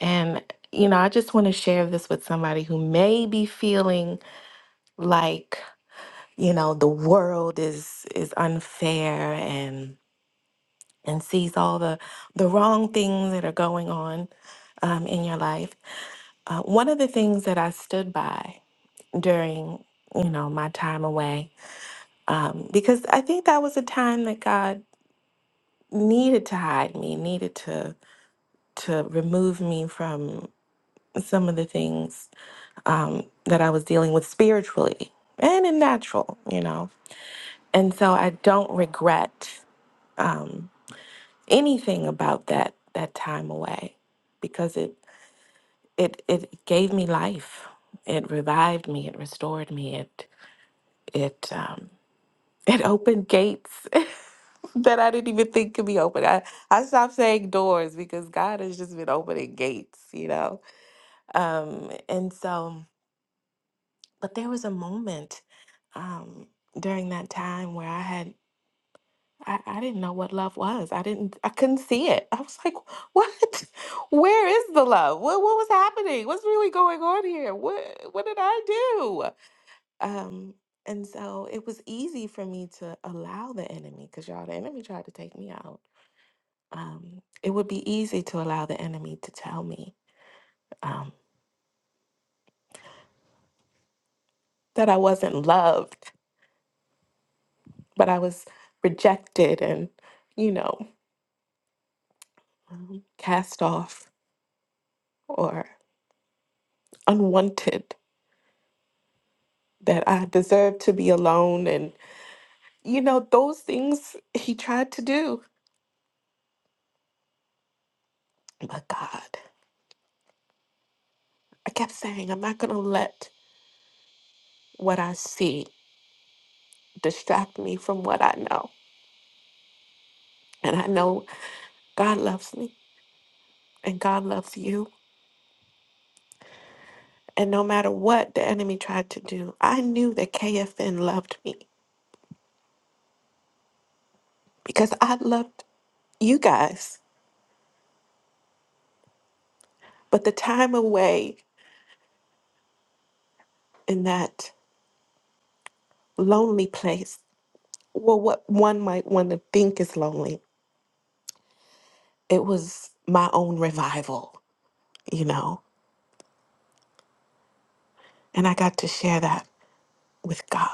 Speaker 10: And, you know, I just want to share this with somebody who may be feeling like, you know, the world is is unfair and and sees all the the wrong things that are going on um, in your life. Uh, one of the things that I stood by during, you know, my time away, um, because I think that was a time that God needed to hide me, needed to to remove me from some of the things um, that I was dealing with spiritually and in natural, you know. And so I don't regret um, anything about that that time away because it it it gave me life. It revived me. It restored me. It it um, it opened gates. that I didn't even think could be open. I, I stopped saying doors because God has just been opening gates, you know? Um, and so But there was a moment um, during that time where I had I, I didn't know what love was. I didn't I couldn't see it. I was like, what? Where is the love? What what was happening? What's really going on here? What what did I do? Um, and so it was easy for me to allow the enemy, because y'all, the enemy tried to take me out. Um, it would be easy to allow the enemy to tell me um, that I wasn't loved, but I was rejected and you know. um, cast off or unwanted, that I deserve to be alone. And, you know, those things he tried to do. But God, I kept saying, I'm not going to let what I see distract me from what I know. And I know God loves me and God loves you. And no matter what the enemy tried to do, I knew that KFN loved me because I loved you guys. But the time away in that lonely place Well, what one might want to think is lonely, it was my own revival, you know, and I got to share that with God.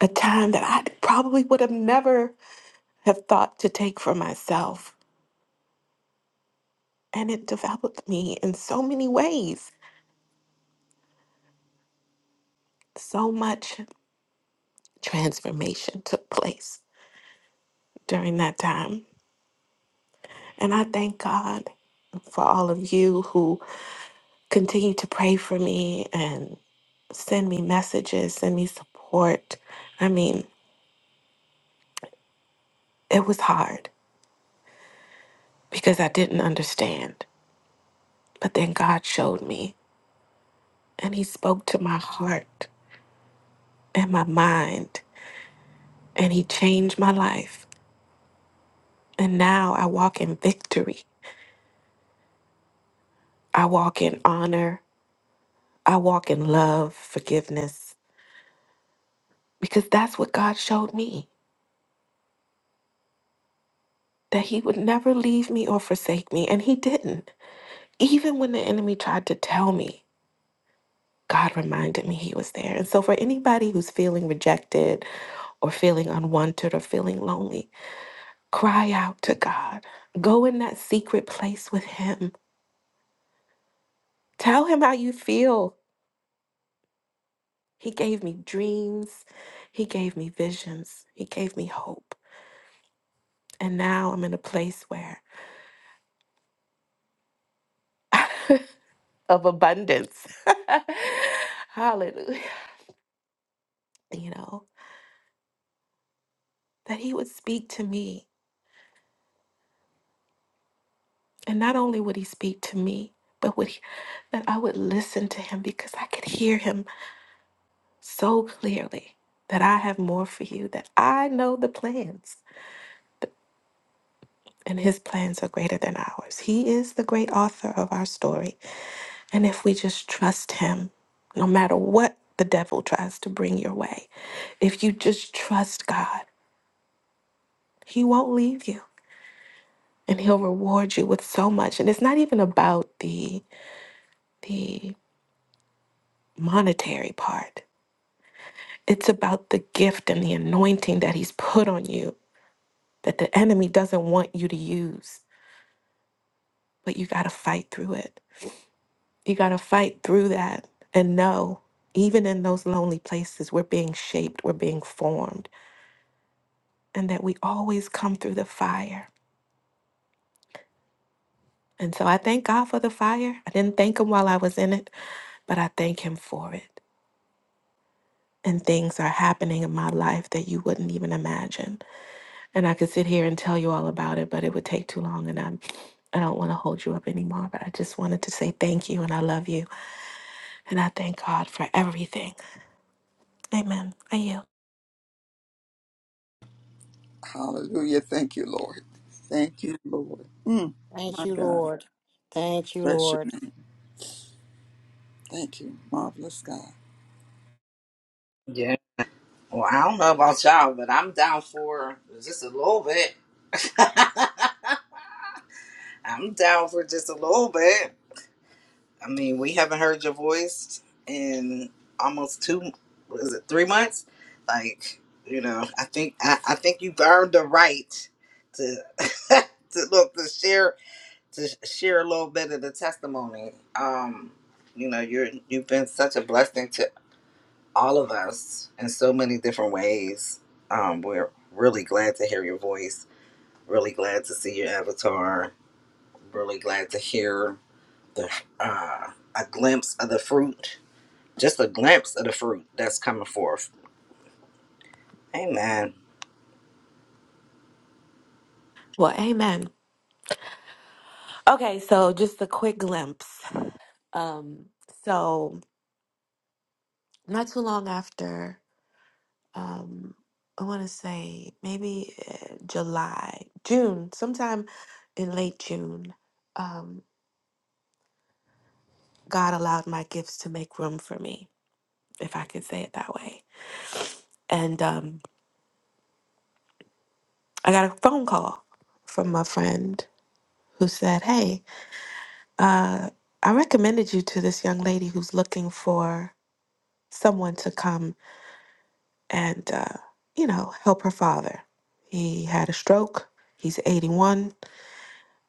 Speaker 10: A time that I probably would have never have thought to take for myself. And it developed me in so many ways. So much transformation took place during that time. And I thank God for all of you who continue to pray for me and send me messages, send me support. I mean, It was hard because I didn't understand. But then God showed me and He spoke to my heart and my mind and He changed my life. And now I walk in victory. I walk in honor. I walk in love, forgiveness, because that's what God showed me that He would never leave me or forsake me. And He didn't. Even when the enemy tried to tell me, God reminded me He was there. And so, for anybody who's feeling rejected or feeling unwanted or feeling lonely, Cry out to God. Go in that secret place with Him. Tell Him how you feel. He gave me dreams. He gave me visions. He gave me hope. And now I'm in a place where of abundance. Hallelujah. You know, that He would speak to me. And not only would He speak to me, but would he, that I would listen to Him because I could hear Him so clearly that I have more for you, that I know the plans. and his plans are greater than ours. He is the great author of our story. And if we just trust him, no matter what the devil tries to bring your way, if you just trust God, he won't leave you and he'll reward you with so much. And it's not even about the the monetary part. It's about the gift and the anointing that he's put on you that the enemy doesn't want you to use, but you got to fight through it. You got to fight through that and know, even in those lonely places, we're being shaped, we're being formed, and that we always come through the fire. And so I thank God for the fire. I didn't thank Him while I was in it, but I thank Him for it. And things are happening in my life that you wouldn't even imagine. And I could sit here and tell you all about it, but it would take too long. And I'm, I don't want to hold you up anymore. But I just wanted to say thank you and I love you. And I thank God for everything. Amen. Are you?
Speaker 13: Hallelujah. Thank you, Lord. Thank you, Lord. Mm,
Speaker 2: Thank
Speaker 13: my
Speaker 2: you,
Speaker 13: God.
Speaker 2: Lord. Thank you,
Speaker 13: Bless your
Speaker 2: Lord.
Speaker 13: name. Thank you. Marvelous God.
Speaker 12: Yeah. Well, I don't know about y'all, but I'm down for just a little bit. I'm down for just a little bit. I mean, we haven't heard your voice in almost two, what is it three months? Like, you know, I think I, I think you've earned the right to to look to share to share a little bit of the testimony. Um, you know, you're you've been such a blessing all of us in so many different ways. Um, we're really glad to hear your voice, really glad to see your avatar, really glad to hear the uh, a glimpse of the fruit, just a glimpse of the fruit that's coming forth. Amen.
Speaker 10: Well, amen. Okay, so just a quick glimpse. Um, so not too long after, um, I want to say maybe uh, July, June, sometime in late June, um, God allowed my gifts to make room for me, if I could say it that way. And um, I got a phone call from a friend who said, "Hey, uh, I recommended you to this young lady who's looking for someone to come." and, uh, you know, help her father. He had a stroke. He's 81.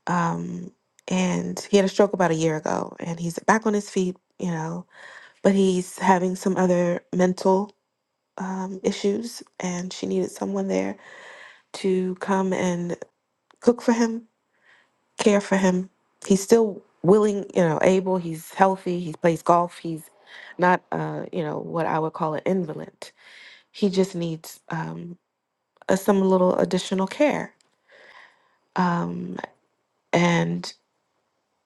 Speaker 10: Um, and he had a stroke about a year ago, and he's back on his feet, you know, but he's having some other mental um, issues, and she needed someone there to come and cook for him, care for him. He's still willing, you know, able, he's healthy, he plays golf, he's not, uh, you know, what I would call an invalid. He just needs, um, uh, some little additional care. Um, and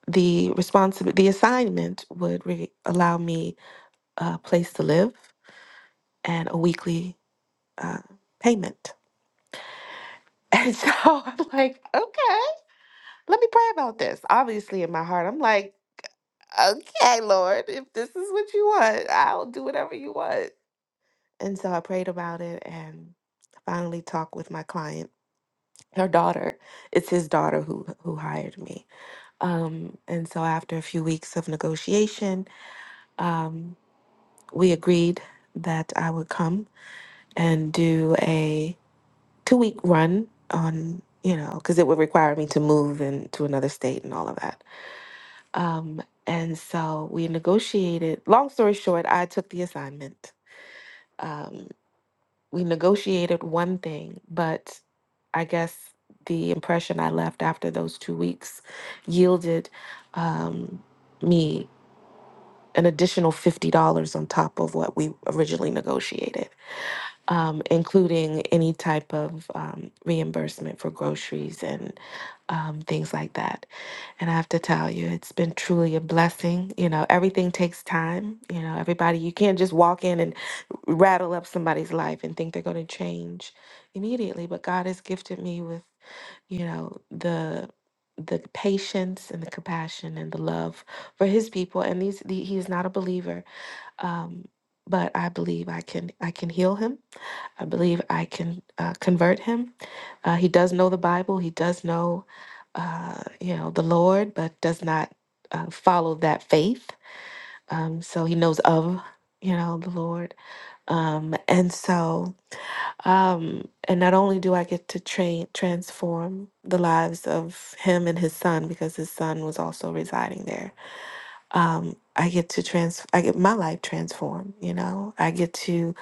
Speaker 10: the responsibility, the assignment would re- allow me a place to live and a weekly uh, payment. And so I'm like, okay, let me pray about this. Obviously, in my heart, I'm like, okay, Lord, if this is what you want, I'll do whatever you want. And so I prayed about it and finally talked with my client. Her daughter, it's his daughter who who hired me Um, and so, after a few weeks of negotiation, um, we agreed that I would come and do a two week run on, you know, because it would require me to move into another state and all of that. Um, and so, we negotiated. Long story short, I took the assignment. Um, we negotiated one thing, but I guess the impression I left after those two weeks yielded um, me. an additional $50 on top of what we originally negotiated, um, including any type of um, reimbursement for groceries and um, things like that. And I have to tell you, it's been truly a blessing. You know, everything takes time. You know, everybody, you can't just walk in and rattle up somebody's life and think they're going to change immediately. But God has gifted me with you know the the patience and the compassion and the love for his people and these the, he is not a believer um but i believe i can i can heal him i believe i can uh, convert him uh, he does know the bible he does know uh you know the lord but does not uh, follow that faith um so he knows of you know the lord um and so um, and not only do I get to train transform the lives of him and his son because his son was also residing there. Um, I get to trans I get my life transformed, you know. I get to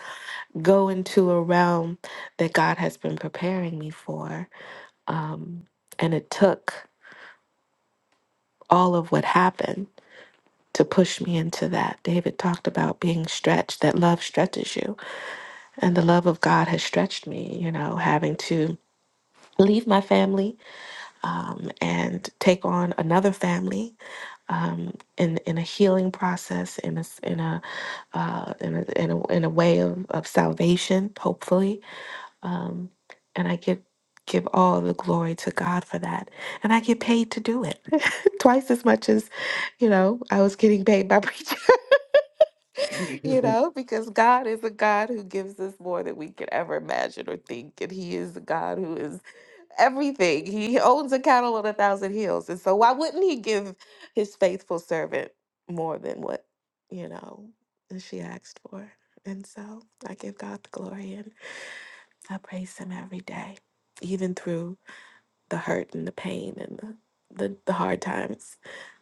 Speaker 10: go into a realm that God has been preparing me for. Um, and it took all of what happened to push me into that. David talked about being stretched, that love stretches you. And the love of God has stretched me, you know, having to leave my family um, and take on another family um, in in a healing process, in a s- in a, uh, in, a in a in a way of, of salvation, hopefully. Um, and I give give all the glory to God for that, and I get paid to do it twice as much as you know I was getting paid by preaching. you know, because God is a God who gives us more than we could ever imagine or think, and He is a God who is everything. He owns a cattle on a thousand hills. And so why wouldn't he give his faithful servant more than what, you know, she asked for? And so I give God the glory and I praise him every day, even through the hurt and the pain and the, the, the hard times.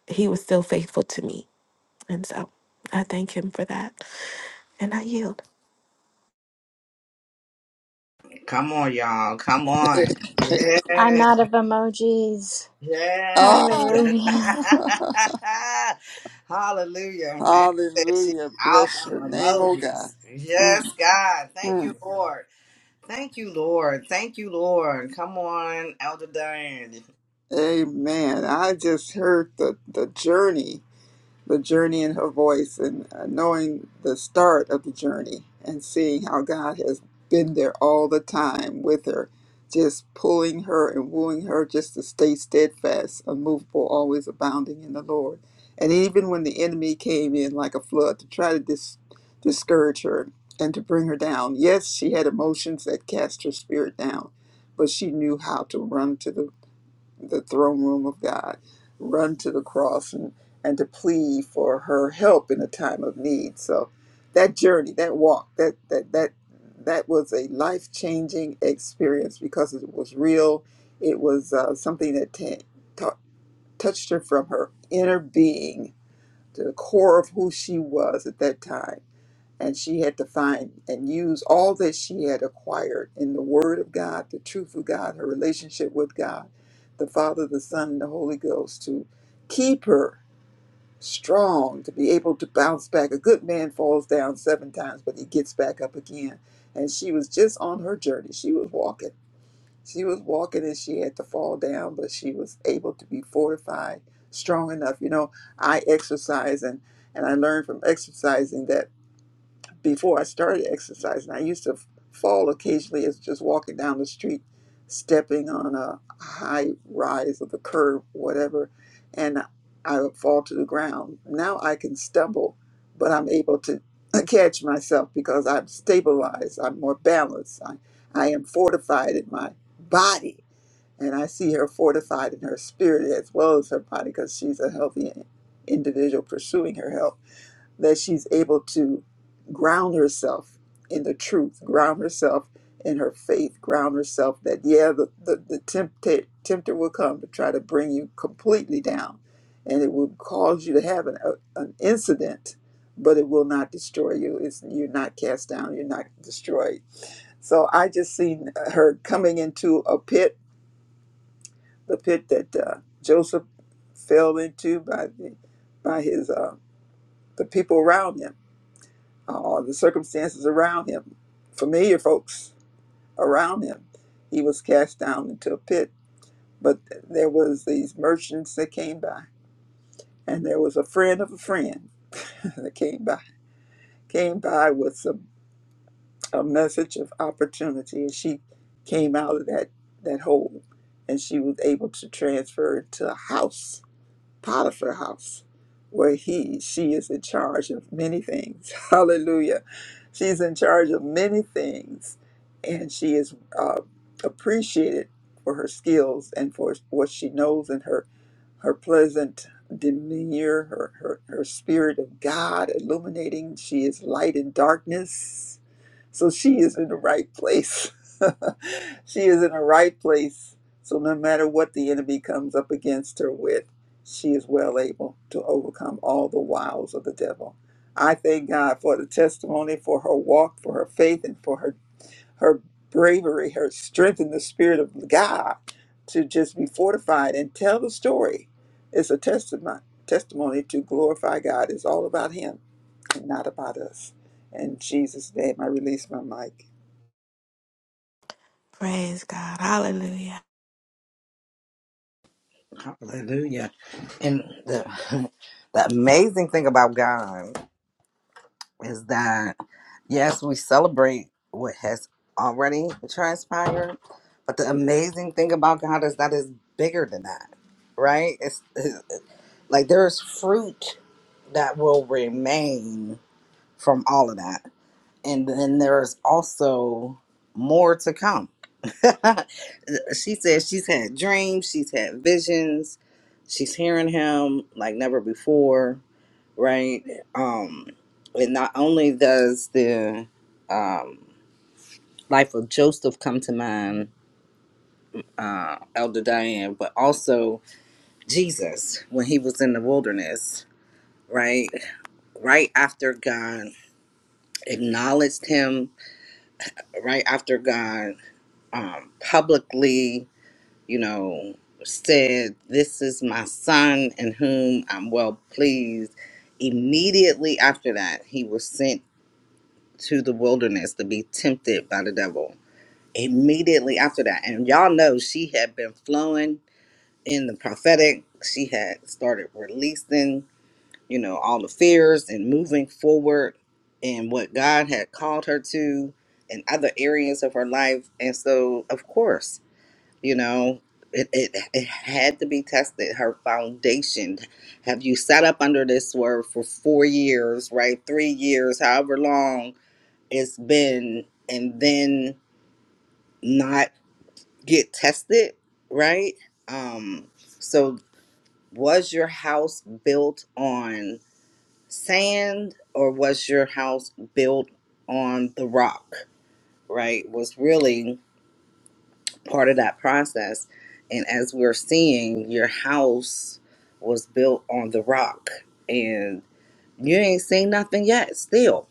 Speaker 10: He was still faithful to me. And so I thank him for that. And I yield.
Speaker 12: Come on, y'all. Come on.
Speaker 9: I'm
Speaker 12: Yes.
Speaker 9: out of emojis.
Speaker 12: Yes.
Speaker 13: Ah,
Speaker 9: Hallelujah.
Speaker 12: Hallelujah. And that she
Speaker 13: hallelujah.
Speaker 12: out
Speaker 13: Bless
Speaker 12: of
Speaker 13: your name, oh God.
Speaker 12: emojis.
Speaker 13: Mm,
Speaker 12: Yes, God. Thank you,
Speaker 13: mm.
Speaker 12: Lord. Thank you, Lord. Thank you, Lord. Come on, Elder Diane.
Speaker 13: Amen. I just heard the, the journey the journey in her voice and uh, knowing the start of the journey and seeing how God has been there all the time with her, just pulling her and wooing her just to stay steadfast, unmovable, always abounding in the Lord. And even when the enemy came in like a flood to try to dis- discourage her and to bring her down, yes, she had emotions that cast her spirit down, but she knew how to run to the the throne room of God, run to the cross and, and to plead for her help in a time of need. So that journey, that walk, that that that that was a life changing experience because it was real. It was uh, something that ta- ta- touched her from her inner being to the core of who she was at that time and she had to find and use all that she had acquired in the Word of God, the truth of God, her relationship with God, the Father, the Son, and the Holy Ghost to keep her strong, to be able to bounce back. A good man falls down seven times, but he gets back up again. And she was just on her journey. She was walking. She was walking and she had to fall down, but she was able to be fortified, strong enough. You know, I exercise and, and I learned from exercising that before I started exercising, I used to f- fall occasionally as just walking down the street, stepping on a high rise of the curb, whatever, and I would fall to the ground. Now I can stumble, but I'm able to catch myself because I'm stabilized, I'm more balanced, I, I am fortified in my body. And I see her fortified in her spirit as well as her body because she's a healthy individual pursuing her health that she's able to ground herself in the truth, ground herself in her faith, ground herself that, yeah, the, the, the tempter, tempter will come to try to bring you completely down. And it will cause you to have an, a, an incident, but it will not destroy you. It's, you're not cast down, you're not destroyed. So I just seen her coming into a pit, the pit that uh, Joseph fell into by, the, by his, uh, the people around him uh, the circumstances around him, familiar folks around him. He was cast down into a pit, but there was these merchants that came by, and there was a friend of a friend that came by, came by with some a message of opportunity, and she came out of that that hole, and she was able to transfer to a house Potiphar house, where he, she is in charge of many things. Hallelujah. She's in charge of many things, and she is uh, appreciated for her skills and for what she knows and her, her pleasant demeanor, her, her, her spirit of God illuminating. She is light in darkness. So she is in the right place. she is in the right place. So no matter what the enemy comes up against her with, she is well able to overcome all the wiles of the devil. I thank God for the testimony, for her walk, for her faith, and for her her bravery, her strength in the spirit of God to just be fortified and tell the story. It's a testimony testimony to glorify God. It's all about him and not about us. In Jesus' name I release my mic.
Speaker 10: Praise God. Hallelujah.
Speaker 12: Hallelujah. And the, the amazing thing about God is that, yes, we celebrate what has already transpired, but the amazing thing about God is that it's bigger than that, right? It's, it's like there is fruit that will remain from all of that. and then there's also more to come. she says she's had dreams, she's had visions, she's hearing him like never before, right? Um, and not only does the um, life of Joseph come to mind, uh, Elder Diane, but also Jesus when he was in the wilderness, right? Right after God acknowledged him, right after God. um, publicly, you know, said, This is my son in whom I'm well pleased. Immediately after that, he was sent to the wilderness to be tempted by the devil. Immediately after that. And y'all know she had been flowing in the prophetic, she had started releasing, you know, all the fears and moving forward in what God had called her to in other areas of her life. And so, of course, you know it, it it had to be tested her foundation have you sat up under this word for four years right three years however long it's been and then not get tested right um so was your house built on sand or was your house built on the rock right was really part of that process. And as we're seeing, your house was built on the rock and you ain't seen nothing yet. Still,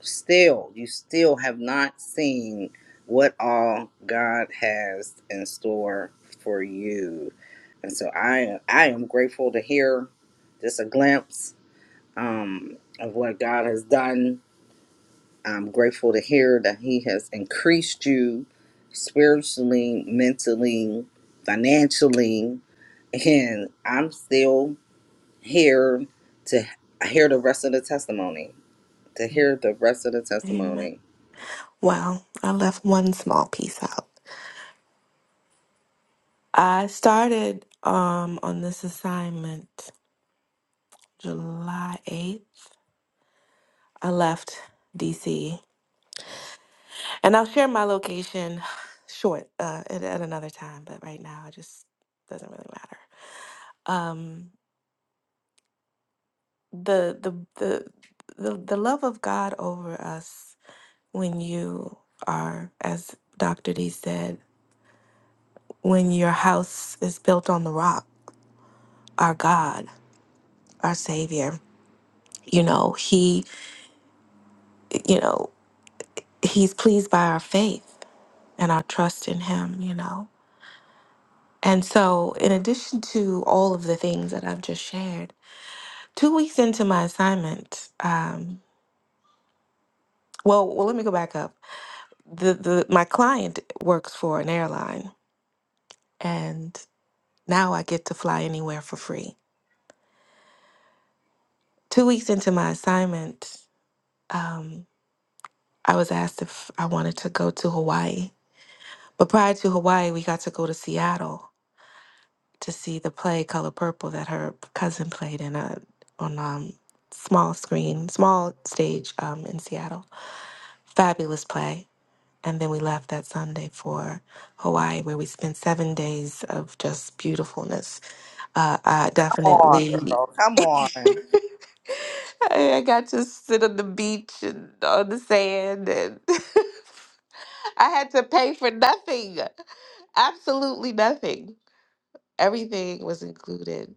Speaker 12: still, you still have not seen what all God has in store for you. And so I I am grateful to hear just a glimpse um, of what God has done I'm grateful to hear that He has increased you spiritually, mentally, financially, and I'm still here to hear the rest of the testimony. To hear the rest of the
Speaker 10: Amen.
Speaker 12: testimony.
Speaker 10: Well, I left one small piece out. I started um on this assignment July 8th. I left DC. And I'll share my location short uh at, at another time, but right now it just doesn't really matter. Um the the the the, the love of God over us when you are as Dr. D said, when your house is built on the rock, our God, our savior, you know, he you know he's pleased by our faith and our trust in him, you know. And so, in addition to all of the things that I've just shared, two weeks into my assignment, um, well, well, let me go back up. The, the my client works for an airline, and now I get to fly anywhere for free. Two weeks into my assignment, um, I was asked if I wanted to go to Hawaii. But prior to Hawaii, we got to go to Seattle, to see the play Color Purple that her cousin played in a on um small screen, small stage um in Seattle. Fabulous play. And then we left that Sunday for Hawaii, where we spent seven days of just beautifulness. Uh, I
Speaker 12: Come on,
Speaker 10: definitely,
Speaker 12: girl. Come on.
Speaker 10: I I got to sit on the beach and on the sand, and I had to pay for nothing, absolutely nothing. Everything was included.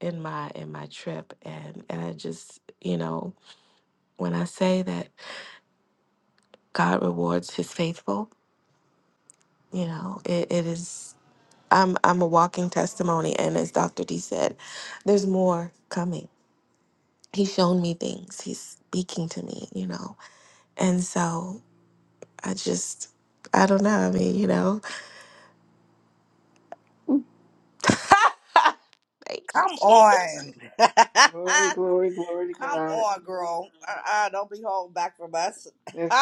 Speaker 10: in my in my trip and and I just you know when I say that God rewards his faithful you know it, it is I'm I'm a walking testimony and as Dr. D said there's more coming he's shown me things he's speaking to me you know and so I just I don't know I mean you know thank you
Speaker 12: Come
Speaker 10: Jesus
Speaker 12: on. Come on, girl. Uh-uh, don't be holding back from us.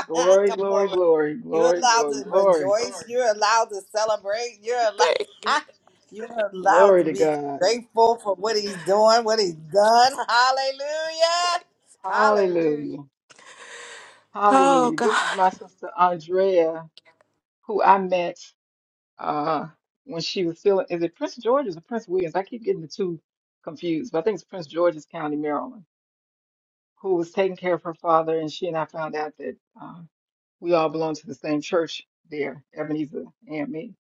Speaker 12: Come on. You're allowed to rejoice. You're allowed to celebrate. You're
Speaker 10: thank you
Speaker 12: allowed. You're allowed
Speaker 14: Glory
Speaker 12: to
Speaker 14: to
Speaker 12: be
Speaker 14: God.
Speaker 12: grateful for what he's doing, what he's done. Hallelujah! Hallelujah!
Speaker 14: Hallelujah.
Speaker 10: oh
Speaker 14: Hallelujah. This is
Speaker 10: God
Speaker 14: my sister Andrea, who I met uh when she was still is it Prince George's or Prince Williams? I keep getting the two confused, but I think it's Prince George's County, Maryland, who was taking care of her father, and she and I found out that uh, we all belong to the same church there, Ebenezer and me.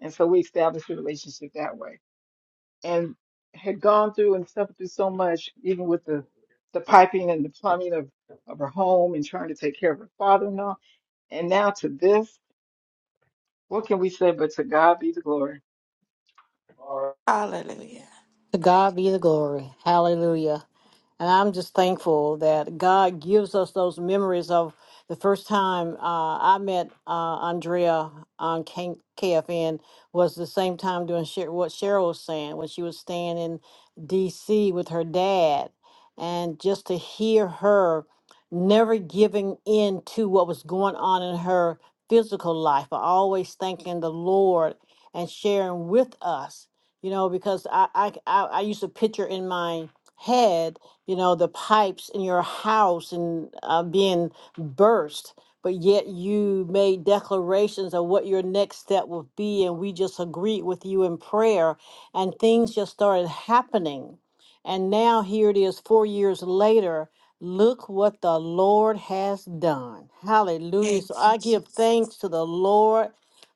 Speaker 14: And so we established a relationship that way. and had gone through and suffered through so much, even with the the piping and the plumbing of of her home and trying to take care of her father and all. And now to this, what can we say but to God be the glory?
Speaker 10: hallelujah
Speaker 2: To God be the glory. Hallelujah. And I'm just thankful that God gives us those memories of the first time uh, I met uh, Andrea on K- KFN was the same time doing Sher- what Cheryl was saying when she was staying in DC with her dad. And just to hear her never giving in to what was going on in her physical life, but always thanking the Lord and sharing with us you know, because I, I, I I used to picture in my head, you know, the pipes in your house and uh, being burst, but yet you made declarations of what your next step would be, and we just agreed with you in prayer, and things just started happening. And now here it is, four years later. Look what the Lord has done. Hallelujah.
Speaker 10: thank
Speaker 2: So
Speaker 10: you
Speaker 2: I give thanks to the Lord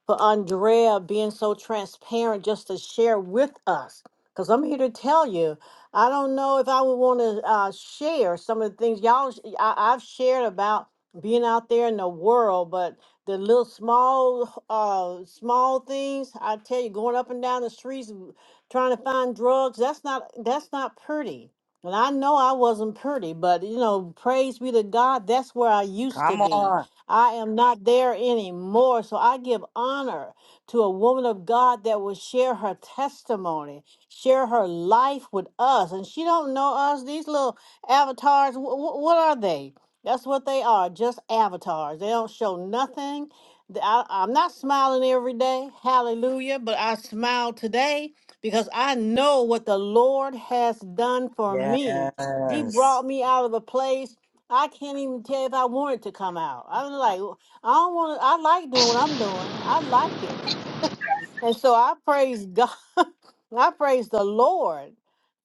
Speaker 2: for Andrea being so transparent just to share with us. Because I'm here to tell you, I don't know if I would want to uh, share some of the things y'all sh- I, I've shared about being out there in the world, but the little small, uh, small things I tell you, going up and down the streets w- trying to find drugs, that's not that's not pretty. And I know I wasn't pretty, but you know, praise be to God, that's where I used to
Speaker 12: Come
Speaker 2: be
Speaker 12: on.
Speaker 2: I am not there anymore. So I give honor to a woman of God that will share her testimony, share her life with us. And she don't know us. These little avatars, wh- wh- what are they? That's what they are, just avatars. They don't show nothing. Th- I, I'm not smiling every day, hallelujah, but I smile today because I know what the Lord has done for me. He
Speaker 12: Yes.
Speaker 2: brought me out of a place I can't even tell if I want it to come out. I'm like, I don't want to. I like doing what I'm doing. I like it. And so I praise God. I praise the Lord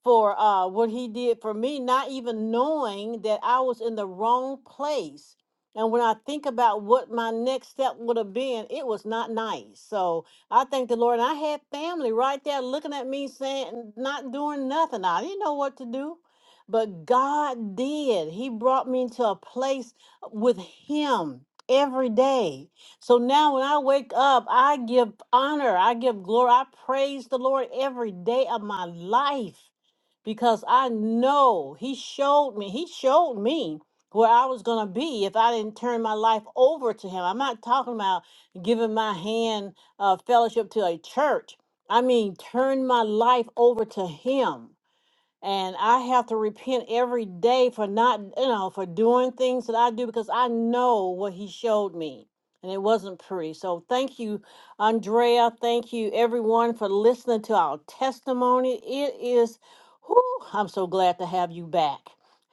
Speaker 2: for uh, what He did for me, not even knowing that I was in the wrong place. And when I think about what my next step would have been, it was not nice. So I thank the Lord. And I had family right there looking at me saying, not doing nothing. I didn't know what to do. But God did. He brought me into a place with Him every day. So now when I wake up, I give honor, I give glory, I praise the Lord every day of my life because I know He showed me, He showed me where I was going to be if I didn't turn my life over to Him. I'm not talking about giving my hand uh, fellowship to a church, I mean, turn my life over to Him and I have to repent every day for not, you know, for doing things that I do because I know what he showed me. And it wasn't pretty. So thank you, Andrea. Thank you, everyone, for listening to our testimony. It is, whew, I'm so glad to have you back.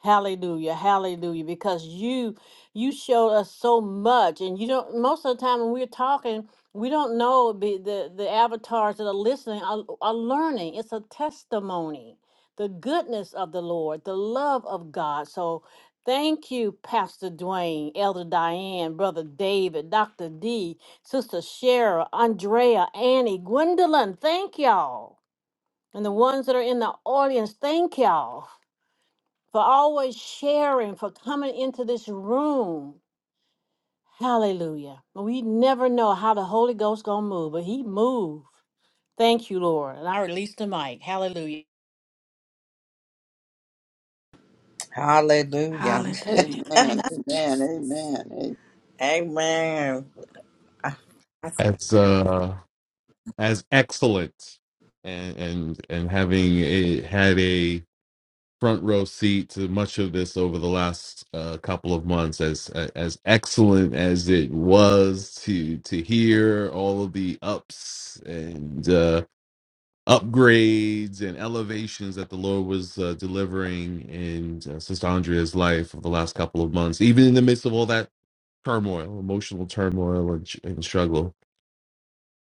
Speaker 2: Hallelujah, hallelujah, because you you showed us so much, and you don't. Most of the time when we're talking, we don't know be the the avatars that are listening are, are learning. It's a testimony the goodness of the Lord, the love of God. So thank you, Pastor Dwayne, Elder Diane, Brother David, Dr. D, Sister Shara, Andrea, Annie, Gwendolyn. Thank y'all. And the ones that are in the audience, thank y'all for always sharing, for coming into this room. Hallelujah. We never know how the Holy Ghost gonna move, but he moved. Thank you, Lord. And I release the mic. Hallelujah.
Speaker 12: Hallelujah.
Speaker 10: hallelujah
Speaker 13: Amen. Amen.
Speaker 10: thanks
Speaker 13: Amen.
Speaker 10: Jesus
Speaker 13: amen.
Speaker 12: Amen.
Speaker 15: That's uh, as excellent, and and and having a, had a front row seat to much of this over the last uh, couple of months as uh, as excellent as it was to to hear all of the ups and uh, upgrades and elevations that the Lord was uh, delivering in uh, Sister Andrea's life over the last couple of months even in the midst of all that turmoil emotional turmoil and, and struggle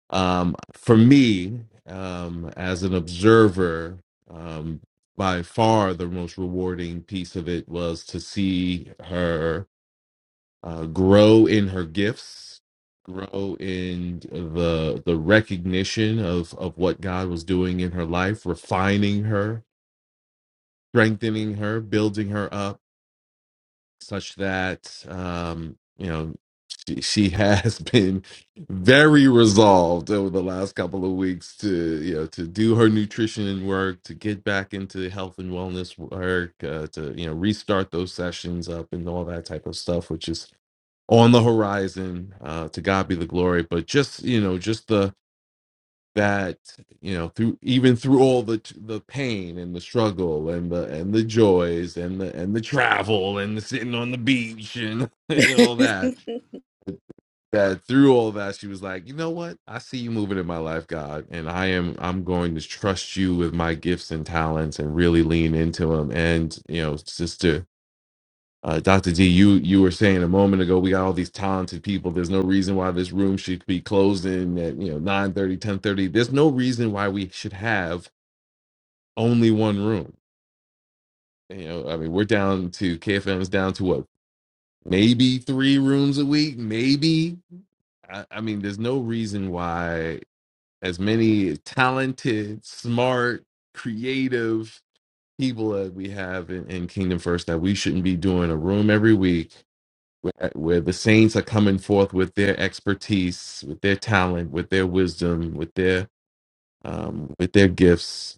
Speaker 15: um, for me um, as an observer um, by far the most rewarding piece of it was to see her uh, grow in her gifts grow in the the recognition of of what god was doing in her life refining her strengthening her building her up such that um, you know she, she has been very resolved over the last couple of weeks to you know to do her nutrition work, to get back into health and wellness work, uh, to you know restart those sessions up and all that type of stuff, which is on the horizon. Uh, to God be the glory, but just you know just the that you know through even through all the the pain and the struggle and the and the joys and the and the travel and the sitting on the beach and, and all that that through all that she was like you know what i see you moving in my life god and i am i'm going to trust you with my gifts and talents and really lean into them and you know sister uh, Dr. D, you you were saying a moment ago, we got all these talented people. There's no reason why this room should be closing at you know 9 30, 10 30. There's no reason why we should have only one room. You know, I mean, we're down to KFM's down to what, maybe three rooms a week, maybe. I, I mean, there's no reason why as many talented, smart, creative people that we have in, in Kingdom First that we shouldn't be doing a room every week where, where the saints are coming forth with their expertise, with their talent, with their wisdom, with their um, with their gifts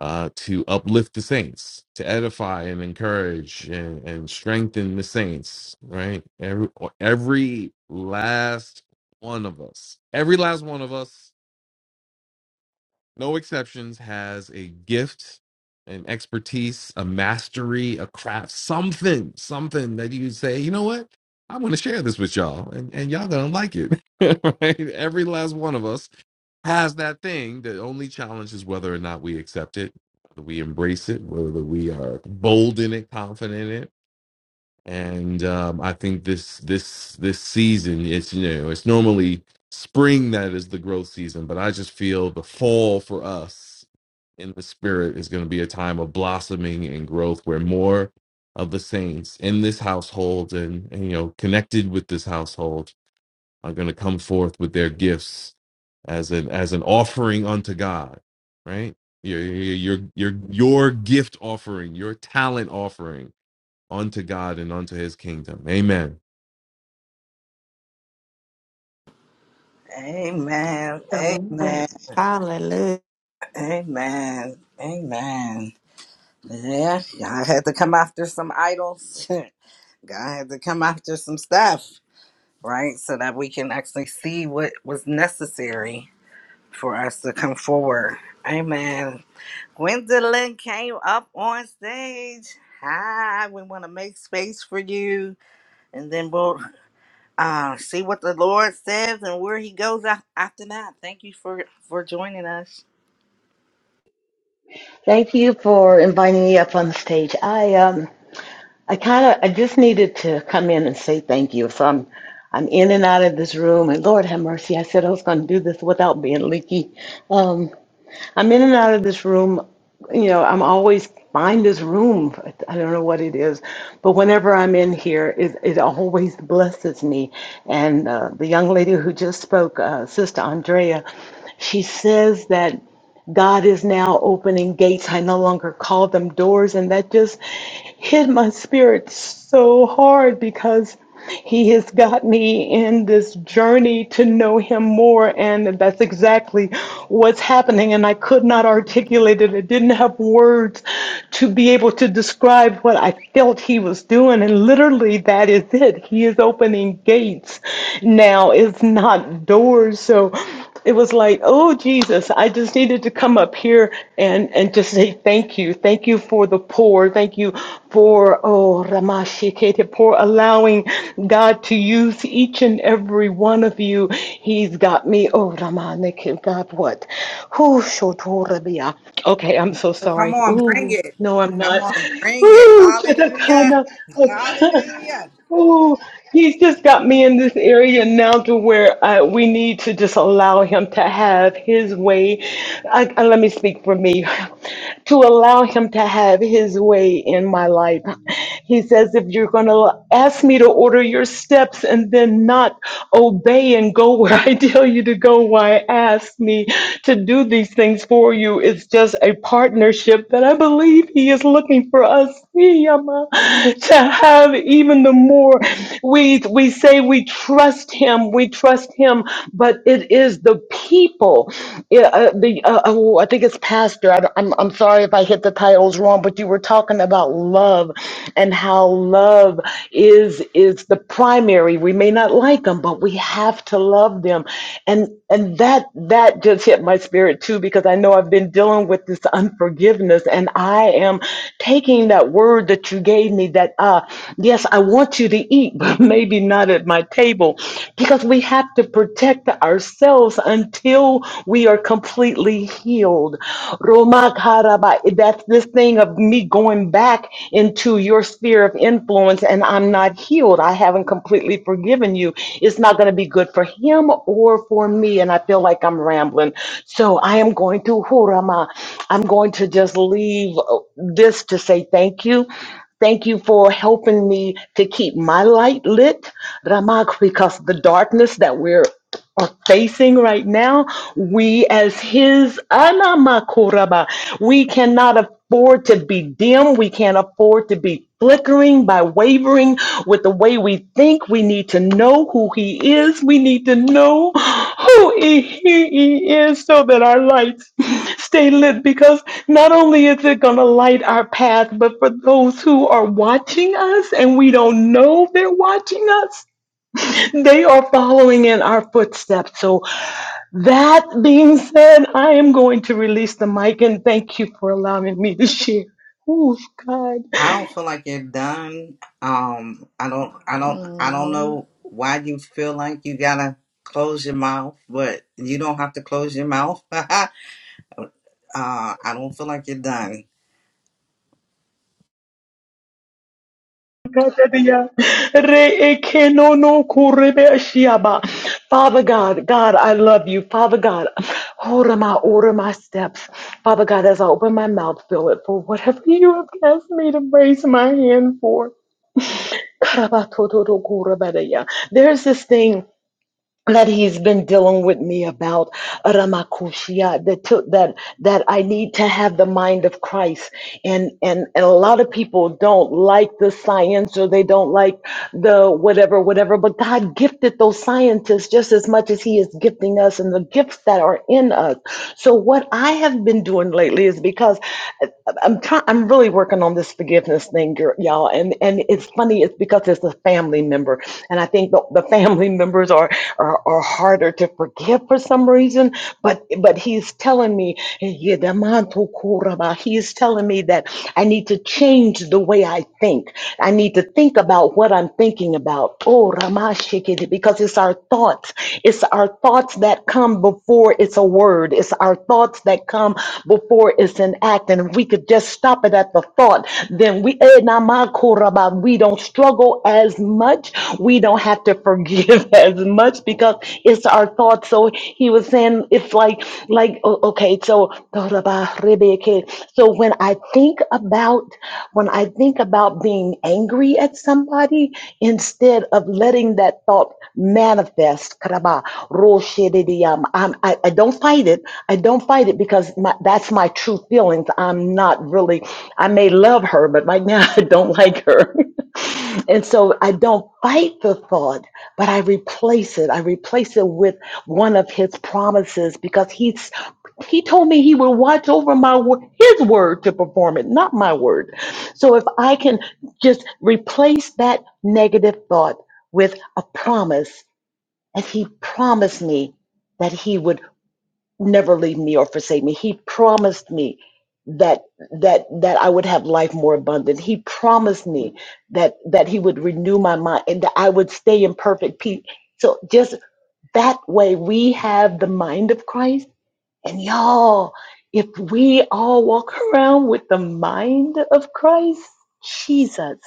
Speaker 15: uh, to uplift the saints, to edify and encourage and, and strengthen the saints. Right, every every last one of us, every last one of us no exceptions has a gift an expertise a mastery a craft something something that you say you know what i want to share this with y'all and, and y'all gonna like it right every last one of us has that thing the only challenge is whether or not we accept it whether we embrace it whether we are bold in it confident in it and um, I think this this this season it's you know it's normally spring that is the growth season, but I just feel the fall for us in the spirit is going to be a time of blossoming and growth where more of the saints in this household and, and you know connected with this household are going to come forth with their gifts as an as an offering unto God, right? Your your your your your gift offering, your talent offering unto God and unto his kingdom. Amen.
Speaker 12: Amen.
Speaker 10: Amen.
Speaker 12: Amen.
Speaker 10: Hallelujah.
Speaker 12: Amen. Amen. Yeah, I had to come after some idols. God had to come after some stuff. right? So that we can actually see what was necessary for us to come forward. Amen. Gwendolyn came up on stage. Hi, we want to make space for you, and then we'll uh, see what the Lord says and where He goes af- after that. Thank you for for joining us.
Speaker 16: Thank you for inviting me up on the stage. I um I kind of I just needed to come in and say thank you. So I'm I'm in and out of this room, and Lord have mercy. I said I was going to do this without being leaky. Um, I'm in and out of this room. You know, I'm always find this room. I don't know what it is, but whenever I'm in here, it, it always blesses me. And uh, the young lady who just spoke, uh, Sister Andrea, she says that. God is now opening gates. I no longer call them doors. And that just hit my spirit so hard because He has got me in this journey to know Him more. And that's exactly what's happening. And I could not articulate it, I didn't have words to be able to describe what I felt He was doing. And literally, that is it. He is opening gates now, it's not doors. So, it was like, oh Jesus, I just needed to come up here and and just say thank you, thank you for the poor, thank you for oh Ramashikete for allowing God to use each and every one of you. He's got me. Oh Ramanik, God, what? Who shotorabia? Okay, I'm so
Speaker 12: So come
Speaker 16: sorry.
Speaker 12: on, bring
Speaker 16: Ooh,
Speaker 12: it.
Speaker 16: no, I'm
Speaker 12: Come
Speaker 16: not.
Speaker 12: on, bring it.
Speaker 16: Ooh,
Speaker 12: Hallelujah.
Speaker 16: Chatakana.
Speaker 12: Hallelujah.
Speaker 16: Oh, he's just got me in this area now to where uh, we need to just allow him to have his way. I, I- let me speak for me. To allow him to have his way in my life. He says, if you're going to ask me to order your steps and then not obey and go where I tell you to go, why ask me to do these things for you? is just a partnership that I believe He is looking for us see, Yama, to have even the more. We, we say we trust Him, we trust Him, but it is the people. Yeah, uh, the, uh, uh, oh, I think it's Pastor. I, don't- I'm, I'm sorry if I hit the titles wrong, but you were talking about love and how love is is the primary. We may not not like them, but we have to love them. And and that that just hit my spirit too, because I know I've been dealing with this unforgiveness, and I am taking that word that you gave me that uh yes, I want you to eat, but maybe not at my table, because we have to protect ourselves until we are completely healed. Roma karaba this thing of me going back into your sphere of influence and I'm not healed. I haven't completely forgiven you. It's not going to be good for him or for me. And I feel like I'm rambling. So I am going to Hurama. I'm going to just leave uh, this to say thank you. Thank you for helping me to keep my light lit, Ramak, because the darkness that we're are facing right now, we as his anamakuraba, we cannot afford to be dim. We can't afford to be flickering by wavering with the way we think. We need to know who he is. We need to know who he he is so that our lights stay lit because not only is it going to light our path, but for those who are watching us and we don't know they're watching us, They are following in our footsteps. So, that being said, I am going to release the mic and thank you for allowing me to share. Oh, God.
Speaker 12: I don't feel like you're done. Um, I don't, I don't, I don't
Speaker 9: no.
Speaker 12: know why you feel like you gotta close your mouth, but you don't have to close your mouth. uh, I don't feel like you're done.
Speaker 16: Father God, God, I love you. Father God, order my order my steps. Father God, as I open my mouth, fill it for whatever you have asked me to raise my hand for. There's this thing. that he's been dealing with me about Ramakushia that took that that I need to have the mind of Christ and and and a lot of people don't like the science or they don't like the whatever whatever but God gifted those scientists just as much as he is gifting us and the gifts that are in us so what I have been doing lately is because I- I'm trying I'm really working on this forgiveness thing girl, y'all. And and it's funny, it's because it's a family member. And I think the, the family members are, are are harder to forgive for some reason. But but he's telling me, he's telling me that I need to change the way I think. I need to think about what I'm thinking about. Oh Ramashikidi, because it's our thoughts. It's our thoughts that come before it's a word. It's our thoughts thoughts that come before it's an act. And if we could just stop it at the thought, then we eh, na ma koraba, we don't struggle as much. We don't have to forgive as much because it's our thoughts. So he was saying it's like like o- okay, so koraba, rebeke. so when I think about when I think about being angry at somebody, instead of letting that thought called manifest. Karaba, roshedidiyam. I'm- I, I don't fight it. I don't fight it because my, that's my true feelings. I'm not really, I may love her, but right now I don't like her. and so I don't fight the thought, but I replace it. I replace it with one of his promises because he's he told me he will watch over my wo- his word to perform it, not my word. So if I can just replace that negative thought with a promise. And he promised me that he would never leave me or forsake me. He promised me that that that I would have life more abundant. He promised me that that he would renew my mind and that I would stay in perfect peace. So just that way we have the mind of Christ and y'all, if we all walk around with the mind of Christ, Jesus,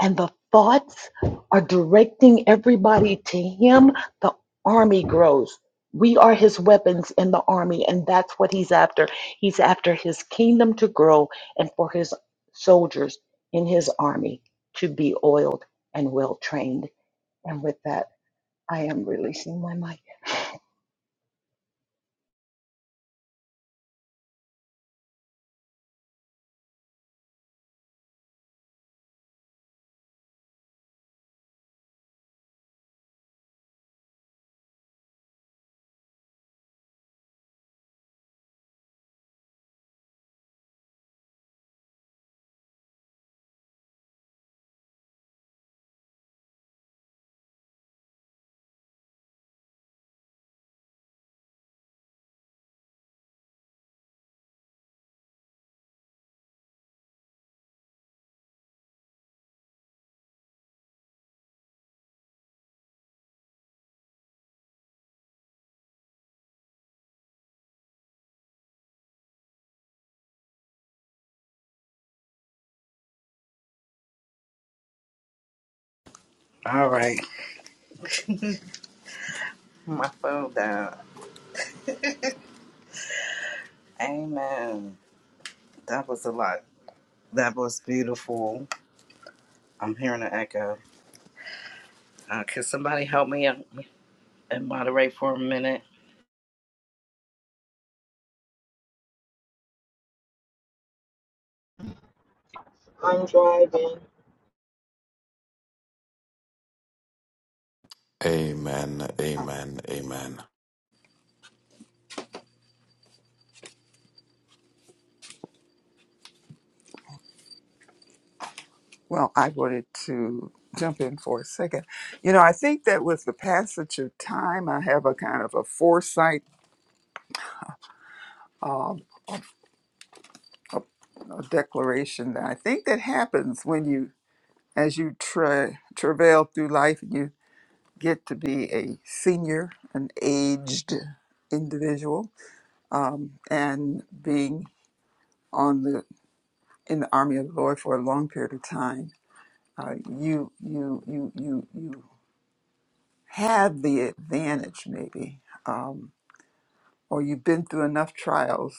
Speaker 16: and the thoughts are directing everybody to Him, the army grows. We are His weapons in the army, and that's what He's after. He's after His kingdom to grow and for His soldiers in His army to be oiled and well trained. And with that, I am releasing my mic.
Speaker 17: All right. My phone down. Amen. That was a lot. That was beautiful. I'm hearing an echo. Uh, can somebody help me and and moderate for a minute?
Speaker 14: I'm driving.
Speaker 4: Amen. Amen. Amen.
Speaker 13: Well, I wanted to jump in for a second. You know, I think that with the passage of time, I have a kind of a foresight uh, declaration that I think that happens when you as you tra- travail through life and you get to be a senior, an aged individual, um, and being on the in the army of the Lord for a long period of time, uh, you you you you you have the advantage maybe, um, or you've been through enough trials,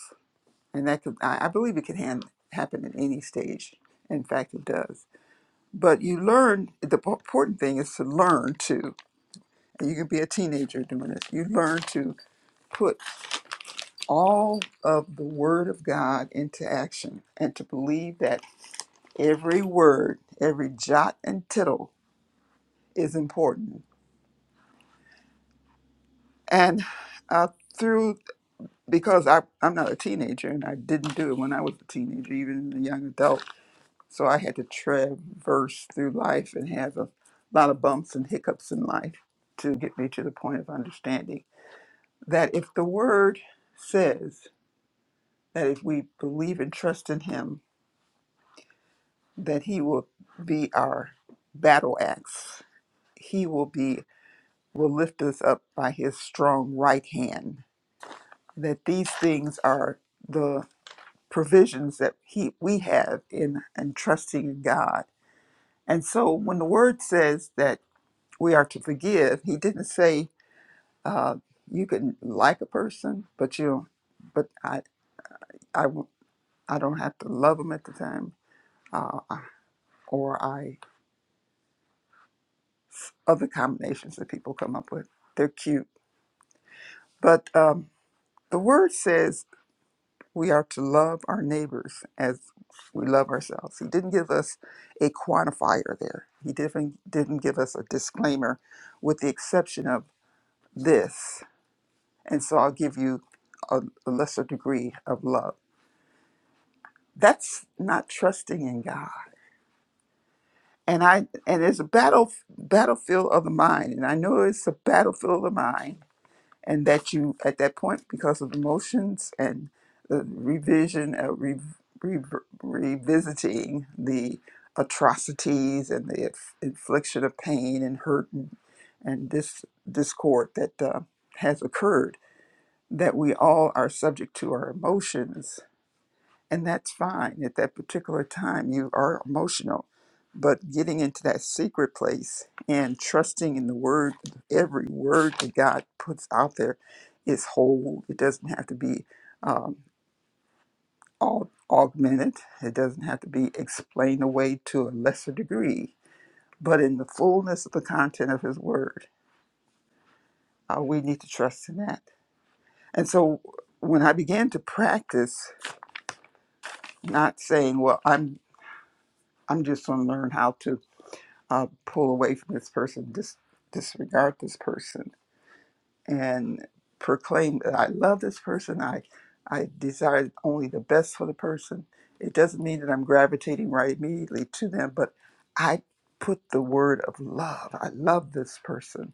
Speaker 13: and that could I, I believe it can hand, happen at any stage. In fact, it does. But you learn. The important thing is to learn too you can be a teenager doing it. You learn to put all of the Word of God into action and to believe that every word, every jot and tittle is important. And uh, through, because I, I'm not a teenager and I didn't do it when I was a teenager, even a young adult, so I had to traverse through life and have a lot of bumps and hiccups in life to get me to the point of understanding that if the Word says, that if we believe and trust in him, that he will be our battle axe. He will be will lift us up by his strong right hand. That these things are the provisions that he we have in in trusting in God. And so when the word says that we are to forgive, he didn't say uh, you can like a person, but you but I I won't- I don't have to love them at the time, uh, or I. other combinations that people come up with. They're cute. But um, the word says we are to love our neighbors as we love ourselves. He didn't give us a quantifier there, He didn't, didn't give us a disclaimer, with the exception of this. And so I'll give you a, a lesser degree of love. That's not trusting in God. And I and it's a battle battlefield of the mind. And I know it's a battlefield of the mind and that you at that point because of emotions and the revision uh, re, re, revisiting the atrocities and the inf- infliction of pain and hurt and, and this discord that uh, has occurred that we all are subject to our emotions and that's fine at that particular time you are emotional but getting into that secret place and trusting in the word every word that god puts out there is whole it doesn't have to be um, aug- augmented it doesn't have to be explained away to a lesser degree but in the fullness of the content of his word uh, we need to trust in that and so when i began to practice not saying well i'm i'm just going to learn how to I'll pull away from this person, dis- disregard this person, and proclaim that I love this person. I, I desire only the best for the person. It doesn't mean that I'm gravitating right immediately to them, but I put the word of love. I love this person,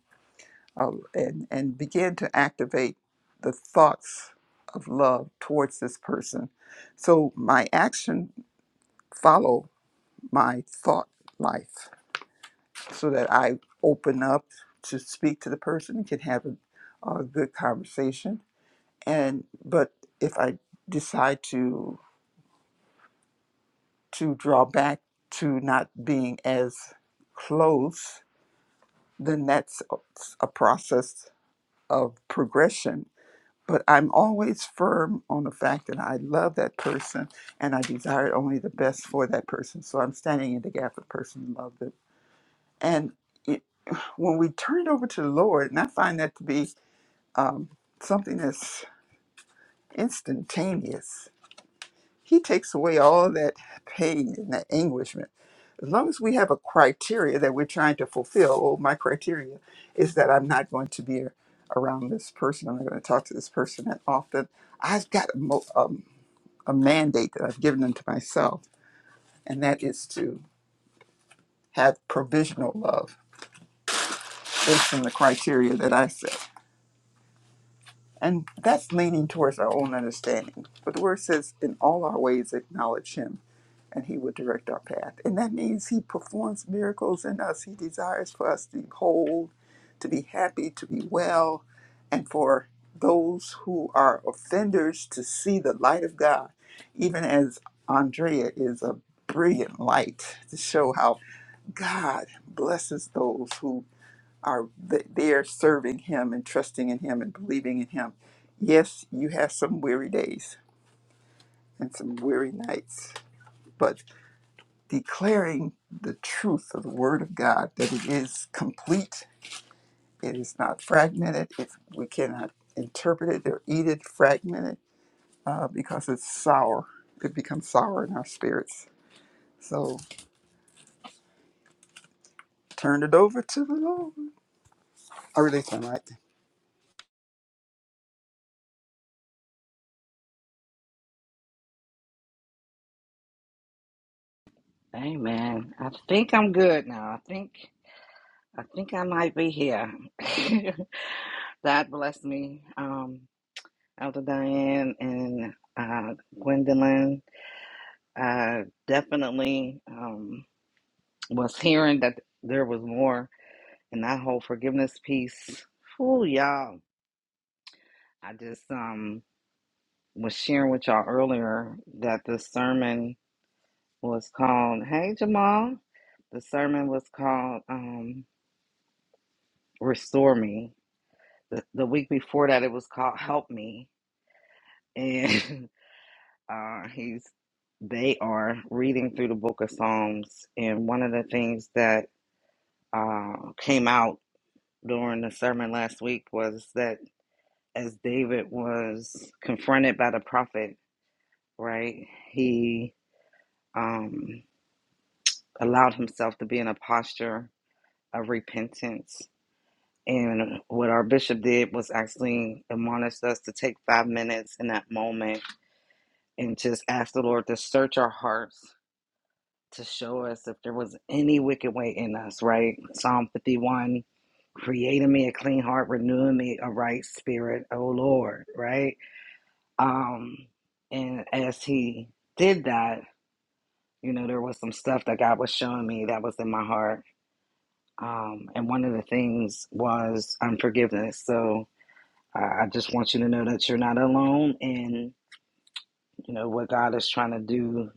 Speaker 13: uh, and and begin to activate the thoughts of love towards this person. So my action follow my thought life so that I open up to speak to the person and can have a, a good conversation. And but if I decide to to draw back to not being as close, then that's a a process of progression. But I'm always firm on the fact that I love that person and I desire only the best for that person. So I'm standing in the gap for the person who loved them. And it, when we turn it over to the Lord, and I find that to be um, something that's instantaneous. He takes away all that pain and that anguishment. As long as we have a criteria that we're trying to fulfill, oh, my criteria is that I'm not going to be around this person. I'm not going to talk to this person that often. I've got a, mo- um, a mandate that I've given unto myself, and that is to have provisional love based on the criteria that I set. And that's leaning towards our own understanding. But the word says, in all our ways, acknowledge him and he would direct our path. And that means he performs miracles in us. He desires for us to be whole, to be happy, to be well, and for those who are offenders to see the light of God, even as Andrea is a brilliant light to show how God blesses those who are th- there serving him and trusting in him and believing in him. Yes, you have some weary days and some weary nights, but declaring the truth of the Word of God, that it is complete, it is not fragmented, if we cannot interpret it or eat it fragmented, uh, because it's sour. It becomes sour in our spirits. So turn it over to the Lord. I release my mic.
Speaker 12: Amen. I think I'm good now. I think I think I might be here. God bless me, um, Elder Diane and uh, Gwendolyn. I definitely um, was hearing that there was more. and that whole forgiveness piece. Ooh, y'all. I just um was sharing with y'all earlier that the sermon was called Hey Jamal. The sermon was called um Restore Me. The, the week before that it was called Help Me. And uh he's they are reading through the book of Psalms and one of the things that uh came out during the sermon last week was that as David was confronted by the prophet, right? He um, allowed himself to be in a posture of repentance. And what our bishop did was actually admonished us to take five minutes in that moment and just ask the Lord to search our hearts to show us if there was any wicked way in us, right? Psalm 51 creating me a clean heart, renewing me a right spirit, O Lord, right? Um, and as he did that, you know, there was some stuff that God was showing me that was in my heart. Um, and one of the things was unforgiveness. So I, I just want you to know that you're not alone in, you know, what God is trying to do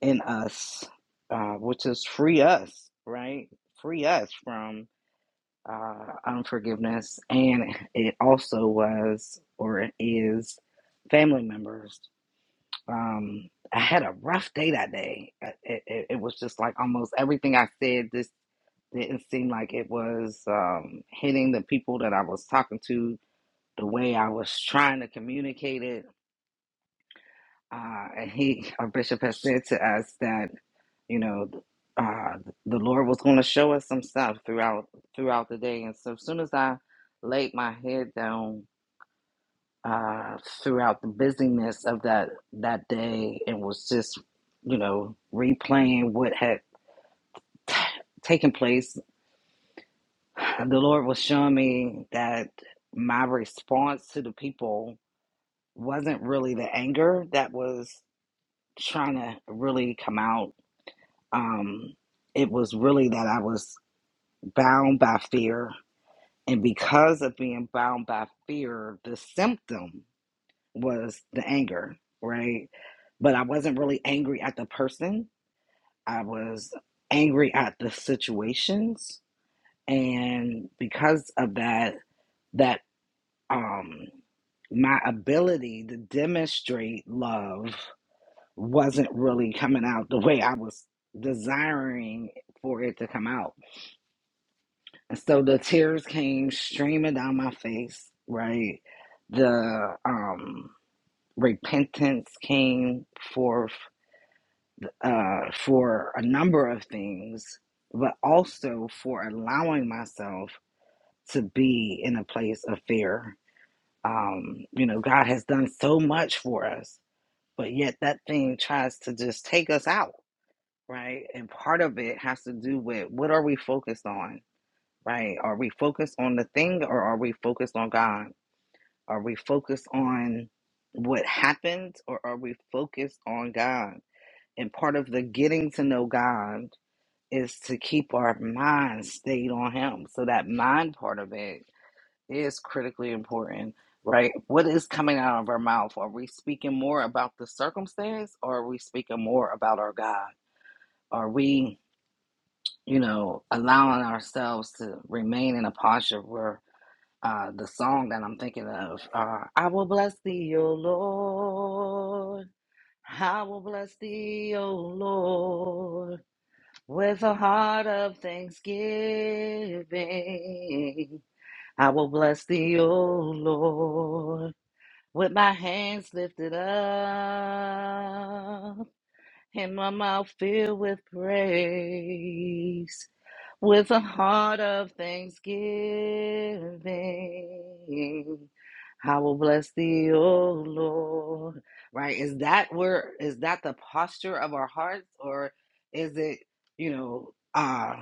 Speaker 12: in us, uh, which is free us, right? Free us from uh, unforgiveness. And it also was or it is family members. Um, I had a rough day that day. Uh, It, it, it was just like almost everything I said. This didn't seem like it was um, hitting the people that I was talking to the way I was trying to communicate it. Uh, and he, our bishop, has said to us that you know uh, the Lord was going to show us some stuff throughout throughout the day. And so, as soon as I laid my head down uh, throughout the busyness of that that day and was just you know replaying what had t- taken place the lord was showing me that my response to the people wasn't really the anger that was trying to really come out um it was really that i was bound by fear and because of being bound by fear the symptom was the anger, right? But I wasn't really angry at the person. I was angry at the situations. And because of that, that um my ability to demonstrate love wasn't really coming out the way I was desiring for it to come out. And so the tears came streaming down my face, right? The um repentance came forth uh, for a number of things, but also for allowing myself to be in a place of fear. Um, you know, God has done so much for us, but yet that thing tries to just take us out, right? And part of it has to do with what are we focused on, right? Are we focused on the thing or are we focused on God? Are we focused on what happened or are we focused on God? And part of the getting to know God is to keep our mind stayed on him. So that mind part of it is critically important, right? What is coming out of our mouth? Are we speaking more about the circumstance or are we speaking more about our God? Are we, you know, allowing ourselves to remain in a posture where uh, the song that I'm thinking of, uh, I will bless thee, O Lord. I will bless thee, O Lord. With a heart of thanksgiving, I will bless thee, O Lord, with my hands lifted up and my mouth filled with praise, with a heart of thanksgiving. I will bless thee, O Lord. Right? Is that where is that the posture of our hearts, or is it, you know, uh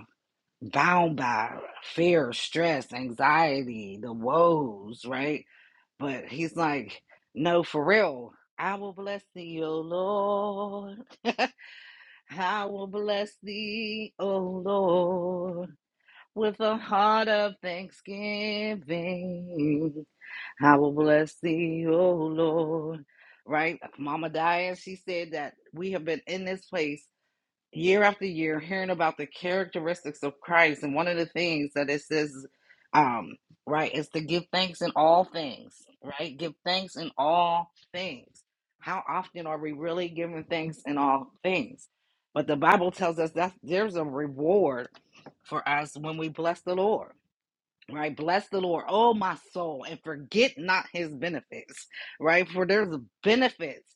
Speaker 12: bound by fear, stress, anxiety, the woes, right? But he's like, no, for real. I will bless thee, O Lord. I will bless thee, O Lord, with a heart of thanksgiving. I will bless thee, O Lord. Right? Mama Dia, she said that we have been in this place year after year hearing about the characteristics of Christ. And one of the things that it says, um, right, is to give thanks in all things, right? Give thanks in all things. How often are we really giving thanks in all things? But the Bible tells us that there's a reward for us when we bless the Lord right? Bless the Lord, oh my soul, and forget not his benefits, right? For there's benefits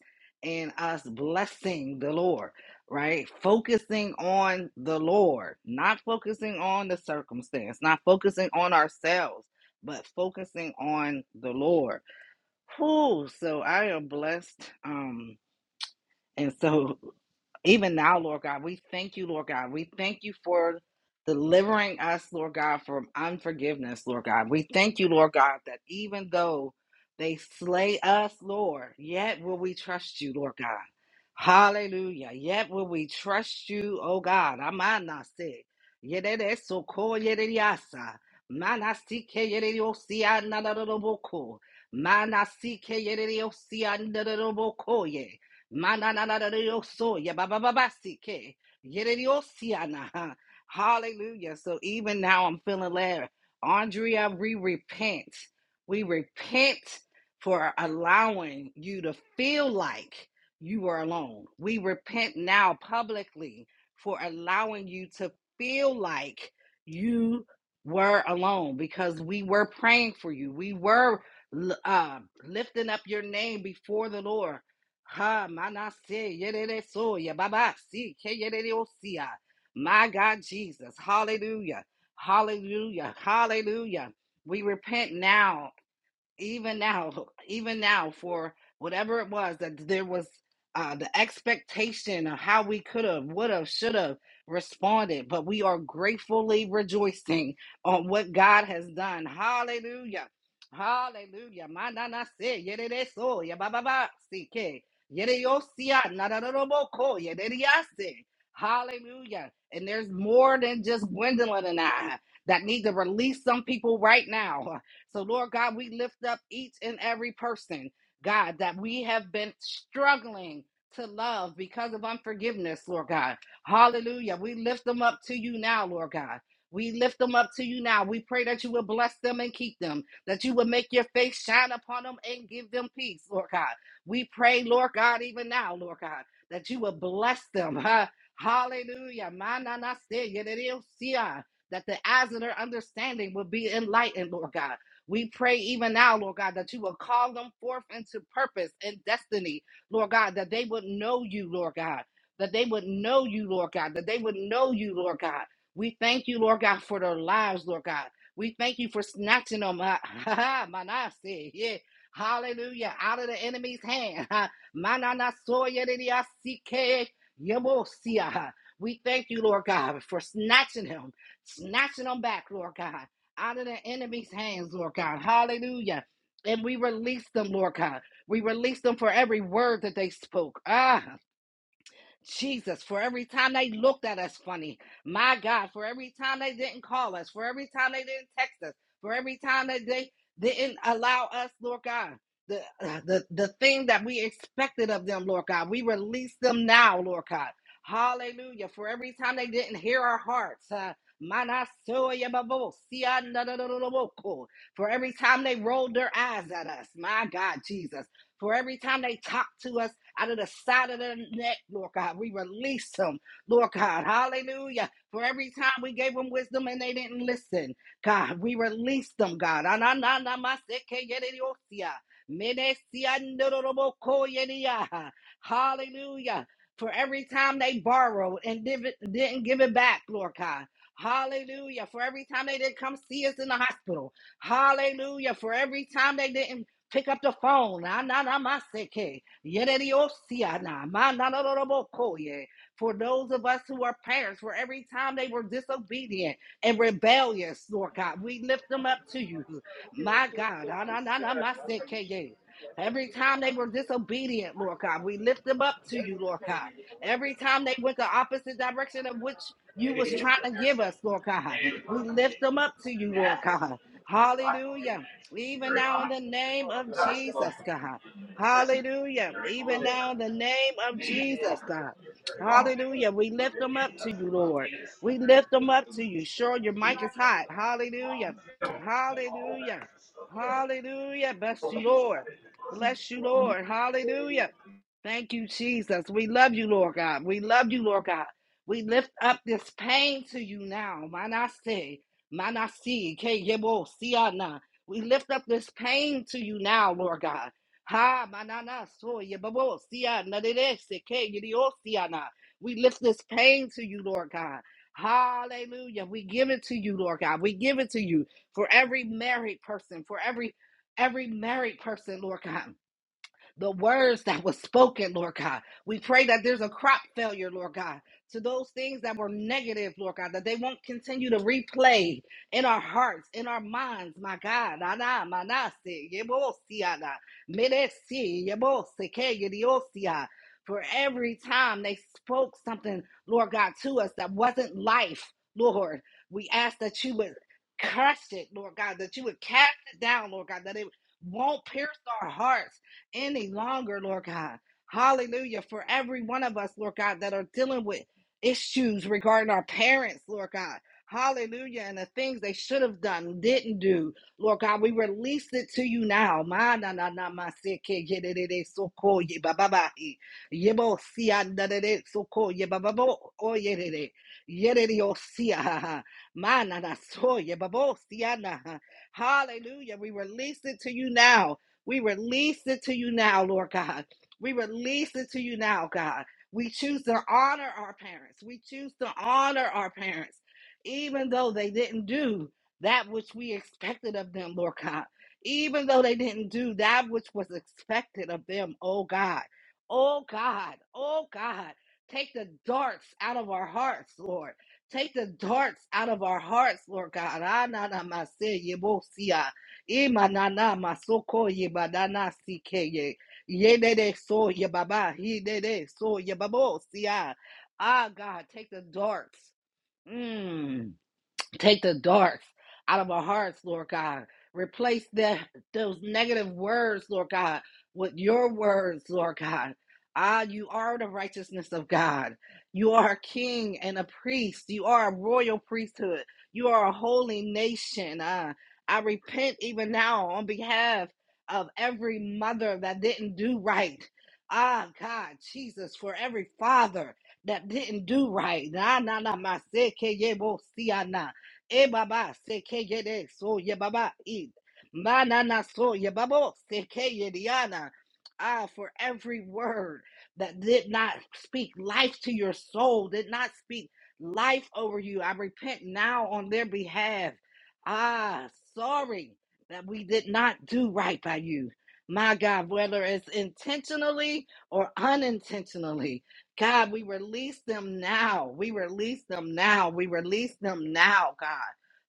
Speaker 12: in us blessing the Lord, right? Focusing on the Lord, not focusing on the circumstance, not focusing on ourselves, but focusing on the Lord. Whew, so I am blessed. Um, and so even now, Lord God, we thank you, Lord God. We thank you for delivering us, Lord God, from unforgiveness, Lord God. We thank you, Lord God, that even though they slay us, Lord, yet will we trust you, Lord God. Hallelujah. Yet will we trust you, oh God. Amanase. Yededesoko yedediasa. Manasike yedediosia nanadodoboko. Manasike yedediosia nanadodoboko ye. Mananararioso, yabababasike, yereriosiana, huh? Hallelujah. So even now I'm feeling led. Andrea, we repent. We repent for allowing you to feel like you were alone. We repent now publicly for allowing you to feel like you were alone because we were praying for you. We were l- uh, lifting up your name before the Lord Ha manase yerere soya baba si ke yerere osia. My God Jesus. Hallelujah. Hallelujah. Hallelujah. We repent now even now, even now, for whatever it was that there was uh, the expectation of how we could have, would have, should have responded, but we are gratefully rejoicing on what God has done. Hallelujah. Hallelujah. Ma na na se, yere de so, ya ba ba ba, si ke. Yere yo si ya, na na na na mo ko, yere de ya se. Hallelujah. And there's more than just Gwendolyn and I that need to release some people right now. So, Lord God, we lift up each and every person, God, that we have been struggling to love because of unforgiveness, Lord God. Hallelujah. We lift them up to you now, Lord God. We lift them up to you now. We pray that you will bless them and keep them, that you will make your face shine upon them and give them peace, Lord God. We pray, Lord God, even now, Lord God, that you will bless them. huh? Hallelujah. Mananaseya, That the eyes of their understanding will be enlightened, Lord God we pray even now, Lord God, that you will call them forth into purpose and destiny, Lord God, that they would know you, Lord God, that they would know you, Lord God, that they would know you, Lord God. We thank you, Lord God, for their lives, Lord God. We thank you for snatching them out. Manasi, yeah. Hallelujah. Out of the enemy's hand. Mananasoyedidiasike, yemosia. We thank you, Lord God, for snatching him, snatching them back, Lord God out of the enemy's hands, Lord God. Hallelujah. And we release them, Lord God. We release them for every word that they spoke. Ah, Jesus, for every time they looked at us funny. My God, for every time they didn't call us, for every time they didn't text us, for every time that they didn't allow us, Lord God, the, uh, the, the thing that we expected of them, Lord God, we release them now, Lord God. Hallelujah. For every time they didn't hear our hearts. Uh, for every time they rolled their eyes at us, my God, Jesus. For every time they talk to us out of the side of their neck, Lord God, we release them, Lord God. Hallelujah. For every time we gave them wisdom and they didn't listen, God, we release them, God. Hallelujah. For every time they borrowed and didn't give it back, Lord God. Hallelujah. For every time they didn't come see us in the hospital. Hallelujah. For every time they didn't Pick up the phone. na na, na, ma, se, ke. Yere, di, si, ah, na, ma, na, na, na, na, bo, ko, For those of us who are parents, for every time they were disobedient and rebellious, Lord God, we lift them up to you. My God. Ah, na, na, na, ma, se, Every time they were disobedient, Lord God, we lift them up to you, Lord God. Every time they went the opposite direction of which you was trying to give us, Lord God, we lift them up to you, Lord God. Hallelujah. Even now, in the name of Jesus, God. Hallelujah. Even now, in the name of Jesus, God. Hallelujah. We lift them up to you, Lord. We lift them up to you. Sure, your mic is hot. Hallelujah. Hallelujah. Hallelujah. Bless you, Lord. Bless you, Lord. Hallelujah. Thank you, Jesus. We love you, Lord God. We love you, Lord God. We lift up this pain to you now. Manasi, Manasi, Ke Yebo, Siana. We lift up this pain to you now, Lord God. Ha manana so yebabo siya nadere seke yidio siana. We lift this pain to you, Lord God. Hallelujah. We give it to you, Lord God. We give it to you for every married person, for every every married person, Lord God the words that was spoken, Lord God. We pray that there's a crop failure, Lord God, to those things that were negative, Lord God, that they won't continue to replay in our hearts, in our minds, my God. Na, na, ma, na, si, ye, si, ah, na. Me, si, ye, si, ke, ye, di, si, ah. For every time they spoke something, Lord God, to us that wasn't life, Lord, we ask that you would crush it, Lord God, that you would cast it down, Lord God, that it won't pierce our hearts any longer, Lord God. Hallelujah. For every one of us, Lord God, that are dealing with issues regarding our parents, Lord God. Hallelujah. And the things they should have done, didn't do. Lord God, we release it to you now. Ma na na na ma so ko ye ba ba ba e. Ye bo si a so ko ye ba ba bo o ye de Ye de de o si ha ha. Ma na na so ba bo si na Hallelujah. We release it to you now. We release it to you now, Lord God. We release it to you now, God. We choose to honor our parents. We choose to honor our parents, even though they didn't do that which we expected of them, Lord God. Even though they didn't do that which was expected of them, oh God. Oh God. Oh God. Take the darts out of our hearts, Lord. Take the darts out of our hearts, Lord God. Ah, na, na, ma, se, ye, bo, si, ah. Imanana masoko ye badana sike ye ye yedede so ye baba yedede so ye babo siya. Ah God, take the darts. Mm. Take the darts out of our hearts, Lord God. Replace that those negative words, Lord God, with your words, Lord God. Ah, you are the righteousness of God. You are a king and a priest. You are a royal priesthood. You are a holy nation. Ah, I repent even now on behalf of every mother that didn't do right. Ah, God, Jesus, for every father that didn't do right. Na na na, my sick, E baba seke yede so ye baba id. Manana so ye babo seke yediana. Ah, for every word that did not speak life to your soul, did not speak life over you. I repent now on their behalf. Ah, sorry that we did not do right by you. My God, whether it's intentionally or unintentionally, God, we release them now. We release them now. We release them now, God.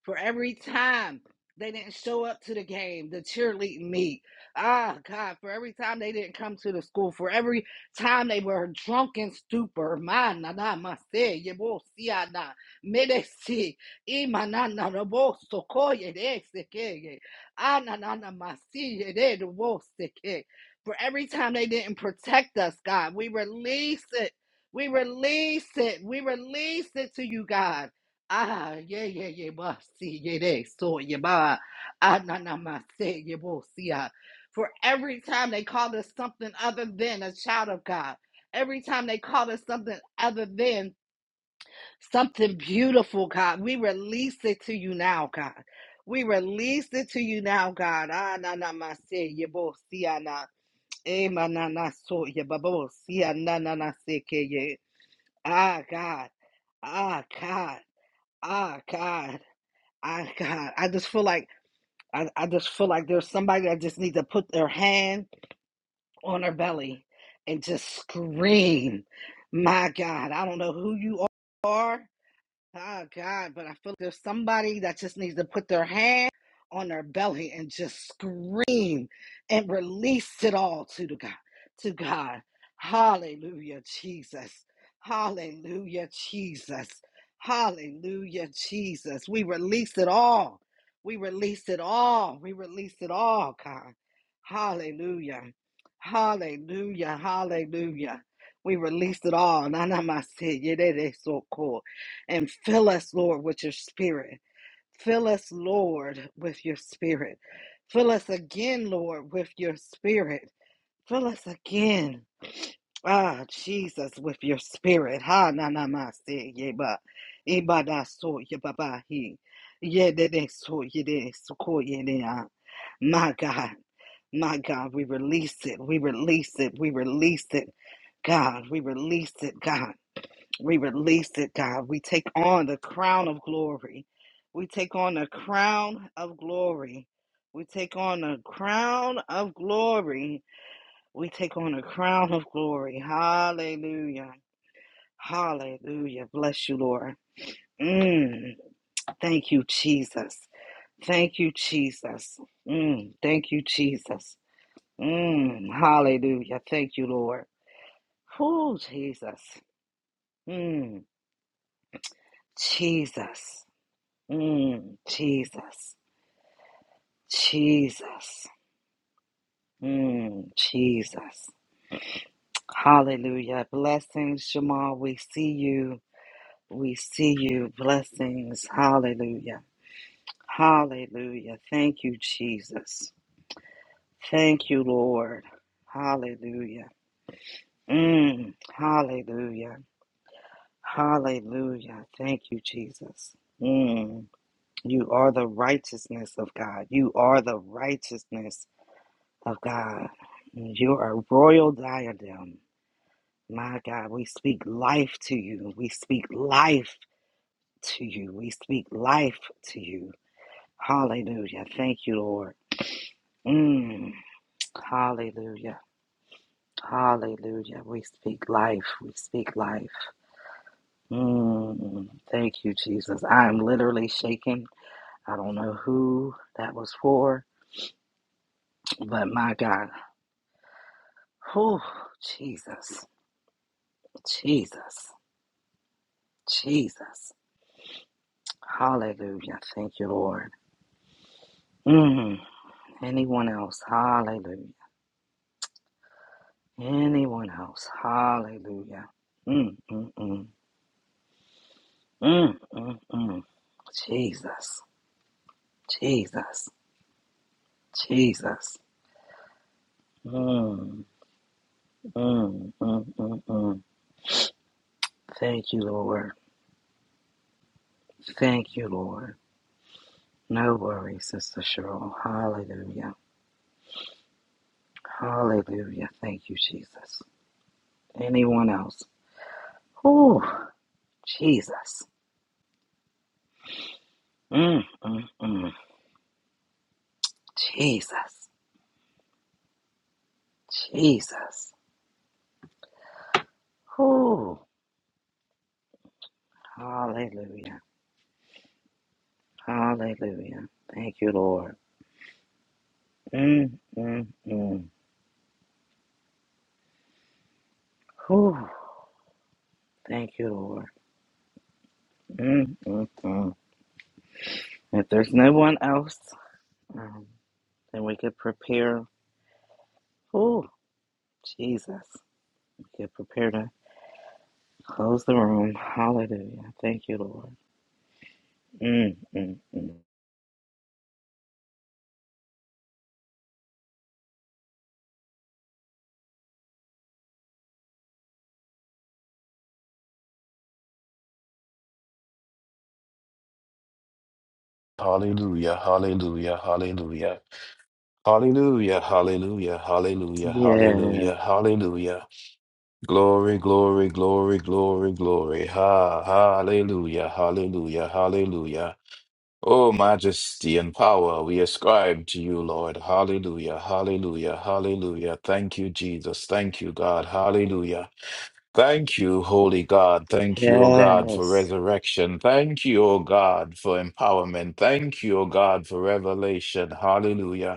Speaker 12: For every time they didn't show up to the game, the cheerleading meet. Ah, God, for every time they didn't come to the school, for every time they were drunk in stupor. Man, na na, ma se, ye bo si a me de si, i ma na na na bo so ko ye de se ke ye. Ah, na na na ma si ye de do bo se ke. For every time they didn't protect us, God, we release it. We release it. We release it to you, God. Ah, yeah, yeah, yeah, bah, see, yeah, they, so, yeah, bah, ah, na, na, ma, say, yeah, bo, see, ah. For every time they call us something other than a child of God, every time they call us something other than something beautiful, God, we release it to you now, God. We release it to you now, God. Ah, na, na, ma, say, yeah, bo, see, ah, na, eh, ma, na, na, so, yeah, bah, bo, see, ah, na, na, na, say, ke, yeah. Ah, God. Ah, God. Ah, God. Ah, God. I just feel like I, I just feel like there's somebody that just needs to put their hand on her belly and just scream. My God, I don't know who you are. Oh God, but I feel like there's somebody that just needs to put their hand on their belly and just scream and release it all to the God, to God. Hallelujah, Jesus. Hallelujah, Jesus. Hallelujah, Jesus. We release it all. We release it all. We release it all, God. Hallelujah. Hallelujah. Hallelujah. We release it all. Nana so and fill us, Lord, with your spirit. Fill us, Lord, with your spirit. Fill us again, Lord, with your spirit. Fill us again, ah, Jesus, with your spirit. Ha na na ma se ye ba, e da so ye ba ba he, ye de de so ye de so ko ye de ah. My God, my God, we release it, we release it, we release it, God, we release it, God. We release it, God. We take on the crown of glory. We take on the crown of glory. We take on the crown of glory. We take on the crown of glory. Hallelujah. Hallelujah. Bless you, Lord. Mm. Thank you, Jesus. Thank you, Jesus. Mm. Thank you, Jesus. Mm. Hallelujah. Thank you, Lord. Oh, Jesus. Mm. Jesus. Mm, Jesus. Jesus. Mm, Jesus. Hallelujah. Blessings, Jamal. We see you. We see you. Blessings. Hallelujah. Hallelujah. Thank you, Jesus. Thank you, Lord. Hallelujah. Mm, hallelujah. Hallelujah. Thank you, Jesus. Mm, you are the righteousness of God. You are the righteousness of God. You're a royal diadem. My God, we speak life to you. We speak life to you. We speak life to you. Hallelujah. Thank you, Lord. Mm. Hallelujah. Hallelujah. We speak life. We speak life. Mm. Thank you, Jesus. I am literally shaking. I don't know who that was for, but my God. Whew. Jesus. Jesus. Jesus. Hallelujah. Thank you, Lord. Mm. Anyone else? Hallelujah. Anyone else? Hallelujah. Mm, mm, mm. Mm, mm, mm. Jesus. Jesus. Jesus. Mm, mm, mm, mm, mm. Thank you, Lord. Thank you, Lord. No worries, Sister Cheryl. Hallelujah. Hallelujah. Thank you, Jesus. Anyone else? Oh, Jesus. Mm, mm, mm. Jesus. Jesus. Whew. Hallelujah. Hallelujah. Thank you, Lord. Mm, mm, mm. Whew. Thank you, Lord. Mm, mm, mm. If there's no one else, um, then we could prepare. Oh, Jesus. We could prepare to close the room. Hallelujah. Thank you, Lord. Mm, mm, mm.
Speaker 4: Hallelujah, hallelujah, hallelujah. Hallelujah, hallelujah, hallelujah, hallelujah,
Speaker 12: Yes.
Speaker 4: hallelujah. Glory, glory, glory, glory, glory. Ha, hallelujah, hallelujah, hallelujah. Oh, majesty and power we ascribe to you, Lord. Hallelujah, hallelujah, hallelujah. Thank you, Jesus. Thank you, God. Hallelujah. Thank you, Holy God. Thank you, O God, for
Speaker 12: Yes.
Speaker 4: resurrection. Thank you, O God, for empowerment. Thank you, O God, for revelation. Hallelujah.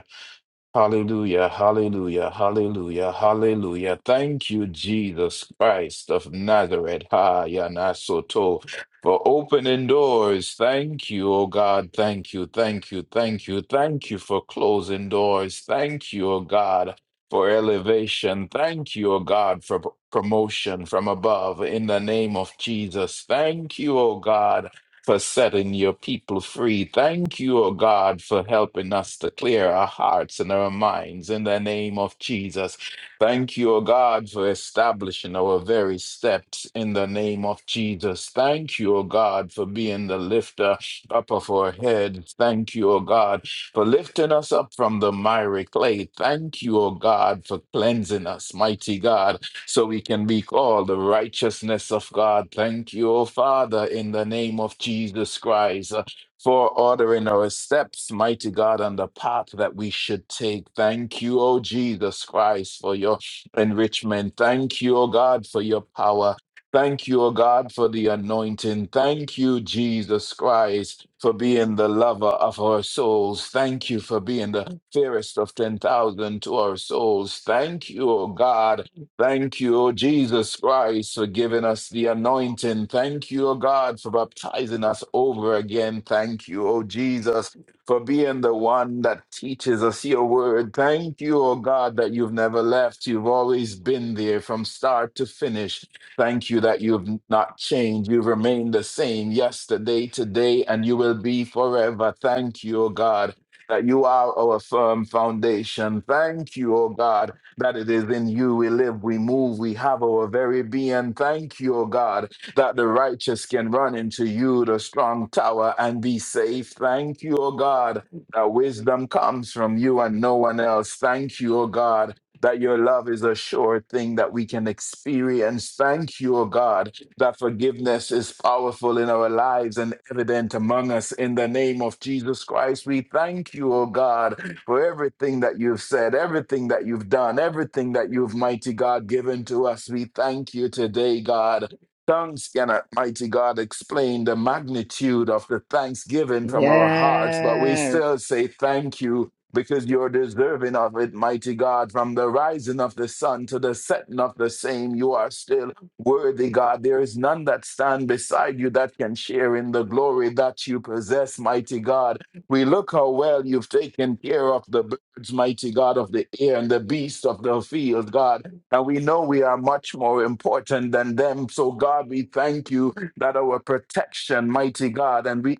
Speaker 4: Hallelujah, hallelujah, hallelujah, hallelujah. Thank you, Jesus Christ of Nazareth. Ha, Yanasoto, for opening doors. Thank you, oh God. Thank you, thank you, thank you, thank you for closing doors. Thank you, oh God, for elevation. Thank you, oh God, for promotion from above in the name of Jesus. Thank you, oh God for setting your people free. Thank you, O God, for helping us to clear our hearts and our minds in the name of Jesus. Thank you, O God, for establishing our very steps in the name of Jesus. Thank you, O God, for being the lifter up of our heads. Thank you, O God, for lifting us up from the miry clay. Thank you, O God, for cleansing us, mighty God so we can be called the righteousness of God. Thank you, O Father, in the name of Jesus Christ. uh, For ordering our steps, mighty God, on the path that we should take. Thank you, O Jesus Christ, for your enrichment. Thank you, O God, for your power. Thank you, O God, for the anointing. Thank you, Jesus Christ, for being the lover of our souls. Thank you for being the fairest of 10,000 to our souls. Thank you, O God, Thank you, O Jesus Christ, for giving us the anointing. Thank you, O God, for baptizing us over again. Thank you, O Jesus, for being the one that teaches us your word. Thank you, O God, that you've never left. You've always been there from start to finish. Thank you that you've not changed. You've remained the same yesterday, today, and you will be forever. Thank you, O God, that you are our firm foundation. Thank you, O God that it is in you we live, we move, we have our very being. Thank you, O God, that the righteous can run into you, the strong tower, and be safe. Thank you, O God, that wisdom comes from you and no one else. Thank you, O God. That your love is a sure thing that we can experience. Thank you, O God, that forgiveness is powerful in our lives and evident among us. In the name of Jesus Christ, we thank you, O God, for everything that you've said, everything that you've done, everything that you've, mighty God, given to us. We thank you today, God. Tongues cannot, mighty God, explain the magnitude of the thanksgiving from our hearts, but we
Speaker 12: Yes.
Speaker 4: still say thank you because you're deserving of it, mighty God. From the rising of the sun to the setting of the same, you are still worthy, God. There is none that stand beside you that can share in the glory that you possess, mighty God. We look how well you've taken care of the birds, mighty God of the air, and the beasts of the field, God. And we know we are much more important than them. So, God, we thank you that our protection, mighty God, and we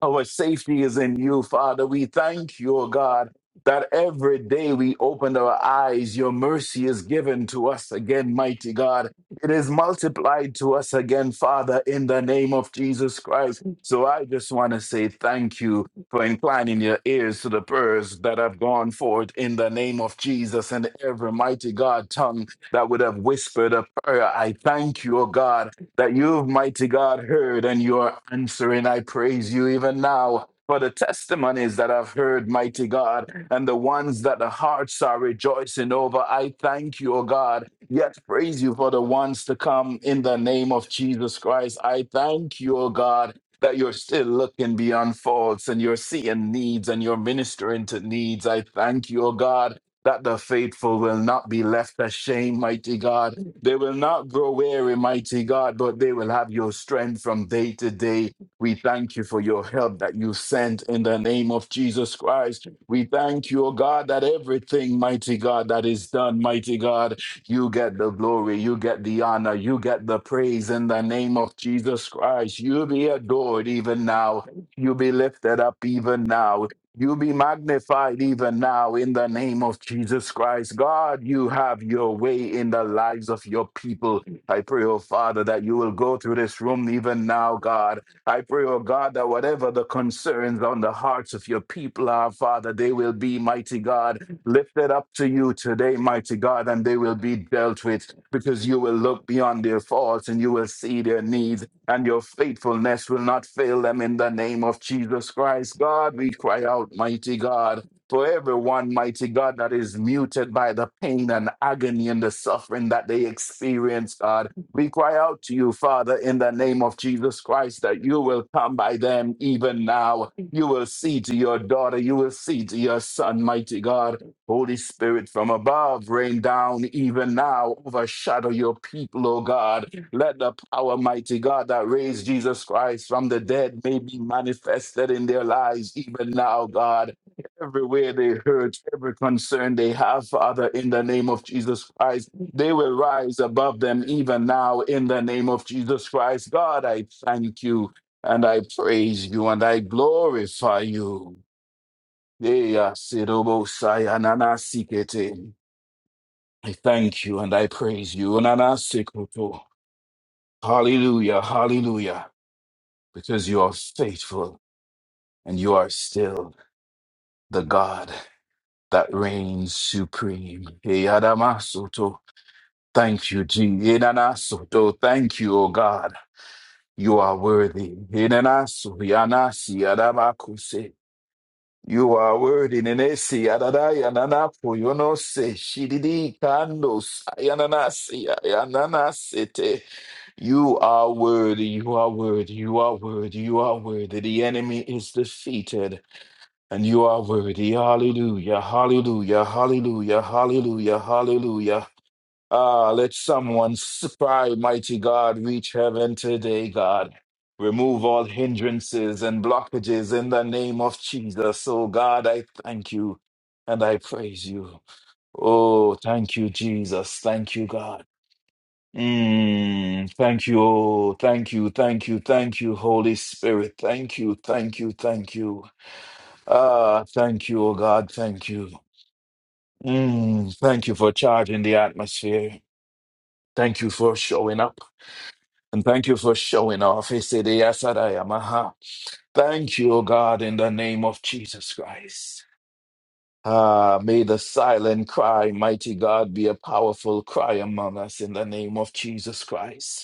Speaker 4: our safety is in you, Father. We thank you, O God, that every day we open our eyes, your mercy is given to us again, mighty God. It is multiplied to us again, Father, in the name of Jesus Christ. So I just want to say thank you for inclining your ears to the prayers that have gone forth in the name of Jesus and every mighty God tongue that would have whispered a prayer. I thank you, O God, that you've, mighty God, heard and you are answering. I praise you even now for the testimonies that I've heard, mighty God, and the ones that the hearts are rejoicing over. I thank you, O God. Yet praise you for the ones to come in the name of Jesus Christ. I thank you, O God. That you're still looking beyond faults and you're seeing needs and you're ministering to needs. I thank you, O God, that the faithful will not be left ashamed, mighty God they will not grow weary, mighty God, but they will have your strength from day to day. We thank you for your help that you sent in the name of Jesus Christ. We thank you, O God, that everything, mighty God, that is done, mighty God, you get the glory, you get the honor, you get the praise in the name of Jesus Christ. You be adored even now. You be lifted up even now. You be magnified even now in the name of Jesus Christ. God, you have your way in the lives of your people. I pray, oh Father, that you will go through this room even now, God. I pray, oh God, that whatever the concerns on the hearts of your people are, Father, they will be, mighty God, lifted up to you today, mighty God, and they will be dealt with because you will look beyond their faults and you will see their needs and your faithfulness will not fail them in the name of Jesus Christ. God, we cry out, mighty God, for everyone, mighty God, that is muted by the pain and agony and the suffering that they experience, God. We cry out to you, Father, in the name of Jesus Christ, that you will come by them even now. You will see to your daughter, you will see to your son, mighty God. Holy Spirit from above, rain down even now, overshadow your people, O God let the power, mighty God, that raised Jesus Christ from the dead may be manifested in their lives even now, God. Everywhere they hurt, every concern they have, Father, in the name of Jesus Christ, they will rise above them even now in the name of Jesus Christ. God, I thank you and I praise you and I glorify you. Yeah, Sidobo Sayanana Sikete. I thank you and I praise you. Nana Sikoto. Hallelujah, hallelujah. because you are faithful and you are still the God that reigns supreme. Eyadamasoto. Thank you, Jesus. Enanasoto. Thank you, O God. You are worthy. Enanaso, yanasi, adamakuse. You are worthy. Nenesi, adadai, ananapo, yonose, shididi, kandos, ayananasi, ayananasete. You are worthy, you are worthy, you are worthy, you are worthy. The enemy is defeated. And you are worthy. Hallelujah. Hallelujah. Hallelujah. Hallelujah. Hallelujah. Ah, let someone s- cry, mighty God, reach heaven today, God. Remove all hindrances and blockages in the name of Jesus. Oh, God, I thank you and I praise you. Oh, thank you, Jesus. Thank you, God. Mm, thank you. Oh, thank you. Thank you. Thank you, Holy Spirit. Thank you. Thank you. Thank you. Ah, thank you, oh God. Thank you. Mm, thank you for charging the atmosphere. Thank you for showing up. And thank you for showing off. He said, "Yes, I am." Aha. Thank you, oh God, in the name of Jesus Christ. Ah, may the silent cry, mighty God, be a powerful cry among us in the name of Jesus Christ.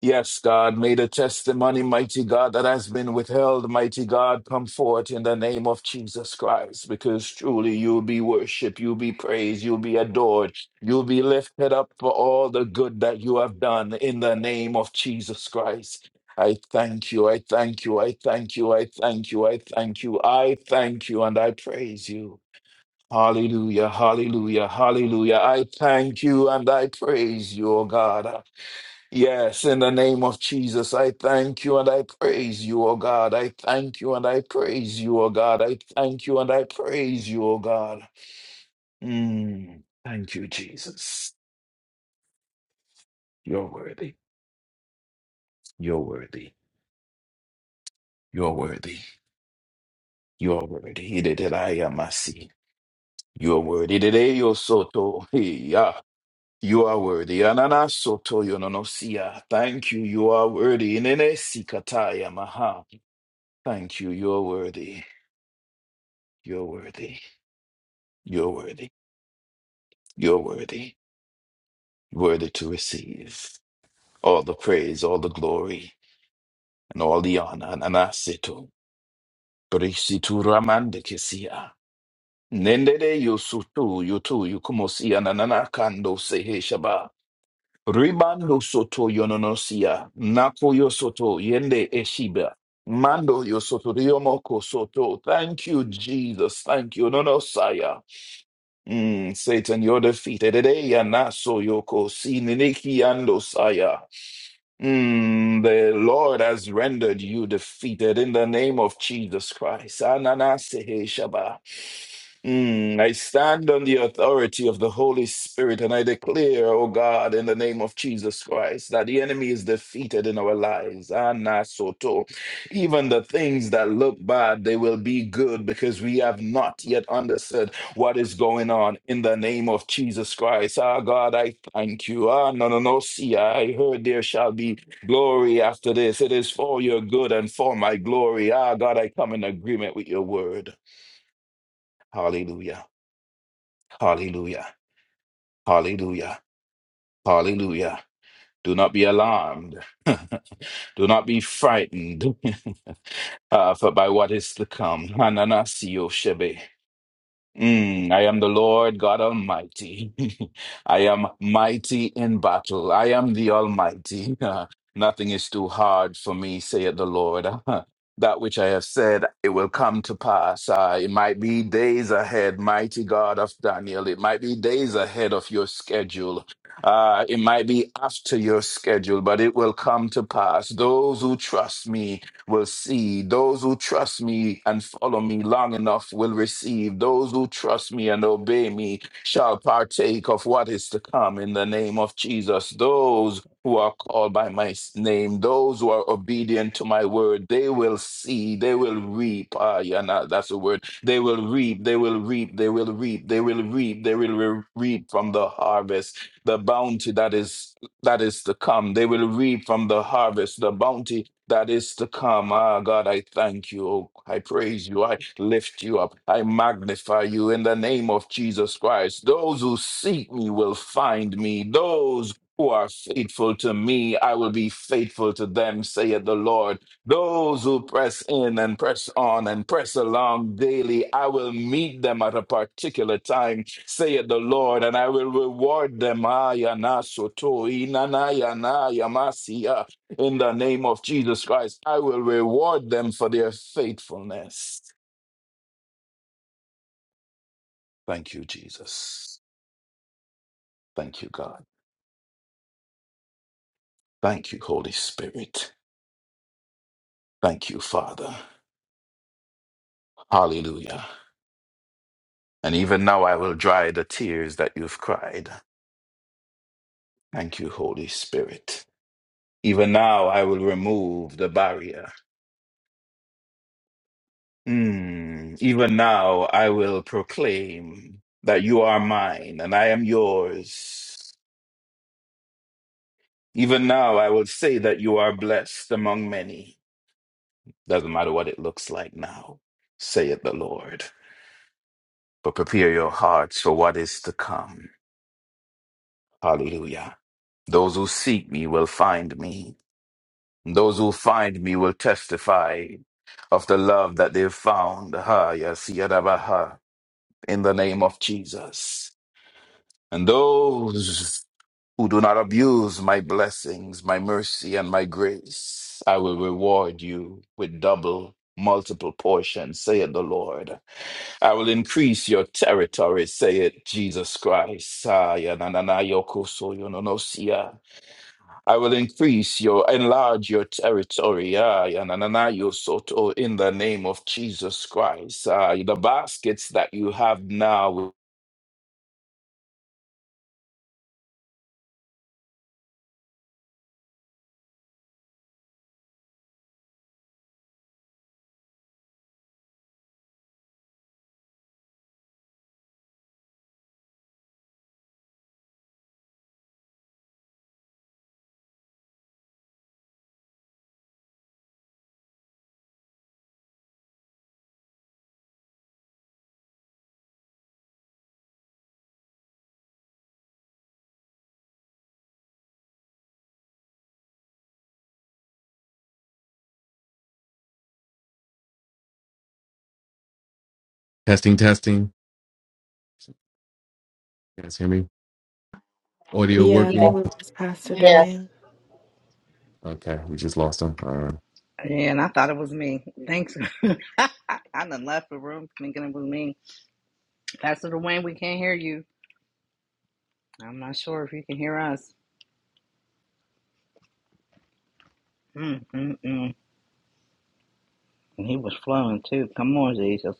Speaker 4: Yes, God, may the testimony, mighty God, that has been withheld, mighty God, come forth in the name of Jesus Christ, because truly you'll be worshiped, you'll be praised, you'll be adored, you'll be lifted up for all the good that you have done in the name of Jesus Christ. I thank you, I thank you, I thank you, I thank you, I thank you, I thank you, and I praise you. Hallelujah, hallelujah, hallelujah. I thank you and I praise you, O God. Yes, in the name of Jesus, I thank you and I praise you, O God. I thank you and I praise you, O God. I thank you and I praise you, O God. Mm, thank you, Jesus. You're worthy. You're worthy. You're worthy. You're worthy. Idididiayamasi. You're worthy. Ididio soto Yeah, You are worthy. Ananasoto yononosia. Thank you. You are worthy. Inenesikatayamaha. Thank you. You're worthy. You're worthy. You're worthy. You're worthy. Worthy to receive all the praise, all the glory, and all the honor. Nanasitu. Brisitu ramande kisia. Nendere yosutu yotu yukumosia nananakando sehe shaba. Ribando soto yononosia. Nako yosoto yende eshiba. Mando yosoto riomoko soto. Thank you, Jesus. Thank you, nonosaya. Mm, Satan, you're defeated. Today, Yanaso Yoko, Sininiki Andosaya. Mm, the Lord has rendered you defeated in the name of Jesus Christ. Ananasehe Shaba. Mm, I stand on the authority of the Holy Spirit and I declare, O God, in the name of Jesus Christ, that the enemy is defeated in our lives. Anna Soto. Even the things that look bad, they will be good because we have not yet understood what is going on in the name of Jesus Christ. Ah, God, I thank you. Ah, no, no, no, see, I heard there shall be glory after this. It is for your good and for my glory. Ah, God, I come in agreement with your word. Hallelujah. Hallelujah. Hallelujah. Hallelujah. Do not be alarmed. Do not be frightened uh, for by what is to come. Hananasio Shebe. Mm, I am the Lord God Almighty. I am mighty in battle. I am the Almighty. Nothing is too hard for me, saith the Lord. that which I have said, it will come to pass. Uh, it might be days ahead, mighty God of Daniel. It might be days ahead of your schedule. Uh, it might be after your schedule, but it will come to pass. Those who trust me, will see. Those who trust me and follow me long enough will receive. Those who trust me and obey me shall partake of what is to come in the name of Jesus. Those who are called by my s- name, those who are obedient to my word, they will see, they will reap. Ah, yeah, nah, that's the word. They will reap, they will reap, they will reap, they will reap, they will re- reap from the harvest, the bounty that is that is to come. They will reap from the harvest, the bounty that is to come. Ah, God, I thank you. Oh, I praise you. I lift you up. I magnify you in the name of Jesus Christ. Those who seek me will find me. Those who are faithful to me, I will be faithful to them, saith the Lord. Those who press in and press on and press along daily, I will meet them at a particular time, saith the Lord, and I will reward them. Ah, yana soto, inana yana yamasiya. In the name of Jesus Christ, I will reward them for their faithfulness. Thank you, Jesus. Thank you, God. Thank you, Holy Spirit. Thank you, Father. Hallelujah. And even now I will dry the tears that you've cried. Thank you, Holy Spirit. Even now I will remove the barrier. Mm, Even now I will proclaim that you are mine and I am yours. Even now I will say that you are blessed among many. Doesn't matter what it looks like now, saith the Lord. But prepare your hearts for what is to come. Hallelujah. Those who seek me will find me. Those who find me will testify of the love that they've found. Ha, yes, yadabaha, in the name of Jesus. And those who do not abuse my blessings, my mercy, and my grace, I will reward you with double, multiple portions, saith the Lord. I will increase your territory, saith Jesus Christ. Ah, ya na na na, yoko so yo no no siya. I will increase your, enlarge your territory. Ah, ya na na na, yo soto, in the name of Jesus Christ. Ah, the baskets that you have now.
Speaker 15: Testing, testing. You guys hear me? Audio
Speaker 10: Yeah, I
Speaker 16: Yes,
Speaker 10: think
Speaker 15: working?
Speaker 10: we just Pastor
Speaker 16: yes.
Speaker 14: Yes.
Speaker 10: Dwayne.
Speaker 15: Okay, we just lost him. All right.
Speaker 12: Yeah, and I thought it was me. Thanks. I done left the room thinking it was me. Pastor Dwayne, we can't hear you. I'm not sure if you can hear us. Mm, mm, mm. And He was flowing too. Come on, Jesus.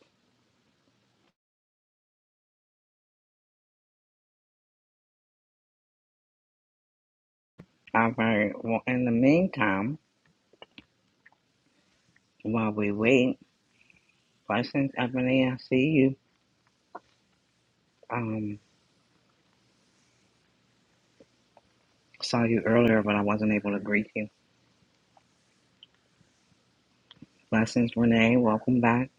Speaker 12: All right. Well, in the meantime, while we wait, blessings, Ebony, I see you. Um, saw you earlier, but I wasn't able to greet you. Blessings, Renee. Welcome back.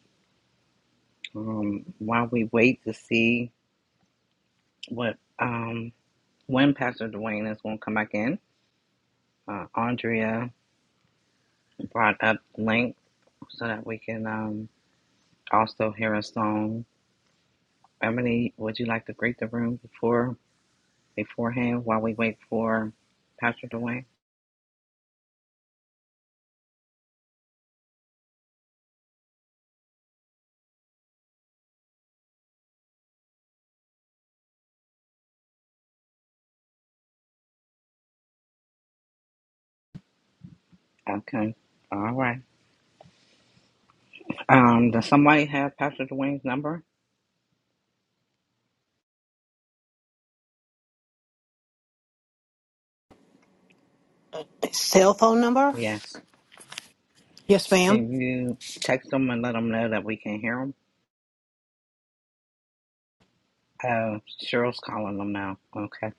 Speaker 12: Um, while we wait to see what um when Pastor Dwayne is going to come back in, uh, Andrea. brought up link so that we can um, also hear a song. Emily, would you like to greet the room before beforehand while we wait for Pastor Dwayne? Okay. All right. Um, does somebody have Pastor Dwayne's number?
Speaker 2: Cell phone number?
Speaker 12: Yes.
Speaker 2: Yes, ma'am.
Speaker 12: Can you text them and let them know that we can hear them? Uh, Cheryl's calling them now. Okay.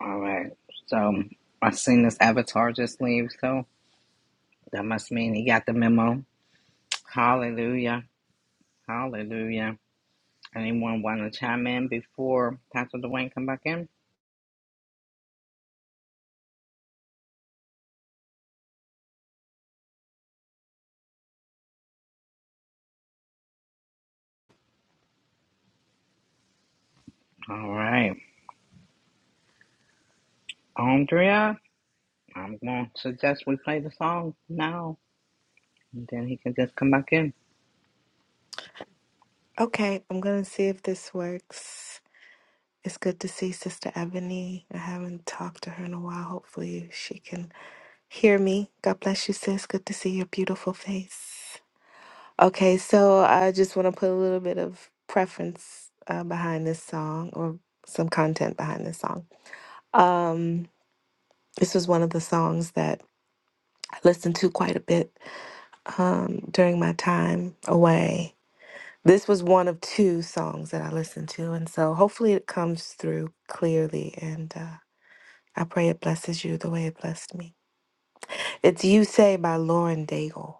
Speaker 12: All right. So I've seen this avatar just leave, so that must mean he got the memo. Hallelujah. Hallelujah. Anyone want to chime in before Pastor Dwayne come back in? All right, Andrea, I'm going to suggest we play the song now, and then he can just come back in.
Speaker 10: Okay, I'm going to see if this works. It's good to see Sister Ebony. I haven't talked to her in a while. Hopefully, she can hear me. God bless you, sis. Good to see your beautiful face. Okay, so I just want to put a little bit of preference uh, behind this song or some content behind this song. Um, this was one of the songs that I listened to quite a bit um, during my time away This was one of two songs that I listened to. And so hopefully it comes through clearly. And uh, I pray it blesses you the way it blessed me. It's You Say by Lauren Daigle.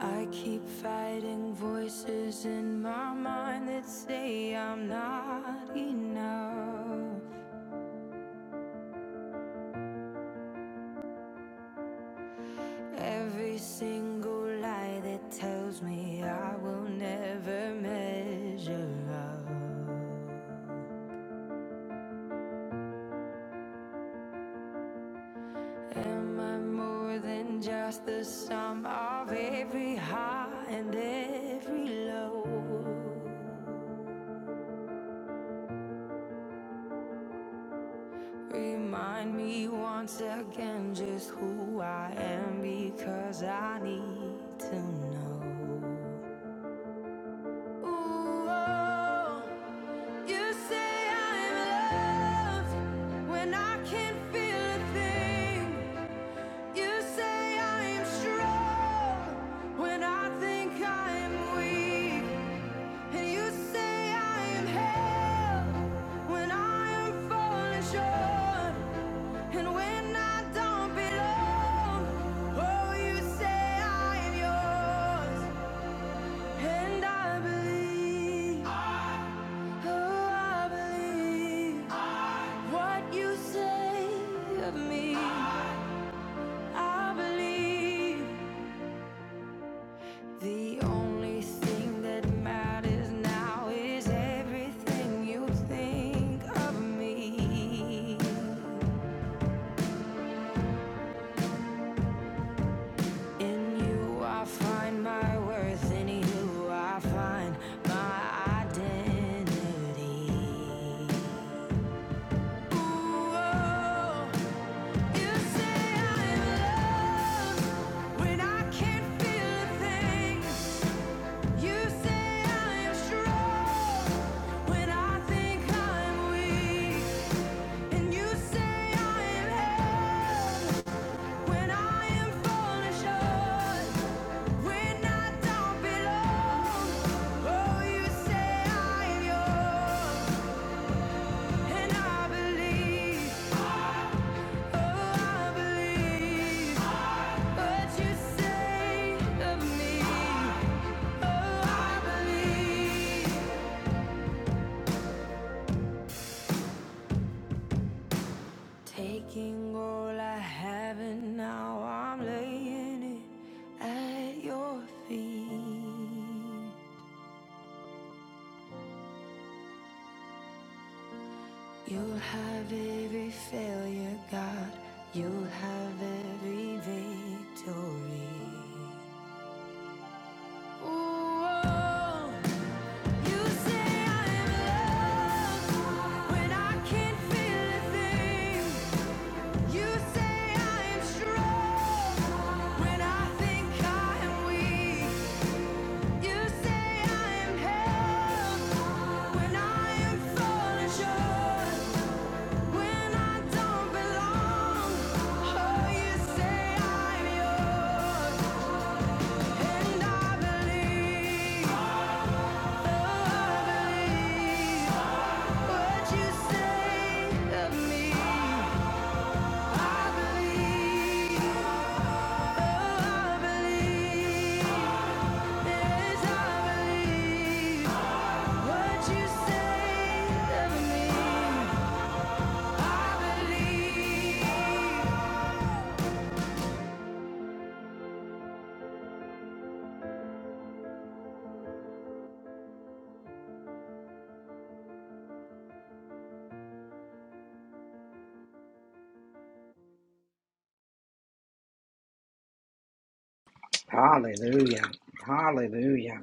Speaker 18: I keep fighting voices in my mind that say I'm not enough. Every single lie that tells me I will never measure up. Am I more than just the sum of every high and every low? Remind me once again just who I am because I need to know. Ooh, oh, you say I'm loved when I can't feel a thing. You say I am strong when I think I am weak. And you say I am held when I am falling short. And when I don't belong, oh, you say I am yours. And I believe, oh, I believe what you say of me. I believe the only thing that matters now is everything you think of me. In you I find my worth, in you I find my identity. Ooh, oh, you say I'm loved when I can't feel a thing. You say I'm strong when I think I'm weak, and you say I'm held. When I am falling short, when I don't belong, oh, you say I am yours, and I believe, oh, I believe what you say of me. Oh, I believe. Taking all I have and now I'm laying it at your feet. You'll have every failure, God. You'll have every victory. Ooh, you say I am loved when I can't feel a thing. You say I am strong when I think I am weak. You say I am held when I am falling short. When I don't belong, oh, you say I'm yours, and I believe, oh, believe what you say of me. I believe, oh, believe, yes, I believe what you say of me. I believe.
Speaker 12: Hallelujah! Hallelujah!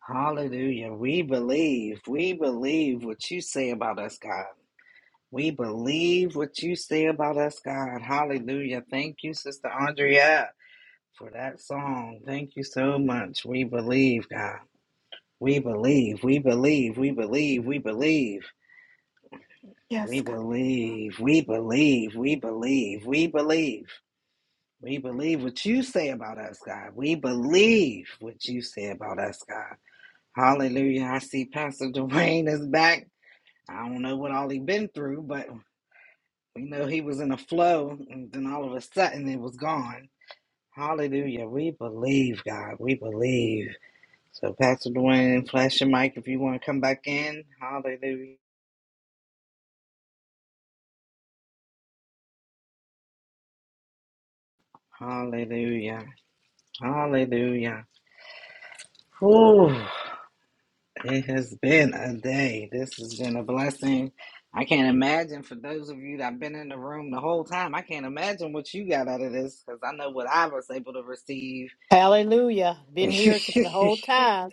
Speaker 12: Hallelujah! We believe. We believe what you say about us, God. We believe what you say about us, God. Hallelujah! Thank you, Sister Andrea, for that song. Thank you so much. We believe, God. We believe. We believe. We believe. We believe.
Speaker 10: Yes,
Speaker 12: We
Speaker 10: God.
Speaker 12: believe, we believe, we believe, we believe. We believe what you say about us, God. We believe what you say about us, God. Hallelujah. I see Pastor Dwayne is back. I don't know what all he been through, but we know he was in a flow and then all of a sudden it was gone. Hallelujah. We believe, God. We believe. So Pastor Dwayne, flash your mic if you want to come back in. Hallelujah. Hallelujah. Hallelujah. Whew. It has been a day. This has been a blessing. I can't imagine for those of you that have been in the room the whole time. I can't imagine what you got out of this because I know what I was able to receive.
Speaker 2: Hallelujah. Been here s- the whole time.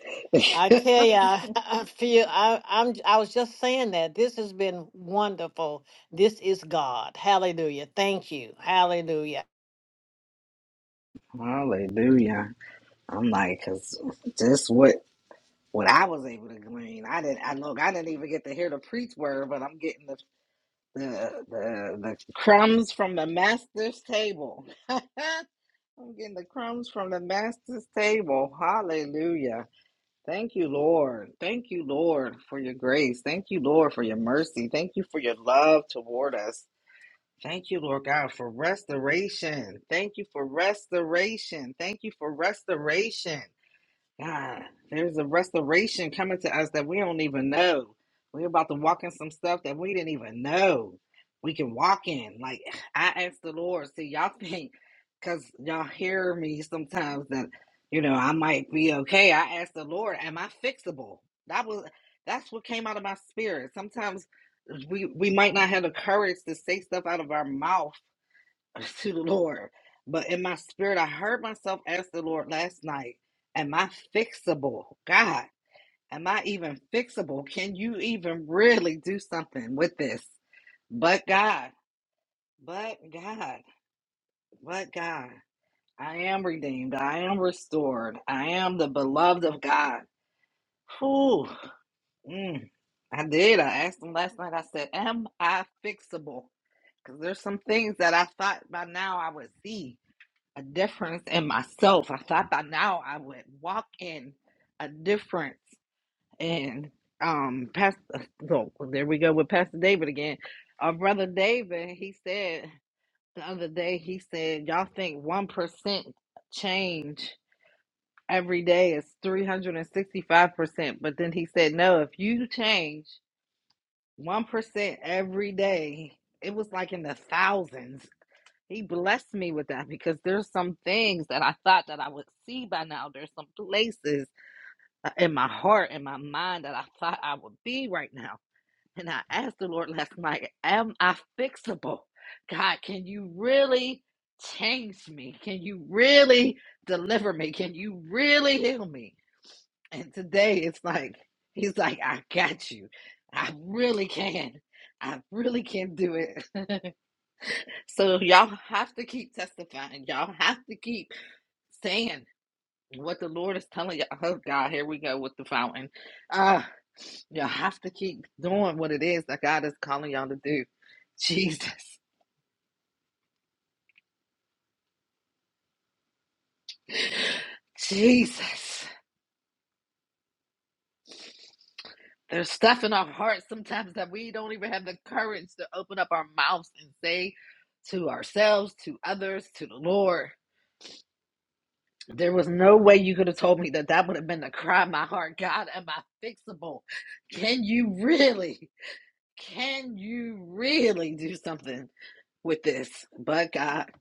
Speaker 2: I tell you, I, I feel I, I'm I was just saying that. This has been wonderful. This is God. Hallelujah. Thank you. Hallelujah.
Speaker 12: Hallelujah! I'm like, because just what what I was able to glean. I didn't. I look. I didn't even get to hear the preach word, but I'm getting the the the, the crumbs from the master's table. I'm getting the crumbs from the master's table. Hallelujah. Thank you, Lord. Thank you, Lord, for your grace. Thank you, Lord, for your mercy. Thank you for your love toward us. Thank you, Lord God, for restoration. Thank you for restoration. Thank you for restoration. God, there's a restoration coming to us that we don't even know. We're about to walk in some stuff that we didn't even know we can walk in. Like, I asked the Lord, see, y'all think, because y'all hear me sometimes that, you know, I might be okay. I asked the Lord, am I fixable? That was, that's what came out of my spirit. Sometimes we, we might not have the courage to say stuff out of our mouth to the Lord. But in my spirit, I heard myself ask the Lord last night, Am I fixable? God, am I even fixable? Can you even really do something with this? But God, but God, but God, I am redeemed. I am restored. I am the beloved of God. Whew. Mm, I did. I asked him last night. I said, Am I fixable? Because there's some things that I thought by now I would see a difference in myself. I thought by now I would walk in a difference. And um, Pastor, so there we go with Pastor David again. Our brother David, he said the other day, he said, Y'all think 1% change every day is 365%. But then he said, No, if you change 1% every day, it was like in the thousands he blessed me with that because there's some things that I thought that I would see by now. There's some places uh, in my heart, in my mind that I thought I would be right now. And I asked the Lord last night, Am I fixable? God, can you really change me? Can you really deliver me? Can you really heal me? And today it's like, He's like, I got you. I really can. I really can do it. So y'all have to keep testifying. Y'all have to keep saying what the Lord is telling y'all. Oh God, here we go with the fountain. Uh, y'all have to keep doing what it is that God is calling y'all to do. Jesus. Jesus. There's stuff in our hearts sometimes that we don't even have the courage to open up our mouths and say to ourselves, to others, to the Lord. There was no way you could have told me that that would have been the cry of my heart. God, am I fixable? Can you really, can you really do something with this? But God,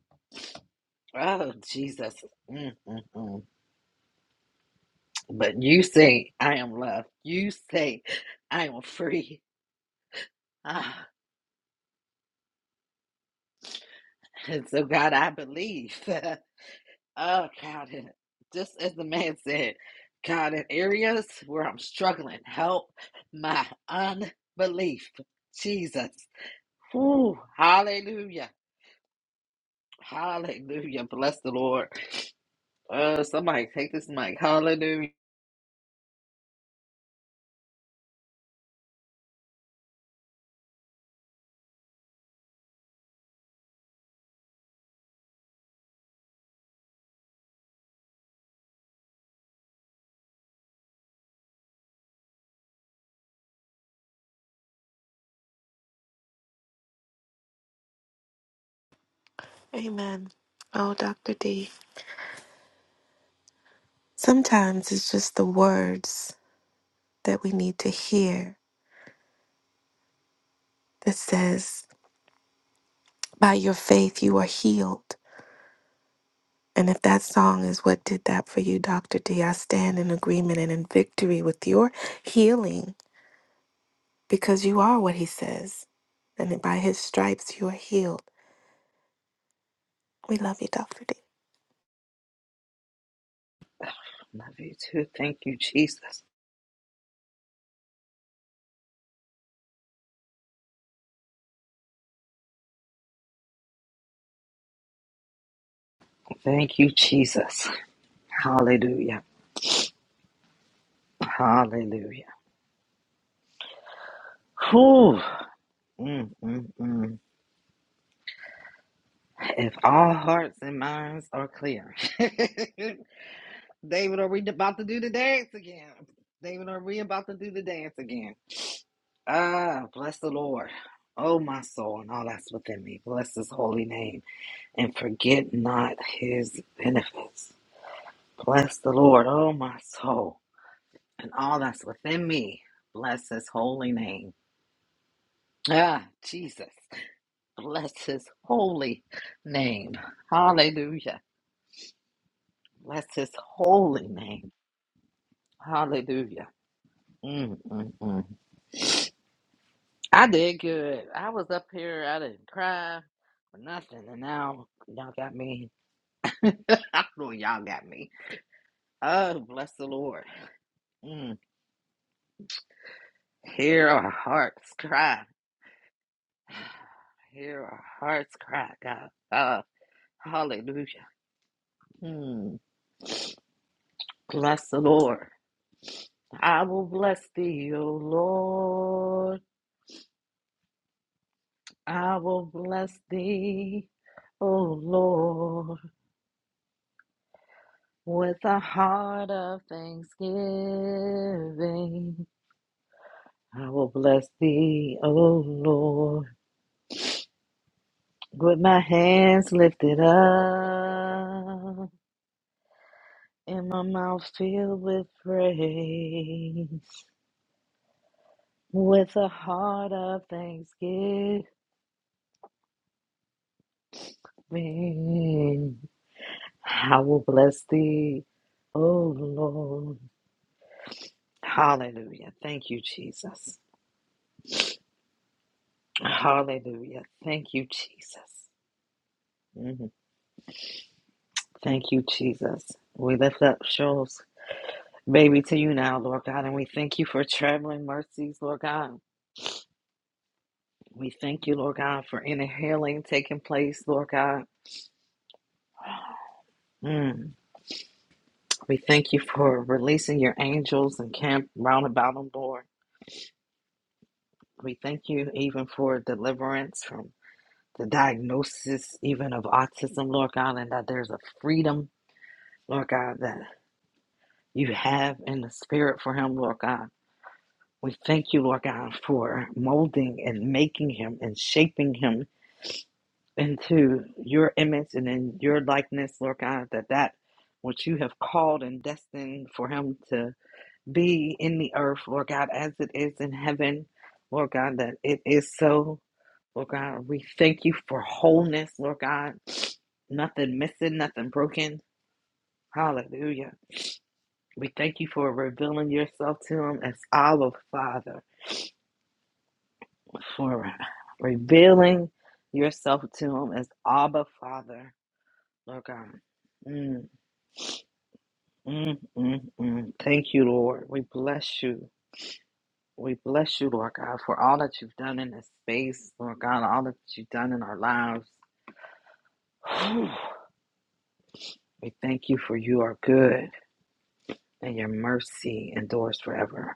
Speaker 12: oh Jesus. Mm, mm, mm. But you say, I am loved. You say, I am free. Ah, and so, God, I believe. Oh God, and just as the man said, God, in areas where I'm struggling, help my unbelief. Jesus. Whew, hallelujah. Hallelujah. Bless the Lord. Uh, somebody take this mic. Hallelujah.
Speaker 10: Amen. Oh, Dr. D. Sometimes it's just the words that we need to hear that says, by your faith you are healed. And if that song is what did that for you, Dr. D, I stand in agreement and in victory with your healing because you are what he says. And by his stripes, you are healed. We love you, Dr. D.
Speaker 12: Love you too. Thank you, Jesus. Thank you, Jesus. Hallelujah. Hallelujah. Whew. Mm, mm, mm. If all hearts and minds are clear. David, are we about to do the dance again? David, are we about to do the dance again? Ah, bless the Lord. Oh, my soul, and all that's within me. Bless his holy name and forget not his benefits. Bless the Lord, oh, my soul, and all that's within me. Bless his holy name. Ah, Jesus. Bless his holy name. Hallelujah. Bless his holy name. Hallelujah. Mm-mm-mm. I did good. I was up here. I didn't cry or nothing, and now y'all got me. I know y'all got me. Oh, bless the Lord. Mm. Hear our hearts cry. Hear our hearts cry, God. Uh, hallelujah. Mm. Bless the Lord. I will bless thee, O Lord. I will bless thee, O Lord, with a heart of thanksgiving. I will bless thee, O Lord, with my hands lifted up and my mouth filled with praise, with a heart of thanksgiving. I will bless thee, O Lord. Hallelujah. Thank you, Jesus. Hallelujah. Thank you, Jesus. Mhm. Thank you, Jesus. We lift up Shoals. Baby, to you now, Lord God, and we thank you for traveling mercies, Lord God. We thank you, Lord God, for any healing taking place, Lord God. Mm. We thank you for releasing your angels and camp round about them, Lord. We thank you even for deliverance from the diagnosis, even of autism, Lord God, and that there's a freedom, Lord God, that you have in the spirit for him, Lord God. We thank you, Lord God, for molding and making him and shaping him into your image and in your likeness, Lord God, that that which you have called and destined for him to be in the earth, Lord God, as it is in heaven, Lord God, that it is so. Lord God, we thank you for wholeness, Lord God. Nothing missing, nothing broken. Hallelujah. We thank you for revealing yourself to him as Abba Father, for revealing yourself to him as Abba Father, Lord God. Mm. Mm, mm, mm. Thank you, Lord. We bless you. We bless you, Lord God, for all that you've done in this space, Lord God, all that you've done in our lives. Whew. we thank you for you are good and your mercy endures forever.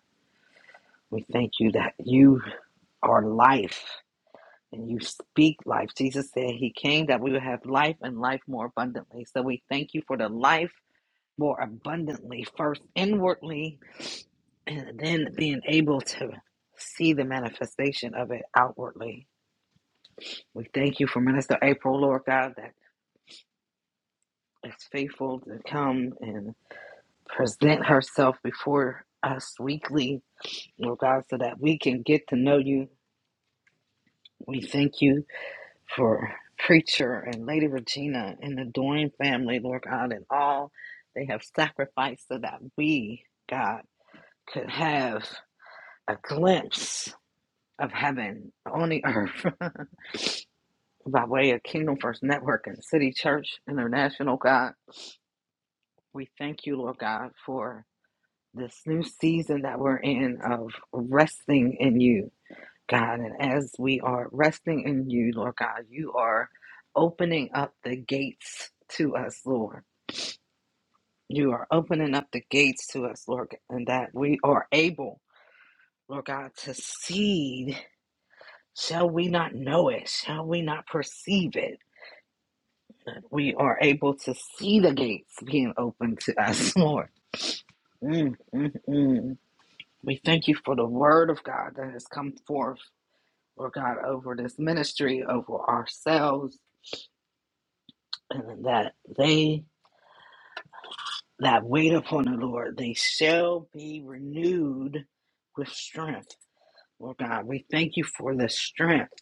Speaker 12: We thank you that you are life and you speak life. Jesus said he came that we would have life and life more abundantly. So we thank you for the life more abundantly, first inwardly and then being able to see the manifestation of it outwardly. We thank you for Minister April, Lord God, that is faithful to come and present herself before us weekly, Lord God, so that we can get to know you. We thank you for Preacher and Lady Regina and the Doyne family, Lord God, and all they have sacrificed so that we, God, could have a glimpse of heaven on the earth. by way of Kingdom First Network and City Church International, God. We thank you, Lord God, for this new season that we're in of resting in you, God. And as we are resting in you, Lord God, you are opening up the gates to us, Lord. You are opening up the gates to us, Lord, and that we are able, Lord God, to see. Shall we not know it? Shall we not perceive it? we are able to see the gates being opened to us, Lord. Mm, mm, mm. We thank you for the word of God that has come forth, Lord God, over this ministry, over ourselves, and that they that wait upon the Lord, they shall be renewed with strength. Lord God, we thank you for the strength.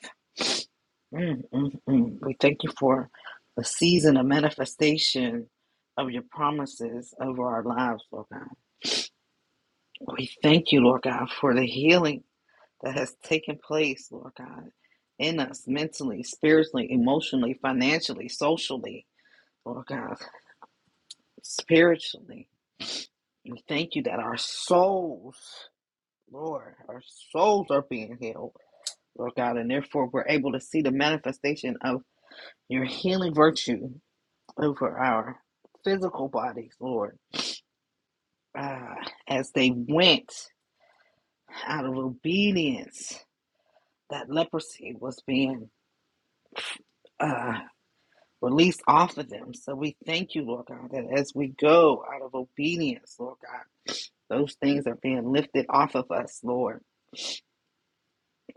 Speaker 12: Mm, mm, mm. We thank you for the season of manifestation of your promises over our lives, Lord God. We thank you, Lord God, for the healing that has taken place, Lord God, in us mentally, spiritually, emotionally, financially, socially, Lord God, spiritually. We thank you that our souls, Lord, our souls are being healed, Lord God, and therefore we're able to see the manifestation of your healing virtue over our physical bodies, Lord, Ah, as they went out of obedience. That leprosy was being uh, released off of them. So we thank you, Lord God, that as we go out of obedience, Lord God, those things are being lifted off of us, Lord.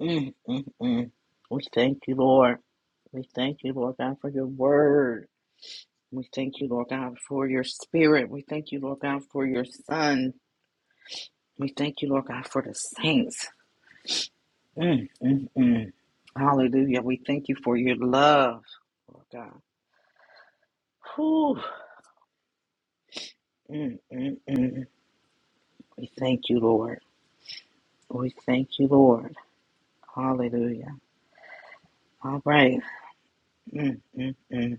Speaker 12: Mm, mm, mm. We thank you, Lord. We thank you, Lord God, for your word. We thank you, Lord God, for your spirit. We thank you, Lord God, for your son. We thank you, Lord God, for the saints. Mm, mm, mm. Hallelujah. We thank you for your love, Lord God. Whew. Mm, mm, mm. We thank you, Lord. We thank you, Lord. Hallelujah. All right. Mm, mm, mm.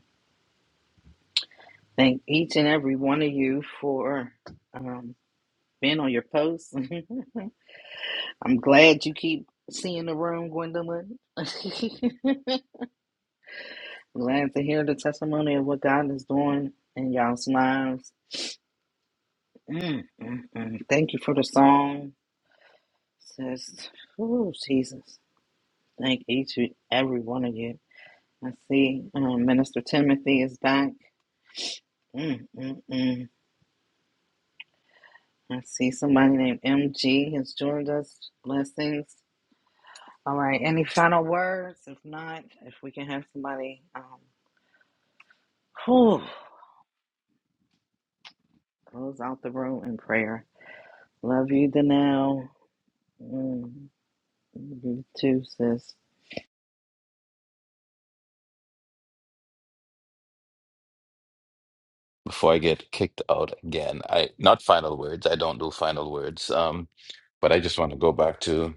Speaker 12: Thank each and every one of you for um, being on your posts. I'm glad you keep seeing the room, Gwendolyn. glad to hear the testimony of what God is doing in y'all's lives. Mm, mm, mm. Thank you for the song. Says, oh, Jesus. Thank each and every one of you. I see um, Minister Timothy is back. Mm, mm, mm. I see somebody named MG has joined us. Blessings. All right. Any final words? If not, if we can have somebody um, whew, close out the room in prayer. Love you, Danelle. Mm, you too, sis.
Speaker 4: Before I get kicked out again, I not final words. I don't do final words. Um, but I just want to go back to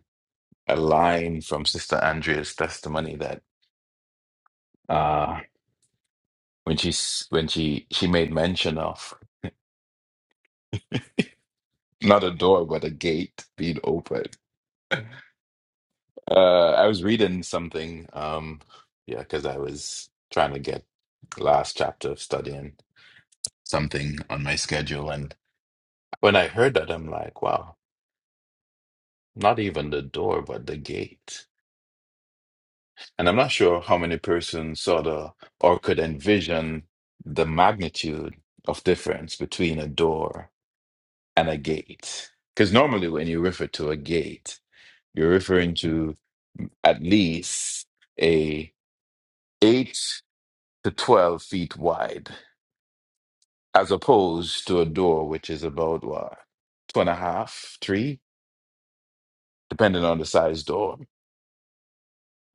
Speaker 4: a line from Sister Andrea's testimony that uh, when she's when she she made mention of. Not a door, but a gate being open. Uh, I was reading something, um, yeah, because I was trying to get last chapter of studying something on my schedule, and when I heard that, I'm like, wow, not even the door, but the gate. And I'm not sure how many persons saw the or could envision the magnitude of difference between a door and a gate. Because normally, when you refer to a gate, You're referring to at least a 8 to 12 feet wide, as opposed to a door which is about what, two and a half, three, depending on the size door.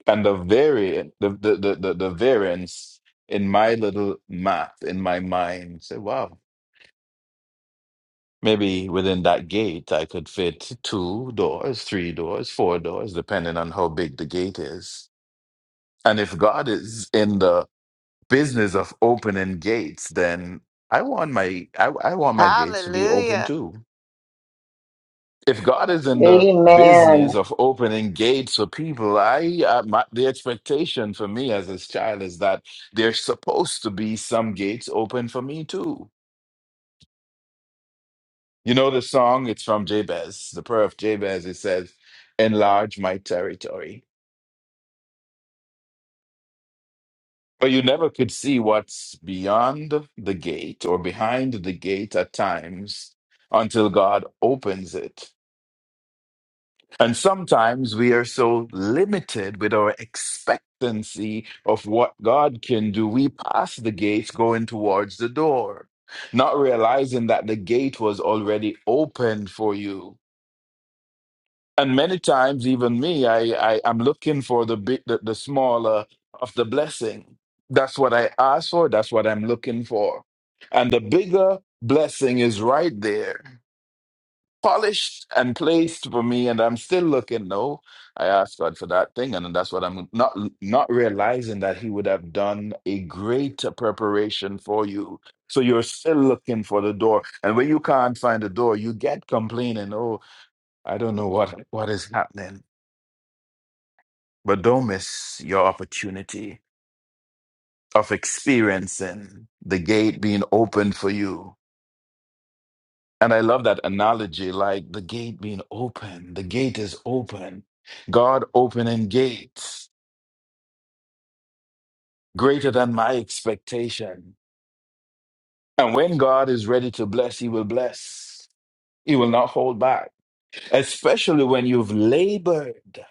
Speaker 4: And the variant, the, the, the, the, the variance in my little math in my mind said, wow, maybe within that gate I could fit two doors, three doors, four doors, depending on how big the gate is. And if God is in the business of opening gates, then I want my I, I want my gates to be open
Speaker 10: Hallelujah.
Speaker 4: too. If God is in the
Speaker 16: Amen.
Speaker 4: business of opening gates for people, I uh, my, the expectation for me as his child is that there's supposed to be some gates open for me too. You know the song? It's from Jabez, the prayer of Jabez. It says, "Enlarge my territory." But you never could see what's beyond the gate or behind the gate at times until God opens it. And sometimes we are so limited with our expectancy of what God can do. We pass the gate going towards the door, not realizing that the gate was already open for you and many times even me i, I i'm looking for the big the, the smaller of the blessing that's what i ask for that's what i'm looking for and the bigger blessing is right there polished and placed for me and i'm still looking no i asked god for that thing and that's what i'm not not realizing that he would have done a greater preparation for you so you're still looking for the door and when you can't find the door you get complaining oh i don't know what what is happening but don't miss your opportunity of experiencing the gate being open for you. And I love that analogy like the gate being open, the gate is open. God opening gates greater than my expectation. And when God is ready to bless, He will bless. He will not hold back, especially when you've labored.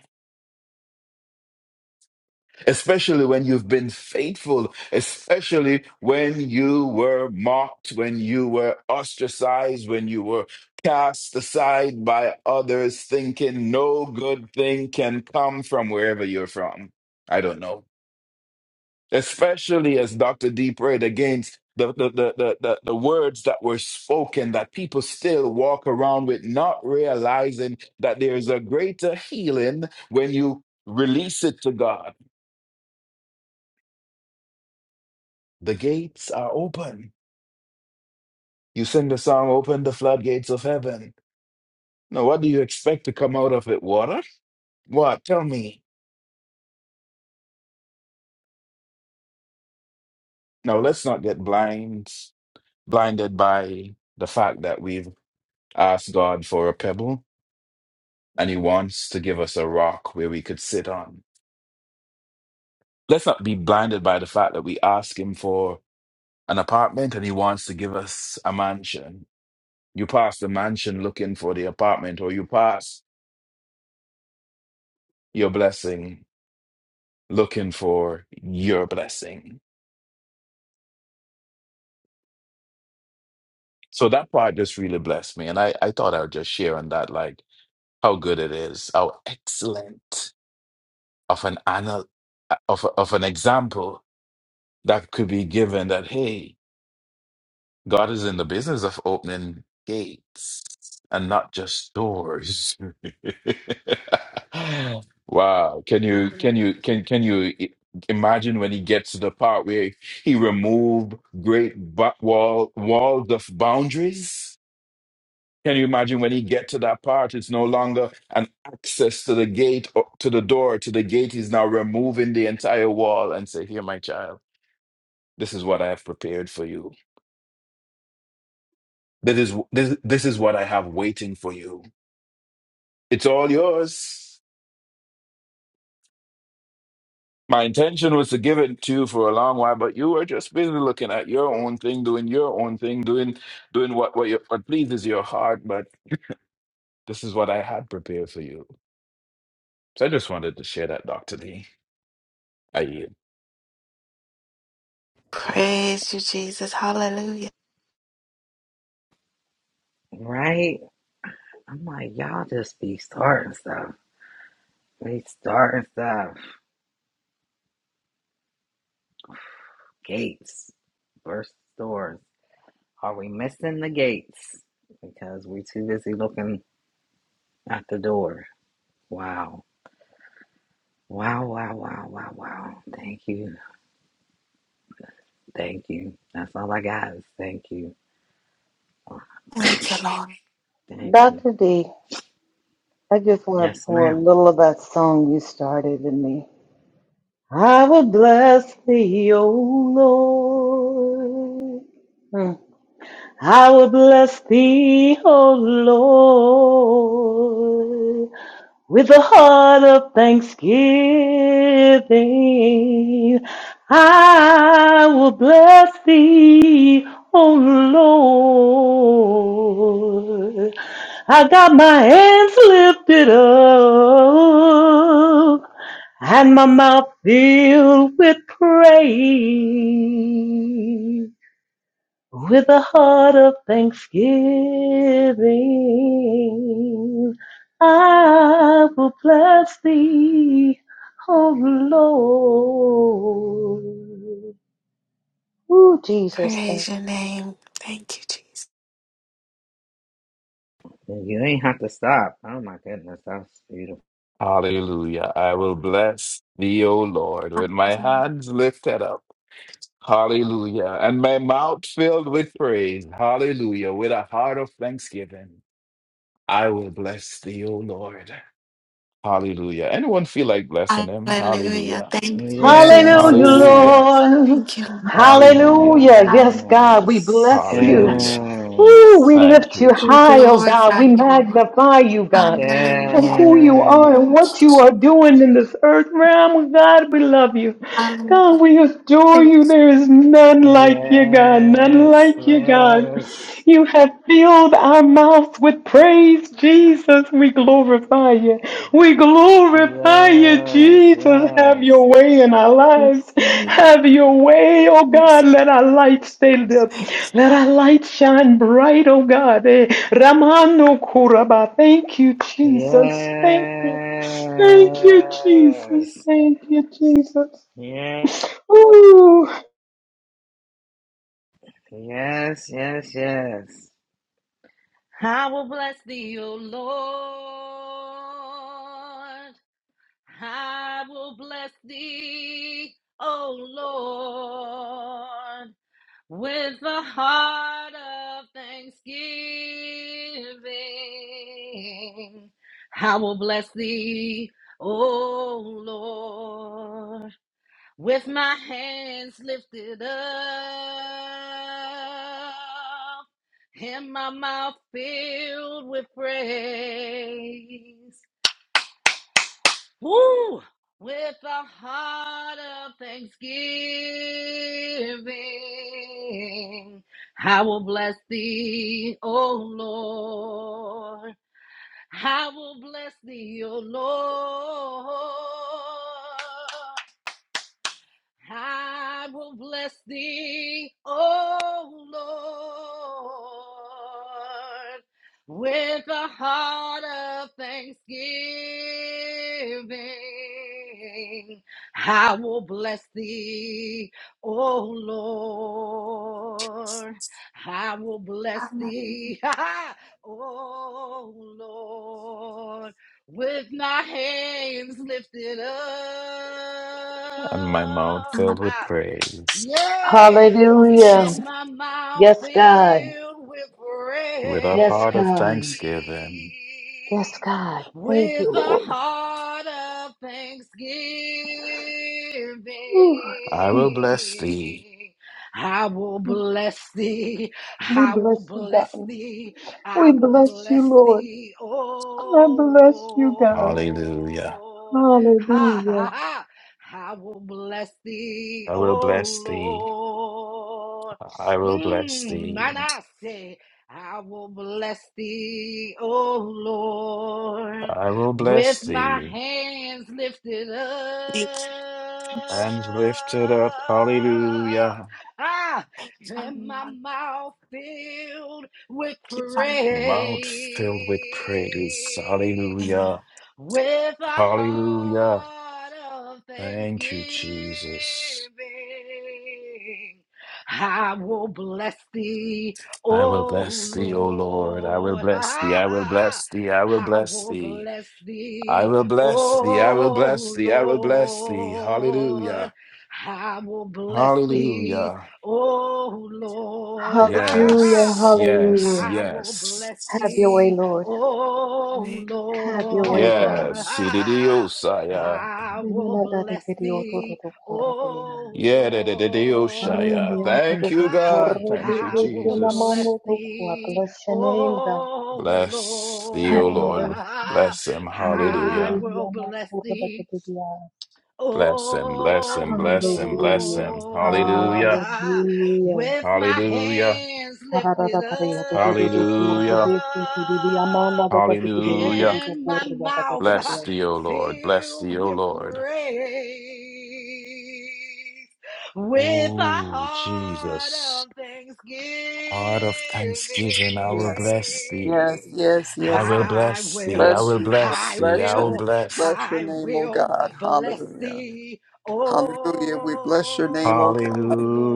Speaker 4: especially when you've been faithful, especially when you were mocked, when you were ostracized, when you were cast aside by others, thinking no good thing can come from wherever you're from. I don't know. Especially as Dr. D prayed against the, the, the, the, the, the words that were spoken that people still walk around with, not realizing that there is a greater healing when you release it to God The gates are open. You sing the song, Open the Floodgates of Heaven. Now, what do you expect to come out of it? Water? What? Tell me. Now, let's not get blind, blinded by the fact that we've asked God for a pebble and He wants to give us a rock where we could sit on. Let's not be blinded by the fact that we ask Him for an apartment and He wants to give us a mansion. You pass the mansion looking for the apartment, or you pass your blessing looking for your blessing. So that part just really blessed me. And I, I thought I would just share on that, like how good it is, how excellent of an anal of, of an example that could be given that, hey, God is in the business of opening gates and not just doors. Wow. Can you
Speaker 10: Hallelujah.
Speaker 4: can you can can you i- imagine when he gets to the part where he removed great ba- wall walls of boundaries? Can you imagine when he get to that part? It's no longer an access to the gate or to the door to the gate. He's now removing the entire wall and say, "Here, my child, this is what I have prepared for you." This is this, this is what I have waiting for you. It's all yours. My intention was to give it to you for a long while, but you were just busy looking at your own thing, doing your own thing, doing doing what what, your, what pleases your heart. But this is what I had prepared for you. So I just wanted to share that, Doctor Lee. I yield.
Speaker 10: Praise you, Jesus. Hallelujah.
Speaker 12: Right? I'm like, y'all just be starting stuff. They starting stuff. Gates, burst doors. Are we missing the gates? Because we too busy looking at the door. Wow. Wow, wow, wow, wow, wow. Thank you. Thank you. That's all I got is thank you. Oh,
Speaker 10: Thank you, Lord.
Speaker 12: thank you.
Speaker 16: Dr. D, I just want to
Speaker 12: Yes,
Speaker 16: pour a
Speaker 12: ma'am.
Speaker 16: little of that song you started in me. I will bless thee, O Lord. Mm. I will bless thee, O Lord. With a heart of thanksgiving, I will bless thee, O Lord. I got my hands lifted up and my mouth filled with praise with a heart of thanksgiving. I will bless thee, O Lord. Ooh, Jesus. thank-
Speaker 10: Praise your name. Thank you,
Speaker 12: You ain't have to stop. Oh my goodness, that's beautiful.
Speaker 4: Hallelujah. I will bless thee, O Lord, with my
Speaker 10: Jesus.
Speaker 4: hands lifted up. Hallelujah. And my mouth filled with praise. Hallelujah. With a heart of thanksgiving. I will bless thee, O Lord. Hallelujah. Anyone feel like blessing him?
Speaker 10: Hallelujah.
Speaker 4: Hallelujah.
Speaker 10: Thank you,
Speaker 16: Hallelujah,
Speaker 10: Jesus.
Speaker 4: Hallelujah.
Speaker 12: Yes.
Speaker 16: Lord.
Speaker 10: Thank you,
Speaker 4: Hallelujah.
Speaker 16: Hallelujah. Yes,
Speaker 10: Lord.
Speaker 16: God, we
Speaker 12: Yes.
Speaker 16: bless you.
Speaker 10: Hallelujah.
Speaker 4: Hallelujah.
Speaker 16: Ooh, we
Speaker 12: Yes.
Speaker 4: Thank
Speaker 16: lift you
Speaker 4: you,
Speaker 10: We
Speaker 16: high, oh
Speaker 4: Jesus.
Speaker 16: God.
Speaker 10: glorify
Speaker 16: We
Speaker 10: you, Lord.
Speaker 16: magnify you, God, for
Speaker 10: Hallelujah.
Speaker 16: who you are and
Speaker 10: Um,
Speaker 16: what you
Speaker 12: Yes.
Speaker 16: are doing in this earth realm. God, we love you. God, we adore you.
Speaker 10: thanks.
Speaker 16: There is none like you, God. None
Speaker 12: Yes.
Speaker 16: like you, God.
Speaker 12: Yes.
Speaker 16: You have filled our mouths with praise, Jesus. We glorify you. We glorify you,
Speaker 12: Yes.
Speaker 16: Jesus. Have your way in our lives.
Speaker 10: Thanks.
Speaker 16: Have your way, oh God. Let our light stay lit.
Speaker 10: Thanks.
Speaker 16: Let our light shine bright, oh God. Eh, Ramano Kuraba. Thank you, Jesus. Thank you. Thank you, Jesus.
Speaker 12: Yes. Yes.
Speaker 16: Thank you, Jesus.
Speaker 12: Yes,
Speaker 16: Ooh.
Speaker 12: yes, yes, yes. I will bless thee, O Lord. I will bless thee, O Lord, with a heart of thanksgiving. I will bless thee, O Lord. with my hands lifted up and my mouth filled with praise. Woo! With a heart of thanksgiving, I will bless thee, O Lord. I will bless thee, O Lord. I will bless thee, O Lord, with a heart of thanksgiving. I will bless thee, O Lord. I will bless
Speaker 10: Um,
Speaker 12: thee, O Lord with my hands lifted up.
Speaker 4: And my mouth filled
Speaker 10: um,
Speaker 4: with praise,
Speaker 12: Yea,
Speaker 10: um,
Speaker 12: Let
Speaker 16: Hallelujah.
Speaker 10: she's-
Speaker 12: my mouth
Speaker 16: Yes, God.
Speaker 12: filled with
Speaker 4: with a
Speaker 16: Yes,
Speaker 12: praise,
Speaker 4: heart of
Speaker 16: God.
Speaker 4: thanksgiving.
Speaker 16: Yes, God. Thank
Speaker 12: with
Speaker 16: you,
Speaker 12: a
Speaker 16: Lord.
Speaker 12: heart of
Speaker 4: I
Speaker 16: Ooh,
Speaker 4: will bless thee.
Speaker 12: thanksgiving. I will bless thee.
Speaker 16: We
Speaker 12: I will
Speaker 16: bless you,
Speaker 12: bless
Speaker 16: God.
Speaker 12: thee. I
Speaker 16: We
Speaker 12: will
Speaker 16: bless you,
Speaker 12: bless
Speaker 16: Lord.
Speaker 12: thee,
Speaker 16: I
Speaker 12: oh
Speaker 16: bless you, God.
Speaker 4: Hallelujah.
Speaker 12: Lord. Ha
Speaker 16: Hallelujah.
Speaker 12: ha ha. I will bless thee,
Speaker 4: I will
Speaker 12: O
Speaker 4: bless thee.
Speaker 12: Lord.
Speaker 4: I will bless
Speaker 12: Mm,
Speaker 4: thee.
Speaker 12: and I say, I will bless thee, O Lord,
Speaker 4: I will
Speaker 12: with
Speaker 4: bless
Speaker 12: my
Speaker 4: thee.
Speaker 12: hands lifted up.
Speaker 10: Thanks.
Speaker 4: And
Speaker 10: Thanks.
Speaker 4: lift it up. Hallelujah.
Speaker 12: Ah,
Speaker 10: Thanks.
Speaker 12: and
Speaker 10: Um,
Speaker 12: my
Speaker 10: I
Speaker 12: mouth filled with
Speaker 10: keep
Speaker 12: praise
Speaker 10: on-
Speaker 4: Mouth filled with praise. Hallelujah.
Speaker 12: with a
Speaker 4: Hallelujah.
Speaker 12: heart of thanksgiving.
Speaker 4: Thank you, Jesus.
Speaker 12: I will bless thee,
Speaker 4: I will
Speaker 12: O
Speaker 4: bless thee, O Lord. I will
Speaker 12: Lord.
Speaker 4: bless thee. I will
Speaker 12: I
Speaker 4: bless thee. I will bless
Speaker 12: will
Speaker 4: thee.
Speaker 12: bless
Speaker 4: I
Speaker 12: thee,
Speaker 4: will bless thee. I will bless
Speaker 12: O
Speaker 4: thee. I will bless thee.
Speaker 12: Lord.
Speaker 4: Hallelujah.
Speaker 12: I will bless thee,
Speaker 4: Hallelujah.
Speaker 12: O Lord.
Speaker 16: Hallelujah.
Speaker 4: Yes. Yes.
Speaker 16: Hallelujah.
Speaker 12: I will
Speaker 4: Yes.
Speaker 12: bless
Speaker 16: Have your
Speaker 10: Yes.
Speaker 16: way,
Speaker 12: thee,
Speaker 16: Lord.
Speaker 12: Oh
Speaker 10: Amen.
Speaker 16: Have your way,
Speaker 12: Lord,
Speaker 16: God.
Speaker 4: Yes.
Speaker 12: ah,
Speaker 4: Ididiosaya.
Speaker 12: I
Speaker 16: Bless
Speaker 12: will
Speaker 16: your
Speaker 12: bless thee. Oh
Speaker 4: Yeah.
Speaker 12: Lord,
Speaker 4: Thank you,
Speaker 12: ah,
Speaker 4: God. Thank you,
Speaker 12: I will
Speaker 4: Jesus.
Speaker 12: bless thee.
Speaker 16: name, God.
Speaker 12: Oh
Speaker 4: Bless thee,
Speaker 16: Have
Speaker 4: O
Speaker 16: your
Speaker 12: Lord,
Speaker 16: way,
Speaker 4: Lord.
Speaker 16: Father.
Speaker 12: ah,
Speaker 4: Bless him.
Speaker 12: I
Speaker 4: Hallelujah.
Speaker 12: will
Speaker 16: Hallelujah.
Speaker 12: bless thee.
Speaker 4: Bless him. Bless him.
Speaker 12: Oh
Speaker 4: Bless him. Bless him.
Speaker 12: Lord,
Speaker 4: Hallelujah.
Speaker 12: ah,
Speaker 16: Hallelujah.
Speaker 12: with my
Speaker 4: Hallelujah.
Speaker 12: hands lifted
Speaker 16: Harada Korea to do do do for
Speaker 4: Hallelujah.
Speaker 16: the the Amanda
Speaker 12: up
Speaker 16: the Katikidi to
Speaker 4: Hallelujah.
Speaker 16: do do
Speaker 12: and
Speaker 16: for
Speaker 12: my
Speaker 16: the
Speaker 12: mouth ah,
Speaker 4: Bless
Speaker 16: Katakadia.
Speaker 4: thee, O Lord. Bless thee,
Speaker 12: filled
Speaker 4: O
Speaker 12: with
Speaker 4: Lord.
Speaker 12: praise, with a
Speaker 4: Ooh,
Speaker 12: heart
Speaker 4: Jesus.
Speaker 12: of thanksgiving,
Speaker 4: Heart of thanksgiving, I will
Speaker 13: Yes,
Speaker 4: bless thee.
Speaker 13: yes, yes,
Speaker 4: I
Speaker 13: yes.
Speaker 4: will
Speaker 13: Lord.
Speaker 12: I
Speaker 4: bless thee. I
Speaker 12: will,
Speaker 13: Bless
Speaker 4: will
Speaker 13: you, Lord.
Speaker 4: bless
Speaker 12: I
Speaker 4: thee.
Speaker 13: Bless
Speaker 4: I
Speaker 13: your
Speaker 4: will
Speaker 13: name.
Speaker 12: will,
Speaker 4: bless.
Speaker 13: Bless your
Speaker 12: I
Speaker 13: name, O
Speaker 12: will
Speaker 13: God.
Speaker 12: bless
Speaker 13: Hallelujah.
Speaker 12: thee, O
Speaker 13: Hallelujah. We bless your name, O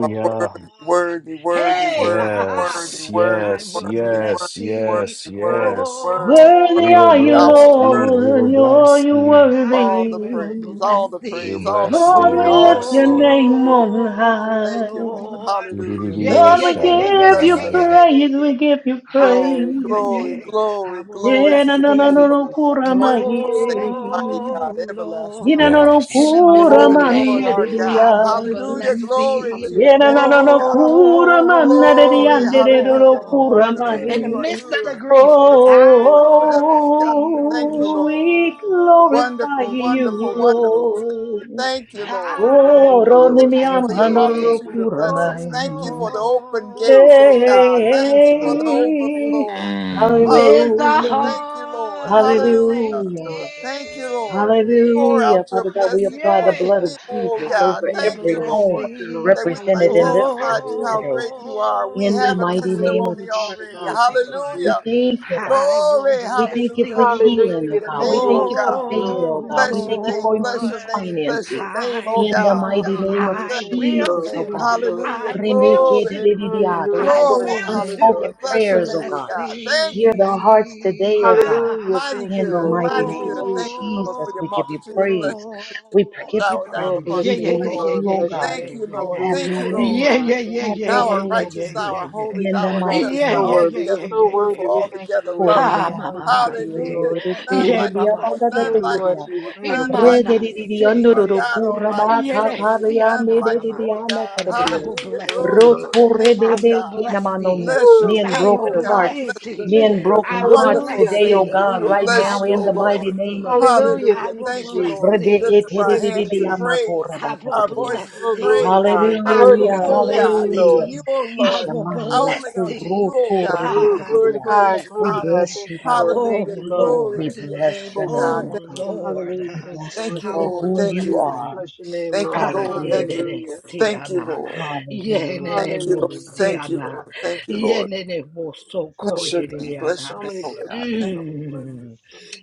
Speaker 13: are worthy, worthy, worthy,
Speaker 12: Hey,
Speaker 13: worthy,
Speaker 12: I
Speaker 13: worthy,
Speaker 4: Yes,
Speaker 13: worthy,
Speaker 4: yes,
Speaker 12: will
Speaker 13: worthy, worthy,
Speaker 12: bless
Speaker 4: yes,
Speaker 12: thee,
Speaker 4: yes,
Speaker 12: O
Speaker 13: worthy,
Speaker 4: yes.
Speaker 13: worthy,
Speaker 16: Worthy
Speaker 4: We
Speaker 13: worthy.
Speaker 4: will
Speaker 16: are you,
Speaker 13: Thou
Speaker 4: bless
Speaker 13: art
Speaker 4: thee. We
Speaker 13: worthy,
Speaker 16: Lord,
Speaker 4: will
Speaker 13: O God. of
Speaker 12: Lord.
Speaker 16: you're
Speaker 4: bless
Speaker 16: you
Speaker 4: thee.
Speaker 13: All
Speaker 12: I
Speaker 16: worthy.
Speaker 13: the
Speaker 12: will
Speaker 13: praise,
Speaker 12: bless
Speaker 13: all the
Speaker 4: We will
Speaker 13: praise,
Speaker 12: thee,
Speaker 13: all the
Speaker 4: bless
Speaker 16: Lord,
Speaker 4: thee.
Speaker 13: glory,
Speaker 4: We
Speaker 16: we
Speaker 12: O
Speaker 4: will
Speaker 13: all the
Speaker 16: lift
Speaker 4: bless
Speaker 16: your
Speaker 13: glory.
Speaker 4: thee.
Speaker 16: name
Speaker 13: to
Speaker 16: on high.
Speaker 13: Thank you, Lord.
Speaker 12: Lord.
Speaker 13: Hallelujah.
Speaker 12: Yeah,
Speaker 13: Thank
Speaker 12: yeah,
Speaker 16: Lord,
Speaker 13: you,
Speaker 12: yeah,
Speaker 16: we
Speaker 12: yeah, yeah,
Speaker 13: Lord.
Speaker 12: yeah,
Speaker 16: give
Speaker 12: yeah,
Speaker 16: you
Speaker 13: Bless
Speaker 12: yeah,
Speaker 13: your
Speaker 12: yeah, yeah,
Speaker 13: name.
Speaker 4: Do-do-do-do-shaya-na-na-na-yana.
Speaker 12: yeah.
Speaker 16: praise,
Speaker 12: yeah.
Speaker 16: we give you
Speaker 13: Glory,
Speaker 12: Hallelujah,
Speaker 16: praise.
Speaker 13: glory,
Speaker 12: yeah. I
Speaker 13: glory,
Speaker 12: will
Speaker 13: glory
Speaker 16: Yeah,
Speaker 13: to
Speaker 12: bless
Speaker 16: na na
Speaker 13: your
Speaker 16: na
Speaker 13: name,
Speaker 16: no
Speaker 12: thee,
Speaker 13: O
Speaker 16: no
Speaker 13: God.
Speaker 16: kura mahi.
Speaker 13: Wonderful Savior, mighty God,
Speaker 12: Oh
Speaker 13: everlasting
Speaker 16: Ina
Speaker 12: Lord,
Speaker 16: no
Speaker 13: Father.
Speaker 16: no
Speaker 12: in
Speaker 4: Yes.
Speaker 12: the midst
Speaker 16: kura
Speaker 12: of the
Speaker 13: Oh, Lord,
Speaker 12: pain,
Speaker 13: our
Speaker 12: I
Speaker 13: God.
Speaker 12: will
Speaker 13: Hallelujah.
Speaker 12: bless
Speaker 16: man
Speaker 13: Glory
Speaker 12: thee.
Speaker 13: to your
Speaker 12: Oh
Speaker 16: Yena
Speaker 13: name,
Speaker 16: na na
Speaker 13: O
Speaker 16: na
Speaker 13: God.
Speaker 16: kura mana de di
Speaker 13: Glory,
Speaker 16: ande de do do
Speaker 13: hallelujah. You are
Speaker 16: kura
Speaker 12: Lord,
Speaker 13: good.
Speaker 12: in the
Speaker 13: You
Speaker 16: mahi.
Speaker 13: are
Speaker 12: midst of the
Speaker 13: good.
Speaker 12: grief,
Speaker 13: Mercy
Speaker 12: I
Speaker 13: to us
Speaker 12: will
Speaker 13: forever, oh
Speaker 12: bless
Speaker 13: God.
Speaker 12: thee. Oh
Speaker 13: Thank you,
Speaker 16: Oh,
Speaker 13: Lord.
Speaker 16: we
Speaker 12: Lord,
Speaker 16: glorify
Speaker 13: Wonderful,
Speaker 16: you,
Speaker 13: wonderful, wonderful.
Speaker 16: Lord.
Speaker 13: Thank you, Lord.
Speaker 12: I
Speaker 16: Oh,
Speaker 12: will
Speaker 16: roni mi
Speaker 13: Thank you
Speaker 12: bless
Speaker 13: for your
Speaker 16: amhanu ro do
Speaker 12: thee.
Speaker 13: multitude of
Speaker 16: kura
Speaker 13: blessings.
Speaker 16: mahi.
Speaker 12: Oh
Speaker 13: Thank you for the open gates, oh God. Thank you for the
Speaker 12: Lord
Speaker 16: Hey,
Speaker 13: overflow.
Speaker 4: Mm.
Speaker 12: with a
Speaker 13: Hallelujah.
Speaker 16: hallelujah,
Speaker 13: Thank you, Lord.
Speaker 12: heart of
Speaker 13: Hallelujah.
Speaker 12: thanksgiving.
Speaker 16: hallelujah.
Speaker 13: Thank you, Lord. Pour
Speaker 16: Hallelujah.
Speaker 13: out your
Speaker 16: Father God, we
Speaker 13: blessing
Speaker 16: apply the
Speaker 13: upon your
Speaker 16: blood
Speaker 12: Yeah,
Speaker 16: of
Speaker 13: people, oh
Speaker 16: Jesus
Speaker 12: I
Speaker 13: God.
Speaker 16: over
Speaker 12: will
Speaker 13: Thank
Speaker 16: every
Speaker 13: you,
Speaker 12: bless
Speaker 16: home
Speaker 13: Lord,
Speaker 12: thee,
Speaker 13: that we
Speaker 16: represented
Speaker 13: might
Speaker 16: in this
Speaker 13: testify
Speaker 16: house
Speaker 13: to how
Speaker 16: today.
Speaker 13: great you are. We
Speaker 16: In the
Speaker 13: have a
Speaker 12: oh
Speaker 16: mighty name of
Speaker 13: testimony already.
Speaker 16: Jesus, oh
Speaker 12: Lord.
Speaker 16: God, we
Speaker 13: Hallelujah.
Speaker 16: thank you, God.
Speaker 12: I will
Speaker 13: Glory,
Speaker 16: We
Speaker 12: bless
Speaker 16: thank you for
Speaker 13: hallelujah.
Speaker 12: thee,
Speaker 13: Glory
Speaker 16: healing, oh
Speaker 13: to your
Speaker 16: God. We
Speaker 13: name,
Speaker 16: thank
Speaker 13: oh
Speaker 16: you for
Speaker 13: God.
Speaker 16: favor, oh
Speaker 12: oh
Speaker 16: God. We
Speaker 13: Bless your
Speaker 16: thank you
Speaker 13: name,
Speaker 16: for
Speaker 13: bless
Speaker 12: Lord.
Speaker 13: your
Speaker 16: increased
Speaker 13: name, bless
Speaker 16: finances.
Speaker 13: your name,
Speaker 12: I
Speaker 13: oh
Speaker 16: In the
Speaker 13: God.
Speaker 12: will,
Speaker 16: mighty name of
Speaker 13: Bless
Speaker 12: I
Speaker 13: your
Speaker 12: will
Speaker 16: Jesus, oh
Speaker 13: name.
Speaker 12: too.
Speaker 16: God.
Speaker 13: Hallelujah.
Speaker 12: I will
Speaker 13: Glory,
Speaker 12: too.
Speaker 16: Remekederedidiado, oh,
Speaker 12: I
Speaker 16: oh,
Speaker 12: will
Speaker 16: oh,
Speaker 13: glory, hallelujah.
Speaker 16: Unspoken
Speaker 12: too.
Speaker 13: Bless your
Speaker 16: prayers,
Speaker 13: name,
Speaker 16: oh
Speaker 12: Bless
Speaker 16: God.
Speaker 13: God. Thank
Speaker 16: Hear
Speaker 13: you,
Speaker 16: the hearts
Speaker 12: thee,
Speaker 16: today, oh God.
Speaker 12: yeah.
Speaker 13: Mighty
Speaker 16: In the
Speaker 13: good,
Speaker 16: mighty
Speaker 13: mighty
Speaker 16: name
Speaker 13: good.
Speaker 16: of
Speaker 13: Thank you, Lord,
Speaker 16: Jesus,
Speaker 13: for
Speaker 12: Oh
Speaker 13: your
Speaker 16: we give you
Speaker 13: multitude of blessings.
Speaker 16: praise.
Speaker 13: Continue to
Speaker 16: We give
Speaker 12: Lord.
Speaker 16: you
Speaker 13: shower down
Speaker 16: praise.
Speaker 13: upon
Speaker 12: Yeah,
Speaker 16: We
Speaker 13: us,
Speaker 12: yeah,
Speaker 13: O
Speaker 12: yeah,
Speaker 16: bless
Speaker 13: Lord.
Speaker 12: yeah,
Speaker 16: you,
Speaker 12: yeah,
Speaker 16: oh
Speaker 12: yeah,
Speaker 16: God.
Speaker 12: yeah,
Speaker 13: Thank you,
Speaker 12: yeah, yeah.
Speaker 13: Lord.
Speaker 16: Have
Speaker 13: Thank
Speaker 16: your
Speaker 13: you,
Speaker 16: way.
Speaker 13: Lord.
Speaker 12: Yeah, yeah, yeah,
Speaker 16: Have
Speaker 12: yeah, yeah,
Speaker 16: your
Speaker 13: Thou
Speaker 12: yeah,
Speaker 13: art
Speaker 16: way,
Speaker 12: yeah,
Speaker 16: oh
Speaker 13: righteous,
Speaker 16: God.
Speaker 13: thou art
Speaker 12: yeah.
Speaker 13: holy,
Speaker 16: In the
Speaker 13: thou art
Speaker 16: mighty
Speaker 13: just,
Speaker 12: Yeah,
Speaker 13: thou
Speaker 16: name
Speaker 12: yeah,
Speaker 16: of
Speaker 13: art
Speaker 12: yeah, yeah,
Speaker 13: altogether
Speaker 12: yeah,
Speaker 16: Jesus.
Speaker 12: yeah,
Speaker 13: beautiful,
Speaker 12: yeah.
Speaker 13: altogether lovely.
Speaker 12: Ah,
Speaker 16: Korabaya
Speaker 12: mama
Speaker 16: tekedio,
Speaker 13: Hallelujah.
Speaker 12: base,
Speaker 16: ndororo,
Speaker 13: You're none
Speaker 12: ye
Speaker 13: like you,
Speaker 16: korabaya
Speaker 12: baba
Speaker 13: Lord.
Speaker 16: bagada
Speaker 13: None
Speaker 12: siana,
Speaker 13: like you,
Speaker 16: tekedia.
Speaker 13: Lord. None
Speaker 16: Re
Speaker 13: like
Speaker 16: de
Speaker 12: imana
Speaker 13: you.
Speaker 16: di di di
Speaker 12: se
Speaker 13: You are
Speaker 16: ondororo,
Speaker 12: yere,
Speaker 13: God all by
Speaker 16: kurabata
Speaker 13: yourself.
Speaker 12: yere
Speaker 13: There is
Speaker 16: taraya,
Speaker 13: none
Speaker 16: ne
Speaker 12: siana
Speaker 16: de
Speaker 13: like
Speaker 16: di
Speaker 13: you,
Speaker 12: nama.
Speaker 16: di
Speaker 13: oh
Speaker 16: ana
Speaker 13: God.
Speaker 12: I
Speaker 16: kadabrio.
Speaker 12: will
Speaker 13: Hallelujah.
Speaker 12: bless
Speaker 13: Glory to
Speaker 12: thee.
Speaker 16: Roto
Speaker 13: your
Speaker 16: re
Speaker 13: name,
Speaker 16: de
Speaker 12: I
Speaker 13: oh
Speaker 16: be
Speaker 12: will
Speaker 13: God.
Speaker 12: bless
Speaker 16: kenamanome.
Speaker 12: thee.
Speaker 13: Bless your
Speaker 16: Nean
Speaker 12: I
Speaker 13: name,
Speaker 12: will
Speaker 13: oh
Speaker 16: broken
Speaker 13: God.
Speaker 16: hearts.
Speaker 12: bless
Speaker 13: Bless your
Speaker 12: thee.
Speaker 16: Nean
Speaker 13: name.
Speaker 16: broken
Speaker 12: I will
Speaker 16: hearts
Speaker 13: Wonderful
Speaker 12: bless
Speaker 16: today, oh
Speaker 13: Savior.
Speaker 12: thee.
Speaker 13: We
Speaker 16: God,
Speaker 13: will
Speaker 16: right
Speaker 12: I
Speaker 13: bless
Speaker 16: now,
Speaker 13: you,
Speaker 12: will
Speaker 16: in
Speaker 13: oh
Speaker 16: the mighty
Speaker 12: bless
Speaker 13: Lord.
Speaker 16: name of
Speaker 12: thee.
Speaker 16: Jesus.
Speaker 12: I
Speaker 13: Hallelujah.
Speaker 12: will
Speaker 13: Thank you,
Speaker 12: bless
Speaker 13: Lord. We
Speaker 16: Rebe
Speaker 13: lift
Speaker 12: thee.
Speaker 13: up
Speaker 16: ete
Speaker 13: our
Speaker 16: de de de
Speaker 13: hands
Speaker 16: de
Speaker 13: in
Speaker 16: amako
Speaker 13: praise,
Speaker 12: I
Speaker 16: rabata
Speaker 12: will
Speaker 16: de
Speaker 13: our
Speaker 16: kriya.
Speaker 13: voices in
Speaker 12: bless thee.
Speaker 13: praise.
Speaker 12: I
Speaker 13: Unto
Speaker 12: will
Speaker 13: you,
Speaker 16: Hallelujah,
Speaker 13: O
Speaker 12: bless
Speaker 13: God, and to
Speaker 16: hallelujah.
Speaker 12: thee.
Speaker 13: you, O
Speaker 12: I
Speaker 13: Lord,
Speaker 16: Isha
Speaker 12: will
Speaker 16: mando
Speaker 12: bless
Speaker 13: only unto
Speaker 12: thee.
Speaker 13: you,
Speaker 16: kuro
Speaker 13: O
Speaker 16: to
Speaker 13: God, do
Speaker 16: rebe de de
Speaker 12: I
Speaker 13: we
Speaker 16: de
Speaker 12: will
Speaker 13: give praise
Speaker 12: bless
Speaker 13: and
Speaker 16: We
Speaker 13: honor.
Speaker 12: thee.
Speaker 16: bless you, God.
Speaker 12: Oh
Speaker 13: Hallelujah. Glory
Speaker 16: We
Speaker 12: Lord.
Speaker 13: to your name,
Speaker 16: bless your
Speaker 13: O God.
Speaker 16: name,
Speaker 12: Oh
Speaker 16: O God.
Speaker 13: Thank you.
Speaker 12: Lord.
Speaker 16: We bless you
Speaker 13: Thank you,
Speaker 12: I
Speaker 16: for
Speaker 12: will
Speaker 13: Lord.
Speaker 16: who
Speaker 13: Thank
Speaker 12: bless
Speaker 16: you
Speaker 13: you.
Speaker 16: are.
Speaker 12: thee.
Speaker 13: Thank you,
Speaker 12: Ah,
Speaker 13: Lord. Thank
Speaker 16: Hallelujah.
Speaker 13: you.
Speaker 12: yenene
Speaker 13: Thank you,
Speaker 12: siana.
Speaker 13: Lord.
Speaker 16: Hallelujah.
Speaker 12: Yenene
Speaker 13: Thank you,
Speaker 16: Thank you,
Speaker 13: Lord.
Speaker 16: Lord.
Speaker 13: Thank you,
Speaker 12: mosiana.
Speaker 13: Lord. Thank you, Lord.
Speaker 12: Yenene mosoko
Speaker 13: Bless your name.
Speaker 12: yenene.
Speaker 13: Bless your name, O God. Thank,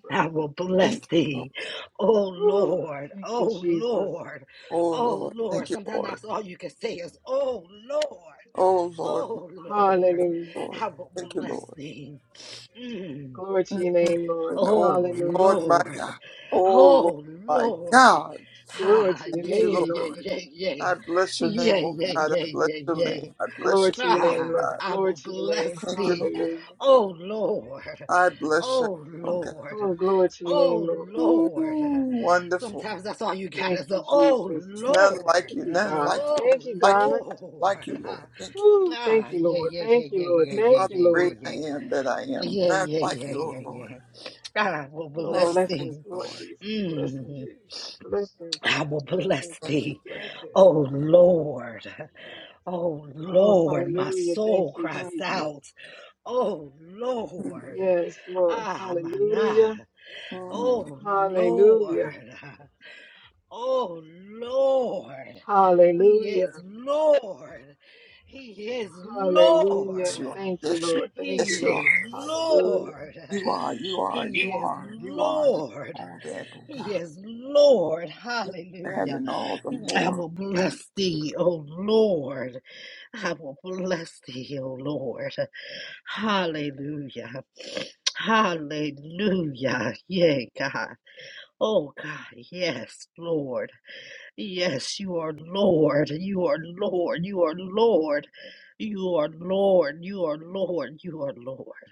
Speaker 12: I will bless
Speaker 13: thank you, Lord.
Speaker 12: thee. Oh Lord, oh Lord,
Speaker 13: Oh
Speaker 12: oh
Speaker 13: Lord.
Speaker 12: Lord.
Speaker 13: Thank you,
Speaker 12: Sometimes
Speaker 13: Lord.
Speaker 12: that's all you can say is, oh Lord,
Speaker 13: Oh Lord, my
Speaker 12: oh Lord,
Speaker 13: Lord.
Speaker 12: I will
Speaker 13: Thank you,
Speaker 12: bless
Speaker 13: Lord.
Speaker 12: thee. Mm.
Speaker 13: Oh
Speaker 12: Oh
Speaker 13: Lord, my
Speaker 12: Lord,
Speaker 13: God. Oh Lord,
Speaker 12: oh
Speaker 13: my
Speaker 12: Lord.
Speaker 13: God.
Speaker 12: Ah, yeah,
Speaker 13: Thank you,
Speaker 12: yeah, yeah,
Speaker 13: Lord.
Speaker 12: yeah, yeah,
Speaker 13: I bless your
Speaker 12: yeah,
Speaker 13: name, oh
Speaker 12: yeah,
Speaker 13: God. I
Speaker 12: yeah,
Speaker 13: bless
Speaker 12: yeah,
Speaker 13: your
Speaker 12: yeah.
Speaker 13: name. I bless your name, oh
Speaker 12: Ah,
Speaker 13: God.
Speaker 12: I will bless
Speaker 13: Thank you,
Speaker 12: thee.
Speaker 13: Lord.
Speaker 12: Oh Lord.
Speaker 13: I bless your
Speaker 12: Oh
Speaker 13: name, oh God.
Speaker 12: Lord. Oh
Speaker 13: Ooh,
Speaker 12: Lord.
Speaker 13: wonderful.
Speaker 12: Sometimes that's all you got is a oh
Speaker 13: It's none like
Speaker 12: Lord.
Speaker 13: you, none like you, none
Speaker 12: Oh
Speaker 13: like you, none like you,
Speaker 12: Lord.
Speaker 13: Lord. Thank you.
Speaker 12: Ah, yeah, yeah, yeah, yeah, yeah,
Speaker 13: You
Speaker 12: yeah,
Speaker 13: are the
Speaker 12: yeah,
Speaker 13: great
Speaker 12: yeah,
Speaker 13: I
Speaker 12: yeah.
Speaker 13: am that I am.
Speaker 12: Yeah,
Speaker 13: None like
Speaker 12: yeah,
Speaker 13: you, oh
Speaker 12: yeah, yeah,
Speaker 13: Lord.
Speaker 12: yeah. I will
Speaker 13: Oh,
Speaker 12: bless
Speaker 13: thank
Speaker 12: thee.
Speaker 13: you, Lord.
Speaker 12: Mm, I will bless
Speaker 13: Thank you.
Speaker 12: thee. Oh Lord, oh Lord, my soul
Speaker 13: Mm,
Speaker 12: cries
Speaker 13: mm,
Speaker 12: out. Oh
Speaker 13: mm,
Speaker 12: Lord, ah, mana.
Speaker 13: mm.
Speaker 12: Oh Lord, oh Lord, He is Lord, He is
Speaker 13: Yes,
Speaker 12: Lord,
Speaker 13: you are. Yes, you are. Yes,
Speaker 12: He
Speaker 13: you are.
Speaker 12: is Lord,
Speaker 13: You are, you are,
Speaker 12: He
Speaker 13: you
Speaker 12: is
Speaker 13: are, you are, you
Speaker 12: Lord,
Speaker 13: are that, oh
Speaker 12: He
Speaker 13: God.
Speaker 12: is Lord.
Speaker 13: That
Speaker 12: Hallelujah.
Speaker 13: and all the
Speaker 12: I
Speaker 13: more,
Speaker 12: will bless Thee, O Lord. I will bless Thee, O Lord. Hallelujah. Hallelujah. Yea, God. Oh, God. Yes, Lord. Yes, you are Lord. You are Lord. You are Lord. You are Lord. You are Lord. You are Lord.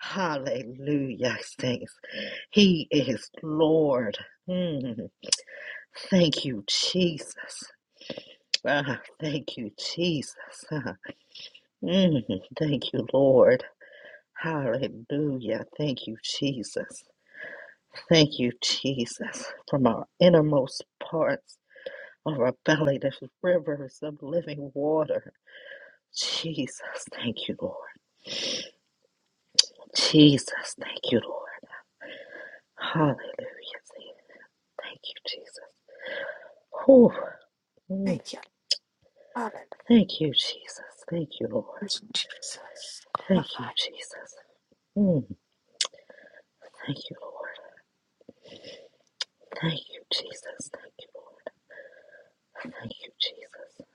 Speaker 12: Hallelujah, saints. He is Lord. Mm. Thank you, Jesus. Ah, thank you, Jesus. Ah, mm. Thank you, Lord. Hallelujah. Thank you, Jesus. Thank you, Jesus, from our innermost parts of our belly, the rivers of living water. Jesus, thank you, Lord. Jesus, thank you, Lord. Hallelujah. Thank you, Jesus. Whew. Mm.
Speaker 10: Thank you, Father.
Speaker 12: Thank you, Jesus. Thank you, Lord.
Speaker 10: Jesus.
Speaker 12: Thank you,
Speaker 10: Glorify
Speaker 12: Jesus. Mm. Thank you, Lord. Thank you, Jesus. Thank you, Lord. Thank you, Jesus.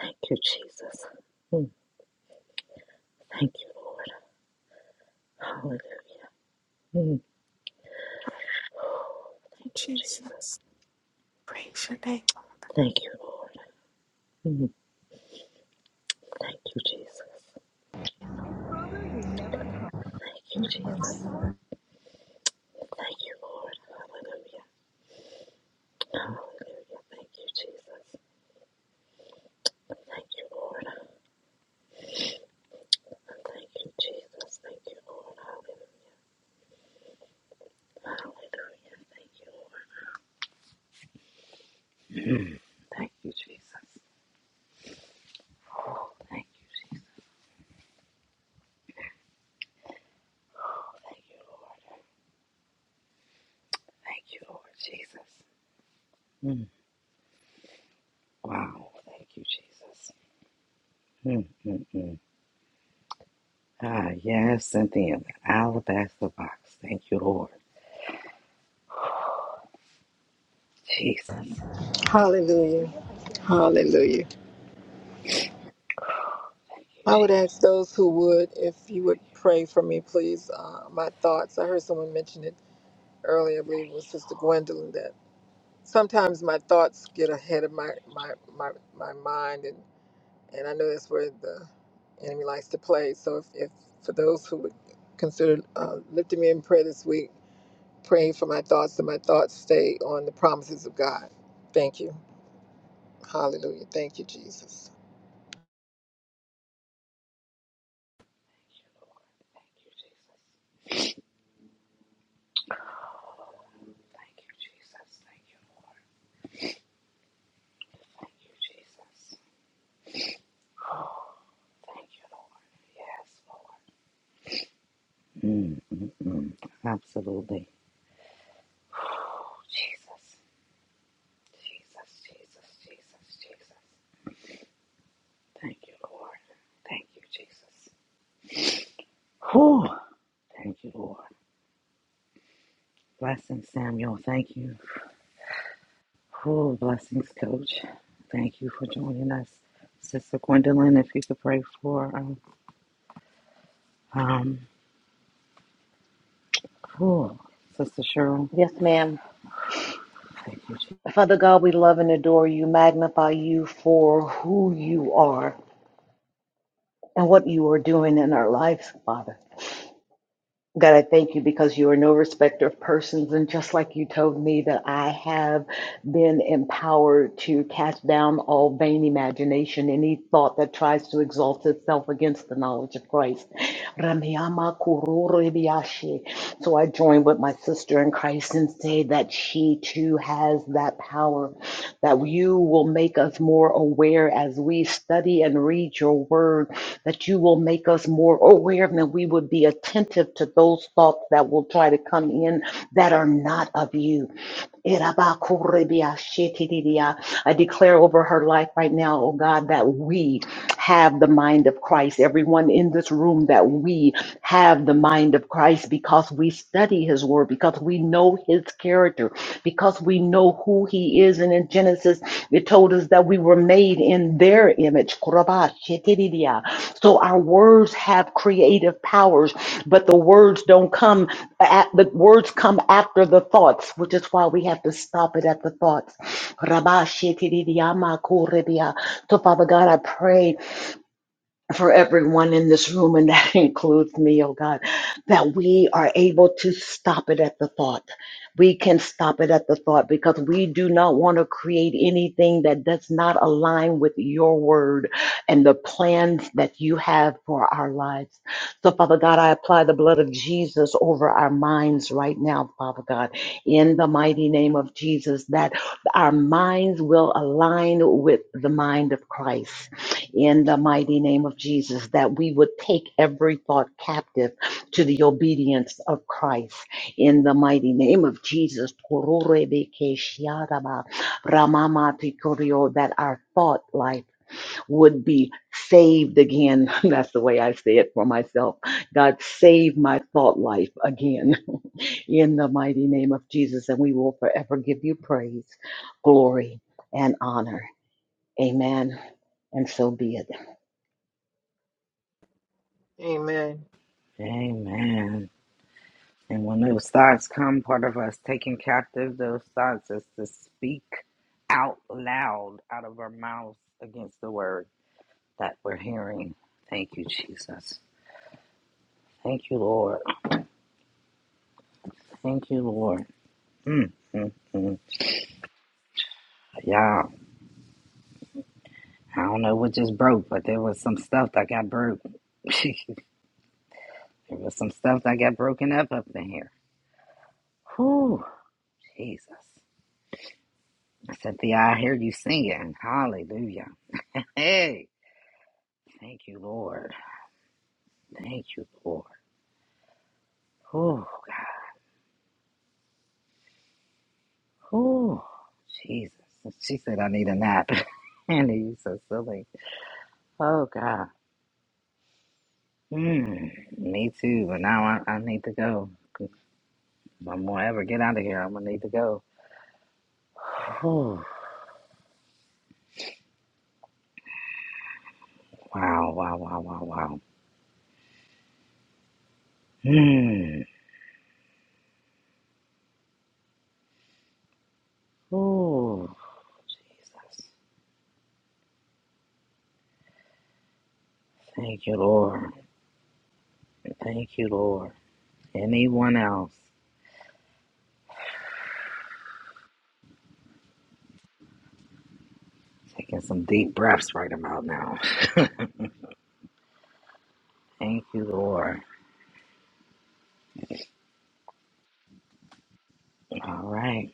Speaker 12: Thank you, Jesus. Mm. Thank you, Lord. Hallelujah. Mm. Thank
Speaker 10: you,
Speaker 12: you, Jesus.
Speaker 10: Jesus. Praise your name.
Speaker 12: Thank you, Lord. Mm. Thank you, Jesus. Thank you, Jesus. Thank you, Lord. Hallelujah. Hallelujah. Thank you, Jesus. Thank you, Lord. Thank you, Jesus. Thank you, Lord. Hallelujah. Hallelujah. Thank you, Lord. Mm. Thank you, Jesus. Oh, thank you, Jesus. Oh, thank you, Lord. Thank you, Lord Jesus. Mm. Wow. Thank you, Jesus. Mm, mm, mm. Ah, yes, and then the alabaster box. Thank you, Lord. Jesus.
Speaker 14: Hallelujah. Hallelujah.
Speaker 12: Thank you,
Speaker 14: I would ask
Speaker 12: Jesus.
Speaker 14: those who would, if you would
Speaker 12: Thank you,
Speaker 14: pray
Speaker 12: Lord.
Speaker 14: for me, please. Uh, my thoughts. I heard someone mention it earlier, I believe it
Speaker 12: Thank
Speaker 14: was
Speaker 12: you,
Speaker 14: Sister
Speaker 12: Lord.
Speaker 14: Gwendolyn, that sometimes my thoughts get ahead of my,
Speaker 12: Thank
Speaker 14: my, my, my mind. and and I know that's where the enemy likes to play. So if, if for those who would consider uh, lifting me in prayer this week, praying for my thoughts and my thoughts stay on the promises of God. Thank you. Hallelujah. Thank you, Jesus.
Speaker 12: you, Lord. Thank you, Jesus. Thank you, Jesus. Thank you, Lord. Thank you, Jesus. Oh, Thank you, Lord. Yes, Lord. Mm, mm, mm. Absolutely. Oh, Jesus. Jesus, Jesus, Jesus, Jesus. Thank you, Lord. Thank you, Jesus. Whew. Thank you, Lord. Blessings, Samuel. Thank you. Oh, blessings, Coach. Thank you for joining us. Sister Gwendolyn, if you could pray for um, um oh, Sister Cheryl.
Speaker 16: Yes, ma'am.
Speaker 12: Thank you, Jesus.
Speaker 16: Father God, we love and adore you, magnify you for who you are and what you are doing in our lives, Father. God, I thank you because you are no respecter of persons. And just like you told me that I have been empowered to cast down all vain imagination, any thought that tries to exalt itself against the knowledge of Christ. Ramiyama kururebiyashi. So I join with my sister in Christ and say that she too has that power that you will make us more aware as we study and read your word, that you will make us more aware and that we would be attentive to those thoughts that will try to come in that are not of you. I declare over her life right now, oh God, that we have the mind mind of Christ, everyone in this room, that we have the mind of Christ because we study his word, because we know his character, because we know who he is. And in Genesis, it told us that we were made in their image. So our words have creative powers, but the words don't come at the words come after the thoughts, which is why we have to stop it at the thoughts. So Father God, I pray for everyone in this room, and that includes me, oh God, that we are able to stop it at the thought. We can stop it at the thought because we do not want to create anything that does not align with your word and the plans that you have for our lives. So, Father God, I apply the blood of Jesus over our minds right now, Father God, in the mighty name of Jesus, that our minds will align with the mind of Christ in the mighty name of Jesus, that we would take every thought captive to the obedience of Christ in the mighty name of Jesus. That our thought life would be saved again. That's the way I say it for myself. God, save my thought life again in the mighty name of Jesus. And we will forever give you praise, glory, and honor. Amen. And so be it.
Speaker 12: Amen. And when those thoughts come, part of us taking captive those thoughts is to speak out loud out of our mouths against the word that we're hearing. Thank you, Jesus. Thank you, Lord. Thank you, Lord. Mm, mm, mm. Yeah. I don't know what just broke, but there was some stuff that got broke. there was some stuff that got broken up up in here. Whew, Jesus. Cynthia, I hear you singing. Hallelujah. Hey, thank you, Lord. Thank you, Lord. Oh, God. Oh, Jesus. She said, I need a nap. and you so silly. Oh, God. Mm, me too. But now I, I need to go. If I'm going to ever get out of here, I'm going to need to go. Oh, wow, wow, wow, wow, wow. Hmm. Oh, Jesus. Thank you, Lord. Thank you, Lord. Anyone else? Taking some deep breaths right about now. Thank you, Lord. All right.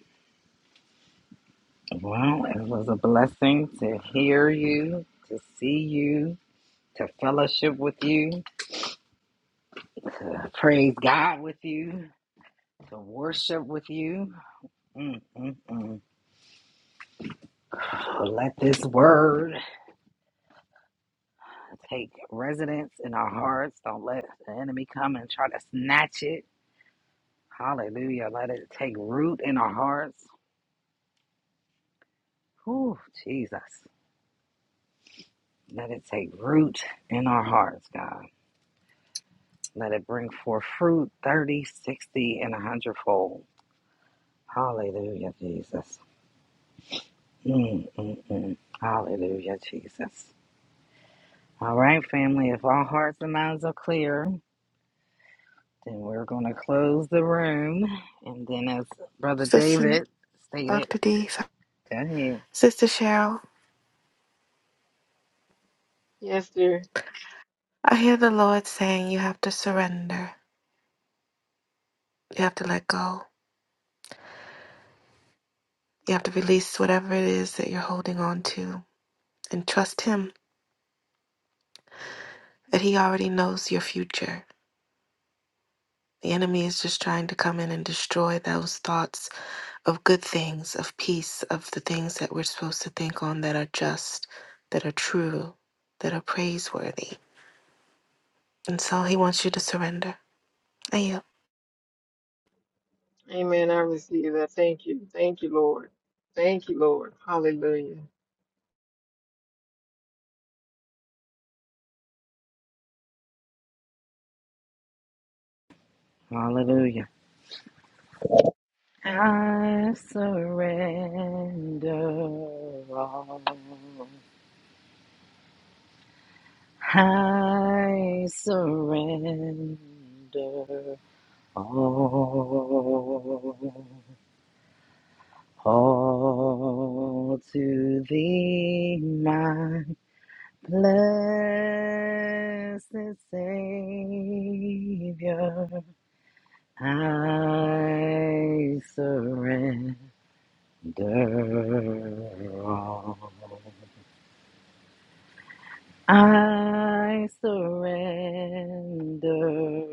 Speaker 12: Well, it was a blessing to hear you, to see you, to fellowship with you, to praise God with you, to worship with you. Mm, mm, mm. Let this word Take residence in our hearts. Don't let the enemy come and try to snatch it. Hallelujah. Let it take root in our hearts. Whew, Jesus. Let it take root in our hearts, God. Let it bring forth fruit 30, 60, and a hundredfold. Hallelujah, Jesus. Mm, mm, mm. Hallelujah, Jesus. All right, family, if all hearts and minds are clear, then we're going to close the room. And then, as Brother
Speaker 10: Sister
Speaker 12: David stated,
Speaker 10: Dr. D,
Speaker 12: ahead.
Speaker 10: Sister Cheryl, I hear the Lord saying you have to surrender. You have to let go. You have to release whatever it is that you're holding on to. and trust Him that He already knows your future. The enemy is just trying to come in and destroy those thoughts of good things, of peace, of the things that we're supposed to think on that are just, that are true, that are praiseworthy. And so He wants you to surrender. I you?
Speaker 12: Hallelujah. I surrender all. I surrender all. All to thee, my blessed Savior. I surrender. Surrender. I surrender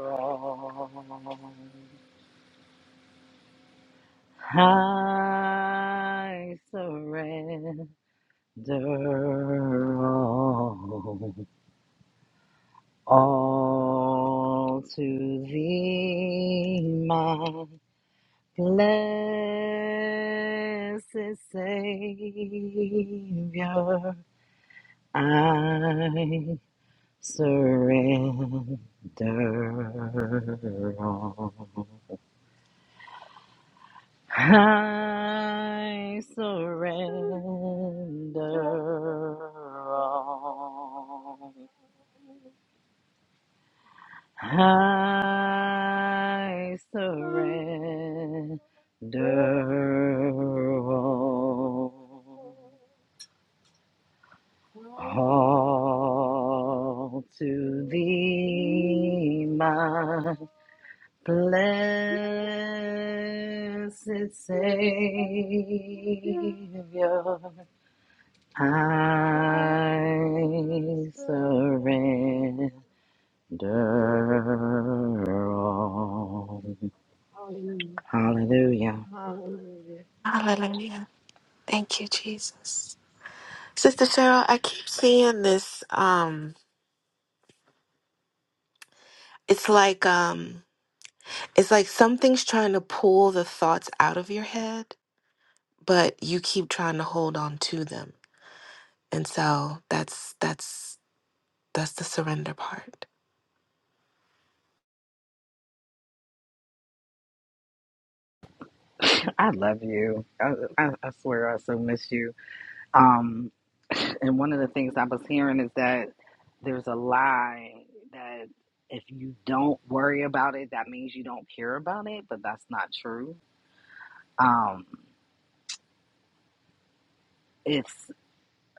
Speaker 12: all. I surrender all, all to thee, my blessed Savior. I Surrender all. I surrender all. I surrender all. All to thee, my. Blessed Savior, I surrender all. Hallelujah.
Speaker 10: Hallelujah. Thank you, Jesus. Sister Cheryl, I keep seeing this. Um, it's like um, it's like something's trying to pull the thoughts out of your head, but you keep trying to hold on to them. And so that's that's that's the surrender part.
Speaker 12: I love you. I, I, I swear I so miss you. Um, and one of the things I was hearing is that there's a lie that if you don't worry about it, that means you don't care about it, but that's not true um, it's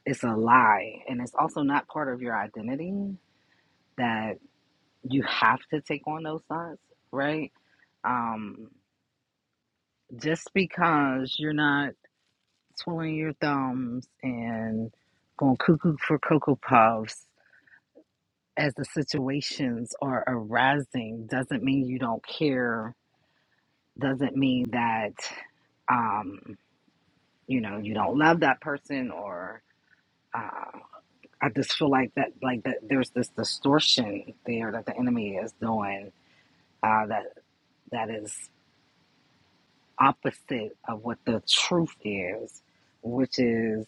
Speaker 12: it's a lie, and it's also not part of your identity that you have to take on those thoughts, right? Um, just because you're not twirling your thumbs and going cuckoo for cocoa puffs as the situations are arising doesn't mean you don't care. Doesn't mean that um, you know you don't love that person or. uh, I just feel like that, like that, there's this distortion there that the enemy is doing uh, that that is opposite of what the truth is, which is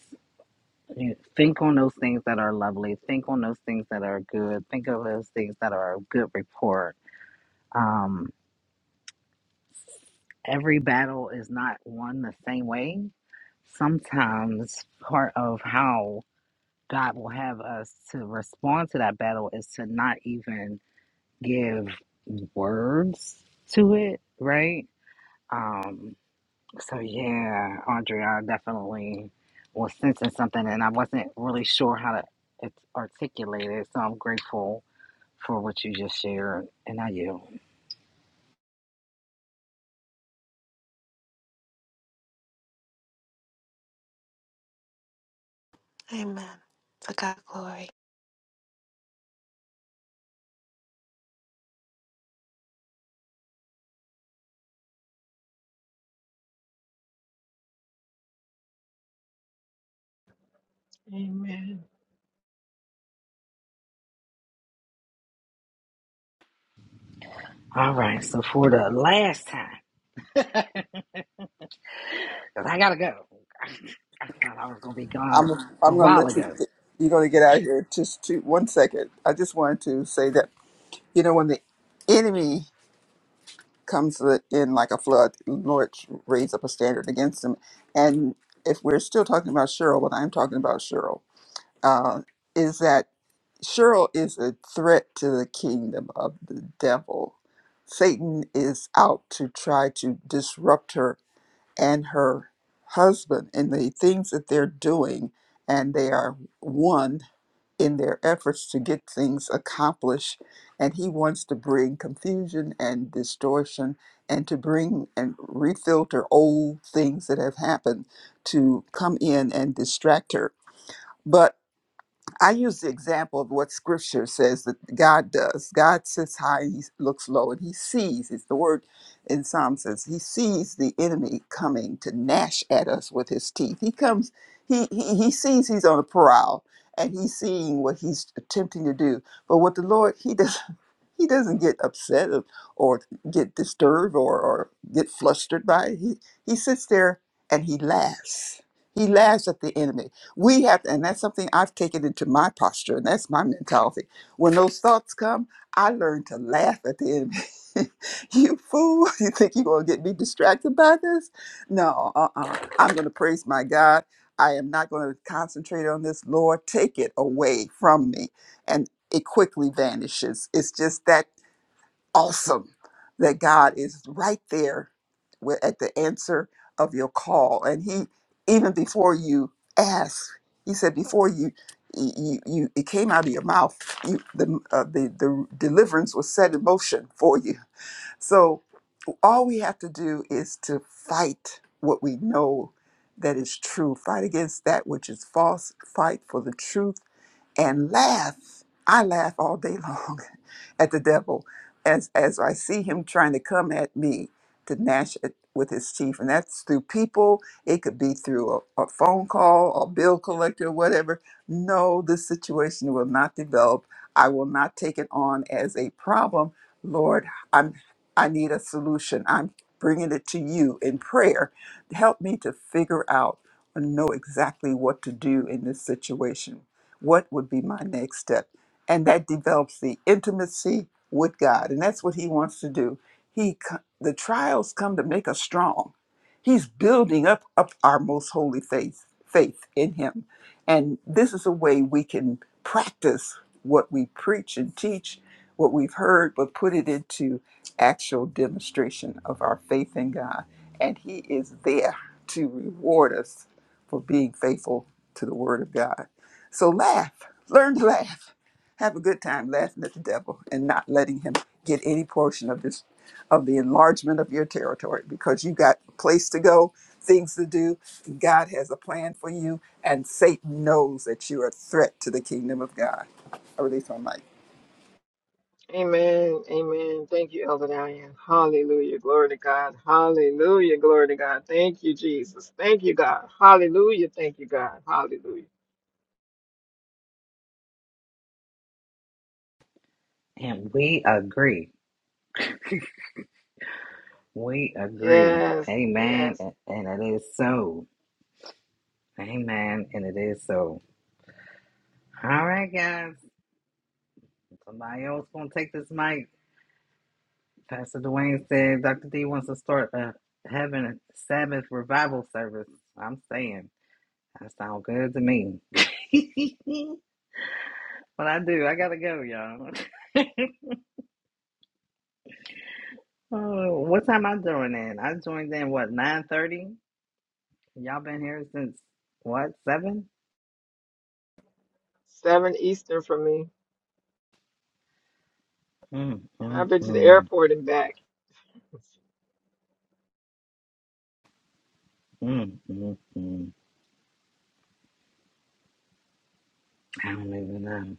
Speaker 12: you know, think on those things that are lovely, think on those things that are good, think of those things that are of good report. Um, every battle is not won the same way. Sometimes part of how God will have us to respond to that battle is to not even give words to it, right? Um, so yeah, Andrea, I definitely was sensing something and I wasn't really sure how to it- articulate it. So I'm grateful for what you just shared and I you.
Speaker 10: Amen. To God glory.
Speaker 12: All right, so for the last time, because I gotta go. I thought I was gonna be gone
Speaker 13: I'm
Speaker 12: a
Speaker 13: I'm gonna
Speaker 12: while
Speaker 13: let you.
Speaker 12: ago.
Speaker 13: You're gonna get out of here. Just two, one second. I just wanted to say that you know when the enemy comes in like a flood, Lord raise up a standard against him. And if we're still talking about Cheryl, what I'm talking about Cheryl uh, is that Cheryl is a threat to the kingdom of the devil. Satan is out to try to disrupt her and her husband and the things that they're doing, and they are one in their efforts to get things accomplished. And he wants to bring confusion and distortion and to bring and refilter old things that have happened to come in and distract her. but. I use the example of what scripture says that God does. God sits high and he looks low and he sees. It's the word in Psalm says he sees the enemy coming to gnash at us with his teeth. He comes, he he, he sees he's on a prowl and he's seeing what he's attempting to do. But what the Lord, he does he doesn't get upset or, or get disturbed or, or get flustered by it. He, he sits there and he laughs. He laughs at the enemy. We have to, and that's something I've taken into my posture, and that's my mentality. When those thoughts come, I learn to laugh at the enemy. you fool, you think you're going to get me distracted by this? No, uh-uh. I'm going to praise my God. I am not going to concentrate on this. Lord, take it away from me And it quickly vanishes. It's just that awesome that God is right there wi- at the answer of your call. And He, even before you ask, He said, before you, you, you it came out of your mouth, you, the, uh, the, the deliverance was set in motion for you. So all we have to do is to fight what we know that is true, fight against that which is false, fight for the truth and laugh. I laugh all day long at the devil as as I see him trying to come at me to gnash it with his teeth. And that's through people. It could be through a, a phone call, a bill collector, whatever. No, this situation will not develop. I will not take it on as a problem. Lord, I'm I need a solution. I'm bringing it to you in prayer. Help me to figure out and know exactly what to do in this situation what would be my next step? And that develops the intimacy with God. And that's what he wants to do. He co- the trials come to make us strong. He's building up up our most holy faith faith in him. And this is a way we can practice what we preach and teach, what we've heard, but put it into actual demonstration of our faith in God. And He is there to reward us for being faithful to the Word of God. So laugh, learn to laugh, have a good time laughing at the devil and not letting him get any portion of this, of the enlargement of your territory because you got a place to go, things to do. God has a plan for you, and Satan knows that you're a threat to the kingdom of God. I release my mic.
Speaker 12: And we agree. We agree. Amen. And and it is so. Amen. And it is so. All right, guys. Somebody else gonna take this mic. Pastor Dwayne said Dr. D wants to start a having a Sabbath revival service. I'm saying that sounds good to me. but I do. I gotta go, y'all. Oh, what time I joined in? I joined in what nine thirty. Y'all been here since what seven? Mm, mm, mm, mm, mm, mm. I don't even know.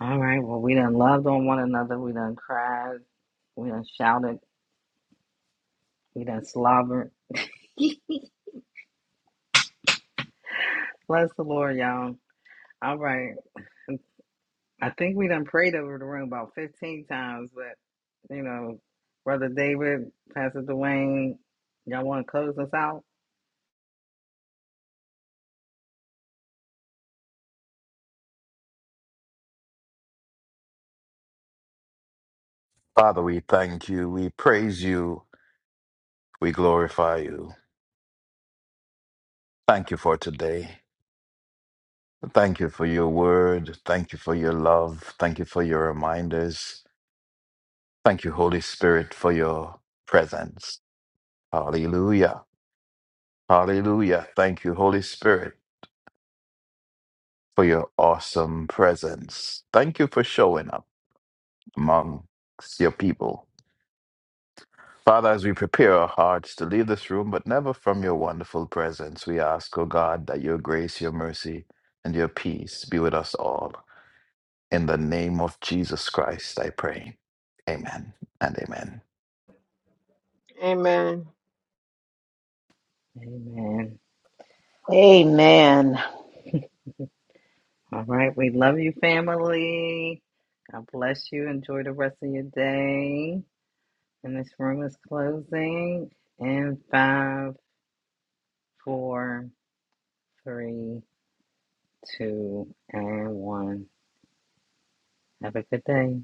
Speaker 12: All right. Well, we done loved on one another. We done cried. We done shouted. We done slobbered. Bless the Lord, y'all. All right. I think we done prayed over the room about 15 times, but, you know, Brother David, Pastor Dwayne, y'all want to close us out?
Speaker 4: Father, we thank you. We praise you. We glorify you. Thank you for today. Thank you for your word. Thank you for your love. Thank you for your reminders. Thank you, Holy Spirit, for your presence. Hallelujah. Hallelujah. Thank you, Holy Spirit. for your awesome presence. Thank you for showing up amongst your people. Father, as we prepare our hearts to leave this room, but never from your wonderful presence, we ask, O God, that your grace, your mercy, and your peace be with us all. In the name of Jesus Christ, I pray. Amen and amen.
Speaker 12: Amen.
Speaker 16: Amen.
Speaker 12: All right. We love you, family. God bless you. Enjoy the rest of your day. And this room is closing in five, four, three, two, and one. Have a good day.